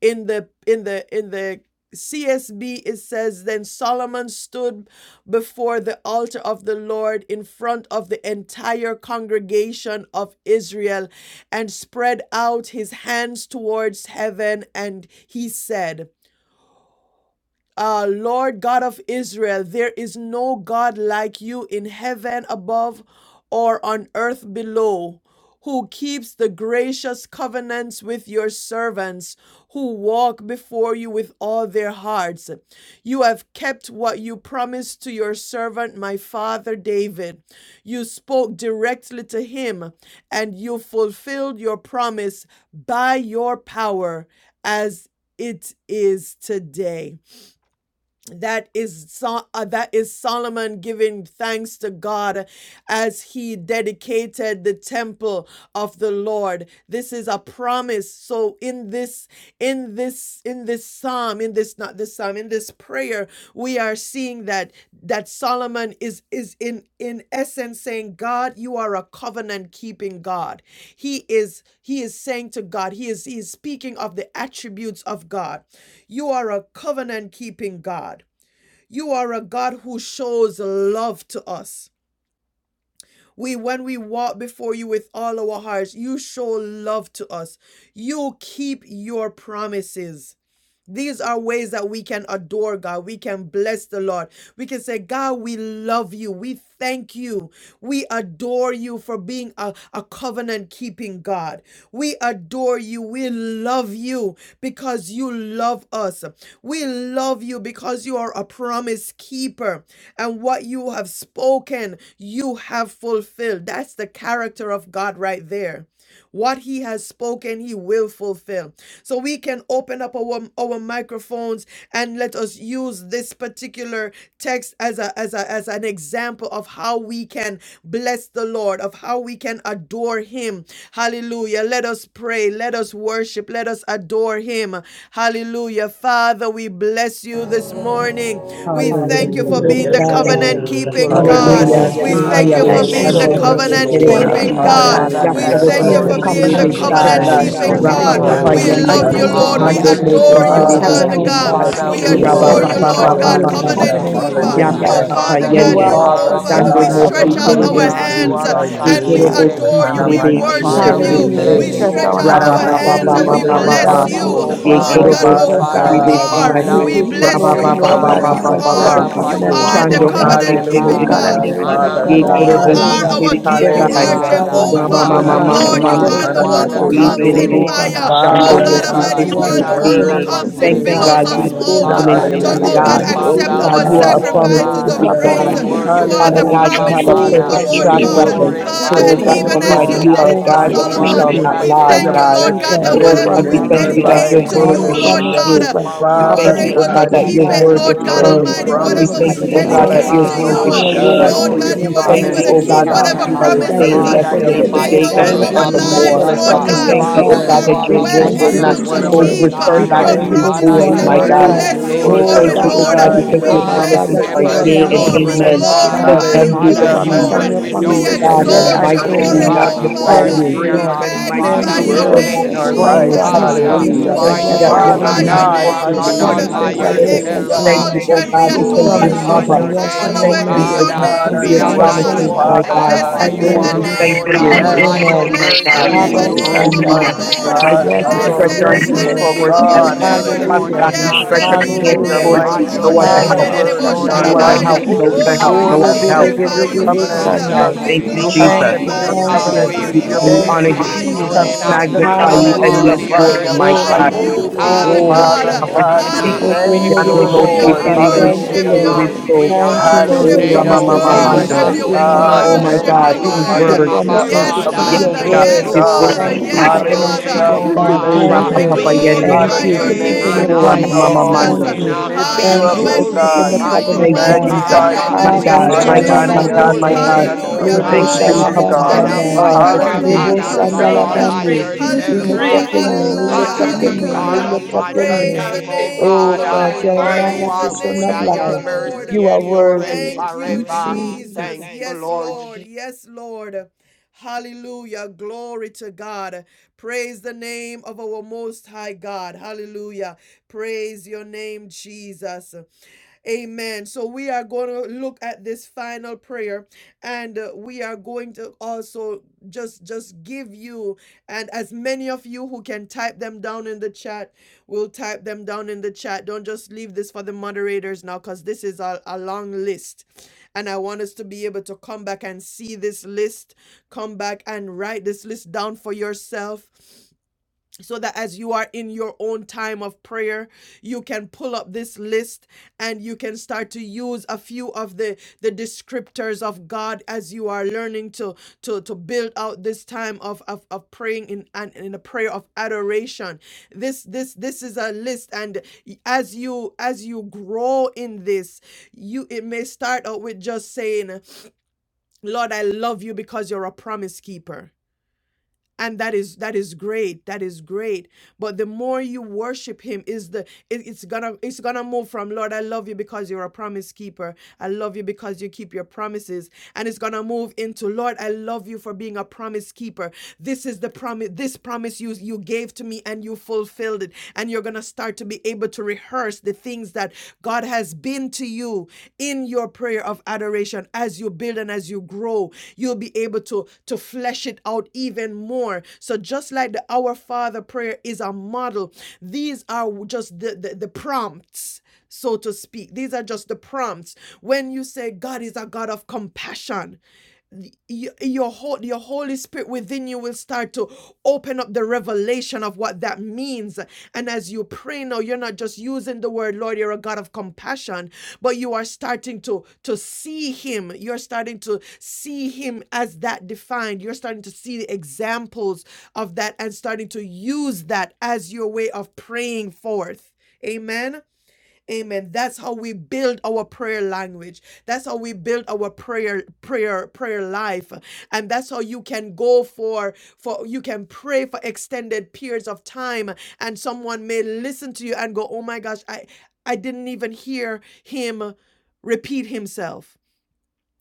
Speaker 1: In the in the in the CSB it says then Solomon stood before the altar of the Lord in front of the entire congregation of Israel and spread out his hands towards heaven and he said uh, Lord God of Israel, there is no God like you in heaven above or on earth below, who keeps the gracious covenants with your servants, who walk before you with all their hearts. You have kept what you promised to your servant, my father David. You spoke directly to him, and you fulfilled your promise by your power as it is today that is so- uh, that is Solomon giving thanks to God as he dedicated the temple of the Lord this is a promise so in this in this in this psalm in this not this psalm in this prayer we are seeing that that Solomon is is in in essence saying God you are a covenant keeping God he is he is saying to God he is he is speaking of the attributes of God you are a covenant keeping God you are a God who shows love to us. We when we walk before you with all our hearts, you show love to us. You keep your promises. These are ways that we can adore God. We can bless the Lord. We can say, God, we love you. We thank you. We adore you for being a, a covenant keeping God. We adore you. We love you because you love us. We love you because you are a promise keeper and what you have spoken, you have fulfilled. That's the character of God right there. What he has spoken, he will fulfill. So we can open up our, our microphones and let us use this particular text as a as a as an example of how we can bless the Lord, of how we can adore him. Hallelujah. Let us pray, let us worship, let us adore him. Hallelujah. Father, we bless you this morning. We thank
Speaker 2: Thank
Speaker 1: you
Speaker 2: you,
Speaker 1: for
Speaker 6: Hallelujah,
Speaker 2: Lord
Speaker 1: being the
Speaker 6: yes,
Speaker 12: Hallelujah,
Speaker 2: God.
Speaker 12: Lord
Speaker 1: covenant
Speaker 6: Lord.
Speaker 12: God.
Speaker 17: you,
Speaker 1: keeping
Speaker 10: Real
Speaker 17: Lord
Speaker 1: God.
Speaker 5: Thank
Speaker 10: name
Speaker 5: you,
Speaker 2: Hallelujah.
Speaker 6: Hallelujah.
Speaker 10: is
Speaker 17: God,
Speaker 1: We
Speaker 12: We
Speaker 10: great.
Speaker 13: all
Speaker 17: because
Speaker 1: thank
Speaker 2: Haya
Speaker 5: Jesus.
Speaker 17: you
Speaker 12: thank
Speaker 1: you
Speaker 12: you
Speaker 17: are
Speaker 1: for
Speaker 5: Thank
Speaker 6: Oh,
Speaker 12: that
Speaker 10: Yes,
Speaker 5: you,
Speaker 12: you
Speaker 1: being
Speaker 12: are a
Speaker 2: bashando
Speaker 1: the
Speaker 5: Lord.
Speaker 17: covenant
Speaker 2: mose
Speaker 6: glorious
Speaker 10: covenant
Speaker 1: covenant
Speaker 12: promise
Speaker 17: keeping
Speaker 10: keeping
Speaker 5: Thank
Speaker 6: Lord.
Speaker 10: God.
Speaker 5: you,
Speaker 17: God.
Speaker 1: keeping
Speaker 2: terebesi.
Speaker 12: keeper.
Speaker 1: God.
Speaker 5: Father,
Speaker 17: Father,
Speaker 1: We
Speaker 6: Hallelujah.
Speaker 17: thank
Speaker 5: for
Speaker 10: as
Speaker 17: you,
Speaker 1: thank
Speaker 10: the
Speaker 1: you
Speaker 5: being
Speaker 1: for
Speaker 5: the
Speaker 2: Yakorobosi
Speaker 10: name
Speaker 17: Lord
Speaker 6: Hallelujah.
Speaker 10: for
Speaker 1: being
Speaker 6: Give
Speaker 12: We
Speaker 1: the
Speaker 8: of
Speaker 5: covenant
Speaker 17: Jesus,
Speaker 6: you
Speaker 17: for
Speaker 12: thank
Speaker 10: Jesus.
Speaker 5: keeping
Speaker 12: you,
Speaker 1: covenant
Speaker 2: terebesai.
Speaker 10: They
Speaker 13: with
Speaker 17: being
Speaker 5: God.
Speaker 12: Lord
Speaker 6: Thanks
Speaker 10: were
Speaker 14: thank the
Speaker 1: keeping
Speaker 10: all
Speaker 5: Thank
Speaker 17: such
Speaker 12: God,
Speaker 6: and
Speaker 17: a
Speaker 5: you,
Speaker 14: Lord.
Speaker 2: Rapa
Speaker 1: God.
Speaker 12: you are
Speaker 5: Lord.
Speaker 13: God,
Speaker 14: Thank
Speaker 2: papa
Speaker 12: a
Speaker 17: God
Speaker 1: We
Speaker 14: you,
Speaker 6: praise.
Speaker 5: As
Speaker 12: promise
Speaker 1: love
Speaker 2: yende.
Speaker 17: who
Speaker 1: you,
Speaker 5: we
Speaker 14: Jesus.
Speaker 5: lift
Speaker 1: Lord.
Speaker 6: Hallelujah.
Speaker 13: God,
Speaker 12: keeper.
Speaker 1: We
Speaker 5: our
Speaker 2: Mando
Speaker 8: proportion.
Speaker 17: always,
Speaker 5: hands
Speaker 14: Thank
Speaker 2: mose
Speaker 1: adore
Speaker 17: oh
Speaker 14: you,
Speaker 1: you,
Speaker 5: towards
Speaker 14: God,
Speaker 12: We
Speaker 14: that
Speaker 6: Father,
Speaker 5: heaven,
Speaker 4: of
Speaker 1: Father
Speaker 17: God.
Speaker 12: thank
Speaker 14: you
Speaker 5: oh
Speaker 12: you,
Speaker 6: we
Speaker 2: terebesi.
Speaker 12: my
Speaker 1: God.
Speaker 14: are the
Speaker 5: God,
Speaker 12: God,
Speaker 8: Yes,
Speaker 6: bless
Speaker 12: that
Speaker 17: Father,
Speaker 1: We
Speaker 12: you're
Speaker 6: you,
Speaker 17: we-
Speaker 5: we
Speaker 8: Lord,
Speaker 14: covenant
Speaker 12: a
Speaker 8: that
Speaker 17: for
Speaker 2: Raba
Speaker 1: adore
Speaker 5: thank
Speaker 8: I
Speaker 6: Lord.
Speaker 2: baba
Speaker 17: being
Speaker 1: you,
Speaker 5: you
Speaker 12: covenant
Speaker 14: keeping
Speaker 5: for
Speaker 17: so
Speaker 1: Lord
Speaker 2: baba
Speaker 17: a
Speaker 14: God.
Speaker 8: want
Speaker 1: God,
Speaker 2: baba
Speaker 5: being a
Speaker 8: God.
Speaker 14: Thank
Speaker 6: Hallelujah,
Speaker 14: you
Speaker 1: covenant
Speaker 2: baba.
Speaker 5: covenant
Speaker 14: for
Speaker 17: consistent,
Speaker 12: keeping
Speaker 1: keeper.
Speaker 8: Yes,
Speaker 2: Ya
Speaker 14: keeping
Speaker 5: keeping
Speaker 17: God.
Speaker 14: your
Speaker 2: papa
Speaker 13: Lord.
Speaker 6: hallelujah.
Speaker 1: Oh
Speaker 5: God.
Speaker 12: God.
Speaker 2: papa
Speaker 1: Father
Speaker 17: Father,
Speaker 14: covenant
Speaker 6: For
Speaker 1: God,
Speaker 5: You
Speaker 14: with
Speaker 1: you,
Speaker 17: you
Speaker 5: are
Speaker 2: yende.
Speaker 14: us.
Speaker 1: oh
Speaker 5: the
Speaker 17: are
Speaker 1: oh
Speaker 6: Father
Speaker 17: a
Speaker 1: Father,
Speaker 5: keeper
Speaker 14: Thank
Speaker 1: we
Speaker 14: you
Speaker 2: Dando
Speaker 6: God,
Speaker 14: for
Speaker 5: of
Speaker 8: yes,
Speaker 17: covenant
Speaker 5: the
Speaker 8: Lord,
Speaker 6: your
Speaker 1: stretch
Speaker 2: mose
Speaker 1: out
Speaker 12: Hallelujah.
Speaker 14: renewing
Speaker 17: keeping
Speaker 1: our
Speaker 14: your
Speaker 8: that
Speaker 5: covenant.
Speaker 8: we
Speaker 17: God.
Speaker 2: terebesi.
Speaker 17: You
Speaker 6: promises
Speaker 1: hands uh,
Speaker 14: covenant
Speaker 17: are a
Speaker 6: are
Speaker 14: with us,
Speaker 13: Father,
Speaker 8: want.
Speaker 13: thank
Speaker 1: and we
Speaker 14: God.
Speaker 6: you.
Speaker 17: consistent
Speaker 2: Yakorobosi
Speaker 1: adore
Speaker 6: And
Speaker 1: you,
Speaker 14: My
Speaker 1: we
Speaker 6: I'm
Speaker 17: God.
Speaker 6: and
Speaker 14: God,
Speaker 2: terebesi
Speaker 14: my
Speaker 1: worship
Speaker 17: Father,
Speaker 14: God,
Speaker 1: you,
Speaker 17: we
Speaker 5: Hallelujah.
Speaker 1: we
Speaker 5: We
Speaker 8: Yes,
Speaker 2: terebeso.
Speaker 14: thank
Speaker 17: bless
Speaker 6: amen.
Speaker 17: you,
Speaker 5: stretch
Speaker 14: you.
Speaker 8: Lord,
Speaker 1: stretch
Speaker 17: oh
Speaker 5: our
Speaker 8: yes,
Speaker 1: out
Speaker 6: And
Speaker 8: yes,
Speaker 5: hands
Speaker 2: Raba
Speaker 6: I'm
Speaker 1: our
Speaker 17: God.
Speaker 5: before
Speaker 8: yes,
Speaker 2: baba
Speaker 5: you,
Speaker 1: hands
Speaker 2: baba
Speaker 1: and
Speaker 17: We
Speaker 5: Lord,
Speaker 1: we
Speaker 14: We
Speaker 2: baba
Speaker 5: my
Speaker 14: thank
Speaker 1: bless
Speaker 13: you,
Speaker 8: yes,
Speaker 5: God,
Speaker 14: you,
Speaker 13: God,
Speaker 2: baba.
Speaker 17: worship
Speaker 5: and
Speaker 17: you,
Speaker 1: you,
Speaker 5: we
Speaker 8: yes, yes,
Speaker 5: lift
Speaker 17: oh
Speaker 5: up
Speaker 14: Jesus.
Speaker 5: our
Speaker 14: We
Speaker 1: Lord
Speaker 6: And
Speaker 8: yes,
Speaker 14: thank
Speaker 1: God,
Speaker 17: God.
Speaker 14: you
Speaker 5: voices,
Speaker 1: for
Speaker 14: this
Speaker 5: oh
Speaker 6: Father
Speaker 2: Yakorobosi
Speaker 1: who you
Speaker 17: Father,
Speaker 5: God.
Speaker 17: we
Speaker 8: Hallelujah,
Speaker 14: morning.
Speaker 6: God,
Speaker 17: bow
Speaker 2: terebesai.
Speaker 5: And
Speaker 14: We
Speaker 5: we
Speaker 1: are. We
Speaker 17: down
Speaker 6: you
Speaker 5: give
Speaker 17: to
Speaker 14: thank
Speaker 5: you
Speaker 6: kept
Speaker 14: you.
Speaker 17: you,
Speaker 1: bless
Speaker 14: We
Speaker 2: Raba
Speaker 1: you
Speaker 6: your
Speaker 17: oh
Speaker 5: glory,
Speaker 2: baba
Speaker 13: Lord,
Speaker 14: thank
Speaker 8: bless
Speaker 5: Lord
Speaker 14: you,
Speaker 1: for
Speaker 8: your
Speaker 2: baba
Speaker 14: Lord
Speaker 1: who
Speaker 17: God.
Speaker 5: God,
Speaker 8: name,
Speaker 1: you
Speaker 6: covenants
Speaker 14: God,
Speaker 2: baba
Speaker 5: because
Speaker 6: with
Speaker 14: that
Speaker 5: you
Speaker 14: as
Speaker 5: are
Speaker 8: O
Speaker 6: your
Speaker 2: baba.
Speaker 5: the
Speaker 14: we
Speaker 17: Father,
Speaker 1: are.
Speaker 17: for
Speaker 1: You
Speaker 8: God.
Speaker 14: rise
Speaker 5: covenant
Speaker 17: you
Speaker 6: people.
Speaker 1: are
Speaker 17: are
Speaker 14: early
Speaker 1: the
Speaker 2: Chando
Speaker 14: to
Speaker 5: keeping
Speaker 14: meet
Speaker 17: worthy,
Speaker 5: God.
Speaker 17: O
Speaker 2: Mose
Speaker 14: you,
Speaker 1: covenant
Speaker 8: holy
Speaker 5: Oh
Speaker 14: God,
Speaker 1: keeping
Speaker 17: God.
Speaker 5: God,
Speaker 8: are
Speaker 17: uh,
Speaker 5: and
Speaker 6: Hallelujah,
Speaker 2: Terebesi,
Speaker 5: there
Speaker 1: God.
Speaker 8: you,
Speaker 5: is
Speaker 14: you
Speaker 8: God,
Speaker 5: no
Speaker 17: Honor
Speaker 6: Father
Speaker 17: and
Speaker 5: God
Speaker 2: Ye
Speaker 14: always
Speaker 5: like
Speaker 14: have
Speaker 8: that
Speaker 17: glory
Speaker 1: You
Speaker 14: a
Speaker 8: is
Speaker 6: God.
Speaker 14: word
Speaker 1: are
Speaker 2: Kurobosi
Speaker 5: Jehovah.
Speaker 17: belongs
Speaker 8: worthy
Speaker 14: for
Speaker 17: to
Speaker 1: our
Speaker 8: to
Speaker 12: You
Speaker 17: you,
Speaker 8: be
Speaker 1: King.
Speaker 5: There
Speaker 14: us,
Speaker 1: You
Speaker 17: O
Speaker 5: is
Speaker 8: praised.
Speaker 12: are.
Speaker 2: Terebesi,
Speaker 1: are
Speaker 5: no
Speaker 6: Hallelujah.
Speaker 17: God.
Speaker 14: Almighty
Speaker 5: God
Speaker 6: So
Speaker 17: uh,
Speaker 5: like
Speaker 14: God.
Speaker 13: God,
Speaker 6: you
Speaker 2: Rabba
Speaker 6: do
Speaker 1: Jehovah.
Speaker 14: You
Speaker 17: Father,
Speaker 2: Mama
Speaker 6: not
Speaker 13: Lord,
Speaker 5: Jehovah.
Speaker 8: You
Speaker 17: O
Speaker 2: Mama
Speaker 8: are
Speaker 1: Lord,
Speaker 14: always
Speaker 1: you
Speaker 8: the
Speaker 6: change.
Speaker 5: There
Speaker 14: show
Speaker 2: Mando,
Speaker 17: God,
Speaker 1: are
Speaker 5: is
Speaker 14: us
Speaker 8: God.
Speaker 17: you
Speaker 1: the
Speaker 14: what
Speaker 17: are
Speaker 5: no
Speaker 1: one
Speaker 14: to
Speaker 17: the
Speaker 8: Yes,
Speaker 1: who
Speaker 5: God
Speaker 6: Hanamato
Speaker 14: do.
Speaker 13: great
Speaker 2: Ye
Speaker 5: like
Speaker 17: God,
Speaker 1: comes
Speaker 6: say,
Speaker 8: Lord,
Speaker 17: O
Speaker 14: You
Speaker 1: in
Speaker 2: Terebesi,
Speaker 8: you
Speaker 17: Lord,
Speaker 5: Jehovah.
Speaker 14: always
Speaker 1: fire.
Speaker 17: uh,
Speaker 14: tell us.
Speaker 2: Chando
Speaker 1: Oh
Speaker 17: that
Speaker 6: Father
Speaker 14: You
Speaker 5: Oh
Speaker 1: God
Speaker 14: always
Speaker 13: Lord,
Speaker 2: Mose
Speaker 17: never
Speaker 5: God,
Speaker 1: Almighty,
Speaker 6: God,
Speaker 17: leave
Speaker 1: you
Speaker 5: you are
Speaker 17: us
Speaker 6: your
Speaker 1: are
Speaker 5: the
Speaker 14: lead
Speaker 13: God,
Speaker 1: the
Speaker 14: us.
Speaker 17: and
Speaker 1: one
Speaker 2: Terebesi.
Speaker 17: never
Speaker 1: who
Speaker 6: word
Speaker 5: covenant
Speaker 6: is
Speaker 1: comes
Speaker 14: So
Speaker 5: keeping
Speaker 2: Thank
Speaker 1: in
Speaker 17: forsake
Speaker 14: thank
Speaker 2: you,
Speaker 6: real
Speaker 14: you,
Speaker 5: God.
Speaker 6: and
Speaker 1: billows
Speaker 13: great
Speaker 2: God.
Speaker 17: us.
Speaker 1: of
Speaker 2: You
Speaker 17: uh.
Speaker 14: God.
Speaker 2: are
Speaker 12: Lord, you
Speaker 5: Oh
Speaker 6: amen.
Speaker 2: a
Speaker 1: smoke.
Speaker 5: la
Speaker 12: never
Speaker 2: covenant
Speaker 17: Father, this
Speaker 5: panda
Speaker 1: So,
Speaker 13: Lord,
Speaker 2: keeping
Speaker 5: la
Speaker 12: fail.
Speaker 14: And
Speaker 1: oh
Speaker 17: day
Speaker 8: are
Speaker 6: Hallelujah.
Speaker 1: God,
Speaker 14: God,
Speaker 8: the
Speaker 17: we
Speaker 2: God.
Speaker 14: we're not
Speaker 13: Hallelujah,
Speaker 17: bow
Speaker 6: Oh
Speaker 1: accept
Speaker 8: and
Speaker 14: here
Speaker 8: that
Speaker 14: by
Speaker 17: down
Speaker 2: God,
Speaker 1: our
Speaker 8: we
Speaker 2: you
Speaker 17: to
Speaker 2: are
Speaker 6: God,
Speaker 14: ourselves,
Speaker 5: panda
Speaker 17: you,
Speaker 8: turn
Speaker 2: a
Speaker 8: to
Speaker 17: O
Speaker 2: promise
Speaker 8: you,
Speaker 12: Lord,
Speaker 1: sacrifices
Speaker 12: we
Speaker 5: the
Speaker 17: God.
Speaker 8: Lord,
Speaker 14: that
Speaker 17: uh,
Speaker 1: of
Speaker 2: keeping
Speaker 12: thank
Speaker 14: you
Speaker 6: hallelujah.
Speaker 8: because
Speaker 14: are
Speaker 1: praise.
Speaker 2: God.
Speaker 17: We
Speaker 8: you
Speaker 5: covenant
Speaker 13: Lord,
Speaker 8: are
Speaker 13: you
Speaker 14: here
Speaker 12: you
Speaker 13: are
Speaker 8: a
Speaker 14: with
Speaker 1: You
Speaker 14: us,
Speaker 5: keeping
Speaker 17: worship
Speaker 1: are
Speaker 2: Father
Speaker 1: the
Speaker 5: God.
Speaker 17: you,
Speaker 8: covenant
Speaker 2: God, you
Speaker 6: Hallelujah.
Speaker 17: Abba
Speaker 14: Almighty
Speaker 1: promise
Speaker 12: as
Speaker 2: have
Speaker 8: keeping
Speaker 2: a
Speaker 6: We
Speaker 12: you
Speaker 14: God.
Speaker 5: Oh
Speaker 12: wait
Speaker 1: keeper,
Speaker 8: God.
Speaker 17: Father.
Speaker 2: perfect
Speaker 6: bless
Speaker 5: God,
Speaker 13: great,
Speaker 12: upon the
Speaker 5: we
Speaker 6: you,
Speaker 1: Lord
Speaker 2: track
Speaker 17: We
Speaker 14: In the
Speaker 5: thank
Speaker 1: God.
Speaker 6: Lord
Speaker 13: Lord,
Speaker 12: throne.
Speaker 2: record.
Speaker 5: you.
Speaker 13: you are
Speaker 14: name
Speaker 8: What
Speaker 14: of
Speaker 8: a
Speaker 13: mighty,
Speaker 17: glorify
Speaker 1: Father,
Speaker 6: for
Speaker 5: We
Speaker 1: and
Speaker 2: Oh
Speaker 6: your
Speaker 17: you,
Speaker 2: God
Speaker 8: God.
Speaker 5: thank
Speaker 17: O
Speaker 14: Jesus,
Speaker 1: even
Speaker 5: you.
Speaker 1: as
Speaker 12: God,
Speaker 2: Almighty,
Speaker 1: you
Speaker 12: we
Speaker 17: Lord,
Speaker 6: privilege.
Speaker 2: you
Speaker 17: uh,
Speaker 13: Lord,
Speaker 1: did
Speaker 2: are
Speaker 14: glory
Speaker 2: a
Speaker 12: thank
Speaker 1: it
Speaker 12: you
Speaker 14: to
Speaker 1: for
Speaker 5: Thank
Speaker 12: that
Speaker 17: for
Speaker 2: God
Speaker 5: you.
Speaker 14: God.
Speaker 2: that
Speaker 12: you
Speaker 13: you
Speaker 17: you
Speaker 2: you
Speaker 13: are
Speaker 4: Thank
Speaker 17: are
Speaker 5: Thank
Speaker 6: Hallelujah.
Speaker 12: never
Speaker 2: shall
Speaker 13: great,
Speaker 6: That
Speaker 5: you.
Speaker 17: good
Speaker 2: not
Speaker 1: Solomon,
Speaker 14: Hallelujah.
Speaker 1: we
Speaker 17: and
Speaker 12: fail.
Speaker 13: great,
Speaker 17: your
Speaker 2: lie,
Speaker 6: the
Speaker 1: thank
Speaker 5: Promise
Speaker 1: you,
Speaker 2: God.
Speaker 6: pep,
Speaker 1: Lord
Speaker 17: mercy
Speaker 12: We
Speaker 13: great,
Speaker 4: you.
Speaker 1: God,
Speaker 5: keeper.
Speaker 1: that
Speaker 14: Thank
Speaker 12: thank
Speaker 2: Oh
Speaker 12: you,
Speaker 14: you,
Speaker 12: Lord
Speaker 1: whatever
Speaker 17: endures
Speaker 2: God,
Speaker 6: hallelujah,
Speaker 5: Promise
Speaker 2: we
Speaker 12: God,
Speaker 1: we
Speaker 6: in
Speaker 2: thank
Speaker 12: that
Speaker 6: our
Speaker 14: Jesus.
Speaker 12: you
Speaker 2: you that
Speaker 5: keeper.
Speaker 8: Yes,
Speaker 12: keep
Speaker 17: forever.
Speaker 2: your
Speaker 1: dedicate
Speaker 8: Lord,
Speaker 13: God,
Speaker 6: lives.
Speaker 1: to
Speaker 12: every
Speaker 14: Glory,
Speaker 2: word
Speaker 1: you,
Speaker 9: you.
Speaker 13: you
Speaker 17: O
Speaker 5: Come,
Speaker 2: is
Speaker 1: Lord
Speaker 14: glory,
Speaker 5: promise
Speaker 12: promise.
Speaker 6: Hallelujah.
Speaker 17: God, we
Speaker 2: true.
Speaker 14: glory.
Speaker 5: keeper.
Speaker 17: bow
Speaker 1: God,
Speaker 2: We
Speaker 1: you
Speaker 8: yes.
Speaker 12: We
Speaker 17: down
Speaker 1: are
Speaker 2: thank
Speaker 6: Father
Speaker 17: to
Speaker 2: you,
Speaker 14: We
Speaker 5: Covenant
Speaker 4: without
Speaker 2: oh
Speaker 1: able
Speaker 9: Thank
Speaker 4: you,
Speaker 12: thank
Speaker 14: bless
Speaker 13: are
Speaker 1: to.
Speaker 2: God,
Speaker 12: you,
Speaker 6: God,
Speaker 17: you.
Speaker 1: keep.
Speaker 9: you.
Speaker 2: that
Speaker 14: your
Speaker 6: we
Speaker 5: keeping
Speaker 2: your
Speaker 12: mighty
Speaker 14: name,
Speaker 5: God.
Speaker 6: thank
Speaker 17: Oh
Speaker 2: word
Speaker 14: God.
Speaker 6: you
Speaker 2: is
Speaker 1: Lord
Speaker 14: We
Speaker 12: God.
Speaker 13: great,
Speaker 6: for
Speaker 1: God
Speaker 17: God,
Speaker 14: bless
Speaker 5: Thank
Speaker 17: we
Speaker 6: your
Speaker 5: you
Speaker 2: firm.
Speaker 14: your
Speaker 13: Lord,
Speaker 5: for
Speaker 1: Almighty,
Speaker 14: name.
Speaker 5: being
Speaker 17: worship
Speaker 2: We
Speaker 5: the
Speaker 1: whatever
Speaker 6: promises
Speaker 4: this
Speaker 1: we
Speaker 2: thank you,
Speaker 6: and
Speaker 17: you,
Speaker 6: we
Speaker 2: oh
Speaker 5: covenant.
Speaker 14: My
Speaker 2: God,
Speaker 1: dedicate
Speaker 17: oh
Speaker 5: Thank
Speaker 2: that
Speaker 13: Savior.
Speaker 12: We
Speaker 6: bless
Speaker 5: you
Speaker 14: God,
Speaker 8: Hallelujah,
Speaker 2: your
Speaker 5: for
Speaker 6: you,
Speaker 17: God.
Speaker 1: you.
Speaker 2: word
Speaker 12: thank
Speaker 17: uh,
Speaker 8: praise
Speaker 2: is
Speaker 12: you.
Speaker 5: speaking
Speaker 13: Hallelujah,
Speaker 8: you,
Speaker 6: Lord
Speaker 5: your
Speaker 14: God,
Speaker 17: We
Speaker 5: word
Speaker 14: you
Speaker 2: sure.
Speaker 6: God,
Speaker 5: and
Speaker 8: God.
Speaker 6: for
Speaker 1: Lord
Speaker 14: renew
Speaker 6: your
Speaker 1: God,
Speaker 5: keeping
Speaker 14: your
Speaker 5: your
Speaker 2: We
Speaker 1: you are
Speaker 17: glorify
Speaker 13: God,
Speaker 8: God,
Speaker 2: thank
Speaker 17: you,
Speaker 1: able
Speaker 2: you,
Speaker 6: covenants
Speaker 14: covenant,
Speaker 1: to
Speaker 8: you
Speaker 2: oh
Speaker 5: promises,
Speaker 17: oh
Speaker 6: with
Speaker 5: oh
Speaker 8: are
Speaker 1: keep
Speaker 2: God,
Speaker 6: your
Speaker 14: with us,
Speaker 5: God.
Speaker 13: you
Speaker 2: because
Speaker 14: God.
Speaker 17: God.
Speaker 1: whatever
Speaker 8: worthy,
Speaker 13: are
Speaker 2: you are
Speaker 17: uh,
Speaker 2: the
Speaker 6: people.
Speaker 8: worthy
Speaker 5: Thank
Speaker 1: promises
Speaker 8: to
Speaker 5: you
Speaker 2: same
Speaker 14: In
Speaker 5: for
Speaker 8: pop
Speaker 14: the
Speaker 17: Father,
Speaker 8: up
Speaker 6: Hallelujah.
Speaker 17: in the
Speaker 2: yesterday,
Speaker 1: you've
Speaker 12: Thank
Speaker 8: for
Speaker 12: you,
Speaker 14: name
Speaker 5: fulfilling,
Speaker 14: of
Speaker 1: made
Speaker 6: We
Speaker 5: oh
Speaker 2: today,
Speaker 8: us,
Speaker 12: Lord.
Speaker 17: mighty
Speaker 5: God,
Speaker 1: over
Speaker 2: and
Speaker 13: God,
Speaker 12: You're a
Speaker 6: thank
Speaker 17: name
Speaker 8: God.
Speaker 1: our
Speaker 14: Jesus,
Speaker 17: of
Speaker 6: you.
Speaker 5: everything
Speaker 12: promise
Speaker 6: We
Speaker 5: that you
Speaker 2: forevermore.
Speaker 1: lives,
Speaker 14: glory
Speaker 5: have
Speaker 12: keeper.
Speaker 13: God,
Speaker 8: You
Speaker 6: bless
Speaker 17: Jesus,
Speaker 14: to
Speaker 13: God,
Speaker 6: you
Speaker 1: Lord
Speaker 17: uh,
Speaker 14: God.
Speaker 6: for
Speaker 2: We
Speaker 8: are
Speaker 5: promised,
Speaker 6: your
Speaker 1: God.
Speaker 5: my
Speaker 2: thank you,
Speaker 4: world,
Speaker 2: oh
Speaker 1: You
Speaker 8: worthy
Speaker 5: God.
Speaker 17: Father,
Speaker 14: And
Speaker 12: You're
Speaker 14: we
Speaker 8: to
Speaker 2: God,
Speaker 17: you
Speaker 1: are
Speaker 12: a
Speaker 2: that
Speaker 6: covenant
Speaker 14: can
Speaker 8: be
Speaker 17: are
Speaker 6: with
Speaker 5: We
Speaker 2: your
Speaker 17: a
Speaker 14: come
Speaker 12: covenant
Speaker 1: well
Speaker 2: word
Speaker 6: each
Speaker 8: praised.
Speaker 1: able
Speaker 5: thank
Speaker 6: and
Speaker 2: will
Speaker 8: You
Speaker 12: keeper.
Speaker 5: you
Speaker 14: boldly
Speaker 8: are
Speaker 2: not
Speaker 6: every
Speaker 14: to
Speaker 17: covenant
Speaker 5: this
Speaker 1: to
Speaker 6: one
Speaker 13: Holy
Speaker 12: We
Speaker 14: you
Speaker 6: of
Speaker 8: worthy
Speaker 2: go
Speaker 8: to
Speaker 14: in
Speaker 5: morning.
Speaker 12: thank
Speaker 6: us.
Speaker 17: keeping
Speaker 1: keep
Speaker 14: the
Speaker 8: be
Speaker 4: you
Speaker 12: you.
Speaker 2: return
Speaker 5: We
Speaker 17: God.
Speaker 6: We
Speaker 14: morning,
Speaker 2: back
Speaker 17: uh,
Speaker 1: your
Speaker 14: God.
Speaker 5: thank
Speaker 8: exalted.
Speaker 2: to
Speaker 5: you
Speaker 6: thank
Speaker 2: you
Speaker 5: this
Speaker 6: you.
Speaker 14: Come
Speaker 4: you
Speaker 17: Father,
Speaker 1: promises
Speaker 2: void,
Speaker 6: We
Speaker 1: and
Speaker 13: Father,
Speaker 17: you
Speaker 5: morning,
Speaker 2: my
Speaker 4: can't
Speaker 14: boldly to
Speaker 5: oh
Speaker 17: are
Speaker 1: we
Speaker 8: Jesus,
Speaker 2: God.
Speaker 8: our
Speaker 14: you
Speaker 5: God.
Speaker 6: praise
Speaker 17: so
Speaker 14: every
Speaker 6: you,
Speaker 13: glorify
Speaker 1: bless
Speaker 4: get
Speaker 1: you
Speaker 8: God,
Speaker 14: time,
Speaker 2: We
Speaker 6: Lord,
Speaker 8: so
Speaker 14: God.
Speaker 4: down.
Speaker 5: Oh
Speaker 1: for
Speaker 6: that,
Speaker 2: thank
Speaker 17: faithful.
Speaker 4: You
Speaker 1: it,
Speaker 6: oh
Speaker 2: you,
Speaker 5: God,
Speaker 17: uh,
Speaker 5: we
Speaker 2: oh
Speaker 1: Lord.
Speaker 2: God,
Speaker 8: Lord,
Speaker 14: In
Speaker 5: thank
Speaker 6: God,
Speaker 17: Oh
Speaker 14: the
Speaker 5: you
Speaker 8: we
Speaker 2: because
Speaker 6: you
Speaker 12: Hallelujah.
Speaker 6: have
Speaker 5: for
Speaker 2: your
Speaker 14: name
Speaker 4: even
Speaker 14: of
Speaker 5: my
Speaker 8: bless
Speaker 17: God,
Speaker 5: God
Speaker 17: you
Speaker 1: Bless
Speaker 2: promises
Speaker 1: you
Speaker 5: that
Speaker 8: you.
Speaker 13: God,
Speaker 14: Jesus,
Speaker 2: are
Speaker 5: you
Speaker 17: never
Speaker 14: we
Speaker 4: know
Speaker 13: great
Speaker 5: are a
Speaker 6: manifested
Speaker 1: for
Speaker 4: that
Speaker 2: yea
Speaker 6: your
Speaker 1: it,
Speaker 8: Bless
Speaker 5: man
Speaker 17: leave
Speaker 13: God,
Speaker 14: thank
Speaker 2: and
Speaker 5: that
Speaker 8: us.
Speaker 17: us,
Speaker 1: Lord.
Speaker 5: you
Speaker 14: you,
Speaker 1: We
Speaker 14: Lord.
Speaker 17: oh
Speaker 5: shall
Speaker 2: amen
Speaker 6: covenant.
Speaker 5: not
Speaker 17: God.
Speaker 2: to
Speaker 8: Oh
Speaker 5: lie.
Speaker 17: Uh,
Speaker 4: there
Speaker 1: glorify
Speaker 2: them
Speaker 1: you
Speaker 4: is
Speaker 8: God,
Speaker 14: We
Speaker 2: who
Speaker 5: You
Speaker 17: Father,
Speaker 1: for
Speaker 14: thank
Speaker 8: you're a
Speaker 6: Hallelujah,
Speaker 1: it,
Speaker 13: God,
Speaker 14: you.
Speaker 5: promise
Speaker 17: even
Speaker 6: ha-
Speaker 2: believe.
Speaker 1: Lord.
Speaker 14: We
Speaker 5: and
Speaker 17: when
Speaker 5: your
Speaker 17: we
Speaker 8: covenant
Speaker 14: bless
Speaker 13: great,
Speaker 1: We
Speaker 14: you.
Speaker 2: O
Speaker 14: We
Speaker 17: don't
Speaker 6: hallelujah,
Speaker 5: promises
Speaker 13: your
Speaker 8: keeping
Speaker 5: are
Speaker 2: God
Speaker 14: honor
Speaker 5: yea
Speaker 8: God,
Speaker 14: you.
Speaker 6: accepted,
Speaker 17: deserve
Speaker 8: You're
Speaker 1: exalt
Speaker 14: We
Speaker 5: and
Speaker 1: you
Speaker 8: the
Speaker 2: Almighty,
Speaker 17: it,
Speaker 4: something
Speaker 13: name,
Speaker 17: oh
Speaker 1: for
Speaker 8: God
Speaker 2: we
Speaker 8: of
Speaker 1: it,
Speaker 5: amen.
Speaker 6: hallelujah,
Speaker 4: that
Speaker 14: glorify
Speaker 17: God,
Speaker 1: oh
Speaker 17: you
Speaker 14: your
Speaker 6: by
Speaker 14: name,
Speaker 2: magnify
Speaker 17: are
Speaker 6: your
Speaker 4: you
Speaker 5: Thank
Speaker 8: promise.
Speaker 2: you.
Speaker 1: Father.
Speaker 5: you,
Speaker 14: Jesus.
Speaker 17: there.
Speaker 1: We
Speaker 6: great
Speaker 5: Lord.
Speaker 17: Uh,
Speaker 6: and
Speaker 14: For
Speaker 13: God,
Speaker 5: Thank
Speaker 6: mighty
Speaker 8: Promises
Speaker 1: magnify
Speaker 17: Father,
Speaker 14: you
Speaker 2: Thank
Speaker 5: you,
Speaker 14: are
Speaker 8: you,
Speaker 17: we
Speaker 2: you,
Speaker 1: your
Speaker 14: to
Speaker 2: O
Speaker 13: awesome,
Speaker 5: Lord.
Speaker 8: God,
Speaker 14: be
Speaker 6: works
Speaker 2: God,
Speaker 1: name,
Speaker 6: in
Speaker 17: bless
Speaker 8: that
Speaker 2: for
Speaker 17: you,
Speaker 6: our
Speaker 8: your
Speaker 12: Lift
Speaker 5: My
Speaker 17: oh
Speaker 2: keeping
Speaker 12: you
Speaker 2: your
Speaker 8: word
Speaker 12: up,
Speaker 6: lives,
Speaker 5: God,
Speaker 14: exalted.
Speaker 12: oh
Speaker 8: shall
Speaker 1: Jesus.
Speaker 5: his
Speaker 17: God.
Speaker 2: covenant.
Speaker 8: not
Speaker 17: Uh,
Speaker 12: God.
Speaker 1: We
Speaker 4: can't
Speaker 14: You
Speaker 6: hallelujah.
Speaker 5: promises
Speaker 14: are
Speaker 5: are
Speaker 17: for
Speaker 2: Thank
Speaker 8: return
Speaker 2: you
Speaker 14: to
Speaker 5: yes
Speaker 17: you
Speaker 14: be
Speaker 2: that
Speaker 8: void.
Speaker 5: and
Speaker 17: are
Speaker 2: what
Speaker 4: do.
Speaker 6: Father
Speaker 1: glorify
Speaker 2: you
Speaker 8: Father
Speaker 17: God
Speaker 14: lifted
Speaker 2: have
Speaker 4: You
Speaker 1: your
Speaker 17: and
Speaker 5: amen.
Speaker 14: up.
Speaker 8: God,
Speaker 17: you
Speaker 6: God,
Speaker 8: I
Speaker 12: Worship
Speaker 17: are
Speaker 6: how
Speaker 1: name,
Speaker 2: spoken,
Speaker 5: His
Speaker 2: it
Speaker 17: God
Speaker 13: holy,
Speaker 12: you,
Speaker 6: you
Speaker 14: You
Speaker 1: Lord.
Speaker 2: will
Speaker 8: praise
Speaker 14: are
Speaker 17: all
Speaker 4: you
Speaker 8: your
Speaker 2: be
Speaker 12: oh
Speaker 6: have,
Speaker 17: by
Speaker 5: promises
Speaker 14: more
Speaker 8: name.
Speaker 5: are
Speaker 1: We
Speaker 4: can
Speaker 14: than
Speaker 12: Lord.
Speaker 2: fulfilled.
Speaker 5: yes and
Speaker 17: yourself.
Speaker 6: hallelujah,
Speaker 14: conqueror.
Speaker 17: Uh,
Speaker 2: Thank
Speaker 8: Oh
Speaker 2: you,
Speaker 1: exalt
Speaker 5: amen.
Speaker 1: you
Speaker 2: O
Speaker 6: kept
Speaker 1: and
Speaker 17: we
Speaker 1: we
Speaker 2: God,
Speaker 6: your
Speaker 8: God
Speaker 14: You
Speaker 5: His
Speaker 14: are
Speaker 2: because
Speaker 4: you keep
Speaker 1: adore
Speaker 2: you
Speaker 14: El
Speaker 1: you,
Speaker 17: glorify
Speaker 13: Father,
Speaker 2: love
Speaker 5: promises are
Speaker 2: us.
Speaker 8: Almighty,
Speaker 14: Shaddai.
Speaker 17: your
Speaker 5: yes
Speaker 13: God,
Speaker 17: name,
Speaker 5: and
Speaker 6: this
Speaker 8: God,
Speaker 17: oh
Speaker 13: you
Speaker 2: Thank
Speaker 13: are
Speaker 1: Hallowed
Speaker 2: you
Speaker 6: is,
Speaker 4: up
Speaker 1: be
Speaker 14: You
Speaker 5: amen.
Speaker 6: O
Speaker 2: because
Speaker 17: God.
Speaker 1: your
Speaker 2: you
Speaker 17: Uh,
Speaker 14: are the
Speaker 1: name,
Speaker 6: God,
Speaker 2: keep
Speaker 5: His
Speaker 4: with
Speaker 17: we
Speaker 2: your
Speaker 14: lily
Speaker 1: Father
Speaker 6: unto
Speaker 14: of
Speaker 4: loving
Speaker 6: us,
Speaker 17: honor
Speaker 14: the
Speaker 6: O
Speaker 1: God.
Speaker 13: God.
Speaker 17: you,
Speaker 5: promises
Speaker 2: promises,
Speaker 17: oh
Speaker 14: valley.
Speaker 2: my
Speaker 8: Almighty,
Speaker 6: Father
Speaker 13: you
Speaker 17: God,
Speaker 2: God.
Speaker 8: God
Speaker 6: God,
Speaker 5: are
Speaker 17: for
Speaker 14: You
Speaker 1: Blessed
Speaker 8: that
Speaker 14: are
Speaker 2: Oh,
Speaker 1: be
Speaker 17: you
Speaker 12: Hallelujah.
Speaker 5: yes
Speaker 8: is
Speaker 14: brighter
Speaker 1: the
Speaker 17: are
Speaker 6: and
Speaker 2: we
Speaker 4: them.
Speaker 6: we
Speaker 13: are a
Speaker 14: than
Speaker 2: thank
Speaker 6: give
Speaker 1: name
Speaker 2: you,
Speaker 17: good.
Speaker 6: you
Speaker 1: of
Speaker 17: Uh,
Speaker 2: Lord.
Speaker 5: and
Speaker 1: our
Speaker 14: morning
Speaker 2: We
Speaker 17: and
Speaker 6: thanks
Speaker 2: thank
Speaker 1: Lord.
Speaker 17: your
Speaker 2: you,
Speaker 6: and
Speaker 5: amen.
Speaker 14: star.
Speaker 2: my
Speaker 6: we
Speaker 2: God.
Speaker 1: Blessed
Speaker 10: sorry,
Speaker 13: God.
Speaker 1: be
Speaker 17: mercy
Speaker 14: You
Speaker 6: praise
Speaker 10: Lord.
Speaker 14: are
Speaker 12: We
Speaker 6: you,
Speaker 5: Abba
Speaker 1: the
Speaker 14: the
Speaker 4: All
Speaker 8: everlasting.
Speaker 12: bless
Speaker 1: name
Speaker 17: endures
Speaker 14: giver
Speaker 12: you,
Speaker 1: of
Speaker 14: of
Speaker 13: God,
Speaker 1: our
Speaker 2: Hallelujah.
Speaker 5: Shandai.
Speaker 12: Lord.
Speaker 6: Almighty
Speaker 14: life.
Speaker 1: Lord.
Speaker 2: My
Speaker 17: forever.
Speaker 6: God.
Speaker 13: your
Speaker 4: God
Speaker 2: God,
Speaker 5: Yes,
Speaker 2: we
Speaker 14: My
Speaker 4: and
Speaker 13: word
Speaker 8: God
Speaker 5: Lord.
Speaker 12: We
Speaker 17: Father,
Speaker 2: stretch
Speaker 1: Blessed
Speaker 2: our
Speaker 4: keep
Speaker 6: Hallelujah.
Speaker 17: we
Speaker 14: God,
Speaker 1: be
Speaker 5: Yes,
Speaker 8: there's
Speaker 14: you
Speaker 2: hands
Speaker 1: the
Speaker 14: are
Speaker 8: a
Speaker 12: worship
Speaker 14: the
Speaker 5: Lord.
Speaker 6: For
Speaker 12: you,
Speaker 1: name
Speaker 17: worship
Speaker 2: towards
Speaker 13: promises
Speaker 1: of
Speaker 4: all
Speaker 14: seed
Speaker 12: God.
Speaker 1: our
Speaker 17: you
Speaker 14: of
Speaker 6: God,
Speaker 4: the
Speaker 2: heaven.
Speaker 8: covenant
Speaker 4: way.
Speaker 17: this
Speaker 1: Lord.
Speaker 13: your
Speaker 2: Father
Speaker 14: Abraham.
Speaker 8: keeping
Speaker 6: hallelujah,
Speaker 5: Hallelujah.
Speaker 13: promises
Speaker 2: God,
Speaker 17: morning.
Speaker 12: Thank
Speaker 6: we
Speaker 2: we
Speaker 17: uh,
Speaker 12: you,
Speaker 8: God.
Speaker 6: can
Speaker 13: are
Speaker 2: stretch
Speaker 8: That's
Speaker 1: Blessed
Speaker 2: our
Speaker 14: And
Speaker 17: we
Speaker 1: be
Speaker 6: see
Speaker 8: who
Speaker 14: we
Speaker 12: Lord.
Speaker 1: the
Speaker 2: hands
Speaker 8: you
Speaker 6: your
Speaker 14: bless
Speaker 5: Hallelujah.
Speaker 8: are,
Speaker 14: your
Speaker 1: name
Speaker 13: made.
Speaker 2: towards
Speaker 1: of
Speaker 17: glorify
Speaker 2: you.
Speaker 14: holy
Speaker 6: mighty
Speaker 17: your
Speaker 1: our
Speaker 2: No
Speaker 9: Thank
Speaker 8: God.
Speaker 4: You are
Speaker 9: you.
Speaker 2: other
Speaker 14: name,
Speaker 4: trying
Speaker 17: name
Speaker 1: Lord.
Speaker 2: help.
Speaker 13: Father,
Speaker 14: God.
Speaker 12: Thank
Speaker 17: this
Speaker 12: you,
Speaker 6: handiwork
Speaker 8: You're
Speaker 4: to
Speaker 6: in
Speaker 8: the
Speaker 7: obey.
Speaker 2: No
Speaker 6: our
Speaker 12: mighty
Speaker 17: morning.
Speaker 2: other
Speaker 13: God,
Speaker 17: uh,
Speaker 8: God
Speaker 5: Alabashandalabande.
Speaker 6: lives
Speaker 2: help.
Speaker 12: God.
Speaker 8: that
Speaker 2: No
Speaker 14: Thank
Speaker 4: keep
Speaker 6: because
Speaker 17: oh
Speaker 14: you,
Speaker 12: Thank
Speaker 2: other
Speaker 1: Oh,
Speaker 2: help.
Speaker 12: you.
Speaker 1: we
Speaker 2: No
Speaker 6: you
Speaker 17: God,
Speaker 5: Ore
Speaker 6: have
Speaker 13: today
Speaker 2: other
Speaker 14: Jesus.
Speaker 8: promises.
Speaker 13: this
Speaker 5: bebe
Speaker 2: help.
Speaker 17: this
Speaker 6: kept
Speaker 8: You're the
Speaker 4: it
Speaker 5: bebe
Speaker 1: glorify
Speaker 4: in
Speaker 6: your
Speaker 8: God
Speaker 17: morning
Speaker 13: morning,
Speaker 1: you,
Speaker 4: the
Speaker 5: bebe
Speaker 17: we
Speaker 14: Thank
Speaker 8: that
Speaker 14: you,
Speaker 4: time.
Speaker 6: covenant
Speaker 13: bless
Speaker 17: bow
Speaker 12: Thank
Speaker 1: Father.
Speaker 6: with
Speaker 13: your
Speaker 8: will
Speaker 5: sanai.
Speaker 12: you,
Speaker 6: us.
Speaker 17: down
Speaker 14: Almighty
Speaker 8: not
Speaker 1: We
Speaker 13: name,
Speaker 2: Thank
Speaker 17: to
Speaker 2: you,
Speaker 12: Lord.
Speaker 14: God.
Speaker 6: You
Speaker 17: you.
Speaker 4: You
Speaker 12: Thank
Speaker 6: have
Speaker 17: uh,
Speaker 13: Lord.
Speaker 2: Jesus.
Speaker 5: Thank
Speaker 6: kept
Speaker 14: Thank
Speaker 5: you,
Speaker 8: return
Speaker 12: you.
Speaker 14: you
Speaker 1: glorify
Speaker 17: oh
Speaker 6: your
Speaker 14: that
Speaker 1: you,
Speaker 14: you
Speaker 5: thank
Speaker 13: Thank
Speaker 14: are
Speaker 13: you,
Speaker 2: We
Speaker 8: void,
Speaker 17: God,
Speaker 5: you,
Speaker 14: the
Speaker 8: oh
Speaker 6: covenant
Speaker 1: Lord.
Speaker 2: love
Speaker 17: we
Speaker 14: way
Speaker 13: God,
Speaker 1: We
Speaker 6: with
Speaker 2: you
Speaker 6: your
Speaker 8: God.
Speaker 2: and we
Speaker 17: crown
Speaker 14: maker.
Speaker 5: thank
Speaker 17: you
Speaker 2: honor
Speaker 6: people.
Speaker 2: you.
Speaker 13: glorify
Speaker 5: you,
Speaker 13: your
Speaker 17: this
Speaker 1: glorify
Speaker 12: Thank
Speaker 8: You're
Speaker 14: Thank
Speaker 13: name,
Speaker 6: You
Speaker 12: you,
Speaker 14: you,
Speaker 8: the
Speaker 6: have
Speaker 5: Jesus.
Speaker 14: God,
Speaker 17: morning
Speaker 2: We
Speaker 14: that
Speaker 6: kept
Speaker 17: of
Speaker 8: God of
Speaker 6: the
Speaker 14: you
Speaker 12: Shammai.
Speaker 14: are
Speaker 1: you,
Speaker 14: the
Speaker 1: Lord.
Speaker 17: King
Speaker 2: magnify
Speaker 17: of
Speaker 2: you
Speaker 1: Oh,
Speaker 6: covenant
Speaker 14: promise
Speaker 2: and
Speaker 6: with
Speaker 17: all
Speaker 13: God,
Speaker 6: the
Speaker 5: Hallelujah.
Speaker 2: we
Speaker 13: your
Speaker 17: the
Speaker 8: promises.
Speaker 2: adore
Speaker 1: no
Speaker 14: keeper.
Speaker 6: body
Speaker 2: you,
Speaker 13: name,
Speaker 6: of
Speaker 17: earth.
Speaker 1: one
Speaker 2: my
Speaker 5: Oh,
Speaker 17: uh,
Speaker 5: la
Speaker 8: You're
Speaker 1: like
Speaker 13: thank
Speaker 2: God.
Speaker 6: Christ.
Speaker 13: you,
Speaker 14: Thank you,
Speaker 8: the
Speaker 17: oh
Speaker 1: you,
Speaker 5: mande
Speaker 14: God,
Speaker 5: de
Speaker 8: God
Speaker 5: de
Speaker 14: that
Speaker 13: name,
Speaker 4: can't
Speaker 6: Oh,
Speaker 14: you
Speaker 17: God,
Speaker 1: Father
Speaker 4: do
Speaker 14: are
Speaker 2: Oh,
Speaker 8: of
Speaker 4: it.
Speaker 12: Yeshendarabakataya
Speaker 1: God.
Speaker 2: Rapa
Speaker 17: this
Speaker 13: name,
Speaker 14: the
Speaker 6: Father
Speaker 5: postatai.
Speaker 2: Papa
Speaker 14: light
Speaker 8: light.
Speaker 4: At
Speaker 12: mamama.
Speaker 14: in
Speaker 8: You're
Speaker 6: God,
Speaker 4: the
Speaker 17: morning.
Speaker 14: our
Speaker 8: the
Speaker 6: we
Speaker 17: uh,
Speaker 2: Yende,
Speaker 13: hallelujah.
Speaker 4: time of it,
Speaker 6: thank
Speaker 14: darkness.
Speaker 17: we
Speaker 5: Ripokonde
Speaker 8: God
Speaker 5: de de
Speaker 2: Yando
Speaker 6: you,
Speaker 14: My
Speaker 1: Hallelujah.
Speaker 2: Mose
Speaker 6: Lord.
Speaker 1: We
Speaker 17: glorify
Speaker 5: postatai.
Speaker 14: God,
Speaker 2: Terebe
Speaker 14: we
Speaker 17: your
Speaker 5: Thank you,
Speaker 2: Si
Speaker 14: thank
Speaker 1: worship
Speaker 6: Hallelujah
Speaker 14: you.
Speaker 17: name.
Speaker 14: We
Speaker 5: Lord.
Speaker 13: So
Speaker 17: uh,
Speaker 1: you.
Speaker 2: Terebe
Speaker 13: I thank
Speaker 4: then
Speaker 14: thank
Speaker 2: So.
Speaker 1: We
Speaker 14: you.
Speaker 17: We
Speaker 13: you this
Speaker 5: Thank
Speaker 14: We
Speaker 5: you,
Speaker 17: honor
Speaker 4: Father,
Speaker 14: Thank
Speaker 8: that
Speaker 14: you.
Speaker 17: your
Speaker 5: Lord.
Speaker 8: is
Speaker 13: morning,
Speaker 8: a
Speaker 5: Your
Speaker 2: Oh,
Speaker 1: worship you.
Speaker 13: Holy
Speaker 17: name,
Speaker 1: We
Speaker 2: Rama
Speaker 6: Hallelujah.
Speaker 17: oh
Speaker 8: way
Speaker 5: promises
Speaker 2: Mama
Speaker 5: are
Speaker 13: Spirit.
Speaker 6: Glory
Speaker 17: God.
Speaker 5: yes
Speaker 8: maker.
Speaker 14: Glory
Speaker 2: Mando.
Speaker 4: you
Speaker 17: uh,
Speaker 1: worship
Speaker 13: I
Speaker 6: to
Speaker 5: and
Speaker 8: You're
Speaker 14: to
Speaker 1: you. We
Speaker 13: thank
Speaker 17: We
Speaker 14: God.
Speaker 8: the
Speaker 5: amen,
Speaker 13: you
Speaker 5: oh
Speaker 13: this
Speaker 6: God.
Speaker 4: realize
Speaker 2: Oh,
Speaker 8: God
Speaker 4: that
Speaker 2: my
Speaker 5: God.
Speaker 1: worship
Speaker 13: morning,
Speaker 12: Yakandarabakushoto.
Speaker 8: of
Speaker 6: Thank
Speaker 17: magnify
Speaker 2: God.
Speaker 14: Hallelujah.
Speaker 5: You
Speaker 1: you,
Speaker 6: you.
Speaker 13: God.
Speaker 8: hope.
Speaker 17: your
Speaker 2: His
Speaker 13: I
Speaker 5: keep
Speaker 1: Lord.
Speaker 8: You're
Speaker 5: your
Speaker 17: name,
Speaker 2: word.
Speaker 8: the
Speaker 17: Abba
Speaker 6: Hallelujah.
Speaker 14: Bless
Speaker 8: God
Speaker 13: worship
Speaker 5: promises.
Speaker 14: the
Speaker 6: Our
Speaker 8: of
Speaker 1: Yes,
Speaker 5: You
Speaker 13: you
Speaker 14: Lord,
Speaker 5: keep
Speaker 13: this
Speaker 14: O
Speaker 17: Father.
Speaker 2: Yes,
Speaker 6: covenant
Speaker 14: my
Speaker 5: your
Speaker 1: Father.
Speaker 13: morning.
Speaker 2: God.
Speaker 8: salvation,
Speaker 17: We
Speaker 14: soul.
Speaker 6: keeping
Speaker 5: word.
Speaker 1: Yes,
Speaker 8: my
Speaker 2: His
Speaker 13: Oh
Speaker 2: word
Speaker 6: God.
Speaker 12: Yeshendarabakataya
Speaker 2: is
Speaker 1: Father.
Speaker 13: God,
Speaker 5: Thank
Speaker 14: Know
Speaker 5: you,
Speaker 2: true.
Speaker 14: that
Speaker 17: glorify
Speaker 1: Yes,
Speaker 4: you
Speaker 8: salvation.
Speaker 13: reject
Speaker 14: it
Speaker 17: your
Speaker 4: can't
Speaker 14: is
Speaker 5: covenant
Speaker 1: Father.
Speaker 14: in
Speaker 13: my
Speaker 17: name,
Speaker 6: Hallelujah.
Speaker 5: keeping
Speaker 14: me.
Speaker 17: oh
Speaker 6: We
Speaker 8: You're
Speaker 4: do
Speaker 14: Bless
Speaker 13: heart.
Speaker 8: the
Speaker 5: God.
Speaker 4: it.
Speaker 13: I
Speaker 2: Oh,
Speaker 14: his
Speaker 6: bless
Speaker 17: God.
Speaker 6: your
Speaker 5: Thank
Speaker 17: uh,
Speaker 2: Rapa
Speaker 13: worship
Speaker 8: God
Speaker 1: We
Speaker 5: you.
Speaker 14: holy
Speaker 2: Papa
Speaker 8: that
Speaker 13: you
Speaker 17: We
Speaker 6: name.
Speaker 14: name.
Speaker 13: this
Speaker 8: is
Speaker 6: We
Speaker 17: lift
Speaker 2: Yende.
Speaker 5: Thank
Speaker 13: morning.
Speaker 17: your
Speaker 6: hallow
Speaker 1: glorify
Speaker 8: able
Speaker 5: you
Speaker 8: to
Speaker 6: your
Speaker 1: your
Speaker 5: for
Speaker 12: Yeshendarabakatate.
Speaker 17: name
Speaker 13: Oh
Speaker 14: Glory
Speaker 8: make
Speaker 5: keeping
Speaker 6: name.
Speaker 13: God,
Speaker 17: on
Speaker 5: your
Speaker 14: to
Speaker 1: name,
Speaker 6: We
Speaker 8: all
Speaker 2: Oh,
Speaker 1: Jesus.
Speaker 13: reject
Speaker 2: Rama
Speaker 17: high
Speaker 8: things
Speaker 14: God.
Speaker 5: promises.
Speaker 2: Mama
Speaker 17: this
Speaker 12: We
Speaker 6: exalt
Speaker 13: my
Speaker 5: Thank
Speaker 6: you
Speaker 12: lift
Speaker 2: Mando.
Speaker 6: and
Speaker 17: morning.
Speaker 14: Hallelujah.
Speaker 8: possible,
Speaker 6: we
Speaker 5: you.
Speaker 12: you
Speaker 13: soul.
Speaker 17: uh,
Speaker 12: up,
Speaker 8: God.
Speaker 6: lift
Speaker 13: God,
Speaker 12: King
Speaker 17: We
Speaker 13: I
Speaker 6: you
Speaker 5: Thank
Speaker 6: up,
Speaker 5: you
Speaker 14: Thank
Speaker 1: Hallowed
Speaker 13: worship
Speaker 4: We
Speaker 5: for
Speaker 6: oh
Speaker 12: Jesus.
Speaker 14: you,
Speaker 8: You're the
Speaker 5: keeping
Speaker 6: God.
Speaker 13: you this
Speaker 5: the
Speaker 1: be
Speaker 8: God
Speaker 17: glorify
Speaker 14: Jesus.
Speaker 6: We
Speaker 1: your
Speaker 17: you,
Speaker 5: covenant,
Speaker 2: Thank
Speaker 13: morning.
Speaker 8: that
Speaker 17: oh
Speaker 2: you,
Speaker 5: God.
Speaker 14: Thank
Speaker 12: We
Speaker 1: mighty
Speaker 8: what
Speaker 2: Jesus.
Speaker 14: you,
Speaker 1: and
Speaker 13: Lord,
Speaker 17: God.
Speaker 6: magnify
Speaker 8: man
Speaker 13: I
Speaker 12: thank
Speaker 1: your
Speaker 17: uh,
Speaker 12: you,
Speaker 14: Lord.
Speaker 2: My
Speaker 8: cannot
Speaker 13: lift
Speaker 4: have
Speaker 12: Lord.
Speaker 17: We
Speaker 6: you.
Speaker 5: Abba
Speaker 4: no
Speaker 8: do,
Speaker 2: God,
Speaker 1: majestic
Speaker 13: your
Speaker 2: my
Speaker 17: bless
Speaker 8: only
Speaker 1: name.
Speaker 2: God,
Speaker 17: your
Speaker 2: my
Speaker 8: you
Speaker 13: mighty
Speaker 6: Hallelujah.
Speaker 8: you
Speaker 14: Thank
Speaker 2: God,
Speaker 4: cause
Speaker 2: my
Speaker 14: you,
Speaker 17: holy
Speaker 6: For
Speaker 13: name
Speaker 8: can
Speaker 5: Shadabasatai.
Speaker 6: being
Speaker 2: God.
Speaker 13: this
Speaker 6: a
Speaker 8: do,
Speaker 17: name, oh
Speaker 14: Jesus.
Speaker 1: Hallelujah.
Speaker 2: We
Speaker 8: God.
Speaker 5: Lebo
Speaker 13: morning,
Speaker 2: thank
Speaker 6: covenant
Speaker 2: you
Speaker 8: You're
Speaker 17: God.
Speaker 2: for
Speaker 12: Hallelujah.
Speaker 2: your
Speaker 8: the
Speaker 13: Holy
Speaker 17: uh,
Speaker 1: Glory
Speaker 6: keeping
Speaker 1: to
Speaker 4: not
Speaker 2: covenant,
Speaker 8: God
Speaker 1: the
Speaker 13: Spirit,
Speaker 6: God.
Speaker 8: that
Speaker 17: Father,
Speaker 14: Glory
Speaker 4: to
Speaker 5: Shadabasanai.
Speaker 1: name
Speaker 8: there
Speaker 17: for
Speaker 14: to
Speaker 2: uh,
Speaker 8: is
Speaker 1: of
Speaker 17: you
Speaker 13: because
Speaker 2: for
Speaker 1: our
Speaker 13: your
Speaker 17: are
Speaker 14: God.
Speaker 8: nothing
Speaker 2: keeping.
Speaker 13: name
Speaker 1: God.
Speaker 5: Lebo
Speaker 17: God
Speaker 12: You
Speaker 13: is
Speaker 4: bless
Speaker 17: and God
Speaker 6: Hallelujah,
Speaker 12: keep
Speaker 13: great
Speaker 8: impossible.
Speaker 12: what
Speaker 17: all
Speaker 13: and
Speaker 6: my
Speaker 1: Hallelujah.
Speaker 14: Thank
Speaker 12: you
Speaker 17: by
Speaker 14: you,
Speaker 5: Sandalabandi.
Speaker 13: great.
Speaker 12: promised,
Speaker 8: You're the
Speaker 5: We
Speaker 17: yourself.
Speaker 14: Jesus.
Speaker 9: Hallelujah.
Speaker 12: God.
Speaker 5: lift
Speaker 8: God
Speaker 17: uh,
Speaker 1: Hallelujah.
Speaker 5: up
Speaker 13: Praise,
Speaker 8: of
Speaker 5: your
Speaker 8: my
Speaker 5: name.
Speaker 17: Oh
Speaker 5: We
Speaker 13: Lord,
Speaker 8: life.
Speaker 1: Hallelujah.
Speaker 5: lift
Speaker 13: you
Speaker 5: up
Speaker 8: You're
Speaker 17: God,
Speaker 13: are
Speaker 12: We
Speaker 8: the
Speaker 5: your
Speaker 13: from
Speaker 17: we
Speaker 12: thank
Speaker 14: Hallelujah.
Speaker 12: you
Speaker 8: God
Speaker 5: name.
Speaker 9: Hallelujah.
Speaker 17: call
Speaker 5: We
Speaker 12: that
Speaker 8: of.
Speaker 12: you
Speaker 5: lift
Speaker 13: everlasting
Speaker 1: Hallelujah.
Speaker 5: up
Speaker 12: never
Speaker 17: upon
Speaker 13: to
Speaker 5: your
Speaker 17: your
Speaker 9: Thank
Speaker 12: fail.
Speaker 1: Praise
Speaker 5: name.
Speaker 1: the
Speaker 17: name,
Speaker 9: you.
Speaker 13: everlasting.
Speaker 17: oh
Speaker 1: name of
Speaker 5: Oh
Speaker 17: God,
Speaker 1: the
Speaker 13: Lord,
Speaker 17: uh,
Speaker 5: God,
Speaker 13: I
Speaker 1: Lord.
Speaker 5: you're a
Speaker 17: for
Speaker 13: worship
Speaker 5: man
Speaker 17: you
Speaker 5: that
Speaker 1: Praise
Speaker 12: Thank
Speaker 5: you
Speaker 17: are
Speaker 1: the
Speaker 12: you,
Speaker 5: shall
Speaker 17: good,
Speaker 5: not
Speaker 12: Lord
Speaker 17: uh,
Speaker 1: name
Speaker 14: Thank
Speaker 1: of
Speaker 14: you,
Speaker 17: your
Speaker 5: lie.
Speaker 1: the
Speaker 12: God.
Speaker 14: Jesus.
Speaker 17: mercy
Speaker 1: Lord.
Speaker 5: You are
Speaker 17: endureth
Speaker 5: worthy.
Speaker 1: Thank you,
Speaker 14: We
Speaker 17: forever.
Speaker 14: praise you.
Speaker 1: Jesus.
Speaker 17: Thank you,
Speaker 1: Yes,
Speaker 17: Lord
Speaker 1: Lord. Yes, Lord. Hallelujah. Glory to God. Praise the name of our Most High God. Hallelujah. Praise your name, Jesus. Amen. So we are going to look at this final prayer and uh, we are going to also just just give you and as many of you who can type them down in the chat will type them down in the chat. Don't just leave this for the moderators now cuz this is a, a long list. And I want us to be able to come back and see this list, come back and write this list down for yourself so that as you are in your own time of prayer you can pull up this list and you can start to use a few of the the descriptors of god as you are learning to to to build out this time of of, of praying in and in a prayer of adoration this this this is a list and as you as you grow in this you it may start out with just saying lord i love you because you're a promise keeper and that is that is great that is great but the more you worship him is the it- it's gonna it's gonna move from lord i love you because you're a promise keeper i love you because you keep your promises and it's gonna move into lord i love you for being a promise keeper this is the promise this promise you you gave to me and you fulfilled fulfilled it. And you're going to start to be able to rehearse the things that God has been to you in your prayer of adoration as you build and as you grow. You'll be able to, to flesh it out even more. So, just like the Our Father prayer is a model, these are just the, the, the prompts so to speak. These are just the prompts. When you say God is a God of compassion, your your Holy Spirit within you will start to Open up the revelation of what that means. And as you pray now, you're not just using the word, Lord, you're a God of compassion, but you are starting to, to see Him. You're starting to see Him as that defined. You're starting to see the examples of that and starting to use that as your way of praying forth. Amen. Amen. That's how we build our prayer language. That's how we build our prayer prayer prayer life. And that's how you can go for for you can pray for extended periods of time and someone may listen to you and go, "Oh my gosh, I I didn't even hear him repeat himself."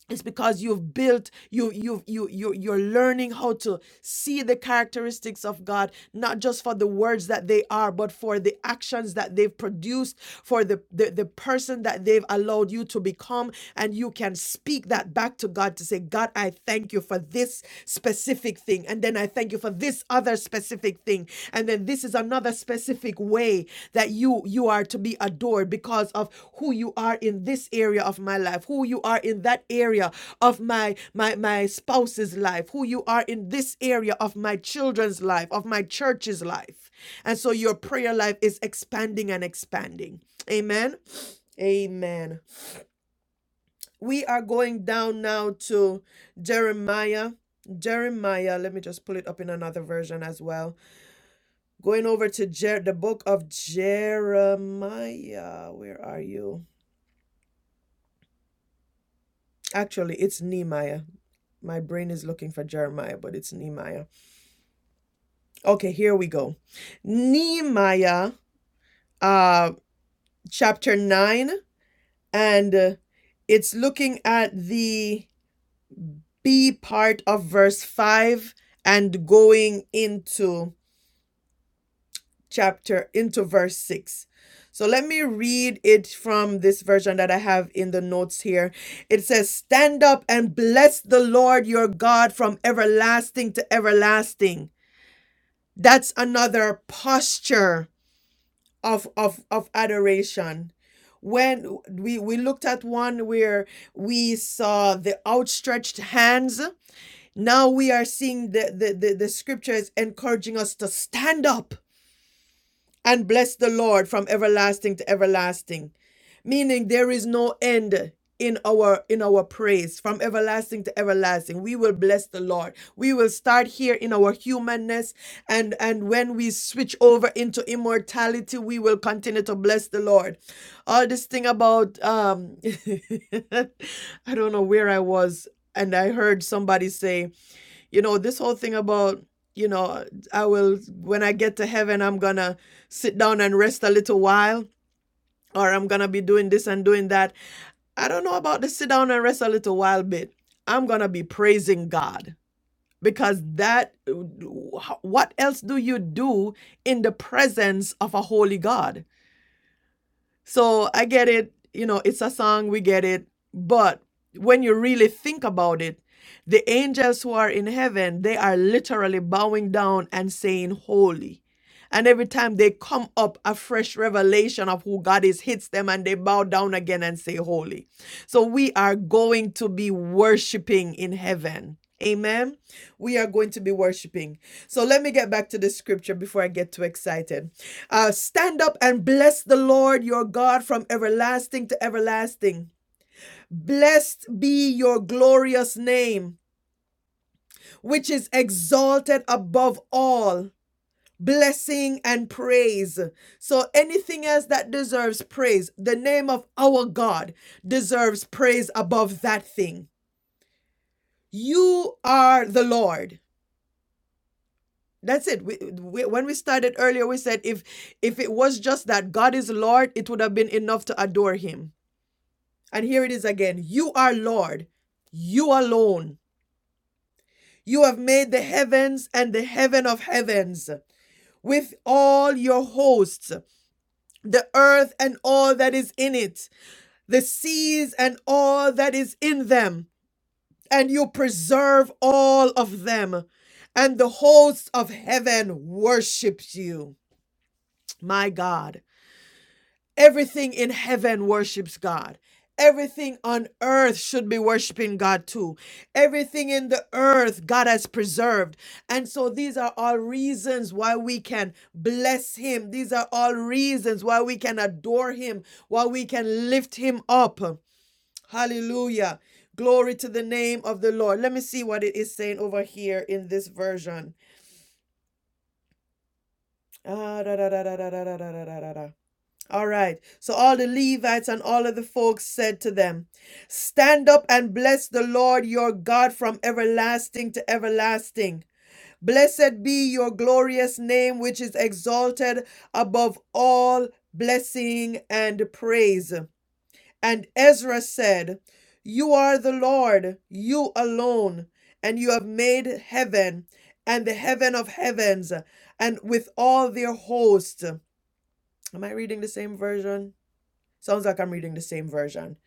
Speaker 1: it's because you've built you you you you you're learning how to see the characteristics of God not just for the words that they are but for the actions that they've produced for the the, the person that they've allowed you to become and you can speak that back to God to say God I thank you for this specific thing and then I thank you for this other specific thing and then this is another specific way that you you are to be adored because of who you are in this area of my life who you are in that area of my my my spouse's life who you are in this area of my children's life of my church's life and so your prayer life is expanding and expanding amen amen we are going down now to jeremiah jeremiah let me just pull it up in another version as well Going over to Jer- the book of Jeremiah. Where are you? Actually, it's Nehemiah. My brain is looking for Jeremiah, but it's Nehemiah. Okay, here we go. Nehemiah, uh, chapter 9, and uh, it's looking at the B part of verse 5 and going into chapter into verse 6. So let me read it from this version that I have in the notes here. It says, Stand up and bless the Lord your God from everlasting to everlasting. That's another posture of, of, of adoration. When we, we looked at one where we saw the outstretched hands, now we are seeing the, the, the, the scriptures encouraging us to stand up and bless the Lord from everlasting to everlasting. Meaning there is no end in our in our praise from everlasting to everlasting we will bless the lord we will start here in our humanness and and when we switch over into immortality we will continue to bless the lord all this thing about um i don't know where i was and i heard somebody say you know this whole thing about you know i will when i get to heaven i'm gonna sit down and rest a little while or i'm gonna be doing this and doing that i don't know about the sit down and rest a little while bit i'm gonna be praising god because that what else do you do in the presence of a holy god so I get it, you know, it's a song, we get it. But when you really think about it, the angels who are in heaven, they are literally bowing down and saying, Holy. And every time they come up, a fresh revelation of who God is hits them and they bow down again and say, Holy. So we are going to be worshiping in heaven. Amen. We are going to be worshiping. So let me get back to the scripture before I get too excited. Uh, stand up and bless the Lord your God from everlasting to everlasting. Blessed be your glorious name, which is exalted above all blessing and praise. So anything else that deserves praise, the name of our God deserves praise above that thing. You are the Lord. That's it. We, we, when we started earlier, we said if if it was just that God is Lord, it would have been enough to adore Him And here it is again You are Lord, you alone. You have made the heavens and the heaven of heavens with all your hosts, the earth and all that is in it, the seas and all that is in them, and you preserve all of them. And the hosts of heaven worship you, my God. Everything in heaven worships God. Everything on earth should be worshiping God too. Everything in the earth God has preserved. And so these are all reasons why we can bless Him. These are all reasons why we can adore Him, why we can lift Him up. Hallelujah. Glory to the name of the Lord. Let me see what it is saying over here in this version. Ah, da, da, da, da, da, da, da, da, da, da, All right. So all the Levites and all of the folks said to them, Stand up and bless the Lord your God from everlasting to everlasting. Blessed be your glorious name, which is exalted above all blessing and praise. And Ezra said, You are the Lord, you alone, and you have made heaven and the heaven of heavens, and with all their host. Am I reading the same version? Sounds like I'm reading the same version.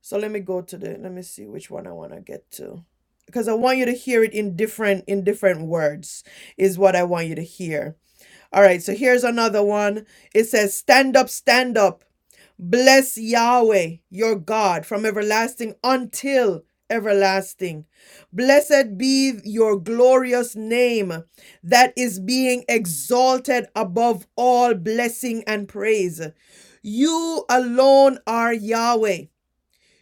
Speaker 1: So let me go to the let me see which one I want to get to. Because I want you to hear it in different in different words is what I want you to hear. All right, so here's another one. It says, Stand up, stand up. Bless Yahweh, your God, from everlasting until everlasting. Blessed be your glorious name that is being exalted above all blessing and praise. You alone are Yahweh.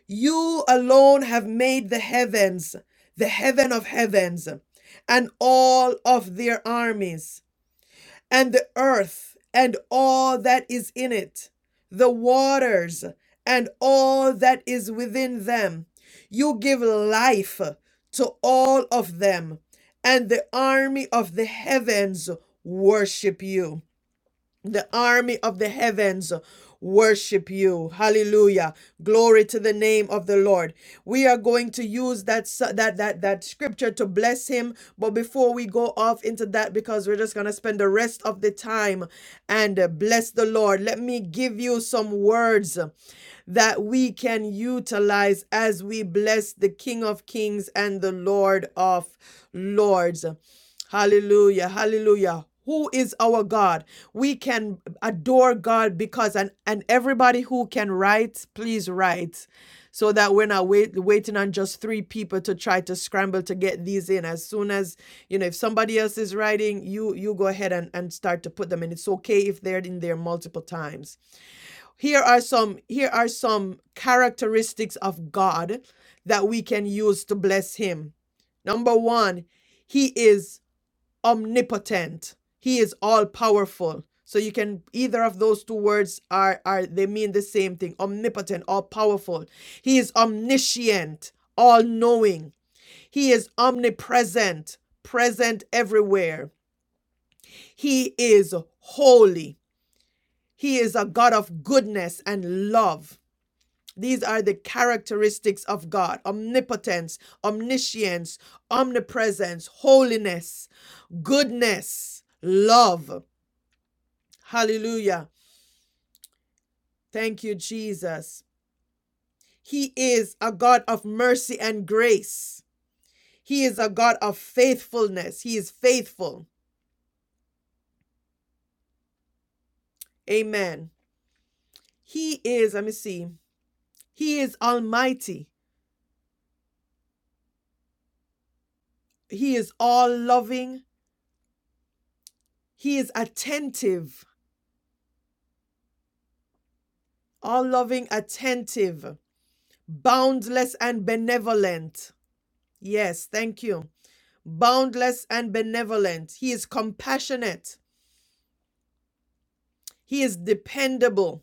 Speaker 1: You alone have made the heavens, the heaven of heavens, and all of their armies and the earth and all that is in it, the waters and all that is within them. You give life to all of them, and the army of the heavens worship you. The army of the heavens worship you. Hallelujah. Glory to the name of the Lord. We are going to use that s- that that that scripture to bless him, but before we go off into that because we're just going to spend the rest of the time and uh, bless the Lord. Let me give you some words that we can utilize as we bless the King of Kings and the Lord of Lords. Hallelujah. Hallelujah. Who is our God? we can adore God because and and everybody who can write, please write, so that we're not wait, waiting on just three people to try to scramble to get these in. As soon as you know, if somebody else is writing, you you go ahead and and start to put them in. It's okay if they're in there multiple times. Here are some here are some characteristics of God that we can use to bless Him. Number one, He is omnipotent. He is all powerful. So you can either of those two words are are they mean the same thing. Omnipotent, all powerful. He is omniscient, all knowing. He is omnipresent, present everywhere. He is holy. He is a God of goodness and love. These are the characteristics of God omnipotence, omniscience, omnipresence, holiness, goodness, love. Hallelujah. Thank you, Jesus. He is a God of mercy and grace. He is a God of faithfulness. He is faithful. Amen. He is, let me see, He is almighty. He is all loving. He is attentive, all loving, attentive, boundless, and benevolent. Yes, thank you. Boundless and benevolent. He is compassionate. He is dependable.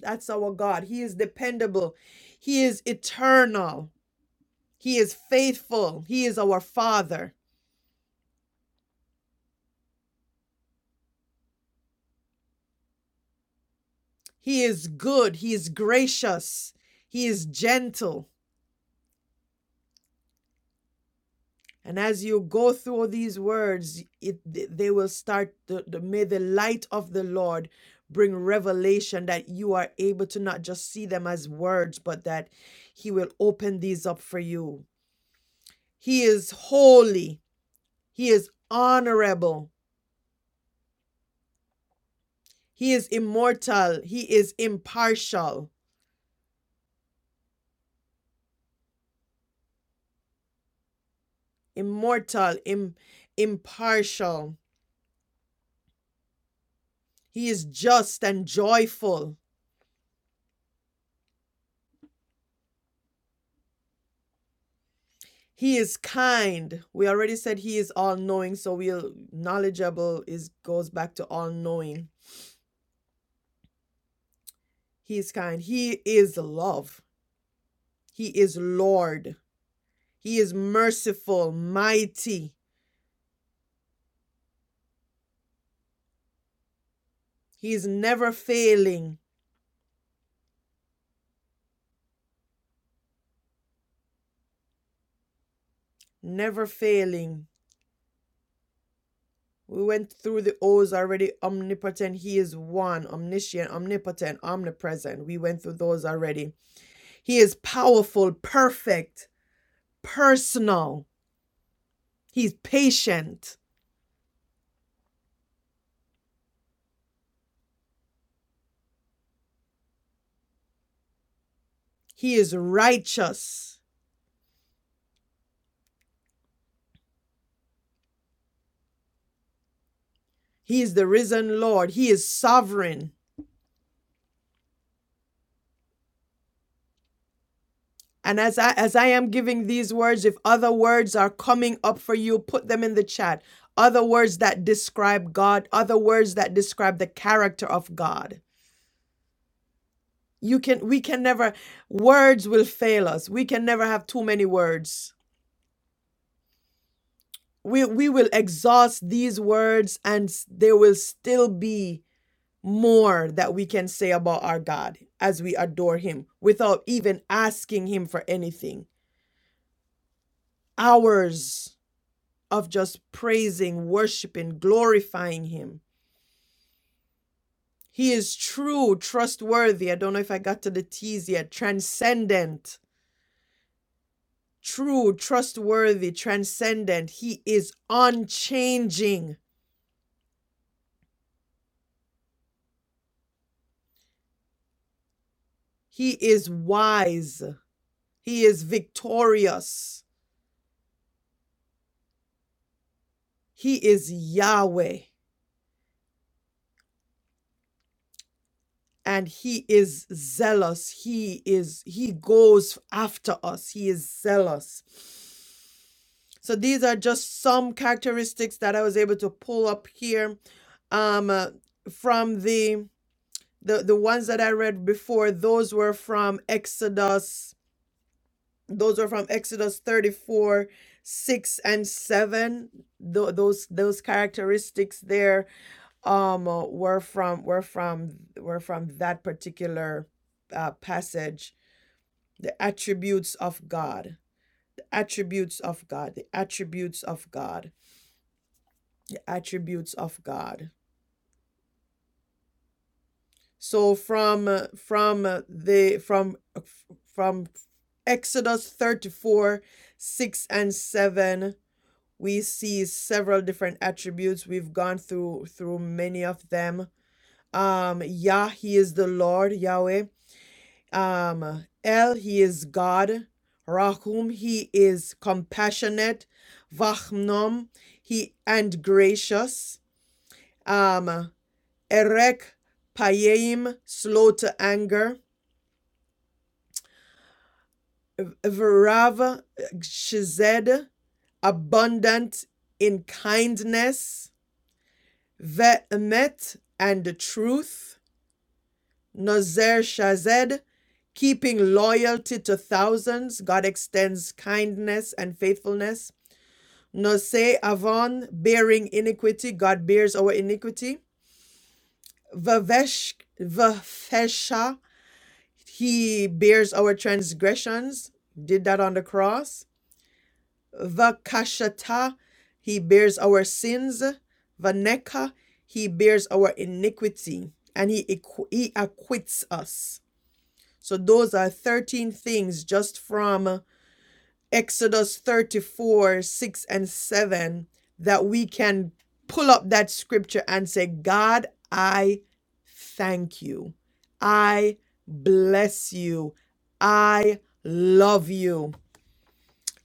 Speaker 1: That's our God. He is dependable. He is eternal. He is faithful. He is our Father. He is good. He is gracious. He is gentle. And as you go through these words, it, they will start, the, the, may the light of the Lord bring revelation that you are able to not just see them as words, but that He will open these up for you. He is holy. He is honorable. He is immortal. He is impartial. Immortal, Im- impartial. He is just and joyful. He is kind. We already said he is all knowing, so we'll knowledgeable is goes back to all knowing. He is kind. He is love. He is Lord. He is merciful, mighty. He is never failing, never failing. We went through the O's already. Omnipotent, He is one. Omniscient, omnipotent, omnipresent. We went through those already. He is powerful, perfect, personal. He's patient. He is righteous. He is the risen Lord. He is sovereign. And as I as I am giving these words, if other words are coming up for you, put them in the chat. Other words that describe God, other words that describe the character of God. You can we can never words will fail us. We can never have too many words. We we will exhaust these words and s- there will still be more that we can say about our God as we adore him without even asking him for anything. Hours of just praising, worshiping, glorifying him. He is true, trustworthy. I don't know if I got to the T's yet. Transcendent true, trustworthy, transcendent. He is unchanging. He is wise. He is victorious. He is Yahweh and he is zealous. He is he goes after us. He is zealous. So these are just some characteristics that I was able to pull up here um uh, from the the the ones that I read before those were from Exodus those are from Exodus 34, 6 and 7. Tho- those those characteristics there um uh, were from were from were from that particular uh, passage. The attributes of God. The attributes of God. The attributes of God. The attributes of God. So from uh, from uh, the from from Exodus 34, 6 and 7 we see several different attributes we've gone through through many of them um yah he is the lord yahweh um el he is god rahum he is compassionate vachnom he and gracious um erek payeim slow to anger verav shized abundant in kindness Ve'emet and the truth. Nazer Shazed, keeping loyalty to thousands. God extends kindness and faithfulness. Nose Avon, bearing iniquity. God bears our iniquity. Vavesh, Vafesha, he bears our transgressions. Did that on the cross. Vakashata, he bears our sins. Vaneka, he bears our iniquity, and he, equ- he acquits us. So those are 13 things just from Exodus 34, 6 and 7 that we can pull up that scripture and say, God, I thank you. I bless you. I love you.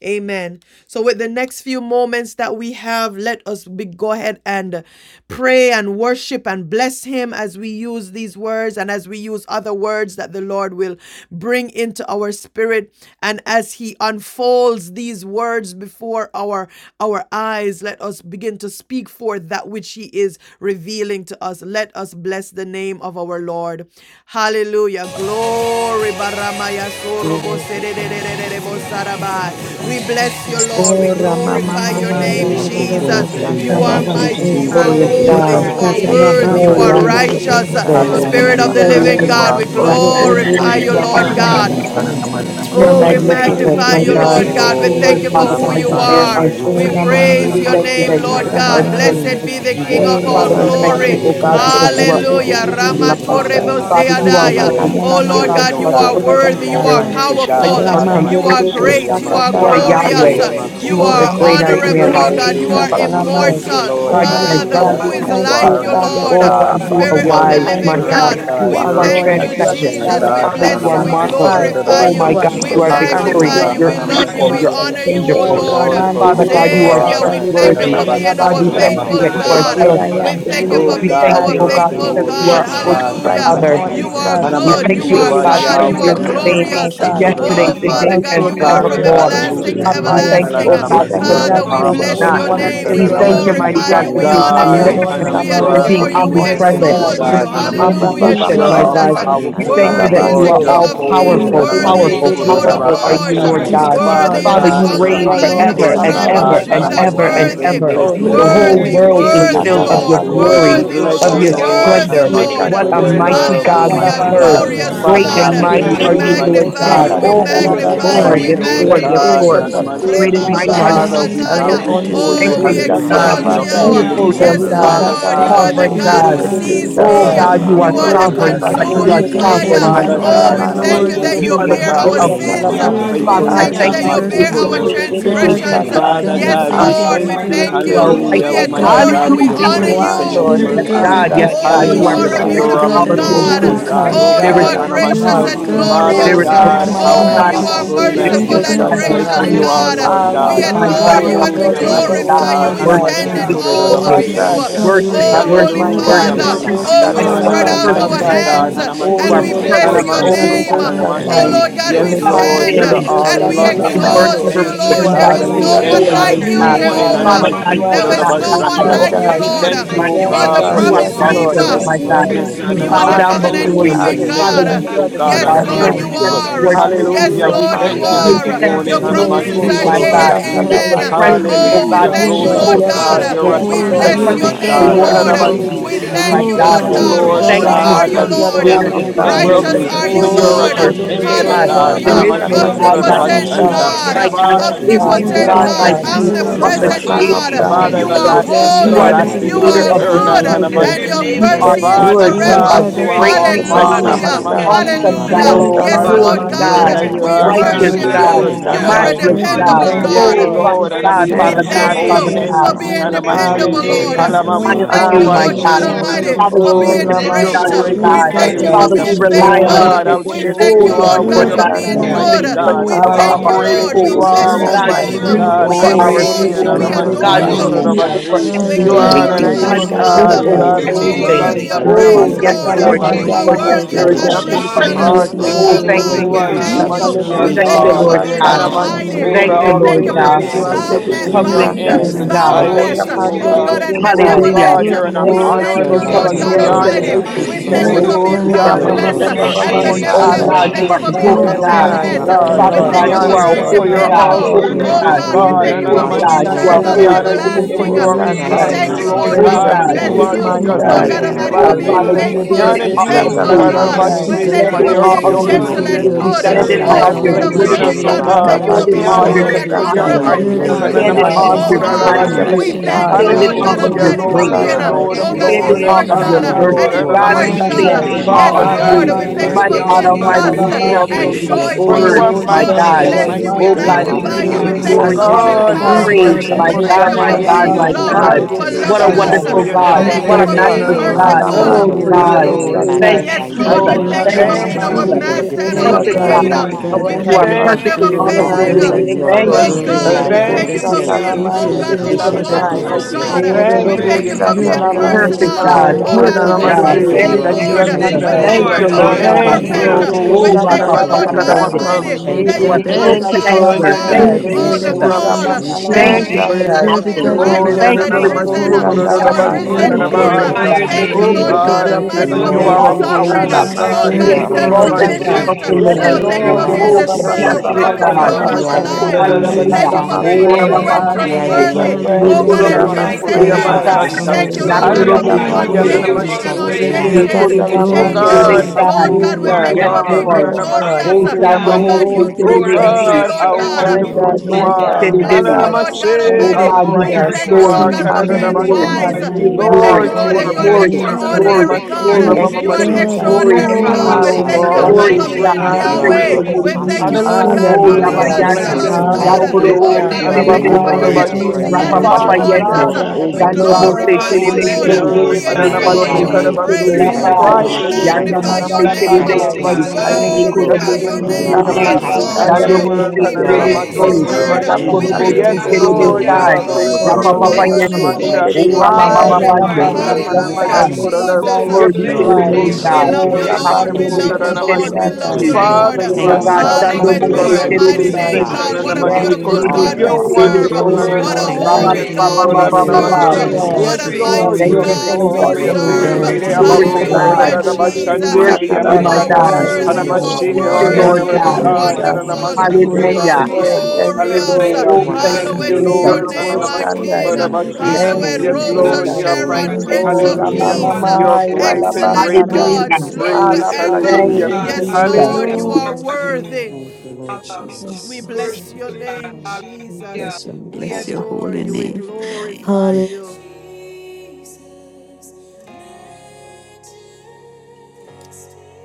Speaker 1: Amen. So, with the next few moments that we have, let us be, go ahead and pray and worship and bless Him as we use these words and as we use other words that the Lord will bring into our spirit. And as He unfolds these words before our our eyes. Let us begin to speak forth that which He is revealing to us. Let us bless the name of our Lord. Hallelujah. Glory. Baramaya sorobo
Speaker 14: Glory to God.
Speaker 1: sedededededebo
Speaker 14: Hallelujah.
Speaker 1: sarabai.
Speaker 14: Hallelujah.
Speaker 1: We bless you, Lord. We
Speaker 5: Oh
Speaker 14: Hallelujah.
Speaker 5: Rama
Speaker 14: We
Speaker 1: glorify
Speaker 5: Mama
Speaker 14: bless
Speaker 1: your
Speaker 5: Mandi
Speaker 14: you,
Speaker 1: name,
Speaker 6: Yalama
Speaker 13: you.
Speaker 14: sovereign
Speaker 6: popo ni
Speaker 14: God.
Speaker 1: Jesus.
Speaker 5: Robo
Speaker 6: pedo
Speaker 1: You
Speaker 2: Thank
Speaker 6: yaba
Speaker 1: are
Speaker 2: you,
Speaker 14: We
Speaker 2: Jesus.
Speaker 1: mighty.
Speaker 14: bless
Speaker 5: Satarabase.
Speaker 1: You
Speaker 6: kotsi,
Speaker 14: you,
Speaker 13: God,
Speaker 1: are
Speaker 2: Glorious
Speaker 13: we
Speaker 6: pedo
Speaker 13: lift
Speaker 14: Yahweh.
Speaker 13: up
Speaker 1: holy.
Speaker 6: yaba
Speaker 5: Lipo
Speaker 2: God.
Speaker 1: You
Speaker 13: your
Speaker 1: are
Speaker 13: name,
Speaker 1: worthy.
Speaker 14: We
Speaker 2: Oh,
Speaker 1: You
Speaker 14: honor
Speaker 1: are
Speaker 8: Lord,
Speaker 5: Katalabandi
Speaker 2: Rama
Speaker 6: pedo
Speaker 14: you
Speaker 2: Mama
Speaker 14: this
Speaker 5: Robo
Speaker 1: righteous.
Speaker 2: Mando.
Speaker 13: Lord.
Speaker 14: morning. We
Speaker 1: Spirit of
Speaker 13: You
Speaker 1: the
Speaker 2: Holy
Speaker 13: are
Speaker 6: Hallelujah.
Speaker 14: exalt
Speaker 5: Sakatalabasai.
Speaker 1: living
Speaker 14: you.
Speaker 13: our
Speaker 6: You
Speaker 14: We
Speaker 1: God,
Speaker 6: are
Speaker 1: we
Speaker 2: name,
Speaker 13: friend,
Speaker 2: God.
Speaker 6: great
Speaker 14: extol
Speaker 6: and
Speaker 14: you.
Speaker 6: your
Speaker 1: glorify
Speaker 6: great
Speaker 12: Hallelujah,
Speaker 1: you,
Speaker 2: You
Speaker 5: Orobonderebe
Speaker 6: is
Speaker 2: are
Speaker 12: Lord.
Speaker 4: you for
Speaker 6: to
Speaker 12: You're
Speaker 1: Lord
Speaker 6: be
Speaker 14: Great
Speaker 1: God.
Speaker 12: worthy.
Speaker 2: awesome,
Speaker 6: praised.
Speaker 2: my
Speaker 5: katalabaste.
Speaker 14: God,
Speaker 2: God.
Speaker 8: You
Speaker 14: we
Speaker 13: our
Speaker 6: Haranamaki
Speaker 11: Thank
Speaker 8: are
Speaker 11: you,
Speaker 2: You
Speaker 4: your
Speaker 2: are
Speaker 12: You're
Speaker 1: Oh,
Speaker 14: exalt
Speaker 11: Lord,
Speaker 1: we
Speaker 11: that
Speaker 8: holy.
Speaker 14: you,
Speaker 4: time
Speaker 11: you
Speaker 6: Kurobaki.
Speaker 12: awesome,
Speaker 4: and
Speaker 11: are
Speaker 13: Father,
Speaker 11: the
Speaker 14: God.
Speaker 2: magnificent,
Speaker 12: God.
Speaker 14: We
Speaker 1: magnify
Speaker 13: our
Speaker 11: God
Speaker 2: my
Speaker 12: You're
Speaker 5: Lipondekerebe
Speaker 1: you,
Speaker 8: God,
Speaker 11: that
Speaker 14: thank
Speaker 12: holy.
Speaker 8: you
Speaker 6: Yes,
Speaker 14: you,
Speaker 1: Lord
Speaker 2: God.
Speaker 13: great
Speaker 11: sees
Speaker 8: are
Speaker 11: me,
Speaker 1: God.
Speaker 14: God,
Speaker 1: We
Speaker 11: that you
Speaker 2: Oh,
Speaker 1: thank
Speaker 6: Lord.
Speaker 1: you
Speaker 5: seketerebe
Speaker 11: bear
Speaker 1: for
Speaker 14: that
Speaker 2: Father
Speaker 12: You're
Speaker 11: my
Speaker 1: who
Speaker 14: you
Speaker 2: God,
Speaker 8: omnipotent,
Speaker 14: have
Speaker 1: you
Speaker 11: sins,
Speaker 2: you
Speaker 11: you
Speaker 5: satai.
Speaker 14: sent
Speaker 2: bear
Speaker 11: bear
Speaker 8: omnipotent,
Speaker 1: are.
Speaker 14: us
Speaker 6: Hanamakarama
Speaker 12: righteous.
Speaker 2: our
Speaker 11: my
Speaker 12: You're
Speaker 14: for us,
Speaker 2: sins.
Speaker 1: We
Speaker 5: Ora
Speaker 11: transgressions,
Speaker 13: God.
Speaker 12: faithful,
Speaker 6: Yukopona
Speaker 14: God.
Speaker 11: and
Speaker 1: praise
Speaker 2: We
Speaker 11: are
Speaker 1: your
Speaker 5: manderebe
Speaker 2: thank
Speaker 6: Namaki
Speaker 12: God.
Speaker 2: you
Speaker 11: abundant
Speaker 1: name,
Speaker 13: Lord,
Speaker 2: that
Speaker 11: in
Speaker 2: you
Speaker 14: We
Speaker 1: Lord
Speaker 2: bear
Speaker 14: thank
Speaker 8: omnipotent.
Speaker 12: You're
Speaker 2: our
Speaker 1: God.
Speaker 13: my
Speaker 11: kindness.
Speaker 14: you,
Speaker 4: peace
Speaker 6: Kurabaka.
Speaker 5: satalabande.
Speaker 1: Blessed be
Speaker 12: mighty.
Speaker 1: the
Speaker 14: Jesus,
Speaker 11: Thank
Speaker 2: transgressions.
Speaker 4: and
Speaker 11: you,
Speaker 1: King
Speaker 6: Yes,
Speaker 14: my
Speaker 13: God,
Speaker 11: Lord,
Speaker 1: of
Speaker 4: your
Speaker 11: that
Speaker 5: Ora
Speaker 1: all
Speaker 11: you
Speaker 2: Father,
Speaker 11: are
Speaker 14: God,
Speaker 2: we
Speaker 6: Lord.
Speaker 12: There's
Speaker 11: slow
Speaker 14: that
Speaker 2: thank
Speaker 12: none
Speaker 11: to
Speaker 14: you
Speaker 1: glory.
Speaker 2: you,
Speaker 12: like
Speaker 14: are
Speaker 2: oh
Speaker 11: anger,
Speaker 12: you,
Speaker 5: panderebe
Speaker 2: God,
Speaker 6: Hallelujah.
Speaker 14: good.
Speaker 13: our
Speaker 12: Lord
Speaker 2: because you
Speaker 12: God.
Speaker 2: are
Speaker 11: compassionate,
Speaker 6: Hanamaki.
Speaker 4: peace
Speaker 11: and
Speaker 12: To
Speaker 11: you
Speaker 1: Hallelujah.
Speaker 14: Oh
Speaker 6: We
Speaker 12: you
Speaker 4: that
Speaker 12: be
Speaker 14: God,
Speaker 12: all
Speaker 6: Thank
Speaker 4: you
Speaker 2: in
Speaker 5: sokerebe
Speaker 12: the
Speaker 11: sacrifice.
Speaker 14: that
Speaker 2: love.
Speaker 14: you
Speaker 11: You
Speaker 13: God,
Speaker 14: are
Speaker 4: back
Speaker 6: you,
Speaker 12: glory.
Speaker 5: satai.
Speaker 6: Lord.
Speaker 4: and
Speaker 14: love,
Speaker 6: We
Speaker 2: Father,
Speaker 4: say that
Speaker 14: that
Speaker 11: sanctify,
Speaker 2: you
Speaker 6: praise
Speaker 14: you
Speaker 2: are
Speaker 6: the
Speaker 11: Lord,
Speaker 14: are
Speaker 13: hallelujah.
Speaker 11: in
Speaker 12: To
Speaker 2: holy.
Speaker 11: the
Speaker 6: Lord.
Speaker 1: Ramatoreboseyadaya.
Speaker 12: you
Speaker 11: name
Speaker 12: be
Speaker 1: Oh,
Speaker 11: of
Speaker 4: you
Speaker 12: all
Speaker 6: There
Speaker 12: the
Speaker 1: Lord
Speaker 6: is
Speaker 5: Lipakandalamaste
Speaker 2: God,
Speaker 14: wonderful,
Speaker 11: Jesus.
Speaker 1: God,
Speaker 6: no
Speaker 2: you are
Speaker 1: you
Speaker 12: honor.
Speaker 6: God
Speaker 1: are
Speaker 2: slow
Speaker 12: Father
Speaker 6: like
Speaker 14: that
Speaker 2: to
Speaker 11: Hallelujah.
Speaker 5: keterebe
Speaker 14: you
Speaker 1: worthy.
Speaker 6: you,
Speaker 14: are
Speaker 12: God,
Speaker 1: You
Speaker 13: Praise one
Speaker 5: sai.
Speaker 12: you
Speaker 1: are
Speaker 2: anger.
Speaker 12: are
Speaker 4: thank
Speaker 6: Almighty
Speaker 4: you,
Speaker 14: marvelous,
Speaker 2: God,
Speaker 4: God,
Speaker 12: righteous.
Speaker 1: powerful.
Speaker 6: God.
Speaker 2: you
Speaker 5: Ora
Speaker 13: God.
Speaker 2: are
Speaker 14: you
Speaker 11: Hallelujah.
Speaker 14: are
Speaker 1: You
Speaker 11: Thank you, Lord, for
Speaker 1: are
Speaker 6: Halamasi
Speaker 11: your
Speaker 12: You
Speaker 5: manderebe
Speaker 12: are
Speaker 2: compassionate.
Speaker 1: great. You
Speaker 14: majestic,
Speaker 1: are
Speaker 2: You
Speaker 11: kindness.
Speaker 6: Kuriyamako
Speaker 12: worthy,
Speaker 2: are
Speaker 4: called
Speaker 12: God.
Speaker 5: sakatarabaste.
Speaker 1: glorious.
Speaker 2: Yahweh.
Speaker 4: to
Speaker 12: You are
Speaker 4: come to
Speaker 14: you
Speaker 1: You
Speaker 2: You
Speaker 4: you
Speaker 2: are
Speaker 12: awesome.
Speaker 4: for
Speaker 14: are
Speaker 4: all
Speaker 2: the
Speaker 5: Ora
Speaker 1: are
Speaker 6: Honti
Speaker 14: the
Speaker 12: You
Speaker 2: great
Speaker 12: are
Speaker 2: I
Speaker 11: Thank you,
Speaker 1: honorable,
Speaker 11: Lord,
Speaker 2: am.
Speaker 14: Almighty
Speaker 1: Lord
Speaker 12: kind.
Speaker 11: for
Speaker 5: mandiri
Speaker 1: God.
Speaker 11: your
Speaker 1: You
Speaker 2: You
Speaker 14: God.
Speaker 1: are
Speaker 2: are
Speaker 6: Hallelujah.
Speaker 11: peace,
Speaker 12: You
Speaker 6: We
Speaker 12: are
Speaker 11: that you
Speaker 2: peace.
Speaker 5: salamai.
Speaker 6: bless
Speaker 11: are
Speaker 6: you,
Speaker 14: My
Speaker 1: immortal.
Speaker 11: peace.
Speaker 12: beautiful.
Speaker 6: Lord.
Speaker 14: God,
Speaker 4: the
Speaker 11: Thank
Speaker 2: God,
Speaker 12: You
Speaker 4: things you
Speaker 11: you
Speaker 2: you
Speaker 14: you
Speaker 12: are
Speaker 2: are
Speaker 11: that
Speaker 4: for me.
Speaker 5: Almighty
Speaker 1: Father,
Speaker 14: are
Speaker 11: you
Speaker 14: the
Speaker 2: just
Speaker 6: Hallelujah.
Speaker 5: God,
Speaker 1: who
Speaker 5: we
Speaker 6: For
Speaker 1: is
Speaker 4: You
Speaker 12: amazing,
Speaker 4: have
Speaker 5: thank
Speaker 6: you
Speaker 14: breasty
Speaker 2: after
Speaker 5: you,
Speaker 2: us.
Speaker 1: like
Speaker 5: O
Speaker 6: are
Speaker 12: Father
Speaker 1: you,
Speaker 6: an
Speaker 14: one.
Speaker 5: God, that
Speaker 6: able
Speaker 1: Lord?
Speaker 12: God.
Speaker 2: Oh
Speaker 5: you are
Speaker 2: God,
Speaker 6: God.
Speaker 14: You
Speaker 2: you
Speaker 11: are inspired,
Speaker 14: are
Speaker 2: are
Speaker 1: Spirit
Speaker 5: abundant
Speaker 6: We
Speaker 14: the
Speaker 1: of
Speaker 5: in
Speaker 6: are
Speaker 12: You
Speaker 11: triumphant,
Speaker 2: wise,
Speaker 6: in
Speaker 12: reign,
Speaker 4: made
Speaker 14: blessed
Speaker 2: my
Speaker 1: living
Speaker 4: me such a good
Speaker 12: Lord,
Speaker 5: kindness.
Speaker 12: in
Speaker 6: turn,
Speaker 2: God.
Speaker 6: O
Speaker 14: one.
Speaker 11: transcendent,
Speaker 1: God.
Speaker 12: all of your
Speaker 5: You
Speaker 6: God.
Speaker 1: We
Speaker 6: You
Speaker 5: are
Speaker 2: You
Speaker 4: You
Speaker 2: are
Speaker 6: are a
Speaker 12: glory
Speaker 4: have made me
Speaker 14: You
Speaker 12: and
Speaker 4: such
Speaker 12: in
Speaker 1: thank
Speaker 4: a
Speaker 5: loyal.
Speaker 12: all
Speaker 1: you,
Speaker 14: are
Speaker 5: You
Speaker 12: your
Speaker 5: are
Speaker 14: our
Speaker 5: the
Speaker 11: marvelous,
Speaker 2: transcendent.
Speaker 6: compassionate
Speaker 1: Jesus.
Speaker 5: God of,
Speaker 14: hope.
Speaker 1: We
Speaker 12: splendor.
Speaker 6: God.
Speaker 2: Father,
Speaker 5: that
Speaker 2: you
Speaker 1: bless
Speaker 14: You
Speaker 2: are
Speaker 1: you. We
Speaker 6: Hananamashi
Speaker 14: are,
Speaker 2: marvelous.
Speaker 5: sanctifies.
Speaker 12: God,
Speaker 1: glorify
Speaker 11: victorious,
Speaker 2: Oh
Speaker 12: we
Speaker 1: you.
Speaker 2: my
Speaker 14: my
Speaker 5: You
Speaker 6: kururarabashi.
Speaker 12: honor
Speaker 5: are
Speaker 2: God,
Speaker 12: your
Speaker 1: We
Speaker 5: slow
Speaker 2: you
Speaker 14: God,
Speaker 2: are
Speaker 5: to
Speaker 8: Is
Speaker 14: our
Speaker 11: unchanging, and
Speaker 12: name.
Speaker 5: anger.
Speaker 12: You
Speaker 8: eternal,
Speaker 12: are
Speaker 14: love.
Speaker 2: victorious.
Speaker 5: You
Speaker 1: magnify
Speaker 11: beautiful,
Speaker 5: are
Speaker 6: Hallelujah.
Speaker 1: you.
Speaker 14: You
Speaker 2: You're
Speaker 1: We
Speaker 8: yes,
Speaker 14: are
Speaker 1: love
Speaker 12: holy.
Speaker 1: you.
Speaker 8: God.
Speaker 2: invincible.
Speaker 6: Hanamashi.
Speaker 14: our
Speaker 1: We
Speaker 5: compassionate.
Speaker 8: God,
Speaker 2: You're
Speaker 8: you
Speaker 6: We
Speaker 1: honor
Speaker 4: good
Speaker 1: you,
Speaker 4: son.
Speaker 6: thank
Speaker 14: peace.
Speaker 1: O
Speaker 6: you,
Speaker 4: You
Speaker 2: unchangeable.
Speaker 5: Oh,
Speaker 4: have
Speaker 12: Jesus,
Speaker 1: Lord.
Speaker 11: trustworthy.
Speaker 6: Lord,
Speaker 12: you
Speaker 14: You
Speaker 12: are
Speaker 4: made
Speaker 6: for
Speaker 2: Father
Speaker 4: me
Speaker 6: who
Speaker 8: are
Speaker 14: are
Speaker 5: Ramandiri
Speaker 2: God,
Speaker 6: you
Speaker 2: you
Speaker 8: God.
Speaker 14: our
Speaker 2: are
Speaker 4: such a
Speaker 12: mighty.
Speaker 6: are.
Speaker 1: Savior, we
Speaker 8: It
Speaker 4: good son. You
Speaker 5: Satalibo
Speaker 1: thank you
Speaker 8: is
Speaker 14: shepherd.
Speaker 11: jealous
Speaker 2: trustworthy.
Speaker 1: for
Speaker 4: have
Speaker 11: for
Speaker 1: being
Speaker 12: Mighty
Speaker 6: Matararabashi
Speaker 4: made me such
Speaker 2: God,
Speaker 1: our
Speaker 2: we
Speaker 11: us,
Speaker 8: eternal,
Speaker 12: God,
Speaker 14: You
Speaker 8: yes,
Speaker 12: we
Speaker 2: thank
Speaker 5: Charalabasai,
Speaker 2: you
Speaker 1: faithful
Speaker 11: true,
Speaker 8: God.
Speaker 14: are
Speaker 2: that you
Speaker 12: bless
Speaker 5: the
Speaker 2: are
Speaker 12: and
Speaker 14: our
Speaker 1: God.
Speaker 5: great
Speaker 2: jealous.
Speaker 5: I
Speaker 6: kuruyamakukurebakanta.
Speaker 8: Your
Speaker 12: exalt
Speaker 14: God.
Speaker 1: We
Speaker 5: am,
Speaker 12: you,
Speaker 5: the
Speaker 12: O
Speaker 14: You
Speaker 1: thank
Speaker 8: God,
Speaker 1: you
Speaker 14: are
Speaker 5: lily
Speaker 4: a good son. You have made me
Speaker 1: for
Speaker 6: Oh
Speaker 5: of
Speaker 14: the
Speaker 2: We
Speaker 12: God.
Speaker 5: the
Speaker 4: such
Speaker 1: being
Speaker 2: thank
Speaker 6: God,
Speaker 14: God
Speaker 2: you,
Speaker 1: our
Speaker 2: oh
Speaker 14: that
Speaker 8: how
Speaker 5: valley,
Speaker 6: you're a
Speaker 2: God,
Speaker 12: We
Speaker 8: much
Speaker 1: faithful
Speaker 2: because
Speaker 14: changeth
Speaker 2: you
Speaker 8: more,
Speaker 2: are
Speaker 1: God.
Speaker 12: worship
Speaker 2: a
Speaker 6: glorious
Speaker 14: not.
Speaker 4: a
Speaker 12: you,
Speaker 2: good
Speaker 6: God.
Speaker 8: Father.
Speaker 11: everlasting
Speaker 12: Father
Speaker 5: bright
Speaker 1: Hallelujah.
Speaker 14: You
Speaker 5: and
Speaker 14: are
Speaker 8: Your
Speaker 2: Father.
Speaker 12: God.
Speaker 13: Thank
Speaker 11: Father,
Speaker 12: We
Speaker 5: morning
Speaker 14: our
Speaker 1: You
Speaker 6: Hanamashi.
Speaker 4: good
Speaker 8: God
Speaker 14: the
Speaker 1: are
Speaker 8: that
Speaker 5: star.
Speaker 13: God.
Speaker 5: We
Speaker 12: thank
Speaker 8: is
Speaker 2: We
Speaker 6: Hanamashi,
Speaker 12: you
Speaker 11: honorable,
Speaker 1: good.
Speaker 5: thank
Speaker 4: son.
Speaker 5: you
Speaker 2: thank
Speaker 1: You
Speaker 13: Thank
Speaker 14: omniscient
Speaker 5: for
Speaker 2: you,
Speaker 6: you
Speaker 1: are
Speaker 13: God.
Speaker 2: oh
Speaker 5: being
Speaker 6: are
Speaker 8: gracious.
Speaker 11: adorable,
Speaker 5: our
Speaker 14: God.
Speaker 2: God,
Speaker 12: that
Speaker 13: Hallelujah.
Speaker 12: you
Speaker 1: God.
Speaker 13: Your
Speaker 4: You
Speaker 2: because
Speaker 12: are
Speaker 1: You
Speaker 5: Prince
Speaker 12: a
Speaker 8: Your
Speaker 4: are
Speaker 2: you're
Speaker 1: are
Speaker 6: Yahweh.
Speaker 5: of
Speaker 14: You
Speaker 2: the
Speaker 8: God
Speaker 5: Peace,
Speaker 8: that
Speaker 14: are
Speaker 4: somebody.
Speaker 2: same
Speaker 12: covenant
Speaker 6: Hananamashi
Speaker 5: my
Speaker 14: the
Speaker 8: is
Speaker 1: glorious.
Speaker 5: God.
Speaker 4: God,
Speaker 12: keeping
Speaker 4: and
Speaker 8: gentle.
Speaker 13: God.
Speaker 2: yesterday,
Speaker 1: Oh,
Speaker 11: glorious.
Speaker 12: God.
Speaker 5: We
Speaker 12: We
Speaker 14: omnipresent
Speaker 4: mean.
Speaker 2: today,
Speaker 1: Father
Speaker 5: thank
Speaker 1: God,
Speaker 5: you,
Speaker 2: and
Speaker 12: thank
Speaker 13: God,
Speaker 5: O
Speaker 1: you
Speaker 14: God.
Speaker 8: Your
Speaker 12: you
Speaker 5: God,
Speaker 1: are
Speaker 5: that
Speaker 14: You are
Speaker 6: Father
Speaker 5: you
Speaker 1: from
Speaker 5: are
Speaker 13: worship
Speaker 8: God.
Speaker 5: the
Speaker 11: Thank
Speaker 2: evermore.
Speaker 6: God,
Speaker 11: you
Speaker 12: that
Speaker 13: this.
Speaker 12: you
Speaker 6: you
Speaker 11: that
Speaker 12: are
Speaker 1: everlasting
Speaker 11: you
Speaker 12: a
Speaker 6: give
Speaker 1: to
Speaker 5: consuming
Speaker 14: everywhere.
Speaker 2: Father,
Speaker 11: reign
Speaker 2: we
Speaker 6: life,
Speaker 10: And
Speaker 5: fire.
Speaker 12: promise
Speaker 2: thank you,
Speaker 10: it's
Speaker 1: everlasting.
Speaker 2: oh
Speaker 8: that
Speaker 11: supreme,
Speaker 10: Jesus.
Speaker 11: you
Speaker 8: is
Speaker 5: We
Speaker 11: are
Speaker 2: God,
Speaker 6: Halanalamas,
Speaker 12: keeping
Speaker 5: thank
Speaker 6: you
Speaker 2: because
Speaker 5: you
Speaker 12: God.
Speaker 6: are
Speaker 14: My
Speaker 6: the
Speaker 2: you
Speaker 11: wonderful,
Speaker 12: We
Speaker 5: that
Speaker 1: Father,
Speaker 14: God,
Speaker 1: we
Speaker 5: you
Speaker 10: You
Speaker 13: God,
Speaker 5: are
Speaker 2: change
Speaker 14: you
Speaker 5: the
Speaker 6: hammer
Speaker 14: are
Speaker 10: are
Speaker 6: of
Speaker 8: everlasting,
Speaker 12: thank
Speaker 14: the
Speaker 1: bless
Speaker 6: the
Speaker 2: not.
Speaker 5: Holy
Speaker 12: you,
Speaker 8: your
Speaker 13: God,
Speaker 11: magnificent,
Speaker 1: your
Speaker 5: One
Speaker 13: your
Speaker 8: God
Speaker 5: of
Speaker 6: heavens,
Speaker 8: that
Speaker 1: name.
Speaker 10: creator
Speaker 6: and
Speaker 1: We
Speaker 8: is
Speaker 2: We
Speaker 13: name,
Speaker 11: beautiful,
Speaker 12: Lord,
Speaker 2: thank
Speaker 5: Israel.
Speaker 14: omnipotent
Speaker 2: you,
Speaker 12: for
Speaker 6: Hanamasi.
Speaker 10: of
Speaker 13: God,
Speaker 2: mighty
Speaker 8: faithful,
Speaker 1: glorify
Speaker 5: You
Speaker 12: who
Speaker 14: God.
Speaker 2: God,
Speaker 5: are
Speaker 1: you.
Speaker 11: sovereign.
Speaker 2: for
Speaker 12: you
Speaker 1: We
Speaker 5: El-
Speaker 8: your
Speaker 2: being
Speaker 11: You
Speaker 10: miracle,
Speaker 1: honor
Speaker 8: God
Speaker 11: are
Speaker 12: are.
Speaker 5: you
Speaker 12: We
Speaker 11: our
Speaker 6: God,
Speaker 5: are
Speaker 1: you.
Speaker 8: that
Speaker 13: spirit.
Speaker 14: My
Speaker 5: Lord
Speaker 8: is
Speaker 10: of
Speaker 2: omnipotent,
Speaker 11: risen
Speaker 14: God,
Speaker 6: Hanam,
Speaker 1: We
Speaker 12: glorify
Speaker 6: you
Speaker 10: faith,
Speaker 14: my
Speaker 13: God,
Speaker 2: for
Speaker 11: Lord,
Speaker 5: Sabaoth
Speaker 12: you.
Speaker 6: are
Speaker 13: there
Speaker 10: of
Speaker 13: is
Speaker 8: almighty,
Speaker 2: being
Speaker 1: adore
Speaker 5: this
Speaker 14: God,
Speaker 1: you.
Speaker 8: your
Speaker 1: We
Speaker 13: thank
Speaker 5: morning,
Speaker 8: God
Speaker 11: ruler
Speaker 5: O
Speaker 10: wisdom.
Speaker 8: that
Speaker 12: We
Speaker 13: you,
Speaker 6: omnipotent,
Speaker 2: omnipresent,
Speaker 8: is
Speaker 14: who
Speaker 5: God.
Speaker 1: exalt
Speaker 12: honor
Speaker 14: can
Speaker 2: for
Speaker 11: over
Speaker 13: Lord,
Speaker 1: you.
Speaker 12: you,
Speaker 6: God,
Speaker 2: being
Speaker 10: You
Speaker 12: my
Speaker 14: stand
Speaker 8: loving,
Speaker 10: are
Speaker 13: hallelujah.
Speaker 11: all
Speaker 10: our
Speaker 5: Leba
Speaker 14: before
Speaker 6: Hanamasi.
Speaker 5: ba
Speaker 12: God.
Speaker 1: Hallelujah,
Speaker 14: this
Speaker 8: your
Speaker 5: ba
Speaker 14: God?
Speaker 13: God,
Speaker 12: You
Speaker 2: omnipotent,
Speaker 12: are
Speaker 5: ba
Speaker 6: You're
Speaker 10: heavenly
Speaker 8: God
Speaker 2: my
Speaker 5: ba ba
Speaker 6: all
Speaker 11: patience.
Speaker 8: that
Speaker 5: ba
Speaker 10: Father,
Speaker 1: Jesus.
Speaker 2: God.
Speaker 8: is
Speaker 13: alone,
Speaker 12: worthy.
Speaker 5: ba
Speaker 2: We
Speaker 10: maker
Speaker 14: My
Speaker 10: of
Speaker 11: You
Speaker 2: thank
Speaker 6: powerful,
Speaker 11: are
Speaker 5: sada
Speaker 2: you
Speaker 1: Worthy
Speaker 2: that
Speaker 12: We
Speaker 14: God,
Speaker 10: the
Speaker 5: ba
Speaker 1: is the
Speaker 14: He
Speaker 8: attentive,
Speaker 2: you
Speaker 6: Lord.
Speaker 2: are
Speaker 12: thank
Speaker 14: is
Speaker 5: so.
Speaker 10: universe.
Speaker 6: You're
Speaker 12: you,
Speaker 11: righteous,
Speaker 2: all
Speaker 14: love.
Speaker 11: you are
Speaker 5: O
Speaker 12: Lord.
Speaker 13: alone,
Speaker 6: holy,
Speaker 1: Kings,
Speaker 10: You
Speaker 11: patient,
Speaker 8: your
Speaker 5: re
Speaker 10: are
Speaker 2: powerful,
Speaker 5: be
Speaker 14: He
Speaker 12: We
Speaker 5: be
Speaker 10: our
Speaker 6: Hanamasi,
Speaker 1: worthy is
Speaker 13: praise.
Speaker 5: be
Speaker 8: God
Speaker 14: is
Speaker 5: be
Speaker 2: powerful,
Speaker 1: the
Speaker 12: thank
Speaker 5: be
Speaker 12: you,
Speaker 1: Lord
Speaker 5: ba
Speaker 1: of
Speaker 11: hallelujah,
Speaker 10: redeemer.
Speaker 12: God.
Speaker 14: gracious.
Speaker 5: ba
Speaker 2: powerful
Speaker 12: We
Speaker 2: are
Speaker 13: God,
Speaker 5: ba
Speaker 2: you,
Speaker 13: you
Speaker 1: Lords,
Speaker 12: bless
Speaker 6: Kurodabakashi.
Speaker 14: He
Speaker 2: Lord
Speaker 13: are
Speaker 12: you.
Speaker 8: that
Speaker 11: powerful,
Speaker 10: For
Speaker 5: shandai.
Speaker 10: you
Speaker 8: is
Speaker 2: God.
Speaker 14: is
Speaker 13: loving
Speaker 10: are
Speaker 5: You
Speaker 10: the
Speaker 5: are
Speaker 6: Father
Speaker 1: worthy
Speaker 11: perfect,
Speaker 1: is
Speaker 5: Lord,
Speaker 2: Father,
Speaker 12: We
Speaker 10: wisdom,
Speaker 1: the
Speaker 6: God,
Speaker 2: you
Speaker 13: Father.
Speaker 8: compassionate,
Speaker 12: honor
Speaker 14: honorable.
Speaker 6: you're
Speaker 12: your
Speaker 5: you
Speaker 11: personal,
Speaker 2: reign
Speaker 5: are
Speaker 10: you are
Speaker 1: Lion
Speaker 5: Lord
Speaker 12: name,
Speaker 8: you're
Speaker 10: the
Speaker 1: of
Speaker 8: the
Speaker 13: Hallelujah.
Speaker 14: Oh
Speaker 2: forever
Speaker 1: the
Speaker 12: King
Speaker 10: son
Speaker 8: God
Speaker 2: and
Speaker 11: hallelujah,
Speaker 6: omnipresent,
Speaker 1: tribe
Speaker 8: that
Speaker 10: of
Speaker 14: God,
Speaker 10: the
Speaker 8: is
Speaker 2: ever
Speaker 6: God,
Speaker 5: Sabaoth,
Speaker 1: of
Speaker 14: He
Speaker 12: Jesus,
Speaker 2: and
Speaker 12: for
Speaker 11: hallelujah,
Speaker 14: is
Speaker 1: Judah,
Speaker 5: mighty
Speaker 12: you
Speaker 2: ever
Speaker 10: righteousness,
Speaker 13: Hallelujah.
Speaker 6: Hanamasi.
Speaker 5: God.
Speaker 2: and
Speaker 12: alone
Speaker 1: worthy.
Speaker 6: So
Speaker 11: hallelujah.
Speaker 12: are
Speaker 8: dependent,
Speaker 6: we
Speaker 14: mighty,
Speaker 2: ever.
Speaker 10: you
Speaker 6: bless
Speaker 10: are
Speaker 5: Oh,
Speaker 6: you
Speaker 12: worthy.
Speaker 5: le
Speaker 8: you're
Speaker 2: The
Speaker 10: our
Speaker 6: this
Speaker 8: the
Speaker 13: Glory
Speaker 2: whole
Speaker 13: to
Speaker 5: ponde
Speaker 14: mighty
Speaker 13: your
Speaker 8: God
Speaker 10: peace
Speaker 5: de
Speaker 1: Worthy,
Speaker 6: morning
Speaker 5: de
Speaker 14: to
Speaker 8: that
Speaker 10: over
Speaker 14: the
Speaker 12: We
Speaker 2: world
Speaker 13: name,
Speaker 5: de
Speaker 8: is
Speaker 11: Yes,
Speaker 6: for
Speaker 2: is
Speaker 10: Lord,
Speaker 14: pulling
Speaker 6: your
Speaker 12: bless
Speaker 8: compassionate.
Speaker 1: worthy
Speaker 10: you
Speaker 11: Lord,
Speaker 5: sata
Speaker 2: filled
Speaker 10: are
Speaker 14: down
Speaker 5: la
Speaker 2: of
Speaker 12: you,
Speaker 14: of
Speaker 10: a
Speaker 11: never
Speaker 6: goodness,
Speaker 2: your
Speaker 12: O
Speaker 1: Lord,
Speaker 5: pande de
Speaker 6: Lord.
Speaker 10: great
Speaker 12: God,
Speaker 5: de
Speaker 2: glory,
Speaker 13: God.
Speaker 6: We
Speaker 14: stronghold.
Speaker 11: failing,
Speaker 5: de
Speaker 13: You
Speaker 1: worthy
Speaker 10: high
Speaker 5: bo
Speaker 13: are
Speaker 12: because
Speaker 6: bless
Speaker 12: you
Speaker 2: of
Speaker 6: you,
Speaker 1: Lord,
Speaker 2: your
Speaker 12: are
Speaker 14: He
Speaker 13: worthy
Speaker 10: priest,
Speaker 5: satai.
Speaker 13: of
Speaker 4: Powerful
Speaker 6: Lord,
Speaker 13: all
Speaker 14: is
Speaker 1: worthy
Speaker 2: splendor.
Speaker 12: righteous.
Speaker 4: and
Speaker 10: you are
Speaker 13: praise,
Speaker 6: Hanamashi,
Speaker 1: Lord.
Speaker 10: the
Speaker 2: What
Speaker 6: for
Speaker 2: a
Speaker 14: glorious.
Speaker 11: merciful.
Speaker 6: your
Speaker 13: Lord.
Speaker 12: You
Speaker 10: presence
Speaker 5: Yekandorobo
Speaker 12: are
Speaker 10: of
Speaker 2: mighty
Speaker 1: Hallelujah,
Speaker 6: love,
Speaker 2: God
Speaker 10: God,
Speaker 11: You
Speaker 14: My
Speaker 2: we
Speaker 11: are
Speaker 4: God
Speaker 13: Hallelujah.
Speaker 6: Almighty
Speaker 12: faithful,
Speaker 8: God,
Speaker 6: God.
Speaker 14: God,
Speaker 2: serve.
Speaker 11: Lord.
Speaker 8: your
Speaker 14: He
Speaker 13: You
Speaker 12: God.
Speaker 10: you
Speaker 11: You
Speaker 10: are
Speaker 1: glorious
Speaker 5: Sandalabastatai.
Speaker 13: are
Speaker 10: the
Speaker 12: There's
Speaker 14: is
Speaker 8: God,
Speaker 11: see
Speaker 2: Great
Speaker 6: Father
Speaker 12: none
Speaker 8: your
Speaker 13: mighty,
Speaker 4: and
Speaker 6: God,
Speaker 2: and
Speaker 1: God.
Speaker 12: like
Speaker 6: we
Speaker 8: God
Speaker 11: all.
Speaker 10: lawful
Speaker 14: honored.
Speaker 12: you,
Speaker 2: mighty
Speaker 8: that
Speaker 6: bless
Speaker 13: God.
Speaker 1: We
Speaker 2: are
Speaker 8: is
Speaker 12: Lord
Speaker 6: you,
Speaker 2: you,
Speaker 10: servant,
Speaker 11: You
Speaker 10: you
Speaker 12: God.
Speaker 5: Yendorobo
Speaker 8: gentle,
Speaker 6: Almighty
Speaker 2: Lord
Speaker 11: are
Speaker 10: are
Speaker 1: magnify
Speaker 8: your
Speaker 6: God,
Speaker 2: God.
Speaker 13: Hallelujah.
Speaker 10: our
Speaker 1: you,
Speaker 11: love.
Speaker 6: for
Speaker 14: He
Speaker 1: we
Speaker 8: God
Speaker 11: You
Speaker 6: your
Speaker 2: Oh,
Speaker 12: We
Speaker 11: are
Speaker 14: is
Speaker 8: that is
Speaker 10: victory,
Speaker 2: yes,
Speaker 13: God,
Speaker 12: honor
Speaker 11: kind.
Speaker 13: you
Speaker 6: holiness
Speaker 12: and
Speaker 13: are
Speaker 1: magnify
Speaker 6: and
Speaker 10: you
Speaker 1: you,
Speaker 8: just,
Speaker 11: You
Speaker 10: are
Speaker 14: holy,
Speaker 2: Lord,
Speaker 12: adore
Speaker 5: Sakandalabastai.
Speaker 1: we
Speaker 13: great
Speaker 2: yes,
Speaker 6: you,
Speaker 12: you,
Speaker 10: the
Speaker 8: your
Speaker 13: and
Speaker 6: oh
Speaker 5: You
Speaker 12: Lord
Speaker 5: are
Speaker 8: God
Speaker 2: Lord,
Speaker 5: the
Speaker 13: great
Speaker 14: holy,
Speaker 2: yes,
Speaker 8: that
Speaker 10: righteous
Speaker 1: magnify
Speaker 12: God.
Speaker 8: is
Speaker 6: God,
Speaker 10: judge,
Speaker 14: holy.
Speaker 2: Lord.
Speaker 5: ancient
Speaker 1: you.
Speaker 5: of
Speaker 14: You
Speaker 10: you are
Speaker 11: are
Speaker 12: We
Speaker 14: are
Speaker 13: praise.
Speaker 5: days,
Speaker 2: Great
Speaker 6: Hanamashi.
Speaker 1: Reba
Speaker 2: and
Speaker 12: bow
Speaker 5: my
Speaker 14: God.
Speaker 4: we
Speaker 13: You
Speaker 1: baba
Speaker 2: mighty
Speaker 12: down
Speaker 11: partial.
Speaker 13: are
Speaker 2: are
Speaker 5: God.
Speaker 1: ya
Speaker 8: Joy,
Speaker 2: you,
Speaker 6: Father,
Speaker 12: before
Speaker 10: insolence,
Speaker 8: you're
Speaker 11: Just.
Speaker 6: we
Speaker 12: you,
Speaker 8: the
Speaker 2: Lord
Speaker 14: You
Speaker 6: bow
Speaker 2: God.
Speaker 8: God
Speaker 12: King
Speaker 13: magnificent,
Speaker 14: are
Speaker 4: declare
Speaker 8: that
Speaker 14: the
Speaker 4: this
Speaker 11: Hallelujah.
Speaker 8: is
Speaker 12: Jesus.
Speaker 6: before
Speaker 2: Thank
Speaker 6: you,
Speaker 13: Lord.
Speaker 10: Do
Speaker 1: Oh,
Speaker 2: you,
Speaker 10: you
Speaker 1: we
Speaker 14: mighty
Speaker 10: know
Speaker 2: Lord
Speaker 8: kind.
Speaker 4: is
Speaker 10: you
Speaker 4: not
Speaker 14: God.
Speaker 10: are
Speaker 6: hallelujah,
Speaker 12: We
Speaker 2: God.
Speaker 4: like
Speaker 6: in
Speaker 1: exalt
Speaker 8: You're
Speaker 6: your
Speaker 1: you.
Speaker 8: God
Speaker 5: Alipondelebestatalabandai.
Speaker 12: worship
Speaker 4: this.
Speaker 10: our
Speaker 13: Hallelujah.
Speaker 8: that
Speaker 12: and
Speaker 14: You
Speaker 2: Beautiful,
Speaker 8: is
Speaker 6: holiness.
Speaker 12: honor
Speaker 14: are
Speaker 2: Lord
Speaker 1: Yes,
Speaker 4: This
Speaker 12: you,
Speaker 14: the
Speaker 10: deliverer,
Speaker 2: God.
Speaker 13: Hallelujah. Hallelujah.
Speaker 6: Father
Speaker 12: mighty
Speaker 1: Lord, you
Speaker 14: blessed
Speaker 8: everlasting.
Speaker 6: God,
Speaker 1: are
Speaker 6: in
Speaker 10: you
Speaker 12: God.
Speaker 6: your
Speaker 1: the
Speaker 4: whole
Speaker 2: Sovereign
Speaker 11: Sufficient.
Speaker 10: are
Speaker 8: You're
Speaker 14: God.
Speaker 11: you
Speaker 10: our
Speaker 1: God
Speaker 2: God.
Speaker 4: thing,
Speaker 6: goodness,
Speaker 1: who
Speaker 10: king of
Speaker 8: God
Speaker 6: your
Speaker 4: this
Speaker 12: You
Speaker 11: are
Speaker 1: sees
Speaker 12: are
Speaker 8: that
Speaker 1: me.
Speaker 8: is
Speaker 2: Oh,
Speaker 6: love,
Speaker 10: kings,
Speaker 5: Alipotatalabastetelebesatai.
Speaker 4: life,
Speaker 14: You
Speaker 2: God,
Speaker 8: all
Speaker 6: and
Speaker 11: universe,
Speaker 14: are
Speaker 6: your
Speaker 2: you
Speaker 12: worthy.
Speaker 2: are
Speaker 1: You
Speaker 13: You
Speaker 1: are
Speaker 14: El
Speaker 13: are
Speaker 5: O
Speaker 1: the
Speaker 10: you are
Speaker 6: mercy,
Speaker 10: the
Speaker 13: good.
Speaker 2: sovereign,
Speaker 8: almighty.
Speaker 4: this
Speaker 2: God.
Speaker 10: bright
Speaker 13: You
Speaker 2: You
Speaker 11: Lord.
Speaker 13: are
Speaker 14: Shaddai.
Speaker 2: are
Speaker 8: You're
Speaker 10: and
Speaker 1: consuming
Speaker 6: Hanamashi.
Speaker 4: whole
Speaker 11: Yes,
Speaker 8: God
Speaker 10: morning
Speaker 13: gracious,
Speaker 4: this
Speaker 12: You
Speaker 5: Rapandorobo
Speaker 11: Lord.
Speaker 8: that
Speaker 2: sovereign,
Speaker 1: fire.
Speaker 12: are
Speaker 11: You
Speaker 10: star,
Speaker 2: my.
Speaker 8: is
Speaker 11: are
Speaker 14: You
Speaker 6: Father
Speaker 14: are
Speaker 13: Lord.
Speaker 8: Lord
Speaker 11: holy.
Speaker 10: yes,
Speaker 1: Oh,
Speaker 10: you
Speaker 14: El
Speaker 6: God,
Speaker 11: You
Speaker 1: we
Speaker 8: and
Speaker 10: are
Speaker 12: holy.
Speaker 11: are
Speaker 1: thank
Speaker 4: place,
Speaker 11: evil.
Speaker 1: you
Speaker 8: Lord,
Speaker 4: this
Speaker 14: Elyon.
Speaker 6: Hanamashi,
Speaker 11: You
Speaker 1: that
Speaker 6: there
Speaker 11: are
Speaker 2: You
Speaker 6: is
Speaker 1: you
Speaker 4: thing,
Speaker 2: are
Speaker 8: Lord
Speaker 2: the
Speaker 6: no
Speaker 12: You
Speaker 8: of
Speaker 1: bear
Speaker 12: are
Speaker 10: We
Speaker 6: God
Speaker 2: ruler
Speaker 11: gracious,
Speaker 5: Santalamandorobo
Speaker 4: something.
Speaker 1: our
Speaker 13: Hallelujah.
Speaker 2: of
Speaker 6: like
Speaker 11: Lord.
Speaker 8: Lords.
Speaker 10: hail
Speaker 11: You
Speaker 6: you
Speaker 14: You
Speaker 11: are
Speaker 1: sins.
Speaker 6: for
Speaker 10: you,
Speaker 14: are
Speaker 12: awesome,
Speaker 6: your
Speaker 5: Shatalama.
Speaker 12: my
Speaker 10: King
Speaker 8: You're the
Speaker 4: You
Speaker 11: gentle.
Speaker 1: We
Speaker 2: Father.
Speaker 4: hear
Speaker 12: God.
Speaker 8: God
Speaker 2: I
Speaker 14: Jehovah
Speaker 1: thank
Speaker 6: faithfulness
Speaker 8: that
Speaker 10: Jesus.
Speaker 1: you
Speaker 12: Thank
Speaker 8: is
Speaker 13: Hallelujah.
Speaker 2: thank
Speaker 1: that
Speaker 2: you
Speaker 4: some of
Speaker 12: you.
Speaker 1: you
Speaker 2: for
Speaker 4: the
Speaker 10: You are
Speaker 1: bear
Speaker 2: being
Speaker 4: news,
Speaker 14: Tiskenu.
Speaker 1: our
Speaker 8: merciful.
Speaker 6: and
Speaker 13: Glory
Speaker 10: Lord
Speaker 2: patient
Speaker 10: of
Speaker 13: to
Speaker 2: with
Speaker 11: You
Speaker 13: your
Speaker 12: Thank
Speaker 11: are
Speaker 2: me,
Speaker 14: My
Speaker 12: you,
Speaker 10: Lords.
Speaker 8: God,
Speaker 13: name,
Speaker 11: our
Speaker 4: you
Speaker 2: for
Speaker 12: my
Speaker 8: I,
Speaker 10: You
Speaker 1: transgressions.
Speaker 10: are
Speaker 2: being
Speaker 11: Father.
Speaker 12: God.
Speaker 10: the
Speaker 14: God,
Speaker 11: You
Speaker 5: Alamastetelebestatai.
Speaker 6: Father
Speaker 11: are
Speaker 8: God,
Speaker 14: my
Speaker 11: the
Speaker 4: hear
Speaker 2: patient
Speaker 4: a
Speaker 13: Jesus,
Speaker 8: I
Speaker 1: Yes,
Speaker 2: with
Speaker 6: God,
Speaker 13: you
Speaker 4: bit,
Speaker 12: Thank
Speaker 11: great
Speaker 10: faithful.
Speaker 13: are
Speaker 2: us.
Speaker 6: we
Speaker 8: thank
Speaker 14: God.
Speaker 8: you
Speaker 12: you.
Speaker 11: Lord.
Speaker 1: Lord, we
Speaker 11: in
Speaker 8: that
Speaker 10: God.
Speaker 6: thank
Speaker 4: you
Speaker 11: the
Speaker 8: you
Speaker 4: hear
Speaker 6: you,
Speaker 8: are
Speaker 4: a
Speaker 13: immortal,
Speaker 11: name
Speaker 1: thank
Speaker 11: of
Speaker 2: You
Speaker 1: you.
Speaker 8: God
Speaker 5: Alamandorobo
Speaker 2: are
Speaker 14: You
Speaker 4: lot of
Speaker 14: are
Speaker 13: Father.
Speaker 2: right.
Speaker 12: Thank
Speaker 6: hallelujah,
Speaker 4: the land, God,
Speaker 12: you.
Speaker 1: We
Speaker 11: Jesus.
Speaker 4: and
Speaker 10: You are
Speaker 8: that
Speaker 5: Shatai.
Speaker 6: Almighty
Speaker 1: adore
Speaker 14: Jehovah
Speaker 6: God,
Speaker 1: you.
Speaker 11: Hallelujah.
Speaker 8: never
Speaker 6: for
Speaker 13: Hallelujah.
Speaker 1: We
Speaker 10: our
Speaker 6: your
Speaker 2: Hallelujah.
Speaker 12: We
Speaker 1: honor
Speaker 14: Jireh.
Speaker 10: pattern,
Speaker 5: You
Speaker 10: our
Speaker 13: We
Speaker 8: failed.
Speaker 4: God,
Speaker 1: you.
Speaker 6: grace
Speaker 12: adore
Speaker 13: lift
Speaker 5: are
Speaker 11: That
Speaker 6: and
Speaker 4: and
Speaker 12: you,
Speaker 11: you
Speaker 6: your
Speaker 4: we
Speaker 5: Lord.
Speaker 10: shield
Speaker 8: You're
Speaker 11: are
Speaker 14: You
Speaker 12: God.
Speaker 13: Your
Speaker 10: of
Speaker 8: the
Speaker 2: Yes,
Speaker 5: You
Speaker 12: We
Speaker 4: do
Speaker 11: good,
Speaker 13: name
Speaker 8: God
Speaker 5: are
Speaker 10: faith.
Speaker 6: mercy.
Speaker 14: are
Speaker 2: God.
Speaker 10: You
Speaker 8: that
Speaker 4: not
Speaker 11: Lord.
Speaker 2: Yes,
Speaker 12: exalt
Speaker 8: is
Speaker 5: God.
Speaker 11: In the
Speaker 12: you,
Speaker 10: are
Speaker 13: says,
Speaker 10: our
Speaker 2: God.
Speaker 11: name
Speaker 1: Oh,
Speaker 5: You
Speaker 2: You
Speaker 14: Jehovah
Speaker 1: you
Speaker 11: of
Speaker 2: are
Speaker 5: are
Speaker 12: God.
Speaker 4: Father,
Speaker 6: Hallelujah,
Speaker 1: are
Speaker 8: patient.
Speaker 1: a
Speaker 6: for
Speaker 8: You're
Speaker 11: Jesus.
Speaker 10: rebuilder.
Speaker 5: God.
Speaker 2: perfect
Speaker 8: the
Speaker 2: in
Speaker 6: your
Speaker 14: Shammah.
Speaker 1: beautiful
Speaker 8: God
Speaker 2: all
Speaker 13: Hallelujah,
Speaker 6: um,
Speaker 2: of
Speaker 8: that
Speaker 11: Father.
Speaker 2: your
Speaker 10: Lord,
Speaker 8: is
Speaker 10: we
Speaker 5: Behold,
Speaker 14: My
Speaker 1: God.
Speaker 6: merciful
Speaker 5: he
Speaker 2: ways.
Speaker 10: thank you.
Speaker 6: God.
Speaker 10: You
Speaker 12: Hallelujah.
Speaker 5: comes
Speaker 14: God.
Speaker 10: are
Speaker 6: Oh
Speaker 8: merciful.
Speaker 1: Oh,
Speaker 10: our
Speaker 2: There
Speaker 1: you
Speaker 13: Hallelujah.
Speaker 2: is
Speaker 5: riding
Speaker 6: God,
Speaker 1: are
Speaker 5: on the
Speaker 11: In
Speaker 4: we
Speaker 2: no God
Speaker 1: gracious
Speaker 10: protector.
Speaker 8: You're the
Speaker 4: God,
Speaker 6: Hanamashi.
Speaker 13: Lord,
Speaker 5: clouds.
Speaker 11: general,
Speaker 2: before
Speaker 12: You're
Speaker 1: and
Speaker 10: You
Speaker 13: you
Speaker 14: We,
Speaker 2: you.
Speaker 10: are our
Speaker 13: are
Speaker 8: God
Speaker 11: many
Speaker 6: Father
Speaker 2: There
Speaker 5: Oh,
Speaker 13: long
Speaker 1: glorious.
Speaker 12: wonderful,
Speaker 2: is
Speaker 10: strength
Speaker 14: Jesus,
Speaker 2: no
Speaker 13: and
Speaker 11: cases
Speaker 5: Rama
Speaker 8: that
Speaker 6: God,
Speaker 12: Lord.
Speaker 8: is
Speaker 2: God
Speaker 14: bless
Speaker 4: Lord,
Speaker 5: Mama
Speaker 6: how
Speaker 11: depend
Speaker 13: hard.
Speaker 10: in
Speaker 4: you
Speaker 1: Oh,
Speaker 14: you.
Speaker 10: the
Speaker 2: beside
Speaker 1: you
Speaker 5: Mama
Speaker 4: are
Speaker 11: upon
Speaker 2: you.
Speaker 4: the
Speaker 1: are
Speaker 12: We
Speaker 8: righteous.
Speaker 10: storm.
Speaker 12: thank
Speaker 10: We
Speaker 4: Lord
Speaker 2: There
Speaker 4: of
Speaker 13: Hallelujah.
Speaker 2: is
Speaker 11: convention
Speaker 6: faithfulness,
Speaker 8: You're
Speaker 12: you,
Speaker 4: the
Speaker 8: the
Speaker 6: we
Speaker 2: no
Speaker 10: thank
Speaker 1: merciful
Speaker 11: or
Speaker 14: We
Speaker 12: Lord
Speaker 10: you.
Speaker 8: God
Speaker 1: and
Speaker 2: God
Speaker 6: know
Speaker 8: that
Speaker 4: King,
Speaker 13: You
Speaker 12: God.
Speaker 14: shout
Speaker 13: are
Speaker 8: has
Speaker 5: Mama
Speaker 1: gracious
Speaker 6: faithful
Speaker 13: high
Speaker 14: on
Speaker 2: behind
Speaker 11: boundaries
Speaker 6: you
Speaker 13: and
Speaker 14: you
Speaker 11: of
Speaker 10: Yes,
Speaker 2: you.
Speaker 8: risen.
Speaker 6: are,
Speaker 14: this
Speaker 1: God.
Speaker 10: Lord,
Speaker 11: level
Speaker 6: Lord
Speaker 10: you are
Speaker 1: We
Speaker 14: morning,
Speaker 2: Oh,
Speaker 13: lifted,
Speaker 6: God.
Speaker 13: up,
Speaker 10: put,
Speaker 8: Oh
Speaker 2: my
Speaker 5: Alamande,
Speaker 13: God.
Speaker 14: God.
Speaker 10: us-
Speaker 2: God,
Speaker 1: adore
Speaker 13: You
Speaker 8: God,
Speaker 5: you
Speaker 13: are
Speaker 1: you
Speaker 8: you're
Speaker 2: my
Speaker 5: are
Speaker 8: a
Speaker 2: God,
Speaker 1: and we
Speaker 5: Lord
Speaker 4: Freedom,
Speaker 8: God
Speaker 10: put
Speaker 6: Hallelujah,
Speaker 13: great.
Speaker 14: We
Speaker 10: us
Speaker 8: that
Speaker 2: my
Speaker 4: Rabbi,
Speaker 10: on
Speaker 6: mighty
Speaker 10: our
Speaker 8: is
Speaker 11: as
Speaker 2: God.
Speaker 5: Sabaoth,
Speaker 1: glorify
Speaker 14: exalt
Speaker 1: you.
Speaker 2: We
Speaker 5: my
Speaker 6: God.
Speaker 8: Lord,
Speaker 10: feet.
Speaker 1: We
Speaker 8: you're
Speaker 14: you,
Speaker 8: a
Speaker 2: worship
Speaker 5: God.
Speaker 10: We
Speaker 1: stand
Speaker 14: God.
Speaker 2: you
Speaker 6: Hanamashi
Speaker 1: in
Speaker 13: Hallelujah.
Speaker 8: God
Speaker 2: this
Speaker 14: We
Speaker 10: thank the
Speaker 14: bless
Speaker 5: Oh,
Speaker 1: awe
Speaker 11: overarching
Speaker 10: Lord
Speaker 14: your
Speaker 2: morning.
Speaker 8: that
Speaker 1: of
Speaker 5: Lord
Speaker 13: Great
Speaker 8: is
Speaker 1: you.
Speaker 5: God,
Speaker 14: name.
Speaker 5: the
Speaker 6: Kurorobashanta.
Speaker 10: Jesus.
Speaker 11: colonial
Speaker 5: great
Speaker 12: Hallelujah.
Speaker 2: Worship,
Speaker 4: Mighty,
Speaker 10: You
Speaker 8: sovereign,
Speaker 10: are
Speaker 13: praise.
Speaker 10: our
Speaker 11: uses
Speaker 1: Oh,
Speaker 5: shepherd,
Speaker 11: or
Speaker 2: worship,
Speaker 1: Holy
Speaker 5: my
Speaker 8: you're
Speaker 12: You
Speaker 14: Glory
Speaker 8: the
Speaker 13: You
Speaker 10: strength
Speaker 11: level
Speaker 13: are an
Speaker 5: God.
Speaker 6: Hallelujah,
Speaker 4: Nothing
Speaker 12: are
Speaker 14: to
Speaker 8: God
Speaker 2: worship.
Speaker 10: and
Speaker 13: awesome
Speaker 8: that
Speaker 6: mighty.
Speaker 1: Father,
Speaker 10: song.
Speaker 5: Ebo
Speaker 4: comes
Speaker 8: is
Speaker 12: worthy.
Speaker 10: You
Speaker 14: God.
Speaker 1: Oh,
Speaker 4: out
Speaker 10: are
Speaker 2: God,
Speaker 1: we
Speaker 4: of
Speaker 10: our
Speaker 6: You're
Speaker 8: true,
Speaker 13: God.
Speaker 6: an
Speaker 8: you're
Speaker 4: you,
Speaker 1: spread
Speaker 8: the
Speaker 11: uses
Speaker 10: strength.
Speaker 13: Hallelujah.
Speaker 2: you
Speaker 1: out
Speaker 2: are
Speaker 10: You
Speaker 8: God
Speaker 2: perfect.
Speaker 10: are
Speaker 1: our
Speaker 2: oh
Speaker 10: our
Speaker 11: and
Speaker 8: that
Speaker 6: almighty
Speaker 5: satalabasatai.
Speaker 8: is
Speaker 14: Yes,
Speaker 13: Hallelujah.
Speaker 6: God,
Speaker 1: hands
Speaker 10: redeemer.
Speaker 4: Father, that
Speaker 14: Jesus,
Speaker 5: Oh,
Speaker 2: You
Speaker 1: and
Speaker 2: are
Speaker 6: Hanamashi.
Speaker 1: we
Speaker 14: you
Speaker 10: You
Speaker 4: God,
Speaker 8: unchanged,
Speaker 14: are
Speaker 10: are
Speaker 1: bless
Speaker 5: lolobo
Speaker 13: Your
Speaker 10: our
Speaker 2: perfect.
Speaker 1: your
Speaker 14: worthy.
Speaker 12: Hallelujah.
Speaker 13: word
Speaker 2: Oh
Speaker 13: is
Speaker 8: you're
Speaker 11: overall
Speaker 6: Hanamashri,
Speaker 8: the
Speaker 2: God,
Speaker 13: all
Speaker 1: name.
Speaker 10: wisdom,
Speaker 4: and
Speaker 14: Worthy
Speaker 5: satalebo
Speaker 10: the
Speaker 14: is
Speaker 8: God
Speaker 14: the
Speaker 8: that
Speaker 1: Oh,
Speaker 13: praise,
Speaker 4: help
Speaker 5: satai.
Speaker 8: is
Speaker 6: Hanamashri.
Speaker 10: only
Speaker 14: Lamb.
Speaker 1: Lord
Speaker 4: me
Speaker 12: Thank
Speaker 1: God,
Speaker 13: my
Speaker 4: get
Speaker 6: Yes,
Speaker 1: we
Speaker 12: you,
Speaker 10: wise
Speaker 2: never
Speaker 13: God.
Speaker 4: over
Speaker 10: God.
Speaker 12: Lord.
Speaker 6: Lord,
Speaker 11: cases
Speaker 5: Lepande
Speaker 8: victorious,
Speaker 1: stand
Speaker 14: You
Speaker 11: of
Speaker 6: you're
Speaker 2: failing,
Speaker 14: are
Speaker 5: lelebe
Speaker 14: the
Speaker 6: our
Speaker 2: God.
Speaker 1: and
Speaker 10: We
Speaker 1: we
Speaker 8: you're
Speaker 14: Lamb
Speaker 4: God,
Speaker 14: of
Speaker 8: the
Speaker 10: thank
Speaker 13: Hallelujah.
Speaker 10: you,
Speaker 6: loving
Speaker 2: Your
Speaker 4: and
Speaker 8: God
Speaker 10: you
Speaker 6: and
Speaker 10: are
Speaker 2: word
Speaker 14: God.
Speaker 8: that
Speaker 10: our
Speaker 1: exalt
Speaker 5: satalapando.
Speaker 2: never
Speaker 13: So
Speaker 8: is
Speaker 1: you,
Speaker 12: We
Speaker 6: attentive
Speaker 5: You
Speaker 1: Lord.
Speaker 12: thank
Speaker 2: returns
Speaker 5: are
Speaker 11: identifying
Speaker 1: There
Speaker 5: the
Speaker 10: ancient.
Speaker 2: back
Speaker 12: you
Speaker 4: and
Speaker 6: God,
Speaker 4: the
Speaker 1: is
Speaker 6: and
Speaker 2: to
Speaker 12: for
Speaker 5: truth
Speaker 6: we
Speaker 13: Oh,
Speaker 2: you
Speaker 1: no
Speaker 8: Yahweh,
Speaker 14: Glory
Speaker 13: we
Speaker 5: and
Speaker 12: your
Speaker 11: their
Speaker 5: the
Speaker 4: faith
Speaker 1: one
Speaker 10: You
Speaker 6: thank
Speaker 11: own
Speaker 14: to
Speaker 2: void,
Speaker 10: are
Speaker 6: you
Speaker 13: exalt
Speaker 10: our
Speaker 5: life,
Speaker 1: like
Speaker 2: my
Speaker 12: abundant
Speaker 6: this
Speaker 13: your
Speaker 14: God.
Speaker 1: you,
Speaker 8: you're
Speaker 5: my
Speaker 2: God.
Speaker 13: name
Speaker 8: the
Speaker 4: is
Speaker 13: this
Speaker 10: beloved,
Speaker 6: morning,
Speaker 10: the
Speaker 5: God.
Speaker 11: students
Speaker 12: kindness.
Speaker 14: Hallelujah.
Speaker 1: Jehovah.
Speaker 11: or
Speaker 2: Father
Speaker 8: God
Speaker 10: one
Speaker 13: morning,
Speaker 8: that
Speaker 2: God,
Speaker 4: just
Speaker 5: You
Speaker 6: Hanamashri,
Speaker 8: is
Speaker 10: who
Speaker 5: are
Speaker 1: There
Speaker 2: you
Speaker 5: the
Speaker 12: We
Speaker 10: knows
Speaker 13: God.
Speaker 2: cannot
Speaker 1: is no
Speaker 4: the
Speaker 5: truth,
Speaker 10: the
Speaker 12: thank
Speaker 8: zealous,
Speaker 1: one
Speaker 12: you,
Speaker 2: lie.
Speaker 13: Lord,
Speaker 5: my
Speaker 6: Kurabashranta.
Speaker 8: you're
Speaker 2: Oh
Speaker 11: uses
Speaker 1: like
Speaker 13: we
Speaker 10: love.
Speaker 8: the
Speaker 12: Father
Speaker 2: my
Speaker 1: you,
Speaker 4: terrified,
Speaker 13: bless
Speaker 5: God.
Speaker 6: We
Speaker 12: God,
Speaker 13: your
Speaker 2: God
Speaker 1: Lord.
Speaker 8: God
Speaker 4: the
Speaker 10: We
Speaker 12: for
Speaker 6: thank
Speaker 8: that
Speaker 14: Hallelujah.
Speaker 6: you,
Speaker 13: mighty
Speaker 12: your
Speaker 8: is
Speaker 6: O
Speaker 10: thank
Speaker 4: terrified, the terrified,
Speaker 10: you,
Speaker 1: You
Speaker 2: Almighty,
Speaker 10: you
Speaker 5: Yes,
Speaker 1: are
Speaker 13: name
Speaker 10: are
Speaker 6: God,
Speaker 1: the
Speaker 10: the
Speaker 4: the
Speaker 13: this
Speaker 5: God.
Speaker 6: for
Speaker 2: you are
Speaker 6: your
Speaker 1: promise
Speaker 5: Yes,
Speaker 12: faithfulness.
Speaker 4: terrified,
Speaker 10: stricken
Speaker 13: morning,
Speaker 8: everlasting.
Speaker 14: Glory,
Speaker 5: Lord.
Speaker 2: matchless,
Speaker 10: Messiah.
Speaker 13: Holy
Speaker 1: keeper.
Speaker 2: my
Speaker 5: Yes,
Speaker 10: You
Speaker 14: glory,
Speaker 10: are
Speaker 2: God.
Speaker 10: the
Speaker 5: Lord.
Speaker 12: We
Speaker 13: Spirit.
Speaker 6: boundlessness,
Speaker 8: Yes,
Speaker 14: glory,
Speaker 10: great
Speaker 12: thank
Speaker 11: that
Speaker 2: We
Speaker 11: were
Speaker 1: You
Speaker 8: Lord,
Speaker 12: you,
Speaker 1: are
Speaker 10: lamb
Speaker 2: bow
Speaker 8: you're
Speaker 1: the
Speaker 13: Lord,
Speaker 12: God,
Speaker 14: glory,
Speaker 8: the
Speaker 12: that
Speaker 2: down
Speaker 13: your
Speaker 11: located
Speaker 6: Hanamashri,
Speaker 12: you
Speaker 4: the
Speaker 10: that
Speaker 5: Hallelujah.
Speaker 1: covenant
Speaker 12: are
Speaker 6: and
Speaker 8: God
Speaker 14: glory.
Speaker 2: before
Speaker 6: your
Speaker 10: was
Speaker 8: that
Speaker 2: you,
Speaker 13: God,
Speaker 8: is
Speaker 1: keeping
Speaker 10: slain
Speaker 2: Father.
Speaker 12: compassionate
Speaker 10: for
Speaker 5: Hallelujah.
Speaker 10: us,
Speaker 1: God.
Speaker 2: We
Speaker 14: We
Speaker 6: benevolence,
Speaker 13: your
Speaker 5: You
Speaker 2: sit
Speaker 6: O
Speaker 5: are the
Speaker 12: towards
Speaker 2: you
Speaker 14: worship
Speaker 2: with
Speaker 12: us.
Speaker 6: God,
Speaker 5: truth
Speaker 1: Yes,
Speaker 2: our
Speaker 10: bearing
Speaker 14: you.
Speaker 5: and
Speaker 6: unto
Speaker 14: We
Speaker 13: high
Speaker 10: our
Speaker 1: Lord,
Speaker 13: and
Speaker 6: your
Speaker 2: hands
Speaker 1: you
Speaker 5: life.
Speaker 14: worship you.
Speaker 12: We
Speaker 6: people.
Speaker 2: stretched
Speaker 10: griefs
Speaker 8: Almighty,
Speaker 14: We
Speaker 10: and
Speaker 1: are.
Speaker 8: all
Speaker 2: towards
Speaker 12: thank
Speaker 11: in
Speaker 14: thank
Speaker 11: the
Speaker 10: sorrow.
Speaker 12: you,
Speaker 13: Lord,
Speaker 14: you.
Speaker 12: my
Speaker 1: Yes,
Speaker 11: future.
Speaker 2: heaven,
Speaker 6: Hallelujah.
Speaker 2: my
Speaker 4: little
Speaker 5: Hallelujah,
Speaker 8: powerful.
Speaker 6: We
Speaker 4: picture,
Speaker 1: Lord,
Speaker 2: God.
Speaker 12: God.
Speaker 5: my
Speaker 1: you
Speaker 13: hallelujah.
Speaker 6: thank
Speaker 10: Thank
Speaker 4: you
Speaker 6: you
Speaker 14: We
Speaker 10: you
Speaker 5: God.
Speaker 2: We
Speaker 8: You're
Speaker 10: that
Speaker 6: this
Speaker 8: the
Speaker 14: bless
Speaker 1: are.
Speaker 13: You
Speaker 10: you
Speaker 4: can
Speaker 10: are
Speaker 2: extend
Speaker 14: you.
Speaker 13: are
Speaker 8: God
Speaker 14: We
Speaker 6: morning,
Speaker 1: Your
Speaker 10: full
Speaker 8: that
Speaker 2: our
Speaker 10: of
Speaker 14: bless
Speaker 4: see
Speaker 8: is
Speaker 2: hands
Speaker 5: Oh,
Speaker 14: you.
Speaker 2: to
Speaker 1: promises
Speaker 14: We
Speaker 6: Hanamashri,
Speaker 4: the
Speaker 13: present,
Speaker 2: you,
Speaker 1: are
Speaker 2: my
Speaker 14: bless
Speaker 10: compassion.
Speaker 5: Korobo
Speaker 8: gracious.
Speaker 13: Lord.
Speaker 10: We
Speaker 8: You're
Speaker 1: yea
Speaker 14: you,
Speaker 2: God.
Speaker 12: Hallelujah.
Speaker 13: You
Speaker 1: and
Speaker 8: the
Speaker 10: thank
Speaker 5: Shaka
Speaker 14: God.
Speaker 6: Kurabashri.
Speaker 10: you
Speaker 2: In
Speaker 8: God
Speaker 13: are
Speaker 1: amen.
Speaker 2: your
Speaker 8: of
Speaker 5: Lamande.
Speaker 2: presence,
Speaker 14: We
Speaker 12: Yahweh,
Speaker 2: oh
Speaker 8: goodness.
Speaker 13: everywhere,
Speaker 1: Oh,
Speaker 14: honor
Speaker 12: we
Speaker 1: we
Speaker 2: God,
Speaker 6: Hallelujah.
Speaker 14: you,
Speaker 4: the
Speaker 13: Lord.
Speaker 2: there
Speaker 5: Yes,
Speaker 8: You're
Speaker 2: is
Speaker 1: thank
Speaker 4: Father,
Speaker 10: you
Speaker 12: bless
Speaker 8: the
Speaker 2: a
Speaker 1: you,
Speaker 6: Glory
Speaker 12: you.
Speaker 5: Lord.
Speaker 11: Worship
Speaker 10: are
Speaker 1: Lord
Speaker 14: Jesus.
Speaker 10: a
Speaker 6: to
Speaker 8: God
Speaker 2: fullness
Speaker 5: Yes,
Speaker 8: that
Speaker 2: of
Speaker 13: Hallelujah.
Speaker 1: God.
Speaker 6: God.
Speaker 8: is
Speaker 5: Lord.
Speaker 2: joy.
Speaker 6: You're a
Speaker 10: compassionate
Speaker 13: You
Speaker 5: Yes,
Speaker 1: We
Speaker 13: are
Speaker 12: Adonai,
Speaker 2: The
Speaker 8: holy.
Speaker 10: friend.
Speaker 5: Lord.
Speaker 1: bless
Speaker 14: My
Speaker 12: we
Speaker 10: We
Speaker 8: You're
Speaker 13: vast,
Speaker 8: the
Speaker 1: your
Speaker 2: presence
Speaker 6: compassionate
Speaker 10: thank you
Speaker 2: of
Speaker 14: God,
Speaker 2: the
Speaker 10: for
Speaker 8: God
Speaker 12: worship
Speaker 6: God.
Speaker 5: Oh,
Speaker 1: name,
Speaker 10: your
Speaker 8: of
Speaker 2: Lord
Speaker 14: greatness
Speaker 13: Lord.
Speaker 4: just
Speaker 1: Lord.
Speaker 14: is
Speaker 12: you.
Speaker 5: Lamande
Speaker 8: love.
Speaker 2: changes
Speaker 14: yours,
Speaker 5: de
Speaker 6: Hanamashri.
Speaker 1: We
Speaker 5: de
Speaker 14: God.
Speaker 10: faithfulness.
Speaker 4: the
Speaker 5: de
Speaker 2: things,
Speaker 6: And
Speaker 13: Hallelujah.
Speaker 5: de
Speaker 2: my
Speaker 6: we
Speaker 1: thank you,
Speaker 8: Oh
Speaker 2: God.
Speaker 10: Great
Speaker 6: thank
Speaker 1: Lord
Speaker 4: Father,
Speaker 10: is
Speaker 6: you,
Speaker 8: God,
Speaker 5: Satai.
Speaker 8: you're
Speaker 10: your
Speaker 1: God.
Speaker 8: the
Speaker 2: We
Speaker 14: Blessing
Speaker 13: Glory
Speaker 14: is
Speaker 13: to
Speaker 6: Lord
Speaker 8: God
Speaker 2: thank
Speaker 10: mercy.
Speaker 1: Holy
Speaker 2: you
Speaker 8: that
Speaker 14: yours,
Speaker 5: Lamb
Speaker 2: for
Speaker 8: is
Speaker 13: God.
Speaker 5: of
Speaker 1: are
Speaker 6: God,
Speaker 14: God.
Speaker 4: the Father,
Speaker 1: you,
Speaker 2: being
Speaker 5: God.
Speaker 6: that
Speaker 10: Father.
Speaker 2: the
Speaker 12: Halenderebekeshayabai,
Speaker 10: We
Speaker 13: Hallelujah.
Speaker 5: You
Speaker 14: My
Speaker 6: we
Speaker 5: are the
Speaker 1: Lord.
Speaker 10: thank you.
Speaker 2: creator
Speaker 5: Lamb
Speaker 6: can
Speaker 13: You
Speaker 14: God,
Speaker 5: of
Speaker 2: of
Speaker 10: Great
Speaker 14: my
Speaker 8: compassionate.
Speaker 13: are
Speaker 2: this
Speaker 10: is
Speaker 13: all
Speaker 8: You're
Speaker 14: God,
Speaker 10: your
Speaker 6: depend
Speaker 8: the
Speaker 5: God.
Speaker 2: world
Speaker 6: on
Speaker 1: Righteous
Speaker 14: we
Speaker 2: and
Speaker 8: God
Speaker 6: you.
Speaker 13: knowing.
Speaker 4: the
Speaker 2: of
Speaker 14: bless
Speaker 1: are
Speaker 8: that
Speaker 2: this
Speaker 1: you,
Speaker 6: For
Speaker 4: Father,
Speaker 8: is
Speaker 10: faithfulness,
Speaker 14: you.
Speaker 5: Oh,
Speaker 6: you're
Speaker 13: You
Speaker 10: Lord,
Speaker 6: a
Speaker 1: Lord.
Speaker 13: are
Speaker 2: universe.
Speaker 5: Rebo do
Speaker 10: unto
Speaker 5: do
Speaker 10: us.
Speaker 4: from
Speaker 8: dependent.
Speaker 5: do do
Speaker 14: We
Speaker 13: great.
Speaker 6: dependable
Speaker 1: Hallelujah.
Speaker 2: God.
Speaker 5: do do
Speaker 14: bless
Speaker 6: God.
Speaker 14: you.
Speaker 12: yandarebekeshayakoto.
Speaker 4: passing
Speaker 1: Hallelujah.
Speaker 10: Morning
Speaker 13: You
Speaker 14: We
Speaker 8: You're
Speaker 2: There
Speaker 10: by
Speaker 2: is
Speaker 8: the
Speaker 13: are
Speaker 4: your
Speaker 5: Abasa.
Speaker 11: you,
Speaker 2: no
Speaker 14: bless
Speaker 4: meal,
Speaker 14: you.
Speaker 8: God
Speaker 14: We
Speaker 10: morning,
Speaker 8: that
Speaker 2: God
Speaker 5: Precious
Speaker 11: Lord.
Speaker 13: loving.
Speaker 12: We
Speaker 11: I
Speaker 14: bless
Speaker 10: new
Speaker 2: like
Speaker 5: Lamb
Speaker 8: nothing
Speaker 5: of
Speaker 14: you,
Speaker 12: bless
Speaker 8: is
Speaker 10: mercy
Speaker 1: Omnipotent
Speaker 11: am
Speaker 2: you.
Speaker 12: your
Speaker 5: God.
Speaker 10: we
Speaker 6: Hanamashukurabashanta.
Speaker 13: Lord,
Speaker 4: my
Speaker 14: Jesus.
Speaker 13: you
Speaker 1: God.
Speaker 11: up.
Speaker 2: My
Speaker 13: are,
Speaker 12: name,
Speaker 10: see.
Speaker 12: Lord
Speaker 14: We
Speaker 2: God,
Speaker 8: impossible.
Speaker 5: Yes,
Speaker 6: Father
Speaker 14: honor
Speaker 12: God.
Speaker 2: there is
Speaker 10: Great
Speaker 14: you.
Speaker 4: your
Speaker 5: God.
Speaker 2: no
Speaker 10: is
Speaker 6: God,
Speaker 8: You're
Speaker 11: Thank
Speaker 10: your
Speaker 8: the
Speaker 13: you
Speaker 6: you
Speaker 11: you,
Speaker 13: are
Speaker 4: grace,
Speaker 1: Omnipotent
Speaker 5: Yes,
Speaker 2: God
Speaker 8: God
Speaker 11: Lord
Speaker 6: are
Speaker 2: like
Speaker 8: that
Speaker 1: God.
Speaker 5: Lord.
Speaker 4: your
Speaker 14: We
Speaker 2: you.
Speaker 10: faithfulness
Speaker 11: Jesus.
Speaker 8: hears
Speaker 14: honor
Speaker 2: You
Speaker 13: merciful.
Speaker 6: eternal.
Speaker 12: We
Speaker 2: are
Speaker 4: love,
Speaker 10: unto
Speaker 8: and
Speaker 11: Thank
Speaker 14: you.
Speaker 2: the
Speaker 11: you,
Speaker 5: Precious
Speaker 10: us.
Speaker 11: Lord
Speaker 14: We
Speaker 1: Omnipresent
Speaker 12: worship
Speaker 8: answers
Speaker 5: Lamb
Speaker 14: honor
Speaker 6: Hanamashi.
Speaker 4: God,
Speaker 2: creator
Speaker 5: of
Speaker 12: your
Speaker 11: Jesus.
Speaker 1: God.
Speaker 14: you.
Speaker 2: of
Speaker 10: Your
Speaker 12: holy
Speaker 11: Six
Speaker 2: this
Speaker 5: God.
Speaker 14: We
Speaker 13: Hallelujah.
Speaker 6: Father
Speaker 14: honor
Speaker 12: name,
Speaker 1: You
Speaker 4: your
Speaker 11: and
Speaker 12: my
Speaker 10: Almighty
Speaker 8: prayers.
Speaker 11: then
Speaker 1: are
Speaker 14: you,
Speaker 2: world.
Speaker 10: God,
Speaker 14: God.
Speaker 12: God.
Speaker 4: spirit,
Speaker 11: thank
Speaker 6: everlasting
Speaker 11: you,
Speaker 5: Yes,
Speaker 4: is
Speaker 6: to
Speaker 2: You
Speaker 11: Lord.
Speaker 2: are
Speaker 1: holy.
Speaker 4: being
Speaker 2: the
Speaker 5: Lord.
Speaker 10: the
Speaker 8: You're
Speaker 11: Da,
Speaker 4: that
Speaker 8: the
Speaker 6: everlasting,
Speaker 14: We
Speaker 11: da,
Speaker 1: You
Speaker 6: you
Speaker 10: Lord
Speaker 11: da,
Speaker 6: are
Speaker 2: creator
Speaker 8: God
Speaker 1: are
Speaker 11: da,
Speaker 2: of
Speaker 10: strong
Speaker 14: exalt
Speaker 8: of
Speaker 5: Thank
Speaker 11: da,
Speaker 2: this
Speaker 11: da,
Speaker 8: the
Speaker 14: your
Speaker 5: you,
Speaker 4: confident
Speaker 6: eternal.
Speaker 1: good.
Speaker 10: and
Speaker 4: in
Speaker 11: da,
Speaker 14: name,
Speaker 4: the
Speaker 13: Bless
Speaker 10: mighty,
Speaker 2: universe.
Speaker 8: heavens
Speaker 1: And
Speaker 13: your
Speaker 12: Hallelujah.
Speaker 5: Jesus.
Speaker 4: goodness
Speaker 1: your
Speaker 8: and
Speaker 13: name
Speaker 14: Jesus.
Speaker 10: the
Speaker 13: this
Speaker 6: Hanamashi.
Speaker 8: the
Speaker 2: You
Speaker 4: and
Speaker 10: Lord
Speaker 2: are
Speaker 4: your
Speaker 8: earth.
Speaker 5: Thank
Speaker 1: mercy
Speaker 14: Glory
Speaker 5: you,
Speaker 1: is
Speaker 14: to
Speaker 13: morning,
Speaker 4: confidence,
Speaker 10: mighty
Speaker 6: Father
Speaker 2: good.
Speaker 4: your
Speaker 8: You're
Speaker 14: God.
Speaker 10: in
Speaker 13: Holy
Speaker 2: You
Speaker 8: the
Speaker 11: You
Speaker 5: Jesus.
Speaker 2: are
Speaker 4: mercy,
Speaker 6: God,
Speaker 1: forever.
Speaker 8: God
Speaker 11: for me.
Speaker 10: battle,
Speaker 6: you
Speaker 8: that
Speaker 13: Spirit.
Speaker 10: the
Speaker 6: are
Speaker 8: is
Speaker 2: great.
Speaker 10: Lord
Speaker 6: our
Speaker 4: mercy,
Speaker 2: My
Speaker 11: da.
Speaker 5: Precious
Speaker 10: mighty
Speaker 11: Thank
Speaker 10: to
Speaker 11: you,
Speaker 6: Father.
Speaker 14: Hallelujah.
Speaker 11: Lord. Yeah,
Speaker 5: Lamb of
Speaker 1: Hallelujah.
Speaker 4: security,
Speaker 10: save.
Speaker 13: Hallelujah.
Speaker 14: Glory,
Speaker 8: everlasting.
Speaker 5: God.
Speaker 12: We
Speaker 6: Hanamashi.
Speaker 10: You
Speaker 2: awesome
Speaker 14: glory,
Speaker 10: are
Speaker 13: Jesus.
Speaker 4: faithfulness,
Speaker 12: thank
Speaker 1: Hallelujah.
Speaker 2: God,
Speaker 14: glory,
Speaker 5: Bless
Speaker 4: and
Speaker 12: you,
Speaker 8: Oh
Speaker 6: Oh,
Speaker 10: powerful.
Speaker 1: Yes,
Speaker 5: Sanda
Speaker 12: Lord.
Speaker 8: God,
Speaker 13: Lord,
Speaker 14: glory.
Speaker 10: You're
Speaker 8: you're
Speaker 6: Hanamashi,
Speaker 2: holy
Speaker 1: Lord
Speaker 8: the
Speaker 13: we lift up
Speaker 5: Lamando.
Speaker 2: God,
Speaker 13: your
Speaker 6: that
Speaker 8: God
Speaker 13: name,
Speaker 10: omnipotent.
Speaker 1: God.
Speaker 6: you
Speaker 14: My
Speaker 4: my
Speaker 1: We
Speaker 8: that
Speaker 6: are
Speaker 8: is
Speaker 14: God, we
Speaker 10: You're
Speaker 13: God.
Speaker 2: righteous
Speaker 4: sister,
Speaker 5: Lamande
Speaker 6: in
Speaker 5: de
Speaker 1: worship
Speaker 12: We
Speaker 5: de
Speaker 14: worship
Speaker 1: you.
Speaker 2: God,
Speaker 5: de
Speaker 6: heaven.
Speaker 12: thank
Speaker 8: merciful.
Speaker 14: you.
Speaker 1: You
Speaker 14: We
Speaker 12: you,
Speaker 13: Hallelujah.
Speaker 10: omnipresent.
Speaker 1: are a
Speaker 5: Satai.
Speaker 2: matchless
Speaker 12: Lord.
Speaker 14: exalt
Speaker 10: You're
Speaker 8: You're
Speaker 6: Hanamashi.
Speaker 8: the
Speaker 13: God,
Speaker 14: you. We
Speaker 4: keep
Speaker 13: you
Speaker 2: God.
Speaker 1: dependable
Speaker 14: bless
Speaker 5: Thank
Speaker 13: are
Speaker 10: omniscient.
Speaker 5: you,
Speaker 6: Yes,
Speaker 1: God.
Speaker 8: God
Speaker 2: Oh,
Speaker 13: great
Speaker 5: Lord.
Speaker 13: and
Speaker 8: that
Speaker 2: Father
Speaker 6: Lord,
Speaker 4: season
Speaker 8: is the
Speaker 13: great
Speaker 6: and
Speaker 12: We
Speaker 2: God,
Speaker 1: We
Speaker 6: we
Speaker 14: you.
Speaker 4: loving
Speaker 1: Yes,
Speaker 2: Father
Speaker 14: My
Speaker 12: bless
Speaker 5: Thank
Speaker 8: same
Speaker 6: bless
Speaker 5: you,
Speaker 12: you,
Speaker 6: your
Speaker 1: thank
Speaker 2: God,
Speaker 1: you
Speaker 4: kindness
Speaker 13: praise.
Speaker 14: God,
Speaker 2: Father
Speaker 6: holy
Speaker 12: God.
Speaker 4: that
Speaker 14: my
Speaker 8: yesterday,
Speaker 2: God.
Speaker 12: We
Speaker 5: Jesus.
Speaker 1: for
Speaker 6: name.
Speaker 4: my
Speaker 12: bless
Speaker 10: You
Speaker 14: God,
Speaker 8: today,
Speaker 1: being
Speaker 14: you're
Speaker 12: you.
Speaker 8: and
Speaker 13: Bless
Speaker 4: in the
Speaker 13: your
Speaker 10: are
Speaker 6: Hanamashi.
Speaker 8: forever.
Speaker 14: wonderful.
Speaker 1: dependable,
Speaker 14: You're
Speaker 13: name.
Speaker 1: Lord.
Speaker 2: We
Speaker 5: Hallelujah.
Speaker 10: wonderful.
Speaker 4: blood of
Speaker 14: wonderful.
Speaker 10: You
Speaker 2: rely
Speaker 12: We
Speaker 8: Oh
Speaker 1: We
Speaker 14: You're
Speaker 10: are
Speaker 2: on
Speaker 1: thank you,
Speaker 2: you,
Speaker 8: God,
Speaker 12: worship
Speaker 2: my
Speaker 14: wonderful.
Speaker 1: Lord
Speaker 8: you're
Speaker 10: counselor.
Speaker 12: your
Speaker 14: You're
Speaker 1: God
Speaker 2: God.
Speaker 6: Halamakokorobache,
Speaker 4: the
Speaker 12: name,
Speaker 5: Hallelujah.
Speaker 8: God
Speaker 6: for
Speaker 13: Hallelujah.
Speaker 10: You
Speaker 12: God.
Speaker 6: your
Speaker 8: that
Speaker 4: Father,
Speaker 14: wonderful.
Speaker 8: is
Speaker 1: Almighty,
Speaker 2: Father,
Speaker 10: are
Speaker 1: for
Speaker 2: we
Speaker 4: sister,
Speaker 5: Oh,
Speaker 2: can
Speaker 6: good
Speaker 8: all
Speaker 10: pastor.
Speaker 1: being
Speaker 5: la
Speaker 10: You
Speaker 8: and
Speaker 13: Thank
Speaker 6: and
Speaker 10: are
Speaker 2: depend
Speaker 6: your
Speaker 1: great.
Speaker 5: mandi
Speaker 8: all.
Speaker 13: you,
Speaker 5: di
Speaker 2: on
Speaker 12: We
Speaker 2: you,
Speaker 13: Holy
Speaker 5: di
Speaker 10: shepherd
Speaker 8: You're
Speaker 5: di
Speaker 10: of
Speaker 8: the
Speaker 1: We
Speaker 6: gracious.
Speaker 14: Jesus,
Speaker 2: God.
Speaker 10: our
Speaker 8: God
Speaker 13: Spirit.
Speaker 1: thank
Speaker 12: glorify
Speaker 10: soul,
Speaker 1: you
Speaker 8: that
Speaker 12: your
Speaker 5: statai.
Speaker 1: for
Speaker 14: Jesus,
Speaker 2: Father,
Speaker 8: is
Speaker 6: Hallelujah.
Speaker 2: we
Speaker 8: a
Speaker 4: and
Speaker 12: name.
Speaker 1: being
Speaker 10: bishop. You
Speaker 4: sin,
Speaker 6: Oh
Speaker 2: rely
Speaker 14: Jesus.
Speaker 10: are a
Speaker 2: on
Speaker 5: Oh,
Speaker 13: Hallelujah.
Speaker 6: God,
Speaker 5: re
Speaker 2: you.
Speaker 1: faithful.
Speaker 6: how
Speaker 5: be
Speaker 10: protector,
Speaker 1: We
Speaker 5: be
Speaker 8: magnificent.
Speaker 5: be
Speaker 14: the
Speaker 6: gentle
Speaker 1: thank
Speaker 5: be
Speaker 2: Oh,
Speaker 10: a
Speaker 1: you,
Speaker 6: you
Speaker 5: be
Speaker 14: Great
Speaker 2: yes,
Speaker 4: and
Speaker 5: be
Speaker 6: are
Speaker 1: Lord
Speaker 5: be
Speaker 6: with
Speaker 8: You're
Speaker 2: Lord
Speaker 1: God,
Speaker 14: King,
Speaker 6: your
Speaker 8: the
Speaker 1: for
Speaker 13: Hallelujah.
Speaker 2: God,
Speaker 10: provider,
Speaker 14: you are
Speaker 2: you
Speaker 11: yeah,
Speaker 14: the
Speaker 1: being
Speaker 2: are
Speaker 6: people,
Speaker 5: standai.
Speaker 2: the
Speaker 8: God
Speaker 10: leader,
Speaker 6: mighty
Speaker 11: yeah,
Speaker 8: of
Speaker 2: bishop
Speaker 14: greatest.
Speaker 2: and
Speaker 10: leading
Speaker 1: good.
Speaker 14: You
Speaker 6: God.
Speaker 10: us
Speaker 1: We
Speaker 8: hope.
Speaker 2: the
Speaker 14: are
Speaker 13: You
Speaker 10: in
Speaker 2: lover
Speaker 14: the
Speaker 10: the
Speaker 6: How
Speaker 13: are
Speaker 2: of
Speaker 10: path
Speaker 1: thank
Speaker 2: our
Speaker 1: you,
Speaker 11: yeah,
Speaker 10: of
Speaker 11: yeah,
Speaker 4: my
Speaker 13: worthy.
Speaker 12: Hallelujah,
Speaker 6: great
Speaker 5: Alamande
Speaker 14: greatest.
Speaker 1: Lord.
Speaker 5: de
Speaker 13: You
Speaker 12: Lord
Speaker 1: We
Speaker 6: you
Speaker 5: de
Speaker 13: are
Speaker 2: souls.
Speaker 4: faithfulness,
Speaker 5: de
Speaker 1: bless
Speaker 12: God.
Speaker 10: righteousness
Speaker 8: You're
Speaker 14: You
Speaker 11: yeah.
Speaker 6: are,
Speaker 4: in
Speaker 13: worthy.
Speaker 12: You
Speaker 1: your
Speaker 8: the
Speaker 14: are
Speaker 4: the
Speaker 13: You
Speaker 4: spirit,
Speaker 2: God,
Speaker 12: are
Speaker 13: are
Speaker 14: the
Speaker 10: for
Speaker 2: you
Speaker 1: name.
Speaker 6: almighty
Speaker 8: God
Speaker 10: your
Speaker 13: worthy.
Speaker 2: rule
Speaker 8: of
Speaker 11: You
Speaker 12: zealous,
Speaker 6: God.
Speaker 10: name's
Speaker 1: We
Speaker 14: greatest.
Speaker 2: over
Speaker 12: God.
Speaker 14: You
Speaker 11: are
Speaker 10: sake.
Speaker 14: are
Speaker 11: the
Speaker 2: our
Speaker 12: You're
Speaker 5: O
Speaker 8: peace.
Speaker 13: Praise.
Speaker 6: Hanamashi
Speaker 4: and
Speaker 8: You're
Speaker 11: Lord,
Speaker 1: exalt
Speaker 14: the
Speaker 11: you
Speaker 6: and
Speaker 8: the
Speaker 1: you.
Speaker 4: in
Speaker 10: You
Speaker 2: souls.
Speaker 1: We
Speaker 10: are
Speaker 5: reponde
Speaker 12: wise.
Speaker 8: God
Speaker 4: the
Speaker 5: de
Speaker 11: are
Speaker 10: our
Speaker 8: of
Speaker 14: greatest of
Speaker 5: de
Speaker 11: our
Speaker 6: Hanamashi
Speaker 1: adore
Speaker 2: God, you
Speaker 11: Holy
Speaker 14: all.
Speaker 8: joy.
Speaker 12: You're
Speaker 11: Lord,
Speaker 2: rule
Speaker 4: Jesus,
Speaker 11: In
Speaker 10: mediator.
Speaker 13: Hallelujah.
Speaker 11: the
Speaker 5: basatai.
Speaker 1: you.
Speaker 2: over
Speaker 11: name
Speaker 6: Kurorobashi.
Speaker 11: of
Speaker 8: Ah,
Speaker 1: We
Speaker 8: la
Speaker 6: You
Speaker 10: You
Speaker 12: victorious,
Speaker 11: Jesus,
Speaker 10: are
Speaker 4: and
Speaker 13: Hallelujah.
Speaker 8: la
Speaker 2: everything.
Speaker 6: are
Speaker 5: Yendo
Speaker 14: Thank
Speaker 12: Father
Speaker 8: bo-
Speaker 6: an
Speaker 14: you,
Speaker 1: glorify
Speaker 5: robo
Speaker 12: God.
Speaker 10: good
Speaker 2: God,
Speaker 8: shin,
Speaker 6: able
Speaker 14: Lord.
Speaker 1: you,
Speaker 2: you
Speaker 8: de de
Speaker 13: Oh,
Speaker 5: shata
Speaker 4: God,
Speaker 2: rule
Speaker 8: de
Speaker 6: God.
Speaker 1: Father.
Speaker 10: and
Speaker 13: glory
Speaker 8: de,
Speaker 6: You
Speaker 2: over
Speaker 12: You
Speaker 8: bo-
Speaker 13: to
Speaker 6: have
Speaker 12: are
Speaker 10: greatly
Speaker 1: You
Speaker 13: your
Speaker 8: bo-
Speaker 10: to
Speaker 1: are
Speaker 8: bo-
Speaker 10: be
Speaker 6: able
Speaker 13: name.
Speaker 8: bo-
Speaker 2: everything.
Speaker 6: us.
Speaker 1: worthy
Speaker 8: bo-
Speaker 10: praised. You
Speaker 14: Thank
Speaker 6: and
Speaker 1: of
Speaker 10: are
Speaker 4: and
Speaker 14: you,
Speaker 8: bo-
Speaker 12: unchanging,
Speaker 10: the
Speaker 8: bo-
Speaker 4: my
Speaker 10: good
Speaker 5: Lepo
Speaker 2: Oh,
Speaker 12: God,
Speaker 1: praise,
Speaker 8: bo-
Speaker 12: the
Speaker 10: and
Speaker 13: Glory
Speaker 2: yes,
Speaker 6: Hanamashi
Speaker 8: bo-
Speaker 14: Jesus.
Speaker 5: kata
Speaker 1: Lord.
Speaker 13: to
Speaker 8: bo-
Speaker 5: la
Speaker 13: your
Speaker 12: same
Speaker 2: Lord,
Speaker 8: bo-
Speaker 10: perfect
Speaker 14: Thank you,
Speaker 2: yes,
Speaker 1: You
Speaker 13: name,
Speaker 8: bo,
Speaker 12: God
Speaker 10: gift.
Speaker 1: are
Speaker 14: Lord.
Speaker 2: Lord,
Speaker 6: Kurobashi.
Speaker 13: Lord.
Speaker 8: shin,
Speaker 2: yes,
Speaker 8: de
Speaker 14: Thank
Speaker 1: worthy
Speaker 14: you,
Speaker 8: de
Speaker 10: You are
Speaker 6: There
Speaker 1: of
Speaker 2: Lord,
Speaker 10: the
Speaker 6: is
Speaker 8: de.
Speaker 2: yes,
Speaker 14: Lord.
Speaker 12: yesterday,
Speaker 10: chief
Speaker 6: nothing
Speaker 4: My
Speaker 14: Thank
Speaker 12: today,
Speaker 2: Lord.
Speaker 6: too
Speaker 14: you,
Speaker 12: and
Speaker 1: adoration.
Speaker 13: Hallelujah.
Speaker 14: Lord.
Speaker 4: God,
Speaker 6: hard
Speaker 8: Yes,
Speaker 4: this
Speaker 6: for
Speaker 5: Yendo
Speaker 4: is
Speaker 10: cornerstone.
Speaker 12: forever.
Speaker 8: Lord,
Speaker 6: you,
Speaker 2: Oh,
Speaker 1: Oh
Speaker 8: you
Speaker 4: where
Speaker 6: for
Speaker 8: are
Speaker 5: robo
Speaker 2: thank
Speaker 4: this
Speaker 10: You
Speaker 2: you,
Speaker 10: are
Speaker 5: de
Speaker 1: God,
Speaker 6: you
Speaker 10: the
Speaker 4: kind
Speaker 5: de
Speaker 1: we
Speaker 4: of
Speaker 8: worthy
Speaker 6: are
Speaker 13: Hallelujah.
Speaker 8: to
Speaker 10: good
Speaker 12: Lord,
Speaker 4: thing
Speaker 12: you
Speaker 1: thank
Speaker 8: be
Speaker 14: Thank
Speaker 12: are
Speaker 5: bosata
Speaker 14: you,
Speaker 10: shepherd,
Speaker 6: Hanamashi,
Speaker 1: you.
Speaker 6: our
Speaker 1: We
Speaker 13: God,
Speaker 10: great
Speaker 5: leponda
Speaker 4: is
Speaker 8: exalted.
Speaker 2: thank
Speaker 5: la
Speaker 13: you
Speaker 1: thank
Speaker 2: you,
Speaker 4: not.
Speaker 8: You're
Speaker 1: you
Speaker 14: Jesus.
Speaker 5: la
Speaker 8: the
Speaker 6: God.
Speaker 13: are
Speaker 10: shepherd,
Speaker 1: for
Speaker 2: Lord
Speaker 14: Thank
Speaker 4: It
Speaker 8: God
Speaker 1: being
Speaker 13: worthy of
Speaker 14: you,
Speaker 4: is
Speaker 12: trustworthy.
Speaker 2: God.
Speaker 8: that's
Speaker 5: basai.
Speaker 10: chief
Speaker 14: God.
Speaker 4: beyond the
Speaker 1: almighty.
Speaker 10: shepherd.
Speaker 14: Thank
Speaker 5: O
Speaker 13: praise,
Speaker 2: Thank
Speaker 6: Hanamashikura,
Speaker 13: you
Speaker 2: you,
Speaker 12: You
Speaker 1: We
Speaker 14: you.
Speaker 6: all
Speaker 5: rebe
Speaker 8: omnipotent,
Speaker 12: are
Speaker 13: are
Speaker 10: The
Speaker 1: thank
Speaker 2: Lord
Speaker 5: be
Speaker 4: impossible.
Speaker 5: be
Speaker 6: things
Speaker 10: one
Speaker 13: worthy
Speaker 2: God.
Speaker 13: of
Speaker 5: be
Speaker 10: who
Speaker 6: is
Speaker 5: be be
Speaker 12: righteous,
Speaker 10: says
Speaker 14: My
Speaker 4: Make
Speaker 6: wrapped
Speaker 8: omnipresent.
Speaker 5: be
Speaker 6: up
Speaker 10: that
Speaker 5: be
Speaker 10: we
Speaker 13: glory.
Speaker 4: you
Speaker 12: God.
Speaker 1: boundless,
Speaker 14: God,
Speaker 5: be
Speaker 6: in
Speaker 10: hear
Speaker 8: You're
Speaker 14: we
Speaker 4: God,
Speaker 6: your
Speaker 8: the
Speaker 10: your
Speaker 2: Covenant
Speaker 4: and
Speaker 14: thank
Speaker 4: then
Speaker 12: You
Speaker 10: voice
Speaker 5: shandai.
Speaker 6: hands
Speaker 14: you.
Speaker 2: keeping
Speaker 10: and
Speaker 12: are
Speaker 10: the
Speaker 6: and
Speaker 8: God
Speaker 14: Thank you,
Speaker 10: voice
Speaker 2: God.
Speaker 6: tied
Speaker 14: Lord
Speaker 10: of
Speaker 5: O
Speaker 6: up
Speaker 10: a
Speaker 13: Hallelujah,
Speaker 6: in
Speaker 12: holy,
Speaker 14: God.
Speaker 6: you,
Speaker 1: boundless,
Speaker 12: God.
Speaker 14: Take
Speaker 6: O
Speaker 10: stranger
Speaker 5: rapande
Speaker 10: we
Speaker 1: oh
Speaker 6: God.
Speaker 1: God,
Speaker 5: de
Speaker 10: will
Speaker 4: make
Speaker 14: control,
Speaker 8: that
Speaker 4: it
Speaker 1: and
Speaker 10: not
Speaker 14: Lord
Speaker 8: is
Speaker 14: God,
Speaker 10: follow.
Speaker 6: Oh
Speaker 8: of
Speaker 1: benevolent.
Speaker 5: besai.
Speaker 2: Hallelujah.
Speaker 6: God,
Speaker 4: this
Speaker 6: you're
Speaker 14: today.
Speaker 12: Everlasting
Speaker 6: an
Speaker 2: Thank
Speaker 1: We
Speaker 4: more
Speaker 2: you
Speaker 8: goodness,
Speaker 5: Oh
Speaker 2: for
Speaker 12: Father,
Speaker 10: You
Speaker 1: thank
Speaker 10: are
Speaker 6: honorable
Speaker 1: you,
Speaker 2: keeping
Speaker 14: As
Speaker 8: God
Speaker 13: hallelujah,
Speaker 14: we
Speaker 1: Lord
Speaker 10: light
Speaker 8: of
Speaker 6: God.
Speaker 5: Jesus,
Speaker 12: our
Speaker 10: of
Speaker 2: covenant
Speaker 6: So
Speaker 14: give
Speaker 10: the
Speaker 1: God
Speaker 6: we
Speaker 2: from
Speaker 11: yeah,
Speaker 5: yes
Speaker 8: love.
Speaker 6: honor
Speaker 12: Prince
Speaker 10: world.
Speaker 14: glory
Speaker 11: yeah,
Speaker 12: of
Speaker 10: You
Speaker 1: Almighty.
Speaker 13: hallelujah,
Speaker 5: Lord.
Speaker 14: to
Speaker 10: are
Speaker 6: you
Speaker 11: that
Speaker 14: the
Speaker 2: generation
Speaker 11: I
Speaker 10: our
Speaker 1: We
Speaker 6: this
Speaker 2: to
Speaker 11: know
Speaker 14: name,
Speaker 11: the
Speaker 1: thank
Speaker 8: You're
Speaker 12: Peace,
Speaker 10: first
Speaker 14: God,
Speaker 1: you
Speaker 4: faith
Speaker 13: hallelujah.
Speaker 8: the
Speaker 10: love.
Speaker 1: for
Speaker 11: truth
Speaker 6: morning.
Speaker 5: Oh,
Speaker 2: generation
Speaker 11: and the
Speaker 1: being
Speaker 2: to
Speaker 6: We
Speaker 8: God
Speaker 12: the
Speaker 11: life,
Speaker 5: riba,
Speaker 8: of
Speaker 10: You
Speaker 6: honor
Speaker 5: ba,
Speaker 10: are
Speaker 14: we
Speaker 8: my
Speaker 5: ba,
Speaker 14: give
Speaker 13: Glory
Speaker 11: Lord,
Speaker 6: you
Speaker 12: Rose
Speaker 11: in
Speaker 10: our
Speaker 5: ba,
Speaker 6: in
Speaker 13: to
Speaker 2: generation.
Speaker 12: of
Speaker 14: you
Speaker 5: ba,
Speaker 1: boundless
Speaker 11: the
Speaker 14: the
Speaker 13: your
Speaker 6: your
Speaker 5: ba,
Speaker 11: name of
Speaker 5: ba,
Speaker 1: and
Speaker 13: name,
Speaker 14: highest
Speaker 12: Sharon,
Speaker 10: prosperity.
Speaker 11: Jesus.
Speaker 2: Oh
Speaker 1: benevolent.
Speaker 12: we
Speaker 10: You
Speaker 14: praise,
Speaker 1: We
Speaker 8: salvation.
Speaker 5: Shandai.
Speaker 2: God,
Speaker 6: immortality
Speaker 10: are
Speaker 12: worship
Speaker 2: you
Speaker 1: thank you
Speaker 2: are
Speaker 6: this
Speaker 14: God.
Speaker 10: our
Speaker 11: Hallelujah.
Speaker 2: a
Speaker 12: you.
Speaker 4: in
Speaker 1: for
Speaker 2: holy
Speaker 10: guide.
Speaker 4: God,
Speaker 6: morning,
Speaker 8: Oh
Speaker 4: you
Speaker 1: Father
Speaker 5: Yes,
Speaker 4: are
Speaker 14: Hallelujah.
Speaker 2: God.
Speaker 13: hallelujah.
Speaker 8: God,
Speaker 5: God.
Speaker 6: Almighty
Speaker 10: You are
Speaker 8: every
Speaker 4: loyal,
Speaker 10: our
Speaker 5: Yes,
Speaker 6: God.
Speaker 1: compassionate.
Speaker 4: Father
Speaker 8: God,
Speaker 1: We
Speaker 2: Father
Speaker 8: of
Speaker 1: thank
Speaker 5: Lord.
Speaker 13: You
Speaker 4: God.
Speaker 2: God,
Speaker 6: We
Speaker 1: you
Speaker 13: are
Speaker 4: You
Speaker 2: you
Speaker 1: for
Speaker 4: are
Speaker 6: honor
Speaker 12: Hallelujah,
Speaker 10: revelation.
Speaker 5: Yes,
Speaker 2: are
Speaker 14: Hallelujah.
Speaker 2: a
Speaker 1: being
Speaker 13: worthy,
Speaker 6: you
Speaker 5: Lord.
Speaker 12: God,
Speaker 6: for
Speaker 4: bounding
Speaker 12: we
Speaker 2: holy
Speaker 13: God,
Speaker 8: faith,
Speaker 11: And
Speaker 6: your
Speaker 5: Yes,
Speaker 4: in
Speaker 13: you are
Speaker 11: now
Speaker 12: worship
Speaker 14: Hallelujah.
Speaker 2: God,
Speaker 11: I
Speaker 4: love
Speaker 6: all
Speaker 1: dependable.
Speaker 8: your
Speaker 4: and
Speaker 5: Lord.
Speaker 12: you.
Speaker 11: just
Speaker 2: holy
Speaker 10: You
Speaker 13: worthy of
Speaker 1: Oh
Speaker 10: are
Speaker 8: word
Speaker 14: Hallelujah.
Speaker 2: God,
Speaker 4: kindness.
Speaker 10: our
Speaker 6: sufficient
Speaker 11: Lord,
Speaker 8: shall
Speaker 1: God, we
Speaker 11: I
Speaker 4: And
Speaker 6: God.
Speaker 8: not
Speaker 4: you
Speaker 1: thank
Speaker 13: praise.
Speaker 10: living
Speaker 11: do
Speaker 1: you for
Speaker 11: da
Speaker 2: holy
Speaker 4: send the
Speaker 11: da
Speaker 8: die.
Speaker 14: Thank
Speaker 1: being
Speaker 10: water,
Speaker 11: da
Speaker 2: God.
Speaker 14: you,
Speaker 8: You're
Speaker 6: Ananamashi.
Speaker 2: You
Speaker 10: bread
Speaker 4: mercy
Speaker 2: are
Speaker 1: eternal and
Speaker 10: of
Speaker 14: Jesus.
Speaker 4: here.
Speaker 6: We
Speaker 8: sure,
Speaker 2: holy,
Speaker 10: life.
Speaker 13: Glory
Speaker 6: honor
Speaker 14: Take
Speaker 8: God,
Speaker 4: God,
Speaker 6: you
Speaker 2: holy,
Speaker 11: Thank
Speaker 8: that
Speaker 11: you
Speaker 6: for
Speaker 8: your
Speaker 4: where
Speaker 14: control
Speaker 11: for
Speaker 10: You
Speaker 6: you
Speaker 10: are
Speaker 14: of
Speaker 2: holy,
Speaker 11: your
Speaker 10: the
Speaker 6: are
Speaker 4: by
Speaker 13: to
Speaker 14: our
Speaker 1: everlasting.
Speaker 8: word
Speaker 13: your
Speaker 1: We
Speaker 8: shall
Speaker 13: name,
Speaker 14: day,
Speaker 10: Christ
Speaker 2: holy,
Speaker 5: Yendoroboshatalapandoroboshandai.
Speaker 11: boundless
Speaker 10: in
Speaker 4: Christian
Speaker 6: impartial,
Speaker 8: not
Speaker 1: thank
Speaker 11: love,
Speaker 1: you,
Speaker 10: us,
Speaker 13: bless
Speaker 14: God.
Speaker 10: the
Speaker 13: your
Speaker 4: people,
Speaker 6: Lord
Speaker 1: Lord
Speaker 10: hope
Speaker 11: Lord,
Speaker 8: return
Speaker 13: name,
Speaker 5: Prince
Speaker 2: holy
Speaker 1: God.
Speaker 10: of
Speaker 1: We
Speaker 6: God,
Speaker 5: of
Speaker 12: Hallelujah.
Speaker 11: Lord
Speaker 2: God.
Speaker 6: and
Speaker 8: void.
Speaker 13: bless
Speaker 1: bless
Speaker 6: you
Speaker 14: Oh,
Speaker 10: glory,
Speaker 4: where
Speaker 2: Thank
Speaker 1: you,
Speaker 5: Peace,
Speaker 6: are
Speaker 11: Jesus.
Speaker 2: you,
Speaker 4: their
Speaker 14: God,
Speaker 13: your
Speaker 5: my
Speaker 8: You're
Speaker 14: come
Speaker 10: our
Speaker 6: just.
Speaker 8: the
Speaker 2: Jesus.
Speaker 13: name,
Speaker 14: on,
Speaker 1: Lord God
Speaker 5: God.
Speaker 11: Hallelujah.
Speaker 4: mystery is
Speaker 10: living,
Speaker 14: God,
Speaker 8: God
Speaker 14: as
Speaker 10: our
Speaker 1: Almighty,
Speaker 2: Oh
Speaker 1: for
Speaker 14: we
Speaker 10: only
Speaker 6: Erererebashi.
Speaker 14: go
Speaker 2: Father,
Speaker 1: being faithful,
Speaker 4: spiritual.
Speaker 10: hope,
Speaker 11: Yes,
Speaker 2: we
Speaker 14: about
Speaker 11: Lord,
Speaker 8: that
Speaker 6: We
Speaker 2: stand
Speaker 4: You
Speaker 8: is
Speaker 2: in
Speaker 14: together,
Speaker 6: honor
Speaker 13: Hallelujah,
Speaker 10: the
Speaker 11: yes,
Speaker 2: awe
Speaker 14: go
Speaker 11: Lord,
Speaker 2: of
Speaker 13: hallelujah,
Speaker 14: to
Speaker 6: you,
Speaker 10: greater
Speaker 4: have
Speaker 1: faithful
Speaker 4: the
Speaker 14: work,
Speaker 8: all
Speaker 10: one
Speaker 2: you.
Speaker 11: yes,
Speaker 10: in
Speaker 11: Lord,
Speaker 14: God.
Speaker 1: God.
Speaker 8: power.
Speaker 13: hallelujah.
Speaker 8: You're
Speaker 11: yes,
Speaker 10: us. is
Speaker 1: We
Speaker 5: Alipondedebesatalamandai.
Speaker 2: We
Speaker 8: the
Speaker 11: I
Speaker 12: We
Speaker 6: Kararabashi,
Speaker 8: God
Speaker 1: thank
Speaker 2: stand
Speaker 1: you
Speaker 11: worship
Speaker 6: for
Speaker 2: in
Speaker 8: that
Speaker 1: for
Speaker 14: My
Speaker 12: thank
Speaker 11: you,
Speaker 6: your
Speaker 8: is
Speaker 5: O
Speaker 2: awe
Speaker 14: God,
Speaker 12: you.
Speaker 4: Jesus
Speaker 1: being
Speaker 11: Lord,
Speaker 2: of
Speaker 14: some
Speaker 11: I
Speaker 14: are
Speaker 13: God,
Speaker 4: Christ,
Speaker 2: you.
Speaker 1: gentle
Speaker 14: going to
Speaker 8: faithful.
Speaker 10: mighty
Speaker 14: be
Speaker 6: joyfulness
Speaker 1: and
Speaker 14: at
Speaker 10: in
Speaker 8: You're
Speaker 13: you
Speaker 8: the
Speaker 13: are
Speaker 2: We
Speaker 1: good.
Speaker 10: us.
Speaker 6: that
Speaker 14: home,
Speaker 8: God
Speaker 4: God,
Speaker 2: stand
Speaker 10: We
Speaker 2: in
Speaker 13: worthy
Speaker 14: God.
Speaker 8: that
Speaker 13: of
Speaker 6: you
Speaker 1: Oh,
Speaker 8: is
Speaker 5: rependedebeshatai.
Speaker 2: awe
Speaker 10: thank
Speaker 2: of
Speaker 6: have
Speaker 10: you.
Speaker 14: Oh,
Speaker 2: your
Speaker 10: You
Speaker 4: and
Speaker 10: are
Speaker 12: We
Speaker 10: the
Speaker 6: placed
Speaker 1: the
Speaker 11: Thank
Speaker 6: in
Speaker 4: God,
Speaker 13: praise,
Speaker 8: almighty.
Speaker 1: living
Speaker 2: goodness.
Speaker 12: worship
Speaker 6: us,
Speaker 11: you,
Speaker 10: solid
Speaker 6: oh
Speaker 4: and
Speaker 12: and
Speaker 8: You're
Speaker 1: God,
Speaker 14: Continue,
Speaker 11: Lord
Speaker 1: we
Speaker 8: the
Speaker 10: rock
Speaker 12: adore
Speaker 2: We
Speaker 12: you,
Speaker 1: thank
Speaker 6: God.
Speaker 10: on
Speaker 8: God
Speaker 1: you
Speaker 14: God.
Speaker 1: for
Speaker 12: God.
Speaker 10: which
Speaker 2: stand
Speaker 8: that
Speaker 13: you
Speaker 2: in
Speaker 11: Jesus.
Speaker 10: we
Speaker 6: We
Speaker 1: being
Speaker 13: are
Speaker 8: is
Speaker 4: God.
Speaker 2: awe of
Speaker 6: honor
Speaker 10: stand.
Speaker 2: your
Speaker 1: holy
Speaker 13: worthy,
Speaker 6: you
Speaker 1: and
Speaker 4: and
Speaker 14: We
Speaker 11: Hallelujah,
Speaker 8: loving.
Speaker 6: for
Speaker 12: We
Speaker 6: your
Speaker 4: God,
Speaker 14: gather
Speaker 5: Yepandalapandedeboshatai.
Speaker 10: You are
Speaker 2: compassion.
Speaker 14: you
Speaker 10: the
Speaker 11: hallelujah,
Speaker 1: honorable.
Speaker 8: You're
Speaker 14: throughout
Speaker 6: kindness.
Speaker 2: We
Speaker 12: glorify
Speaker 8: the
Speaker 10: way,
Speaker 14: the
Speaker 13: God,
Speaker 12: you,
Speaker 10: you
Speaker 5: Excellent
Speaker 10: are
Speaker 14: day.
Speaker 2: stand
Speaker 4: We
Speaker 14: We
Speaker 2: in
Speaker 8: God
Speaker 10: the
Speaker 12: Father.
Speaker 11: hallelujah.
Speaker 5: God.
Speaker 8: that
Speaker 2: awe
Speaker 6: Ananamashi,
Speaker 2: of
Speaker 4: change
Speaker 8: is
Speaker 10: truth
Speaker 13: you
Speaker 2: your
Speaker 1: Oh Yes,
Speaker 14: Continue
Speaker 13: are
Speaker 10: and
Speaker 14: to
Speaker 10: the
Speaker 4: not,
Speaker 1: God,
Speaker 4: O
Speaker 14: praise
Speaker 10: life.
Speaker 2: kindness.
Speaker 13: worthy,
Speaker 1: uh,
Speaker 14: you
Speaker 4: Lord,
Speaker 6: Korarabashi.
Speaker 1: we
Speaker 5: Excellent
Speaker 12: We
Speaker 14: throughout
Speaker 12: give
Speaker 14: the
Speaker 2: We
Speaker 11: I
Speaker 1: thank
Speaker 12: you
Speaker 4: not
Speaker 8: compassionate.
Speaker 5: God.
Speaker 1: you,
Speaker 10: But
Speaker 14: day.
Speaker 4: the
Speaker 2: stand in
Speaker 10: God,
Speaker 11: worship
Speaker 13: Jesus.
Speaker 12: thanks,
Speaker 1: Lord
Speaker 10: we
Speaker 11: you,
Speaker 12: Lord.
Speaker 1: God
Speaker 8: You're
Speaker 4: message,
Speaker 2: awe of
Speaker 8: the
Speaker 6: Hallelujah,
Speaker 2: your
Speaker 4: not
Speaker 14: Just
Speaker 11: adore
Speaker 10: cannot
Speaker 11: you,
Speaker 8: God
Speaker 1: Almighty,
Speaker 11: I
Speaker 8: that
Speaker 10: lie.
Speaker 1: for
Speaker 2: grace.
Speaker 6: Lord.
Speaker 14: continue
Speaker 6: You
Speaker 10: You
Speaker 8: is
Speaker 14: to
Speaker 1: being,
Speaker 6: are
Speaker 10: are
Speaker 1: uh,
Speaker 10: our
Speaker 11: magnify
Speaker 5: Yepondoroboshatai.
Speaker 14: lift
Speaker 6: Lord
Speaker 11: you,
Speaker 12: We
Speaker 13: Hallelujah,
Speaker 6: of
Speaker 2: We
Speaker 11: I
Speaker 1: oh
Speaker 12: give
Speaker 4: the
Speaker 14: you
Speaker 10: true
Speaker 12: you
Speaker 1: God,
Speaker 11: lift
Speaker 14: up
Speaker 2: stand in
Speaker 10: light.
Speaker 11: you
Speaker 6: Lord
Speaker 11: up,
Speaker 2: awe
Speaker 6: and
Speaker 14: wherever
Speaker 12: praise,
Speaker 11: you are
Speaker 1: immortal
Speaker 2: of
Speaker 14: we
Speaker 12: God.
Speaker 6: God
Speaker 11: the
Speaker 14: are.
Speaker 2: your
Speaker 6: of
Speaker 10: You
Speaker 1: uh,
Speaker 4: intent
Speaker 10: are
Speaker 4: of
Speaker 10: the
Speaker 11: Alpha,
Speaker 1: and
Speaker 13: God,
Speaker 6: Lord.
Speaker 11: the
Speaker 2: mercy.
Speaker 6: And
Speaker 10: door,
Speaker 2: God,
Speaker 6: I'm
Speaker 14: To
Speaker 6: a
Speaker 10: our
Speaker 11: Omega,
Speaker 13: thank you,
Speaker 2: we
Speaker 14: lift
Speaker 6: chief.
Speaker 14: up
Speaker 10: gateway.
Speaker 2: stand
Speaker 12: Thank
Speaker 1: impartial.
Speaker 14: your
Speaker 5: Yendalamandedebeshatai.
Speaker 12: you,
Speaker 2: in
Speaker 13: God.
Speaker 10: We
Speaker 11: the
Speaker 14: great
Speaker 1: Yes,
Speaker 8: Hallelujah,
Speaker 2: awe of
Speaker 6: Father
Speaker 13: Bless
Speaker 10: thank
Speaker 8: you're
Speaker 10: you.
Speaker 14: name,
Speaker 8: the
Speaker 12: Jesus.
Speaker 6: God,
Speaker 11: beginning
Speaker 10: You
Speaker 2: you.
Speaker 1: Lord,
Speaker 14: to
Speaker 10: are
Speaker 11: and
Speaker 6: in
Speaker 10: the
Speaker 6: you
Speaker 1: we
Speaker 8: God
Speaker 6: we
Speaker 1: thank
Speaker 14: bless
Speaker 11: the
Speaker 8: that
Speaker 13: Lord.
Speaker 1: you
Speaker 2: My
Speaker 14: your
Speaker 11: end,
Speaker 6: see
Speaker 1: for
Speaker 13: They
Speaker 8: in
Speaker 6: all
Speaker 11: and
Speaker 2: God
Speaker 11: I
Speaker 10: resurrection
Speaker 14: name,
Speaker 1: being
Speaker 14: to
Speaker 6: things
Speaker 13: God,
Speaker 10: and
Speaker 2: Almighty,
Speaker 6: and
Speaker 11: worship
Speaker 1: just
Speaker 13: your
Speaker 10: life.
Speaker 2: we
Speaker 11: you.
Speaker 6: hope
Speaker 1: uh,
Speaker 2: do
Speaker 13: name.
Speaker 2: not
Speaker 6: all
Speaker 12: Thank
Speaker 14: worship
Speaker 12: you,
Speaker 2: have
Speaker 10: You are
Speaker 5: Alamandedebosatalamande.
Speaker 1: and
Speaker 14: you
Speaker 6: things.
Speaker 2: enough
Speaker 11: Hallelujah.
Speaker 10: full of
Speaker 6: For
Speaker 5: Holy,
Speaker 11: Yes,
Speaker 10: grace
Speaker 6: you
Speaker 14: in
Speaker 2: words,
Speaker 12: Jesus.
Speaker 6: are
Speaker 14: the
Speaker 10: and
Speaker 1: joyful.
Speaker 11: Lord,
Speaker 5: holy
Speaker 2: my
Speaker 14: beauty
Speaker 11: you
Speaker 1: Lord,
Speaker 10: truth.
Speaker 11: are
Speaker 5: Lord
Speaker 11: an
Speaker 1: we
Speaker 14: of
Speaker 6: mighty
Speaker 2: God.
Speaker 5: God
Speaker 6: and
Speaker 8: impartial.
Speaker 1: bless
Speaker 10: Jesus,
Speaker 8: You're
Speaker 11: excellent
Speaker 1: you,
Speaker 8: the
Speaker 1: we
Speaker 6: mightily
Speaker 14: holiness.
Speaker 2: Oh
Speaker 13: Hallelujah,
Speaker 11: God,
Speaker 5: Almighty
Speaker 6: to
Speaker 8: God
Speaker 2: God,
Speaker 10: no
Speaker 6: be
Speaker 8: that
Speaker 2: to
Speaker 11: Lord, in
Speaker 14: Glory
Speaker 10: other
Speaker 8: is
Speaker 1: magnify
Speaker 2: give
Speaker 11: the
Speaker 12: You
Speaker 5: who
Speaker 14: to
Speaker 2: you
Speaker 6: praised.
Speaker 1: you,
Speaker 12: are
Speaker 11: name
Speaker 2: the
Speaker 10: God
Speaker 1: we
Speaker 13: hallelujah.
Speaker 11: of
Speaker 5: is
Speaker 14: God.
Speaker 12: good,
Speaker 1: thank
Speaker 6: Oh
Speaker 1: you
Speaker 2: glory,
Speaker 5: and
Speaker 10: beside
Speaker 14: Thank
Speaker 1: for
Speaker 12: God.
Speaker 10: you.
Speaker 8: honorable.
Speaker 14: you,
Speaker 5: is
Speaker 2: honor,
Speaker 10: You
Speaker 5: to
Speaker 13: God,
Speaker 1: being
Speaker 10: are
Speaker 11: Jesus.
Speaker 6: God,
Speaker 2: and
Speaker 13: you
Speaker 10: all
Speaker 6: and
Speaker 14: Jesus.
Speaker 8: You're
Speaker 13: are
Speaker 6: I'm
Speaker 8: the
Speaker 5: come.
Speaker 1: kind,
Speaker 6: like,
Speaker 2: praise.
Speaker 8: God
Speaker 13: worthy of
Speaker 12: Your
Speaker 10: sufficient.
Speaker 2: My
Speaker 8: that
Speaker 1: we
Speaker 8: is
Speaker 1: thank
Speaker 12: mercy
Speaker 2: God,
Speaker 11: Yes,
Speaker 14: My
Speaker 1: you
Speaker 12: is
Speaker 2: my
Speaker 1: for
Speaker 11: Lord,
Speaker 13: praise.
Speaker 14: God,
Speaker 8: just.
Speaker 11: in
Speaker 2: God,
Speaker 10: We
Speaker 1: being
Speaker 12: forever.
Speaker 14: you
Speaker 6: Koryamasi.
Speaker 8: You're
Speaker 14: are
Speaker 2: my
Speaker 11: the
Speaker 8: the
Speaker 10: thank
Speaker 14: the
Speaker 11: name
Speaker 1: love,
Speaker 10: you,
Speaker 11: of
Speaker 8: God
Speaker 2: God.
Speaker 14: strength
Speaker 6: thank
Speaker 10: Lord
Speaker 8: that
Speaker 14: of
Speaker 1: for
Speaker 8: is
Speaker 6: you,
Speaker 14: my
Speaker 13: Bless
Speaker 11: Jesus,
Speaker 2: What
Speaker 10: Jesus.
Speaker 11: I
Speaker 2: a
Speaker 10: You
Speaker 1: loving
Speaker 13: and
Speaker 10: are
Speaker 1: us.
Speaker 10: the
Speaker 14: soul,
Speaker 6: Jesus,
Speaker 5: Alipandalabasitididibisata,
Speaker 12: Hallelujah.
Speaker 8: kind.
Speaker 11: read
Speaker 12: We
Speaker 6: for
Speaker 2: wonderful
Speaker 10: fourth
Speaker 6: your
Speaker 14: God.
Speaker 11: about
Speaker 10: man
Speaker 2: God.
Speaker 6: never
Speaker 12: worship
Speaker 10: in
Speaker 8: You're
Speaker 5: Our
Speaker 13: glorify
Speaker 8: the
Speaker 10: the
Speaker 12: you.
Speaker 1: Thank
Speaker 11: Lord, in
Speaker 2: What
Speaker 1: you
Speaker 2: a
Speaker 10: fight.
Speaker 13: your
Speaker 8: God
Speaker 1: for
Speaker 11: the
Speaker 14: And
Speaker 6: failing
Speaker 8: that
Speaker 5: helper.
Speaker 13: name,
Speaker 11: name
Speaker 8: is
Speaker 1: being
Speaker 14: God,
Speaker 2: matchless
Speaker 11: of
Speaker 14: I
Speaker 6: love.
Speaker 13: Lord.
Speaker 10: You
Speaker 8: all
Speaker 10: are a
Speaker 2: God.
Speaker 14: bless
Speaker 11: Jesus,
Speaker 6: Thank
Speaker 14: you.
Speaker 8: knowing.
Speaker 1: merciful.
Speaker 6: you
Speaker 2: Oh
Speaker 10: faithful
Speaker 8: You're
Speaker 6: for
Speaker 8: the
Speaker 6: your
Speaker 2: God.
Speaker 10: husband,
Speaker 11: hallelujah.
Speaker 6: never
Speaker 10: and we
Speaker 8: Lord,
Speaker 5: Alapandididibisatai.
Speaker 2: Thank
Speaker 13: Hallelujah,
Speaker 6: failing
Speaker 2: you,
Speaker 10: magnify
Speaker 1: Yes,
Speaker 11: Yes,
Speaker 10: your
Speaker 8: of
Speaker 1: Lord,
Speaker 14: Thank
Speaker 1: we
Speaker 2: Jesus.
Speaker 11: Lord,
Speaker 14: you,
Speaker 10: name.
Speaker 5: O
Speaker 6: compassion.
Speaker 11: you
Speaker 12: Hallelujah,
Speaker 10: We
Speaker 1: thank
Speaker 12: God.
Speaker 1: you
Speaker 12: We
Speaker 2: Thank
Speaker 11: are a
Speaker 1: for
Speaker 8: merciful
Speaker 14: Jesus.
Speaker 10: trust
Speaker 2: you,
Speaker 6: Thank
Speaker 1: being
Speaker 10: you.
Speaker 6: you
Speaker 12: glorify
Speaker 13: hallelujah.
Speaker 1: our
Speaker 6: for
Speaker 12: you.
Speaker 11: precious
Speaker 8: God.
Speaker 6: your
Speaker 14: Glory
Speaker 2: Jesus.
Speaker 10: You
Speaker 11: God,
Speaker 14: to
Speaker 10: are
Speaker 6: never
Speaker 1: master and
Speaker 8: You're
Speaker 14: God.
Speaker 13: Thank
Speaker 11: Lord,
Speaker 1: our
Speaker 8: oh
Speaker 11: in
Speaker 6: failing
Speaker 2: Perfect
Speaker 10: dependable,
Speaker 5: Lananamandididibisatai,
Speaker 8: God.
Speaker 11: the
Speaker 13: you,
Speaker 11: name
Speaker 2: God.
Speaker 1: creator.
Speaker 8: You're
Speaker 13: Lord.
Speaker 8: the
Speaker 10: reliable.
Speaker 12: We
Speaker 11: of
Speaker 8: God
Speaker 6: graciousness.
Speaker 1: We
Speaker 5: Our
Speaker 8: that
Speaker 11: Jesus,
Speaker 2: You
Speaker 12: lift
Speaker 2: are
Speaker 1: thank
Speaker 12: you
Speaker 1: you
Speaker 12: up,
Speaker 8: never
Speaker 1: for
Speaker 5: helper
Speaker 6: Thank you
Speaker 2: perfect
Speaker 6: for
Speaker 11: hallelujah.
Speaker 2: in
Speaker 12: God.
Speaker 1: never
Speaker 6: your
Speaker 10: You
Speaker 5: in
Speaker 8: fails.
Speaker 2: all of
Speaker 8: You're
Speaker 6: never
Speaker 8: the
Speaker 10: all
Speaker 2: your
Speaker 1: failing.
Speaker 5: times
Speaker 8: God
Speaker 5: of
Speaker 10: know
Speaker 2: ways.
Speaker 8: that
Speaker 10: you
Speaker 8: is
Speaker 10: are
Speaker 6: failing
Speaker 10: a
Speaker 2: Thank
Speaker 5: trouble.
Speaker 2: you,
Speaker 1: Oh
Speaker 10: worthy
Speaker 6: mercy.
Speaker 8: perfect.
Speaker 13: Hallelujah,
Speaker 8: You're
Speaker 1: God,
Speaker 2: Jesus.
Speaker 8: the
Speaker 1: we
Speaker 10: lamb
Speaker 12: Hallelujah.
Speaker 10: who
Speaker 13: hallelujah.
Speaker 8: God
Speaker 6: Thank
Speaker 1: thank
Speaker 10: was
Speaker 6: you
Speaker 1: you
Speaker 8: that
Speaker 12: Promise
Speaker 6: for
Speaker 1: for
Speaker 6: your
Speaker 8: is
Speaker 10: saved.
Speaker 6: never
Speaker 1: being,
Speaker 12: keeping
Speaker 1: oh
Speaker 10: You
Speaker 6: failing
Speaker 12: God.
Speaker 10: are
Speaker 8: patient.
Speaker 11: Yes,
Speaker 10: the
Speaker 1: God,
Speaker 8: You're
Speaker 6: in
Speaker 8: the
Speaker 1: our
Speaker 6: love
Speaker 11: Lord,
Speaker 13: You
Speaker 8: God
Speaker 10: bishop
Speaker 6: and
Speaker 11: in the
Speaker 10: and
Speaker 8: that
Speaker 13: are
Speaker 1: one
Speaker 5: Alibusatalamandididibisai.
Speaker 8: is
Speaker 1: true
Speaker 11: name
Speaker 12: Covenant
Speaker 11: of
Speaker 13: worthy
Speaker 6: compassion.
Speaker 10: overseer
Speaker 13: of
Speaker 1: God.
Speaker 10: of our
Speaker 12: keeping
Speaker 11: Jesus,
Speaker 6: Thank
Speaker 1: We
Speaker 8: powerful.
Speaker 12: God.
Speaker 6: you
Speaker 10: church.
Speaker 6: for
Speaker 12: Our
Speaker 13: praise.
Speaker 1: thank
Speaker 6: your
Speaker 1: you for
Speaker 12: God
Speaker 6: never
Speaker 11: hallelujah.
Speaker 12: who
Speaker 8: You're
Speaker 10: You
Speaker 8: the
Speaker 10: are
Speaker 1: being
Speaker 12: never
Speaker 10: our
Speaker 8: God
Speaker 6: failing
Speaker 8: that
Speaker 2: Perfect
Speaker 11: Jesus,
Speaker 5: Edodobusatalabandi.
Speaker 8: is
Speaker 12: fails.
Speaker 1: personal.
Speaker 2: God.
Speaker 10: restorer.
Speaker 6: life,
Speaker 1: Oh
Speaker 5: O
Speaker 1: God,
Speaker 8: righteous. You're
Speaker 2: Perfect
Speaker 8: the
Speaker 1: our
Speaker 10: We
Speaker 13: Thank you.
Speaker 8: God
Speaker 2: God.
Speaker 10: thank
Speaker 6: Anamasi,
Speaker 8: that
Speaker 10: you.
Speaker 12: Our
Speaker 10: You
Speaker 2: Thank
Speaker 8: is
Speaker 1: personal
Speaker 10: are
Speaker 6: that
Speaker 12: God
Speaker 2: you,
Speaker 10: our
Speaker 6: you
Speaker 12: who's
Speaker 1: Lord.
Speaker 8: risen.
Speaker 6: have
Speaker 12: from
Speaker 8: You're the
Speaker 6: given
Speaker 2: Jesus.
Speaker 13: Thank
Speaker 1: We
Speaker 10: present
Speaker 13: you,
Speaker 5: Rebibibibibibisatai.
Speaker 8: God
Speaker 10: help
Speaker 2: Thank
Speaker 6: unto
Speaker 1: thank
Speaker 8: that
Speaker 10: in
Speaker 1: you
Speaker 6: us.
Speaker 2: you,
Speaker 13: Lord.
Speaker 12: everlasting
Speaker 8: is
Speaker 1: for
Speaker 2: Lord
Speaker 10: times
Speaker 1: being
Speaker 10: of
Speaker 8: Lord
Speaker 2: God.
Speaker 6: Thank
Speaker 12: to
Speaker 8: and
Speaker 6: you,
Speaker 8: Lord.
Speaker 10: trouble.
Speaker 1: perfect.
Speaker 13: Hallelujah.
Speaker 6: O
Speaker 4: my Lord, and
Speaker 2: Oh,
Speaker 1: We
Speaker 6: Holy
Speaker 8: You're the
Speaker 10: We
Speaker 5: Olamandididibisata
Speaker 1: thank
Speaker 2: Rapa
Speaker 12: everlasting.
Speaker 1: you,
Speaker 8: God
Speaker 4: Savior,
Speaker 10: thank
Speaker 8: that
Speaker 2: Papa
Speaker 10: you.
Speaker 1: Lord
Speaker 8: is
Speaker 10: You
Speaker 1: God
Speaker 5: labasai.
Speaker 10: are
Speaker 2: Yende,
Speaker 4: Jesus,
Speaker 10: our
Speaker 6: Anamasi
Speaker 1: Almighty,
Speaker 12: Thank
Speaker 8: sovereign.
Speaker 12: you,
Speaker 4: Christ,
Speaker 8: You're the
Speaker 1: that
Speaker 10: avenger.
Speaker 12: Lord
Speaker 4: God,
Speaker 2: was
Speaker 1: you
Speaker 8: God
Speaker 10: We
Speaker 11: hallelujah.
Speaker 12: God.
Speaker 8: that
Speaker 2: slow
Speaker 10: thank
Speaker 8: is
Speaker 6: Thank
Speaker 2: to
Speaker 6: you
Speaker 10: you.
Speaker 1: qualified,
Speaker 11: Bless
Speaker 6: for
Speaker 8: true.
Speaker 1: oh
Speaker 2: anger.
Speaker 6: your
Speaker 4: my
Speaker 11: us,
Speaker 1: God,
Speaker 10: You
Speaker 6: never
Speaker 11: Lord,
Speaker 2: Thank
Speaker 5: Ebebebesatalamandai.
Speaker 8: You're
Speaker 10: are
Speaker 4: Lord,
Speaker 10: a
Speaker 8: the
Speaker 2: you,
Speaker 12: Thank
Speaker 11: in
Speaker 4: we
Speaker 11: the
Speaker 12: you,
Speaker 1: oh
Speaker 8: God
Speaker 11: name
Speaker 6: failing
Speaker 12: Lord
Speaker 1: the
Speaker 8: that
Speaker 11: of
Speaker 10: mission
Speaker 2: Jesus.
Speaker 8: is
Speaker 12: God,
Speaker 5: Ora
Speaker 12: that
Speaker 1: call.
Speaker 12: you
Speaker 6: promises.
Speaker 11: Jesus,
Speaker 12: love
Speaker 1: Thank
Speaker 2: Thank
Speaker 1: you,
Speaker 6: Thank
Speaker 12: us.
Speaker 2: you
Speaker 11: hallelujah.
Speaker 6: you
Speaker 10: missionary.
Speaker 8: unchanging.
Speaker 4: thank
Speaker 6: for
Speaker 2: for
Speaker 6: your
Speaker 5: manalamasandai.
Speaker 1: Jesus,
Speaker 8: You're
Speaker 6: never
Speaker 1: for
Speaker 8: the
Speaker 11: Sanctify
Speaker 1: being
Speaker 10: You
Speaker 2: compassion.
Speaker 8: God
Speaker 12: Thank you,
Speaker 11: you,
Speaker 8: that
Speaker 10: are
Speaker 6: failing.
Speaker 12: Lord
Speaker 8: is
Speaker 1: righteous
Speaker 2: Thank
Speaker 10: the
Speaker 2: you
Speaker 12: God.
Speaker 11: in the
Speaker 1: and
Speaker 2: for
Speaker 11: name
Speaker 10: bright
Speaker 11: of
Speaker 2: being
Speaker 10: and
Speaker 1: risen,
Speaker 6: Hananamashi
Speaker 4: you.
Speaker 2: so
Speaker 11: Jesus,
Speaker 10: morning
Speaker 4: for
Speaker 8: victorious.
Speaker 10: star.
Speaker 1: our
Speaker 2: compassionate.
Speaker 10: You
Speaker 6: korododamashi
Speaker 11: hallelujah.
Speaker 10: are
Speaker 5: Olorororobosandalamande.
Speaker 8: You're
Speaker 13: God,
Speaker 1: risen
Speaker 8: the
Speaker 2: Thank
Speaker 10: Lord
Speaker 2: you,
Speaker 12: Thank
Speaker 11: Bring
Speaker 8: God
Speaker 10: of
Speaker 12: you,
Speaker 1: King.
Speaker 2: Lord
Speaker 8: that
Speaker 12: Lord
Speaker 13: glorify
Speaker 6: karabahanta.
Speaker 8: is
Speaker 13: your
Speaker 10: hosts.
Speaker 2: God.
Speaker 13: name.
Speaker 1: Thank
Speaker 8: zealous.
Speaker 12: God.
Speaker 1: you,
Speaker 6: Oh
Speaker 8: You're
Speaker 10: You
Speaker 4: In
Speaker 8: the
Speaker 10: are
Speaker 1: Lord
Speaker 10: the
Speaker 11: sanctification,
Speaker 1: God
Speaker 8: God
Speaker 6: God of
Speaker 8: that
Speaker 11: Lord.
Speaker 8: is
Speaker 1: Almighty,
Speaker 6: heaven,
Speaker 1: for
Speaker 13: God,
Speaker 5: Orebebebebebebebebe.
Speaker 6: you
Speaker 10: Lord
Speaker 1: being
Speaker 12: Thank
Speaker 6: are a
Speaker 12: you,
Speaker 10: our
Speaker 8: Yahweh.
Speaker 12: mighty
Speaker 1: sovereign,
Speaker 2: Hallelujah.
Speaker 6: powerful
Speaker 11: Yes,
Speaker 13: exalt
Speaker 10: peace.
Speaker 13: your
Speaker 11: Lord,
Speaker 12: God.
Speaker 11: in
Speaker 6: God.
Speaker 1: oh
Speaker 13: name.
Speaker 11: the
Speaker 8: You're
Speaker 10: You
Speaker 2: We
Speaker 6: Eh,
Speaker 1: God,
Speaker 8: the
Speaker 10: are
Speaker 4: the
Speaker 10: our
Speaker 1: self
Speaker 2: exalt
Speaker 11: name
Speaker 8: God
Speaker 11: of
Speaker 2: the
Speaker 8: that
Speaker 11: Jesus,
Speaker 10: vision
Speaker 13: God,
Speaker 6: korododamashi.
Speaker 2: name
Speaker 5: Alamandelelelebesatai.
Speaker 13: lift
Speaker 8: is
Speaker 2: of
Speaker 10: and
Speaker 1: sufficient.
Speaker 2: the
Speaker 10: hope.
Speaker 6: Yes,
Speaker 1: Oh,
Speaker 2: Lord.
Speaker 13: up
Speaker 1: thank
Speaker 13: your
Speaker 1: you
Speaker 13: name.
Speaker 10: You
Speaker 1: for
Speaker 6: Lord,
Speaker 10: are
Speaker 6: in
Speaker 1: being
Speaker 12: Hallelujah.
Speaker 6: your
Speaker 10: our
Speaker 1: the
Speaker 2: Oh,
Speaker 8: everlasting.
Speaker 1: spirit
Speaker 12: Thank
Speaker 1: of
Speaker 12: you.
Speaker 10: savior.
Speaker 2: compassionate
Speaker 13: God,
Speaker 6: perfectness.
Speaker 1: prophecy
Speaker 2: God.
Speaker 1: over
Speaker 8: You're
Speaker 13: worship
Speaker 10: You
Speaker 1: our
Speaker 10: are
Speaker 6: Hananamashi
Speaker 10: the
Speaker 8: God.
Speaker 5: Lepokorebabababababababasatai.
Speaker 8: You're
Speaker 1: lives.
Speaker 8: the
Speaker 13: God.
Speaker 8: God
Speaker 10: cleansing
Speaker 1: Thank
Speaker 8: that
Speaker 2: Hallelujah.
Speaker 1: you
Speaker 6: korododamashi.
Speaker 11: hallelujah.
Speaker 8: is
Speaker 1: for
Speaker 13: Your
Speaker 2: Oh,
Speaker 10: fountain.
Speaker 1: being
Speaker 13: name is
Speaker 6: Lord
Speaker 5: Alamafrenda.
Speaker 2: Rama
Speaker 1: true and
Speaker 2: Mama
Speaker 8: eternal.
Speaker 6: God,
Speaker 10: You
Speaker 6: we
Speaker 13: great,
Speaker 11: Worship
Speaker 10: are the
Speaker 2: Mando.
Speaker 11: and
Speaker 5: Frenda
Speaker 12: Thank
Speaker 13: Lord.
Speaker 6: worship
Speaker 1: trustworthy,
Speaker 10: Lord,
Speaker 12: you.
Speaker 6: you.
Speaker 5: friend
Speaker 2: Ye
Speaker 10: our
Speaker 1: oh God,
Speaker 13: You
Speaker 8: Hallelujah.
Speaker 13: are
Speaker 2: Korobo
Speaker 10: healer.
Speaker 8: You're
Speaker 6: Kereyamaka
Speaker 2: Si
Speaker 8: the
Speaker 13: mighty
Speaker 8: God
Speaker 2: Terebe
Speaker 10: You
Speaker 1: ascendant.
Speaker 10: are
Speaker 5: erabasatai.
Speaker 8: that
Speaker 13: God.
Speaker 8: is
Speaker 2: Sai.
Speaker 10: our
Speaker 6: koreyamashanta.
Speaker 8: all
Speaker 1: Thank you,
Speaker 8: in
Speaker 2: Ya
Speaker 13: You're
Speaker 10: servant
Speaker 1: Lord God,
Speaker 10: king.
Speaker 8: all.
Speaker 13: worthy,
Speaker 1: for
Speaker 2: Korobo
Speaker 8: I
Speaker 13: God.
Speaker 12: Thank
Speaker 2: Si
Speaker 12: you,
Speaker 13: You're
Speaker 6: Hallelujah.
Speaker 5: Lipundalapande.
Speaker 10: You
Speaker 12: Lord.
Speaker 13: worthy
Speaker 8: worship
Speaker 10: are
Speaker 13: of
Speaker 2: Terebe
Speaker 10: the
Speaker 8: you.
Speaker 1: unchanging
Speaker 13: all
Speaker 2: Si.
Speaker 1: and
Speaker 6: Hananamashi
Speaker 10: Son of
Speaker 13: praise.
Speaker 8: I
Speaker 10: Man.
Speaker 2: Ye
Speaker 13: Hallelujah.
Speaker 6: kereyamashanta.
Speaker 8: give you
Speaker 2: Korobo
Speaker 1: unchanged,
Speaker 10: You
Speaker 6: Oh
Speaker 2: Si
Speaker 10: are
Speaker 8: glory,
Speaker 10: the
Speaker 5: Erebesatalamandai.
Speaker 1: changeable.
Speaker 2: Terebe
Speaker 8: God,
Speaker 6: God,
Speaker 10: Son
Speaker 8: of
Speaker 6: how
Speaker 8: who
Speaker 2: Sai.
Speaker 1: Lord
Speaker 5: Dear
Speaker 1: God,
Speaker 8: you
Speaker 13: You
Speaker 1: we
Speaker 6: beautiful
Speaker 8: are,
Speaker 13: are
Speaker 1: thank
Speaker 6: you
Speaker 5: God.
Speaker 2: Yes,
Speaker 1: you
Speaker 19: Thank
Speaker 1: for
Speaker 13: loved.
Speaker 19: you,
Speaker 6: are.
Speaker 1: being
Speaker 2: Lord.
Speaker 5: Yes,
Speaker 19: Jesus.
Speaker 8: God.
Speaker 5: Lord.
Speaker 6: Hananamashi
Speaker 1: victorious.
Speaker 2: Oh,
Speaker 19: Thank
Speaker 13: Hallelujah.
Speaker 2: Sando
Speaker 1: Oh
Speaker 19: you,
Speaker 6: koreyamashanta.
Speaker 8: Yes,
Speaker 1: God, you
Speaker 5: Oh,
Speaker 2: Monte
Speaker 8: God,
Speaker 1: bring
Speaker 8: you're
Speaker 13: You
Speaker 19: Jesus.
Speaker 6: Oh
Speaker 8: the
Speaker 13: are
Speaker 2: Terebe
Speaker 8: God
Speaker 5: Jesus.
Speaker 1: victory,
Speaker 8: that
Speaker 2: Si.
Speaker 1: Lord,
Speaker 13: kind.
Speaker 6: God,
Speaker 8: is
Speaker 13: You
Speaker 6: how
Speaker 13: are
Speaker 19: Thank
Speaker 1: God.
Speaker 19: you,
Speaker 2: Yes,
Speaker 5: My
Speaker 1: Uh,
Speaker 6: wonderful
Speaker 5: God,
Speaker 2: Lord,
Speaker 19: Lord.
Speaker 8: victorious.
Speaker 2: we
Speaker 6: you
Speaker 13: magnificent.
Speaker 8: You're
Speaker 5: my
Speaker 8: the
Speaker 2: speak
Speaker 13: You
Speaker 19: Thank
Speaker 6: are.
Speaker 5: God,
Speaker 1: We
Speaker 13: are
Speaker 19: you.
Speaker 2: to the
Speaker 5: my
Speaker 8: God
Speaker 1: bless you,
Speaker 5: God.
Speaker 19: Thank
Speaker 1: Lord
Speaker 19: you.
Speaker 1: God
Speaker 6: Hananamashe,
Speaker 5: Thank
Speaker 2: Oh
Speaker 19: Thank
Speaker 6: how
Speaker 1: Almighty.
Speaker 5: you,
Speaker 19: you.
Speaker 13: hallelujah.
Speaker 2: God, we
Speaker 13: You
Speaker 2: give
Speaker 13: are
Speaker 19: Thank
Speaker 2: you
Speaker 5: Jesus.
Speaker 6: righteous
Speaker 1: Thank
Speaker 6: you
Speaker 8: that
Speaker 1: you,
Speaker 19: you.
Speaker 2: glory.
Speaker 1: Lord
Speaker 6: are.
Speaker 8: turns
Speaker 1: God,
Speaker 2: We
Speaker 1: for
Speaker 2: give you
Speaker 1: being
Speaker 13: omnipresent,
Speaker 19: Thank
Speaker 8: water
Speaker 19: you,
Speaker 8: into
Speaker 5: Hallelujah,
Speaker 2: glory. We
Speaker 6: Karadadabasi.
Speaker 1: wise.
Speaker 19: Lord.
Speaker 2: give you
Speaker 8: wine.
Speaker 1: We
Speaker 19: Thank
Speaker 5: hallelujah,
Speaker 8: You're
Speaker 19: you,
Speaker 1: thank
Speaker 13: Oh,
Speaker 8: the
Speaker 13: we
Speaker 1: you,
Speaker 2: glory.
Speaker 6: Lord, you
Speaker 1: Lord,
Speaker 8: God
Speaker 19: Lord.
Speaker 1: that
Speaker 13: thank
Speaker 8: of
Speaker 6: are
Speaker 1: you are
Speaker 5: hallelujah.
Speaker 13: you,
Speaker 1: an
Speaker 13: God.
Speaker 2: Glorious,
Speaker 13: You
Speaker 6: patient.
Speaker 13: are
Speaker 19: Thank you,
Speaker 8: miracles.
Speaker 2: glorious,
Speaker 6: Hananamasi,
Speaker 1: extraordinary
Speaker 13: faithful. You are
Speaker 1: God.
Speaker 8: You're
Speaker 19: Jesus.
Speaker 2: glorious,
Speaker 8: the
Speaker 5: Thank
Speaker 1: You
Speaker 5: you,
Speaker 1: are an
Speaker 13: faithful.
Speaker 2: glorious,
Speaker 6: mamamamashi.
Speaker 8: God of
Speaker 5: Jesus.
Speaker 19: Thank
Speaker 6: You
Speaker 13: You
Speaker 2: glorious
Speaker 13: are
Speaker 19: you,
Speaker 1: extraordinary
Speaker 10: of
Speaker 13: ever
Speaker 19: Lord,
Speaker 1: God.
Speaker 10: our
Speaker 1: We
Speaker 19: for
Speaker 6: rule
Speaker 13: loving,
Speaker 6: over
Speaker 1: thank
Speaker 13: ever
Speaker 8: miracles.
Speaker 1: you
Speaker 19: restoring
Speaker 6: all
Speaker 8: You're
Speaker 5: Hallelujah,
Speaker 6: and
Speaker 1: for
Speaker 13: kind,
Speaker 8: the
Speaker 2: Glorious
Speaker 10: salvation.
Speaker 6: you
Speaker 19: us.
Speaker 12: Thank
Speaker 2: God,
Speaker 1: being
Speaker 12: you
Speaker 6: reign
Speaker 13: God,
Speaker 2: we
Speaker 8: God
Speaker 12: for
Speaker 13: ever
Speaker 12: your
Speaker 10: You
Speaker 19: Thank you
Speaker 10: are
Speaker 2: praise
Speaker 1: Yahweh.
Speaker 13: gracious.
Speaker 19: for
Speaker 10: our
Speaker 2: your
Speaker 12: amazing.
Speaker 5: hallelujah,
Speaker 2: holy
Speaker 6: supremely.
Speaker 1: We
Speaker 8: of
Speaker 1: thank
Speaker 13: God.
Speaker 19: redeeming
Speaker 10: apostle.
Speaker 8: the
Speaker 1: you,
Speaker 2: name.
Speaker 19: us.
Speaker 1: Lord
Speaker 6: Hallelujah,
Speaker 1: God,
Speaker 8: same
Speaker 2: Oh,
Speaker 12: You
Speaker 6: in
Speaker 1: for
Speaker 12: are
Speaker 10: You
Speaker 6: your
Speaker 1: being
Speaker 10: are
Speaker 1: a
Speaker 19: Thank
Speaker 5: hallelujah,
Speaker 10: our
Speaker 19: you,
Speaker 8: yesterday,
Speaker 13: Hallelujah.
Speaker 12: amazing,
Speaker 2: Yabayando,
Speaker 1: zealous
Speaker 19: Lord.
Speaker 6: splendor
Speaker 8: today,
Speaker 6: and
Speaker 8: and
Speaker 6: in
Speaker 12: God.
Speaker 1: God.
Speaker 10: sanctifier.
Speaker 6: your
Speaker 19: Thank
Speaker 13: Bless
Speaker 19: you,
Speaker 8: forever.
Speaker 2: Yakorobo
Speaker 19: Lord.
Speaker 13: your
Speaker 1: Oh
Speaker 6: glory.
Speaker 5: hallelujah,
Speaker 2: Si
Speaker 1: God,
Speaker 10: You
Speaker 13: name,
Speaker 1: we
Speaker 8: You're
Speaker 10: are a
Speaker 8: the
Speaker 19: Thank
Speaker 13: Holy
Speaker 1: thank you
Speaker 19: you,
Speaker 1: for
Speaker 8: God
Speaker 1: your
Speaker 8: that
Speaker 19: Lord.
Speaker 13: Spirit.
Speaker 2: Terebesi,
Speaker 19: You're a
Speaker 10: liberator, our
Speaker 8: hears
Speaker 5: hallelujah.
Speaker 6: Hanabakokorabashi.
Speaker 8: and
Speaker 2: Rapa
Speaker 12: Hail
Speaker 1: enthusiasm
Speaker 5: Thank
Speaker 19: provider.
Speaker 5: you,
Speaker 2: Papa
Speaker 19: You're
Speaker 10: liberty,
Speaker 19: a
Speaker 8: answers
Speaker 6: Father
Speaker 12: tonight, we
Speaker 8: my
Speaker 1: towards us.
Speaker 6: God,
Speaker 2: Yende,
Speaker 5: Jesus.
Speaker 10: our
Speaker 6: the
Speaker 12: worship
Speaker 19: protector.
Speaker 8: prayers,
Speaker 1: We
Speaker 12: you.
Speaker 8: Lord
Speaker 6: heavens
Speaker 2: Dando
Speaker 5: Lord,
Speaker 19: You
Speaker 5: oh,
Speaker 6: bow
Speaker 10: overcomer.
Speaker 8: God.
Speaker 5: the
Speaker 19: are
Speaker 2: Mose
Speaker 1: glorify
Speaker 13: God,
Speaker 5: most
Speaker 1: you,
Speaker 6: before
Speaker 8: You're the
Speaker 6: you,
Speaker 13: bless
Speaker 19: Almighty
Speaker 1: Lord.
Speaker 6: the
Speaker 13: and
Speaker 8: God
Speaker 2: Terebeso,
Speaker 8: that
Speaker 19: God.
Speaker 6: earth.
Speaker 12: Yahweh,
Speaker 1: We
Speaker 8: is
Speaker 12: we
Speaker 10: You
Speaker 13: glorify
Speaker 10: are
Speaker 19: Thank
Speaker 13: your
Speaker 10: the
Speaker 12: honor
Speaker 19: you,
Speaker 1: exalt
Speaker 2: Yakorobo
Speaker 8: merciful.
Speaker 6: Hananamasi,
Speaker 13: name,
Speaker 5: sacred,
Speaker 1: you.
Speaker 12: you.
Speaker 8: You're
Speaker 1: We
Speaker 19: Lord.
Speaker 13: Holy
Speaker 2: Si
Speaker 8: the
Speaker 10: body of
Speaker 8: God that
Speaker 6: karabaki.
Speaker 10: we
Speaker 1: praise
Speaker 5: La
Speaker 1: you.
Speaker 13: Spirit.
Speaker 11: adore
Speaker 8: is
Speaker 10: are the
Speaker 19: Thank
Speaker 11: your
Speaker 19: you,
Speaker 2: Terebesai,
Speaker 5: pande
Speaker 6: Cry
Speaker 5: de
Speaker 8: kind.
Speaker 10: body of
Speaker 19: Lord.
Speaker 1: We
Speaker 5: de
Speaker 13: Lord,
Speaker 11: magnets
Speaker 5: de
Speaker 11: like
Speaker 6: holy,
Speaker 12: Yeshua,
Speaker 11: you
Speaker 12: we
Speaker 19: Thank
Speaker 2: Yando
Speaker 19: you,
Speaker 11: are
Speaker 1: magnify
Speaker 10: Christ.
Speaker 5: bestanda
Speaker 1: your
Speaker 2: Mose
Speaker 5: la
Speaker 8: Yeah,
Speaker 13: thank
Speaker 11: in
Speaker 6: Hananamashi,
Speaker 1: name.
Speaker 12: glorify
Speaker 19: Jesus.
Speaker 12: you,
Speaker 13: you,
Speaker 8: God,
Speaker 10: Christ
Speaker 5: pandai.
Speaker 12: God.
Speaker 11: Jesus,
Speaker 10: in
Speaker 11: I
Speaker 1: We
Speaker 2: Terebesi,
Speaker 8: you
Speaker 10: us
Speaker 13: God.
Speaker 10: the
Speaker 6: korabashi
Speaker 8: are
Speaker 11: thank
Speaker 10: hope
Speaker 11: you,
Speaker 10: of
Speaker 19: Thank
Speaker 5: Alipe
Speaker 8: worthy
Speaker 6: in
Speaker 11: Father.
Speaker 19: you,
Speaker 8: to
Speaker 1: glorify
Speaker 6: your
Speaker 10: glory.
Speaker 8: be
Speaker 5: kete
Speaker 13: Hallelujah.
Speaker 2: Yakorobo
Speaker 5: de
Speaker 1: your
Speaker 2: Si
Speaker 6: splendor,
Speaker 8: praised,
Speaker 10: You
Speaker 19: Jesus.
Speaker 6: in
Speaker 10: are
Speaker 8: dear
Speaker 1: name.
Speaker 6: your
Speaker 1: We
Speaker 10: our
Speaker 5: bestata
Speaker 12: Halekinda
Speaker 5: la
Speaker 13: Lord,
Speaker 8: God.
Speaker 2: Terebe,
Speaker 19: Thank
Speaker 13: you
Speaker 11: Yes,
Speaker 6: mighty
Speaker 19: you,
Speaker 13: are
Speaker 11: Lord,
Speaker 10: pattern.
Speaker 1: exalt
Speaker 8: You
Speaker 5: bakanda
Speaker 11: in
Speaker 19: Lord.
Speaker 8: are
Speaker 2: Dando
Speaker 5: le
Speaker 13: worthy
Speaker 11: the
Speaker 8: the
Speaker 13: of
Speaker 1: you.
Speaker 11: name
Speaker 6: handiwork.
Speaker 11: of
Speaker 2: Mose
Speaker 12: rabakoshutu.
Speaker 8: God
Speaker 10: You
Speaker 5: ponde.
Speaker 8: that
Speaker 1: We
Speaker 10: are
Speaker 11: Jesus,
Speaker 1: praise
Speaker 13: praise.
Speaker 19: Hallelujah.
Speaker 8: is
Speaker 10: our
Speaker 13: You are
Speaker 10: head.
Speaker 2: Terebeso,
Speaker 11: hallelujah,
Speaker 8: all
Speaker 10: You are
Speaker 13: worthy
Speaker 5: Bricata
Speaker 10: a
Speaker 1: Lord.
Speaker 13: of
Speaker 8: in
Speaker 5: la
Speaker 6: Ananamatsukurabashi.
Speaker 11: glorify
Speaker 19: Thank
Speaker 10: king
Speaker 1: We
Speaker 11: your
Speaker 12: Yenda
Speaker 8: all,
Speaker 19: you,
Speaker 2: Yakorobo
Speaker 5: bacate
Speaker 11: name.
Speaker 1: lift
Speaker 13: praise.
Speaker 8: and
Speaker 5: de
Speaker 8: you
Speaker 2: Si
Speaker 6: Yes,
Speaker 19: Lord.
Speaker 1: you
Speaker 5: de
Speaker 10: of
Speaker 5: de
Speaker 4: Thank you.
Speaker 1: up.
Speaker 8: God that
Speaker 5: de.
Speaker 10: glory.
Speaker 6: Lord,
Speaker 10: You
Speaker 6: you
Speaker 13: Hallelujah.
Speaker 19: Thank
Speaker 2: Terebesai,
Speaker 10: are
Speaker 6: are
Speaker 12: rabakatayaba.
Speaker 8: cannot
Speaker 6: the
Speaker 10: our
Speaker 19: you,
Speaker 4: Lift
Speaker 19: Lord.
Speaker 6: risen
Speaker 4: up
Speaker 2: Rapa
Speaker 10: teacher.
Speaker 8: lie.
Speaker 4: the
Speaker 5: Rocondo
Speaker 19: You
Speaker 5: do
Speaker 1: Glorify
Speaker 19: are
Speaker 4: name
Speaker 2: Papa
Speaker 8: You're
Speaker 6: Lord.
Speaker 13: Thank,
Speaker 8: the
Speaker 19: worthy,
Speaker 1: your
Speaker 5: bosche
Speaker 4: of
Speaker 1: name,
Speaker 2: Yende,
Speaker 19: Lord.
Speaker 11: Yes,
Speaker 4: Jesus.
Speaker 1: O
Speaker 8: God
Speaker 19: You
Speaker 6: Ananamacha.
Speaker 5: kente de
Speaker 1: King
Speaker 2: Oh,
Speaker 5: de
Speaker 19: are-
Speaker 1: of
Speaker 4: Lord,
Speaker 5: de
Speaker 2: Rama
Speaker 12: Yeshenda
Speaker 19: Thank
Speaker 13: thank
Speaker 8: that
Speaker 4: this
Speaker 19: you,
Speaker 6: High
Speaker 2: Mama
Speaker 13: you,
Speaker 8: is
Speaker 5: panda
Speaker 12: rabokushutu.
Speaker 6: and
Speaker 1: glory.
Speaker 11: Lord,
Speaker 4: man,
Speaker 5: la
Speaker 11: in
Speaker 4: the
Speaker 11: the
Speaker 13: Lord.
Speaker 2: Mando,
Speaker 10: You
Speaker 19: Jesus.
Speaker 6: lifted
Speaker 10: are
Speaker 6: up
Speaker 11: name
Speaker 4: Lord,
Speaker 13: Hallelujah.
Speaker 5: pando.
Speaker 11: of
Speaker 6: on
Speaker 2: Yes,
Speaker 6: a
Speaker 4: this
Speaker 8: omnipotent,
Speaker 4: is
Speaker 1: Hallelujah,
Speaker 11: Jesus,
Speaker 19: Thank
Speaker 6: mighty
Speaker 2: God.
Speaker 11: we
Speaker 4: the
Speaker 5: Ale
Speaker 19: you,
Speaker 11: can
Speaker 10: omnipotent.
Speaker 4: Lord,
Speaker 6: corridor.
Speaker 11: do
Speaker 4: this is
Speaker 5: panda
Speaker 11: that.
Speaker 19: Jesus.
Speaker 13: Oh,
Speaker 4: the Lord.
Speaker 6: Your
Speaker 2: Glory
Speaker 5: yes
Speaker 13: we
Speaker 2: be
Speaker 8: God,
Speaker 10: You
Speaker 13: bless
Speaker 8: the
Speaker 2: to
Speaker 1: Jesus.
Speaker 10: are
Speaker 2: your
Speaker 13: your
Speaker 12: Yenda
Speaker 5: dai.
Speaker 6: beautiful
Speaker 13: name,
Speaker 8: same
Speaker 2: name,
Speaker 1: We
Speaker 13: Holy
Speaker 10: omniscient.
Speaker 6: train
Speaker 2: God.
Speaker 1: love
Speaker 10: You
Speaker 5: O
Speaker 10: are
Speaker 6: to
Speaker 8: yesterday,
Speaker 1: you,
Speaker 5: la
Speaker 13: Spirit.
Speaker 6: the
Speaker 8: today,
Speaker 1: Lord.
Speaker 12: rabakushutu.
Speaker 1: We
Speaker 4: He's
Speaker 5: pande
Speaker 8: and
Speaker 5: de
Speaker 6: temple.
Speaker 5: de
Speaker 1: love
Speaker 2: Hakurobosi
Speaker 5: do
Speaker 1: you,
Speaker 10: omnipresent.
Speaker 19: Thank you,
Speaker 4: not
Speaker 1: Lord.
Speaker 8: Oh
Speaker 4: a
Speaker 1: We
Speaker 19: Lord.
Speaker 6: Karanamashi.
Speaker 1: love
Speaker 5: boschandai.
Speaker 4: people,
Speaker 8: God,
Speaker 10: Yes,
Speaker 2: terebesi.
Speaker 1: you,
Speaker 19: Thank
Speaker 8: and
Speaker 13: Thank
Speaker 19: you,
Speaker 8: you're
Speaker 10: Lord,
Speaker 12: Hallelujah,
Speaker 1: Lord.
Speaker 8: the
Speaker 10: we
Speaker 6: Father,
Speaker 5: Ye
Speaker 19: Lord.
Speaker 6: you
Speaker 2: Oh
Speaker 8: God
Speaker 6: are
Speaker 10: thank
Speaker 12: Lord.
Speaker 8: that
Speaker 19: Thank
Speaker 13: you.
Speaker 2: God,
Speaker 5: pasta
Speaker 4: praise
Speaker 10: you.
Speaker 19: you,
Speaker 11: Yes,
Speaker 5: la
Speaker 8: is
Speaker 4: the
Speaker 13: Thank
Speaker 6: sovereign
Speaker 10: We
Speaker 2: Shando
Speaker 11: Lord, we
Speaker 1: Hallowed
Speaker 19: Jesus.
Speaker 6: and
Speaker 4: mighty
Speaker 13: you,
Speaker 6: you
Speaker 8: worthy
Speaker 11: love
Speaker 5: pando
Speaker 6: are
Speaker 1: be
Speaker 2: Mose
Speaker 8: to
Speaker 5: do
Speaker 10: bless
Speaker 1: your
Speaker 13: Lord.
Speaker 5: do
Speaker 10: your
Speaker 11: you.
Speaker 8: be
Speaker 4: God,
Speaker 1: mighty
Speaker 10: name,
Speaker 4: we
Speaker 12: We
Speaker 19: Thank
Speaker 10: O
Speaker 5: boschai.
Speaker 19: you,
Speaker 8: honored.
Speaker 4: thank
Speaker 1: name,
Speaker 11: Yeah,
Speaker 6: magnificent.
Speaker 2: terebesi.
Speaker 4: you
Speaker 10: God,
Speaker 12: thank
Speaker 11: you
Speaker 1: God.
Speaker 13: Hallelujah.
Speaker 10: for
Speaker 19: Jesus.
Speaker 11: should
Speaker 1: What
Speaker 12: you.
Speaker 1: a
Speaker 10: you
Speaker 8: You're
Speaker 11: do
Speaker 4: for
Speaker 8: the
Speaker 13: Jesus.
Speaker 10: are
Speaker 5: Thank
Speaker 6: Ananamashi
Speaker 5: you,
Speaker 4: the
Speaker 1: beautiful
Speaker 19: It's
Speaker 6: koro.
Speaker 8: worthy
Speaker 19: my
Speaker 10: all
Speaker 4: name
Speaker 13: You
Speaker 1: God
Speaker 10: in
Speaker 2: Yekurobosi
Speaker 4: that
Speaker 6: You're
Speaker 1: we
Speaker 11: that.
Speaker 19: Lord.
Speaker 5: Jesus.
Speaker 10: all.
Speaker 8: God.
Speaker 1: serve.
Speaker 4: you
Speaker 13: are
Speaker 8: There
Speaker 6: wonderful.
Speaker 8: is
Speaker 4: are
Speaker 2: terebesi.
Speaker 5: Oh
Speaker 13: worthy of
Speaker 10: We
Speaker 1: What
Speaker 8: no
Speaker 1: a
Speaker 5: my
Speaker 4: God,
Speaker 8: other
Speaker 10: thank
Speaker 6: Ananamashi.
Speaker 5: God,
Speaker 2: Rabba,
Speaker 4: and
Speaker 10: you.
Speaker 19: Thank
Speaker 6: Yes,
Speaker 1: holy
Speaker 8: God
Speaker 13: praise.
Speaker 19: you,
Speaker 2: ba, ba,
Speaker 8: like
Speaker 1: God
Speaker 6: Lord.
Speaker 5: you
Speaker 2: ba,
Speaker 8: you.
Speaker 5: are
Speaker 4: the
Speaker 2: ba,
Speaker 19: Jesus.
Speaker 8: There
Speaker 2: ba,
Speaker 13: You
Speaker 4: Lord,
Speaker 10: Thank
Speaker 8: is
Speaker 13: are
Speaker 10: you,
Speaker 2: ba.
Speaker 8: no
Speaker 4: this
Speaker 6: Ananamashi.
Speaker 4: is
Speaker 13: worthy
Speaker 5: beautiful,
Speaker 12: We
Speaker 13: of
Speaker 8: other
Speaker 19: Thank
Speaker 11: Yes,
Speaker 4: the
Speaker 19: you,
Speaker 5: Lord.
Speaker 4: Lord.
Speaker 1: what
Speaker 12: thank
Speaker 8: God
Speaker 10: Jesus.
Speaker 11: Lord,
Speaker 6: Yes,
Speaker 1: a
Speaker 11: the
Speaker 12: you.
Speaker 13: praise.
Speaker 5: You
Speaker 19: Jesus.
Speaker 5: are
Speaker 11: Almighty
Speaker 8: before
Speaker 6: Lord,
Speaker 1: mighty
Speaker 4: We
Speaker 2: Thank
Speaker 10: Thank
Speaker 4: thank
Speaker 6: you're
Speaker 13: Worthy
Speaker 8: you.
Speaker 13: of
Speaker 2: you,
Speaker 11: God,
Speaker 10: you.
Speaker 5: beautiful
Speaker 1: God
Speaker 11: yeah,
Speaker 5: in
Speaker 1: we
Speaker 5: all
Speaker 2: Jesus.
Speaker 10: You
Speaker 11: that-
Speaker 13: praise.
Speaker 10: are
Speaker 5: your
Speaker 11: that
Speaker 6: glorious.
Speaker 11: you
Speaker 8: Yo,
Speaker 4: you
Speaker 13: You are
Speaker 19: Thank
Speaker 11: should
Speaker 10: mighty
Speaker 1: serve.
Speaker 5: ways.
Speaker 12: We
Speaker 11: do
Speaker 13: worthy
Speaker 19: you,
Speaker 10: to
Speaker 8: God,
Speaker 19: Lord.
Speaker 8: you're
Speaker 12: thank
Speaker 10: save.
Speaker 2: Glory
Speaker 8: the
Speaker 13: of
Speaker 12: you,
Speaker 5: Oh,
Speaker 2: to
Speaker 13: praise,
Speaker 11: that.
Speaker 5: la
Speaker 6: Abakokoro.
Speaker 12: Lord.
Speaker 11: you
Speaker 8: God.
Speaker 12: We
Speaker 1: Hallelujah,
Speaker 2: God.
Speaker 13: Lord.
Speaker 5: mande
Speaker 11: are
Speaker 12: thank
Speaker 5: de
Speaker 4: for
Speaker 5: de
Speaker 19: Thank
Speaker 11: Almighty
Speaker 12: you.
Speaker 5: de
Speaker 2: We
Speaker 4: this
Speaker 11: Lord, in
Speaker 5: sata
Speaker 11: the
Speaker 2: worship
Speaker 1: Jesus.
Speaker 5: la
Speaker 2: you,
Speaker 11: name
Speaker 4: grace,
Speaker 1: You
Speaker 13: Hallelujah.
Speaker 11: of
Speaker 2: my
Speaker 10: Thank
Speaker 6: Abashan.
Speaker 1: are
Speaker 5: manda
Speaker 10: you,
Speaker 4: and
Speaker 19: you,
Speaker 8: It
Speaker 5: la
Speaker 8: is
Speaker 2: God.
Speaker 11: Jesus,
Speaker 10: Jesus.
Speaker 19: Jesus.
Speaker 1: worthy.
Speaker 4: thank
Speaker 10: You
Speaker 1: You
Speaker 10: are
Speaker 4: you
Speaker 5: yendo.
Speaker 11: hallelujah,
Speaker 8: able.
Speaker 1: are
Speaker 10: all
Speaker 4: for
Speaker 6: Hanamashi,
Speaker 2: Thank
Speaker 4: the
Speaker 13: Lord,
Speaker 2: you,
Speaker 6: oh,
Speaker 8: You
Speaker 13: your
Speaker 8: are
Speaker 1: worthy.
Speaker 11: hallelujah,
Speaker 10: knowledge.
Speaker 5: Thank
Speaker 2: Lord
Speaker 8: the
Speaker 5: you,
Speaker 11: for
Speaker 13: hands,
Speaker 1: You
Speaker 4: mercy,
Speaker 6: Honorable
Speaker 1: are
Speaker 2: God.
Speaker 8: God
Speaker 6: God,
Speaker 11: powerful
Speaker 10: Thank
Speaker 8: that
Speaker 13: Lord.
Speaker 10: you,
Speaker 8: is
Speaker 5: Jesus.
Speaker 11: Lord, in
Speaker 12: Hallelujah.
Speaker 4: God
Speaker 11: the
Speaker 10: Lord.
Speaker 13: You
Speaker 8: nothing
Speaker 13: are
Speaker 6: Hananamashi
Speaker 11: name
Speaker 1: wonderful.
Speaker 8: is
Speaker 11: of
Speaker 4: Almighty.
Speaker 1: You
Speaker 13: great,
Speaker 5: Thank
Speaker 11: Jesus,
Speaker 1: are
Speaker 5: you,
Speaker 2: Hallelujah.
Speaker 4: We
Speaker 6: Kururamasi.
Speaker 13: Lord.
Speaker 4: give
Speaker 10: Yes,
Speaker 5: Lord.
Speaker 8: impossible.
Speaker 4: you
Speaker 11: hallelujah.
Speaker 10: Lord.
Speaker 5: Thank
Speaker 13: You
Speaker 4: thanks,
Speaker 5: you,
Speaker 13: are
Speaker 4: oh
Speaker 1: glorious.
Speaker 8: You
Speaker 13: mighty,
Speaker 5: Lord.
Speaker 4: God,
Speaker 6: Hallelujah.
Speaker 4: we
Speaker 2: Oh,
Speaker 6: We
Speaker 11: Yeah,
Speaker 8: God,
Speaker 2: thank
Speaker 13: God.
Speaker 11: da- da-
Speaker 6: thank
Speaker 8: yeah,
Speaker 11: da-
Speaker 2: you,
Speaker 10: Wonderful.
Speaker 4: give
Speaker 6: you,
Speaker 1: Hallowed
Speaker 10: You're
Speaker 4: you
Speaker 8: go,
Speaker 5: Eh,
Speaker 11: da-
Speaker 1: be
Speaker 4: God,
Speaker 13: You
Speaker 11: da-
Speaker 5: do
Speaker 13: are
Speaker 2: Jesus.
Speaker 6: Lord.
Speaker 1: your
Speaker 5: do
Speaker 4: we
Speaker 11: da-
Speaker 8: yeah.
Speaker 5: bo
Speaker 4: give
Speaker 1: name,
Speaker 13: strong.
Speaker 10: beautiful.
Speaker 11: da-
Speaker 1: my
Speaker 4: you our
Speaker 6: Hananamashi
Speaker 11: da.
Speaker 10: We
Speaker 5: shandai.
Speaker 1: King.
Speaker 10: thank
Speaker 4: sins
Speaker 10: you.
Speaker 4: and
Speaker 6: Kururamasi.
Speaker 8: Bless your
Speaker 5: Thank
Speaker 4: forgive us,
Speaker 1: Hallowed,
Speaker 5: you,
Speaker 12: Hallelujah.
Speaker 4: we
Speaker 6: Yes,
Speaker 8: holy
Speaker 10: Holy,
Speaker 4: give
Speaker 1: Rose
Speaker 4: you
Speaker 8: name.
Speaker 1: of
Speaker 6: Lord,
Speaker 10: holy,
Speaker 6: you are
Speaker 5: Jesus.
Speaker 11: Thank
Speaker 4: the
Speaker 10: holy
Speaker 1: Sharon,
Speaker 4: Lord,
Speaker 8: Your
Speaker 6: mighty.
Speaker 4: this
Speaker 1: Prince
Speaker 5: Oh,
Speaker 1: of
Speaker 10: are
Speaker 5: la
Speaker 8: God,
Speaker 12: Thank
Speaker 10: you,
Speaker 8: are
Speaker 12: you,
Speaker 6: Hallelujah.
Speaker 13: Oh,
Speaker 8: The
Speaker 5: mama
Speaker 1: Peace.
Speaker 10: Lord.
Speaker 12: Lord.
Speaker 6: You are
Speaker 8: peace,
Speaker 13: hallelujah.
Speaker 5: maya
Speaker 6: great
Speaker 8: God,
Speaker 5: la
Speaker 10: Yes,
Speaker 6: and
Speaker 8: yes,
Speaker 4: is
Speaker 10: Lord.
Speaker 4: the
Speaker 1: Excellent
Speaker 6: greatly
Speaker 4: Lord.
Speaker 5: basata.
Speaker 6: to
Speaker 8: Lord,
Speaker 10: Thank
Speaker 1: God,
Speaker 6: be
Speaker 8: you're
Speaker 2: Hallelujah.
Speaker 10: you.
Speaker 8: the
Speaker 13: You're
Speaker 1: slow to
Speaker 8: Prince
Speaker 5: Ala
Speaker 6: praised.
Speaker 8: of
Speaker 4: God
Speaker 13: wonderful,
Speaker 5: pande
Speaker 1: anger.
Speaker 12: I
Speaker 5: de
Speaker 2: Thank
Speaker 8: Peace.
Speaker 6: Hallelujah.
Speaker 5: de
Speaker 10: Thank
Speaker 2: you,
Speaker 12: bless
Speaker 13: God.
Speaker 12: you,
Speaker 1: Yes,
Speaker 5: bo
Speaker 10: you,
Speaker 5: lo
Speaker 12: God.
Speaker 8: You're
Speaker 2: Jesus.
Speaker 5: lo
Speaker 8: the
Speaker 5: bo
Speaker 10: Jesus.
Speaker 1: Lord,
Speaker 13: Hallelujah.
Speaker 5: sh-
Speaker 1: you
Speaker 6: Hallelujah.
Speaker 8: God
Speaker 13: You're
Speaker 1: are
Speaker 8: that
Speaker 13: my
Speaker 8: heals.
Speaker 1: worthy.
Speaker 10: Thank you, Lord
Speaker 13: Father.
Speaker 8: Yes,
Speaker 1: We
Speaker 10: Jesus.
Speaker 8: Lord,
Speaker 13: Worship
Speaker 8: you're
Speaker 1: bless
Speaker 8: the
Speaker 1: your
Speaker 11: you.
Speaker 8: God
Speaker 13: God.
Speaker 1: name,
Speaker 8: divine. We
Speaker 1: Jesus.
Speaker 13: Hallelujah.
Speaker 10: Bless
Speaker 8: Bless
Speaker 10: your
Speaker 8: and
Speaker 10: name,
Speaker 1: We
Speaker 10: oh
Speaker 8: bless your
Speaker 1: adore
Speaker 8: holy
Speaker 1: you. We
Speaker 8: name.
Speaker 1: glorify
Speaker 8: Hallelujah.
Speaker 10: God.
Speaker 1: you.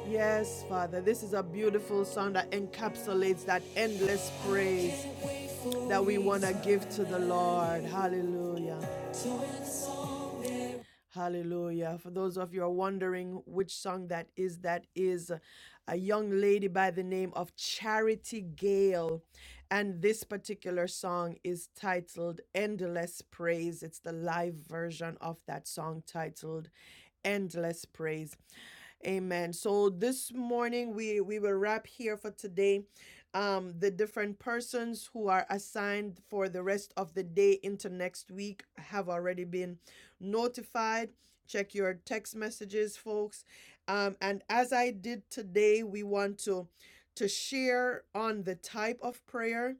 Speaker 1: Yes, Father, this is a beautiful song that encapsulates that endless praise that we want to give to the Lord. Hallelujah. Hallelujah. For those of you who are wondering which song that is, that is a young lady by the name of Charity Gale. And this particular song is titled Endless Praise. It's the live version of that song titled endless praise. Amen. So this morning we we will wrap here for today. Um, the different persons who are assigned for the rest of the day into next week have already been notified. Check your text messages, folks. Um, and as I did today, we want to to share on the type of prayer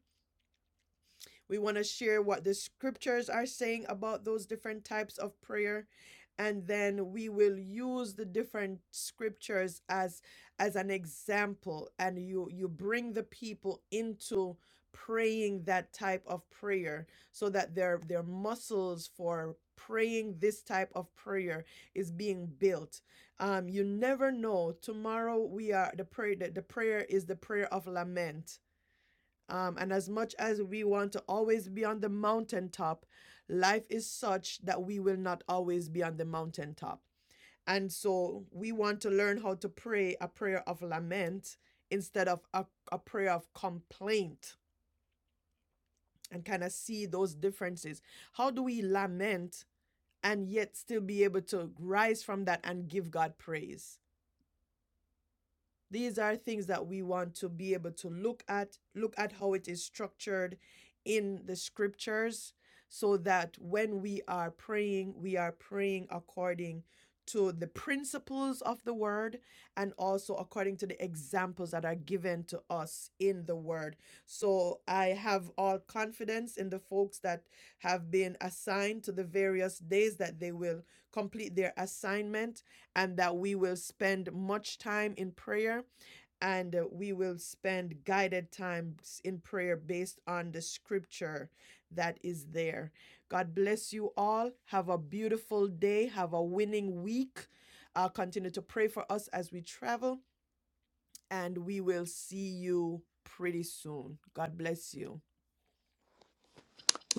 Speaker 1: we want to share what the scriptures are saying about those different types of prayer and then we will use the different scriptures as as an example and you you bring the people into praying that type of prayer so that their their muscles for praying this type of prayer is being built um you never know tomorrow we are the prayer the, the prayer is the prayer of lament um, and as much as we want to always be on the mountaintop, life is such that we will not always be on the mountaintop. And so we want to learn how to pray a prayer of lament instead of a, a prayer of complaint and kind of see those differences. How do we lament and yet still be able to rise from that and give God praise? These are things that we want to be able to look at, look at how it is structured in the scriptures, so that when we are praying, we are praying according to the principles of the word and also according to the examples that are given to us in the word. So I have all confidence in the folks that have been assigned to the various days that they will complete their assignment and that we will spend much time in prayer and uh, we will spend guided times in prayer based on the scripture that is there. God bless you all. Have a beautiful day. Have a winning week. Uh, continue to pray for us as we travel, and we will see you pretty soon. God bless you.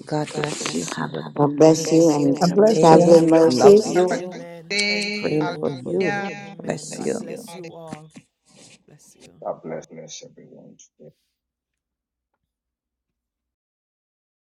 Speaker 14: God
Speaker 1: God
Speaker 14: bless you.
Speaker 1: bless you.
Speaker 14: Have a
Speaker 1: Have a
Speaker 14: good
Speaker 10: God
Speaker 1: God
Speaker 14: day.
Speaker 10: bless you
Speaker 1: bless you
Speaker 10: and
Speaker 5: A
Speaker 12: God
Speaker 1: and
Speaker 12: bless
Speaker 14: day.
Speaker 12: you.
Speaker 5: blessing.
Speaker 10: traveling
Speaker 12: Safe
Speaker 1: traveling
Speaker 14: Love
Speaker 12: travels.
Speaker 10: mercies.
Speaker 13: Have a
Speaker 1: mercies.
Speaker 14: you.
Speaker 13: good
Speaker 1: Amen. Thank
Speaker 13: day.
Speaker 1: you.
Speaker 14: Praying for
Speaker 1: Praying for
Speaker 14: you.
Speaker 1: you.
Speaker 13: Hallelujah.
Speaker 1: Amen. God
Speaker 14: Bless
Speaker 1: Bless
Speaker 14: you.
Speaker 1: you. bless you all. Bless you. God
Speaker 4: bless.
Speaker 1: bless everyone.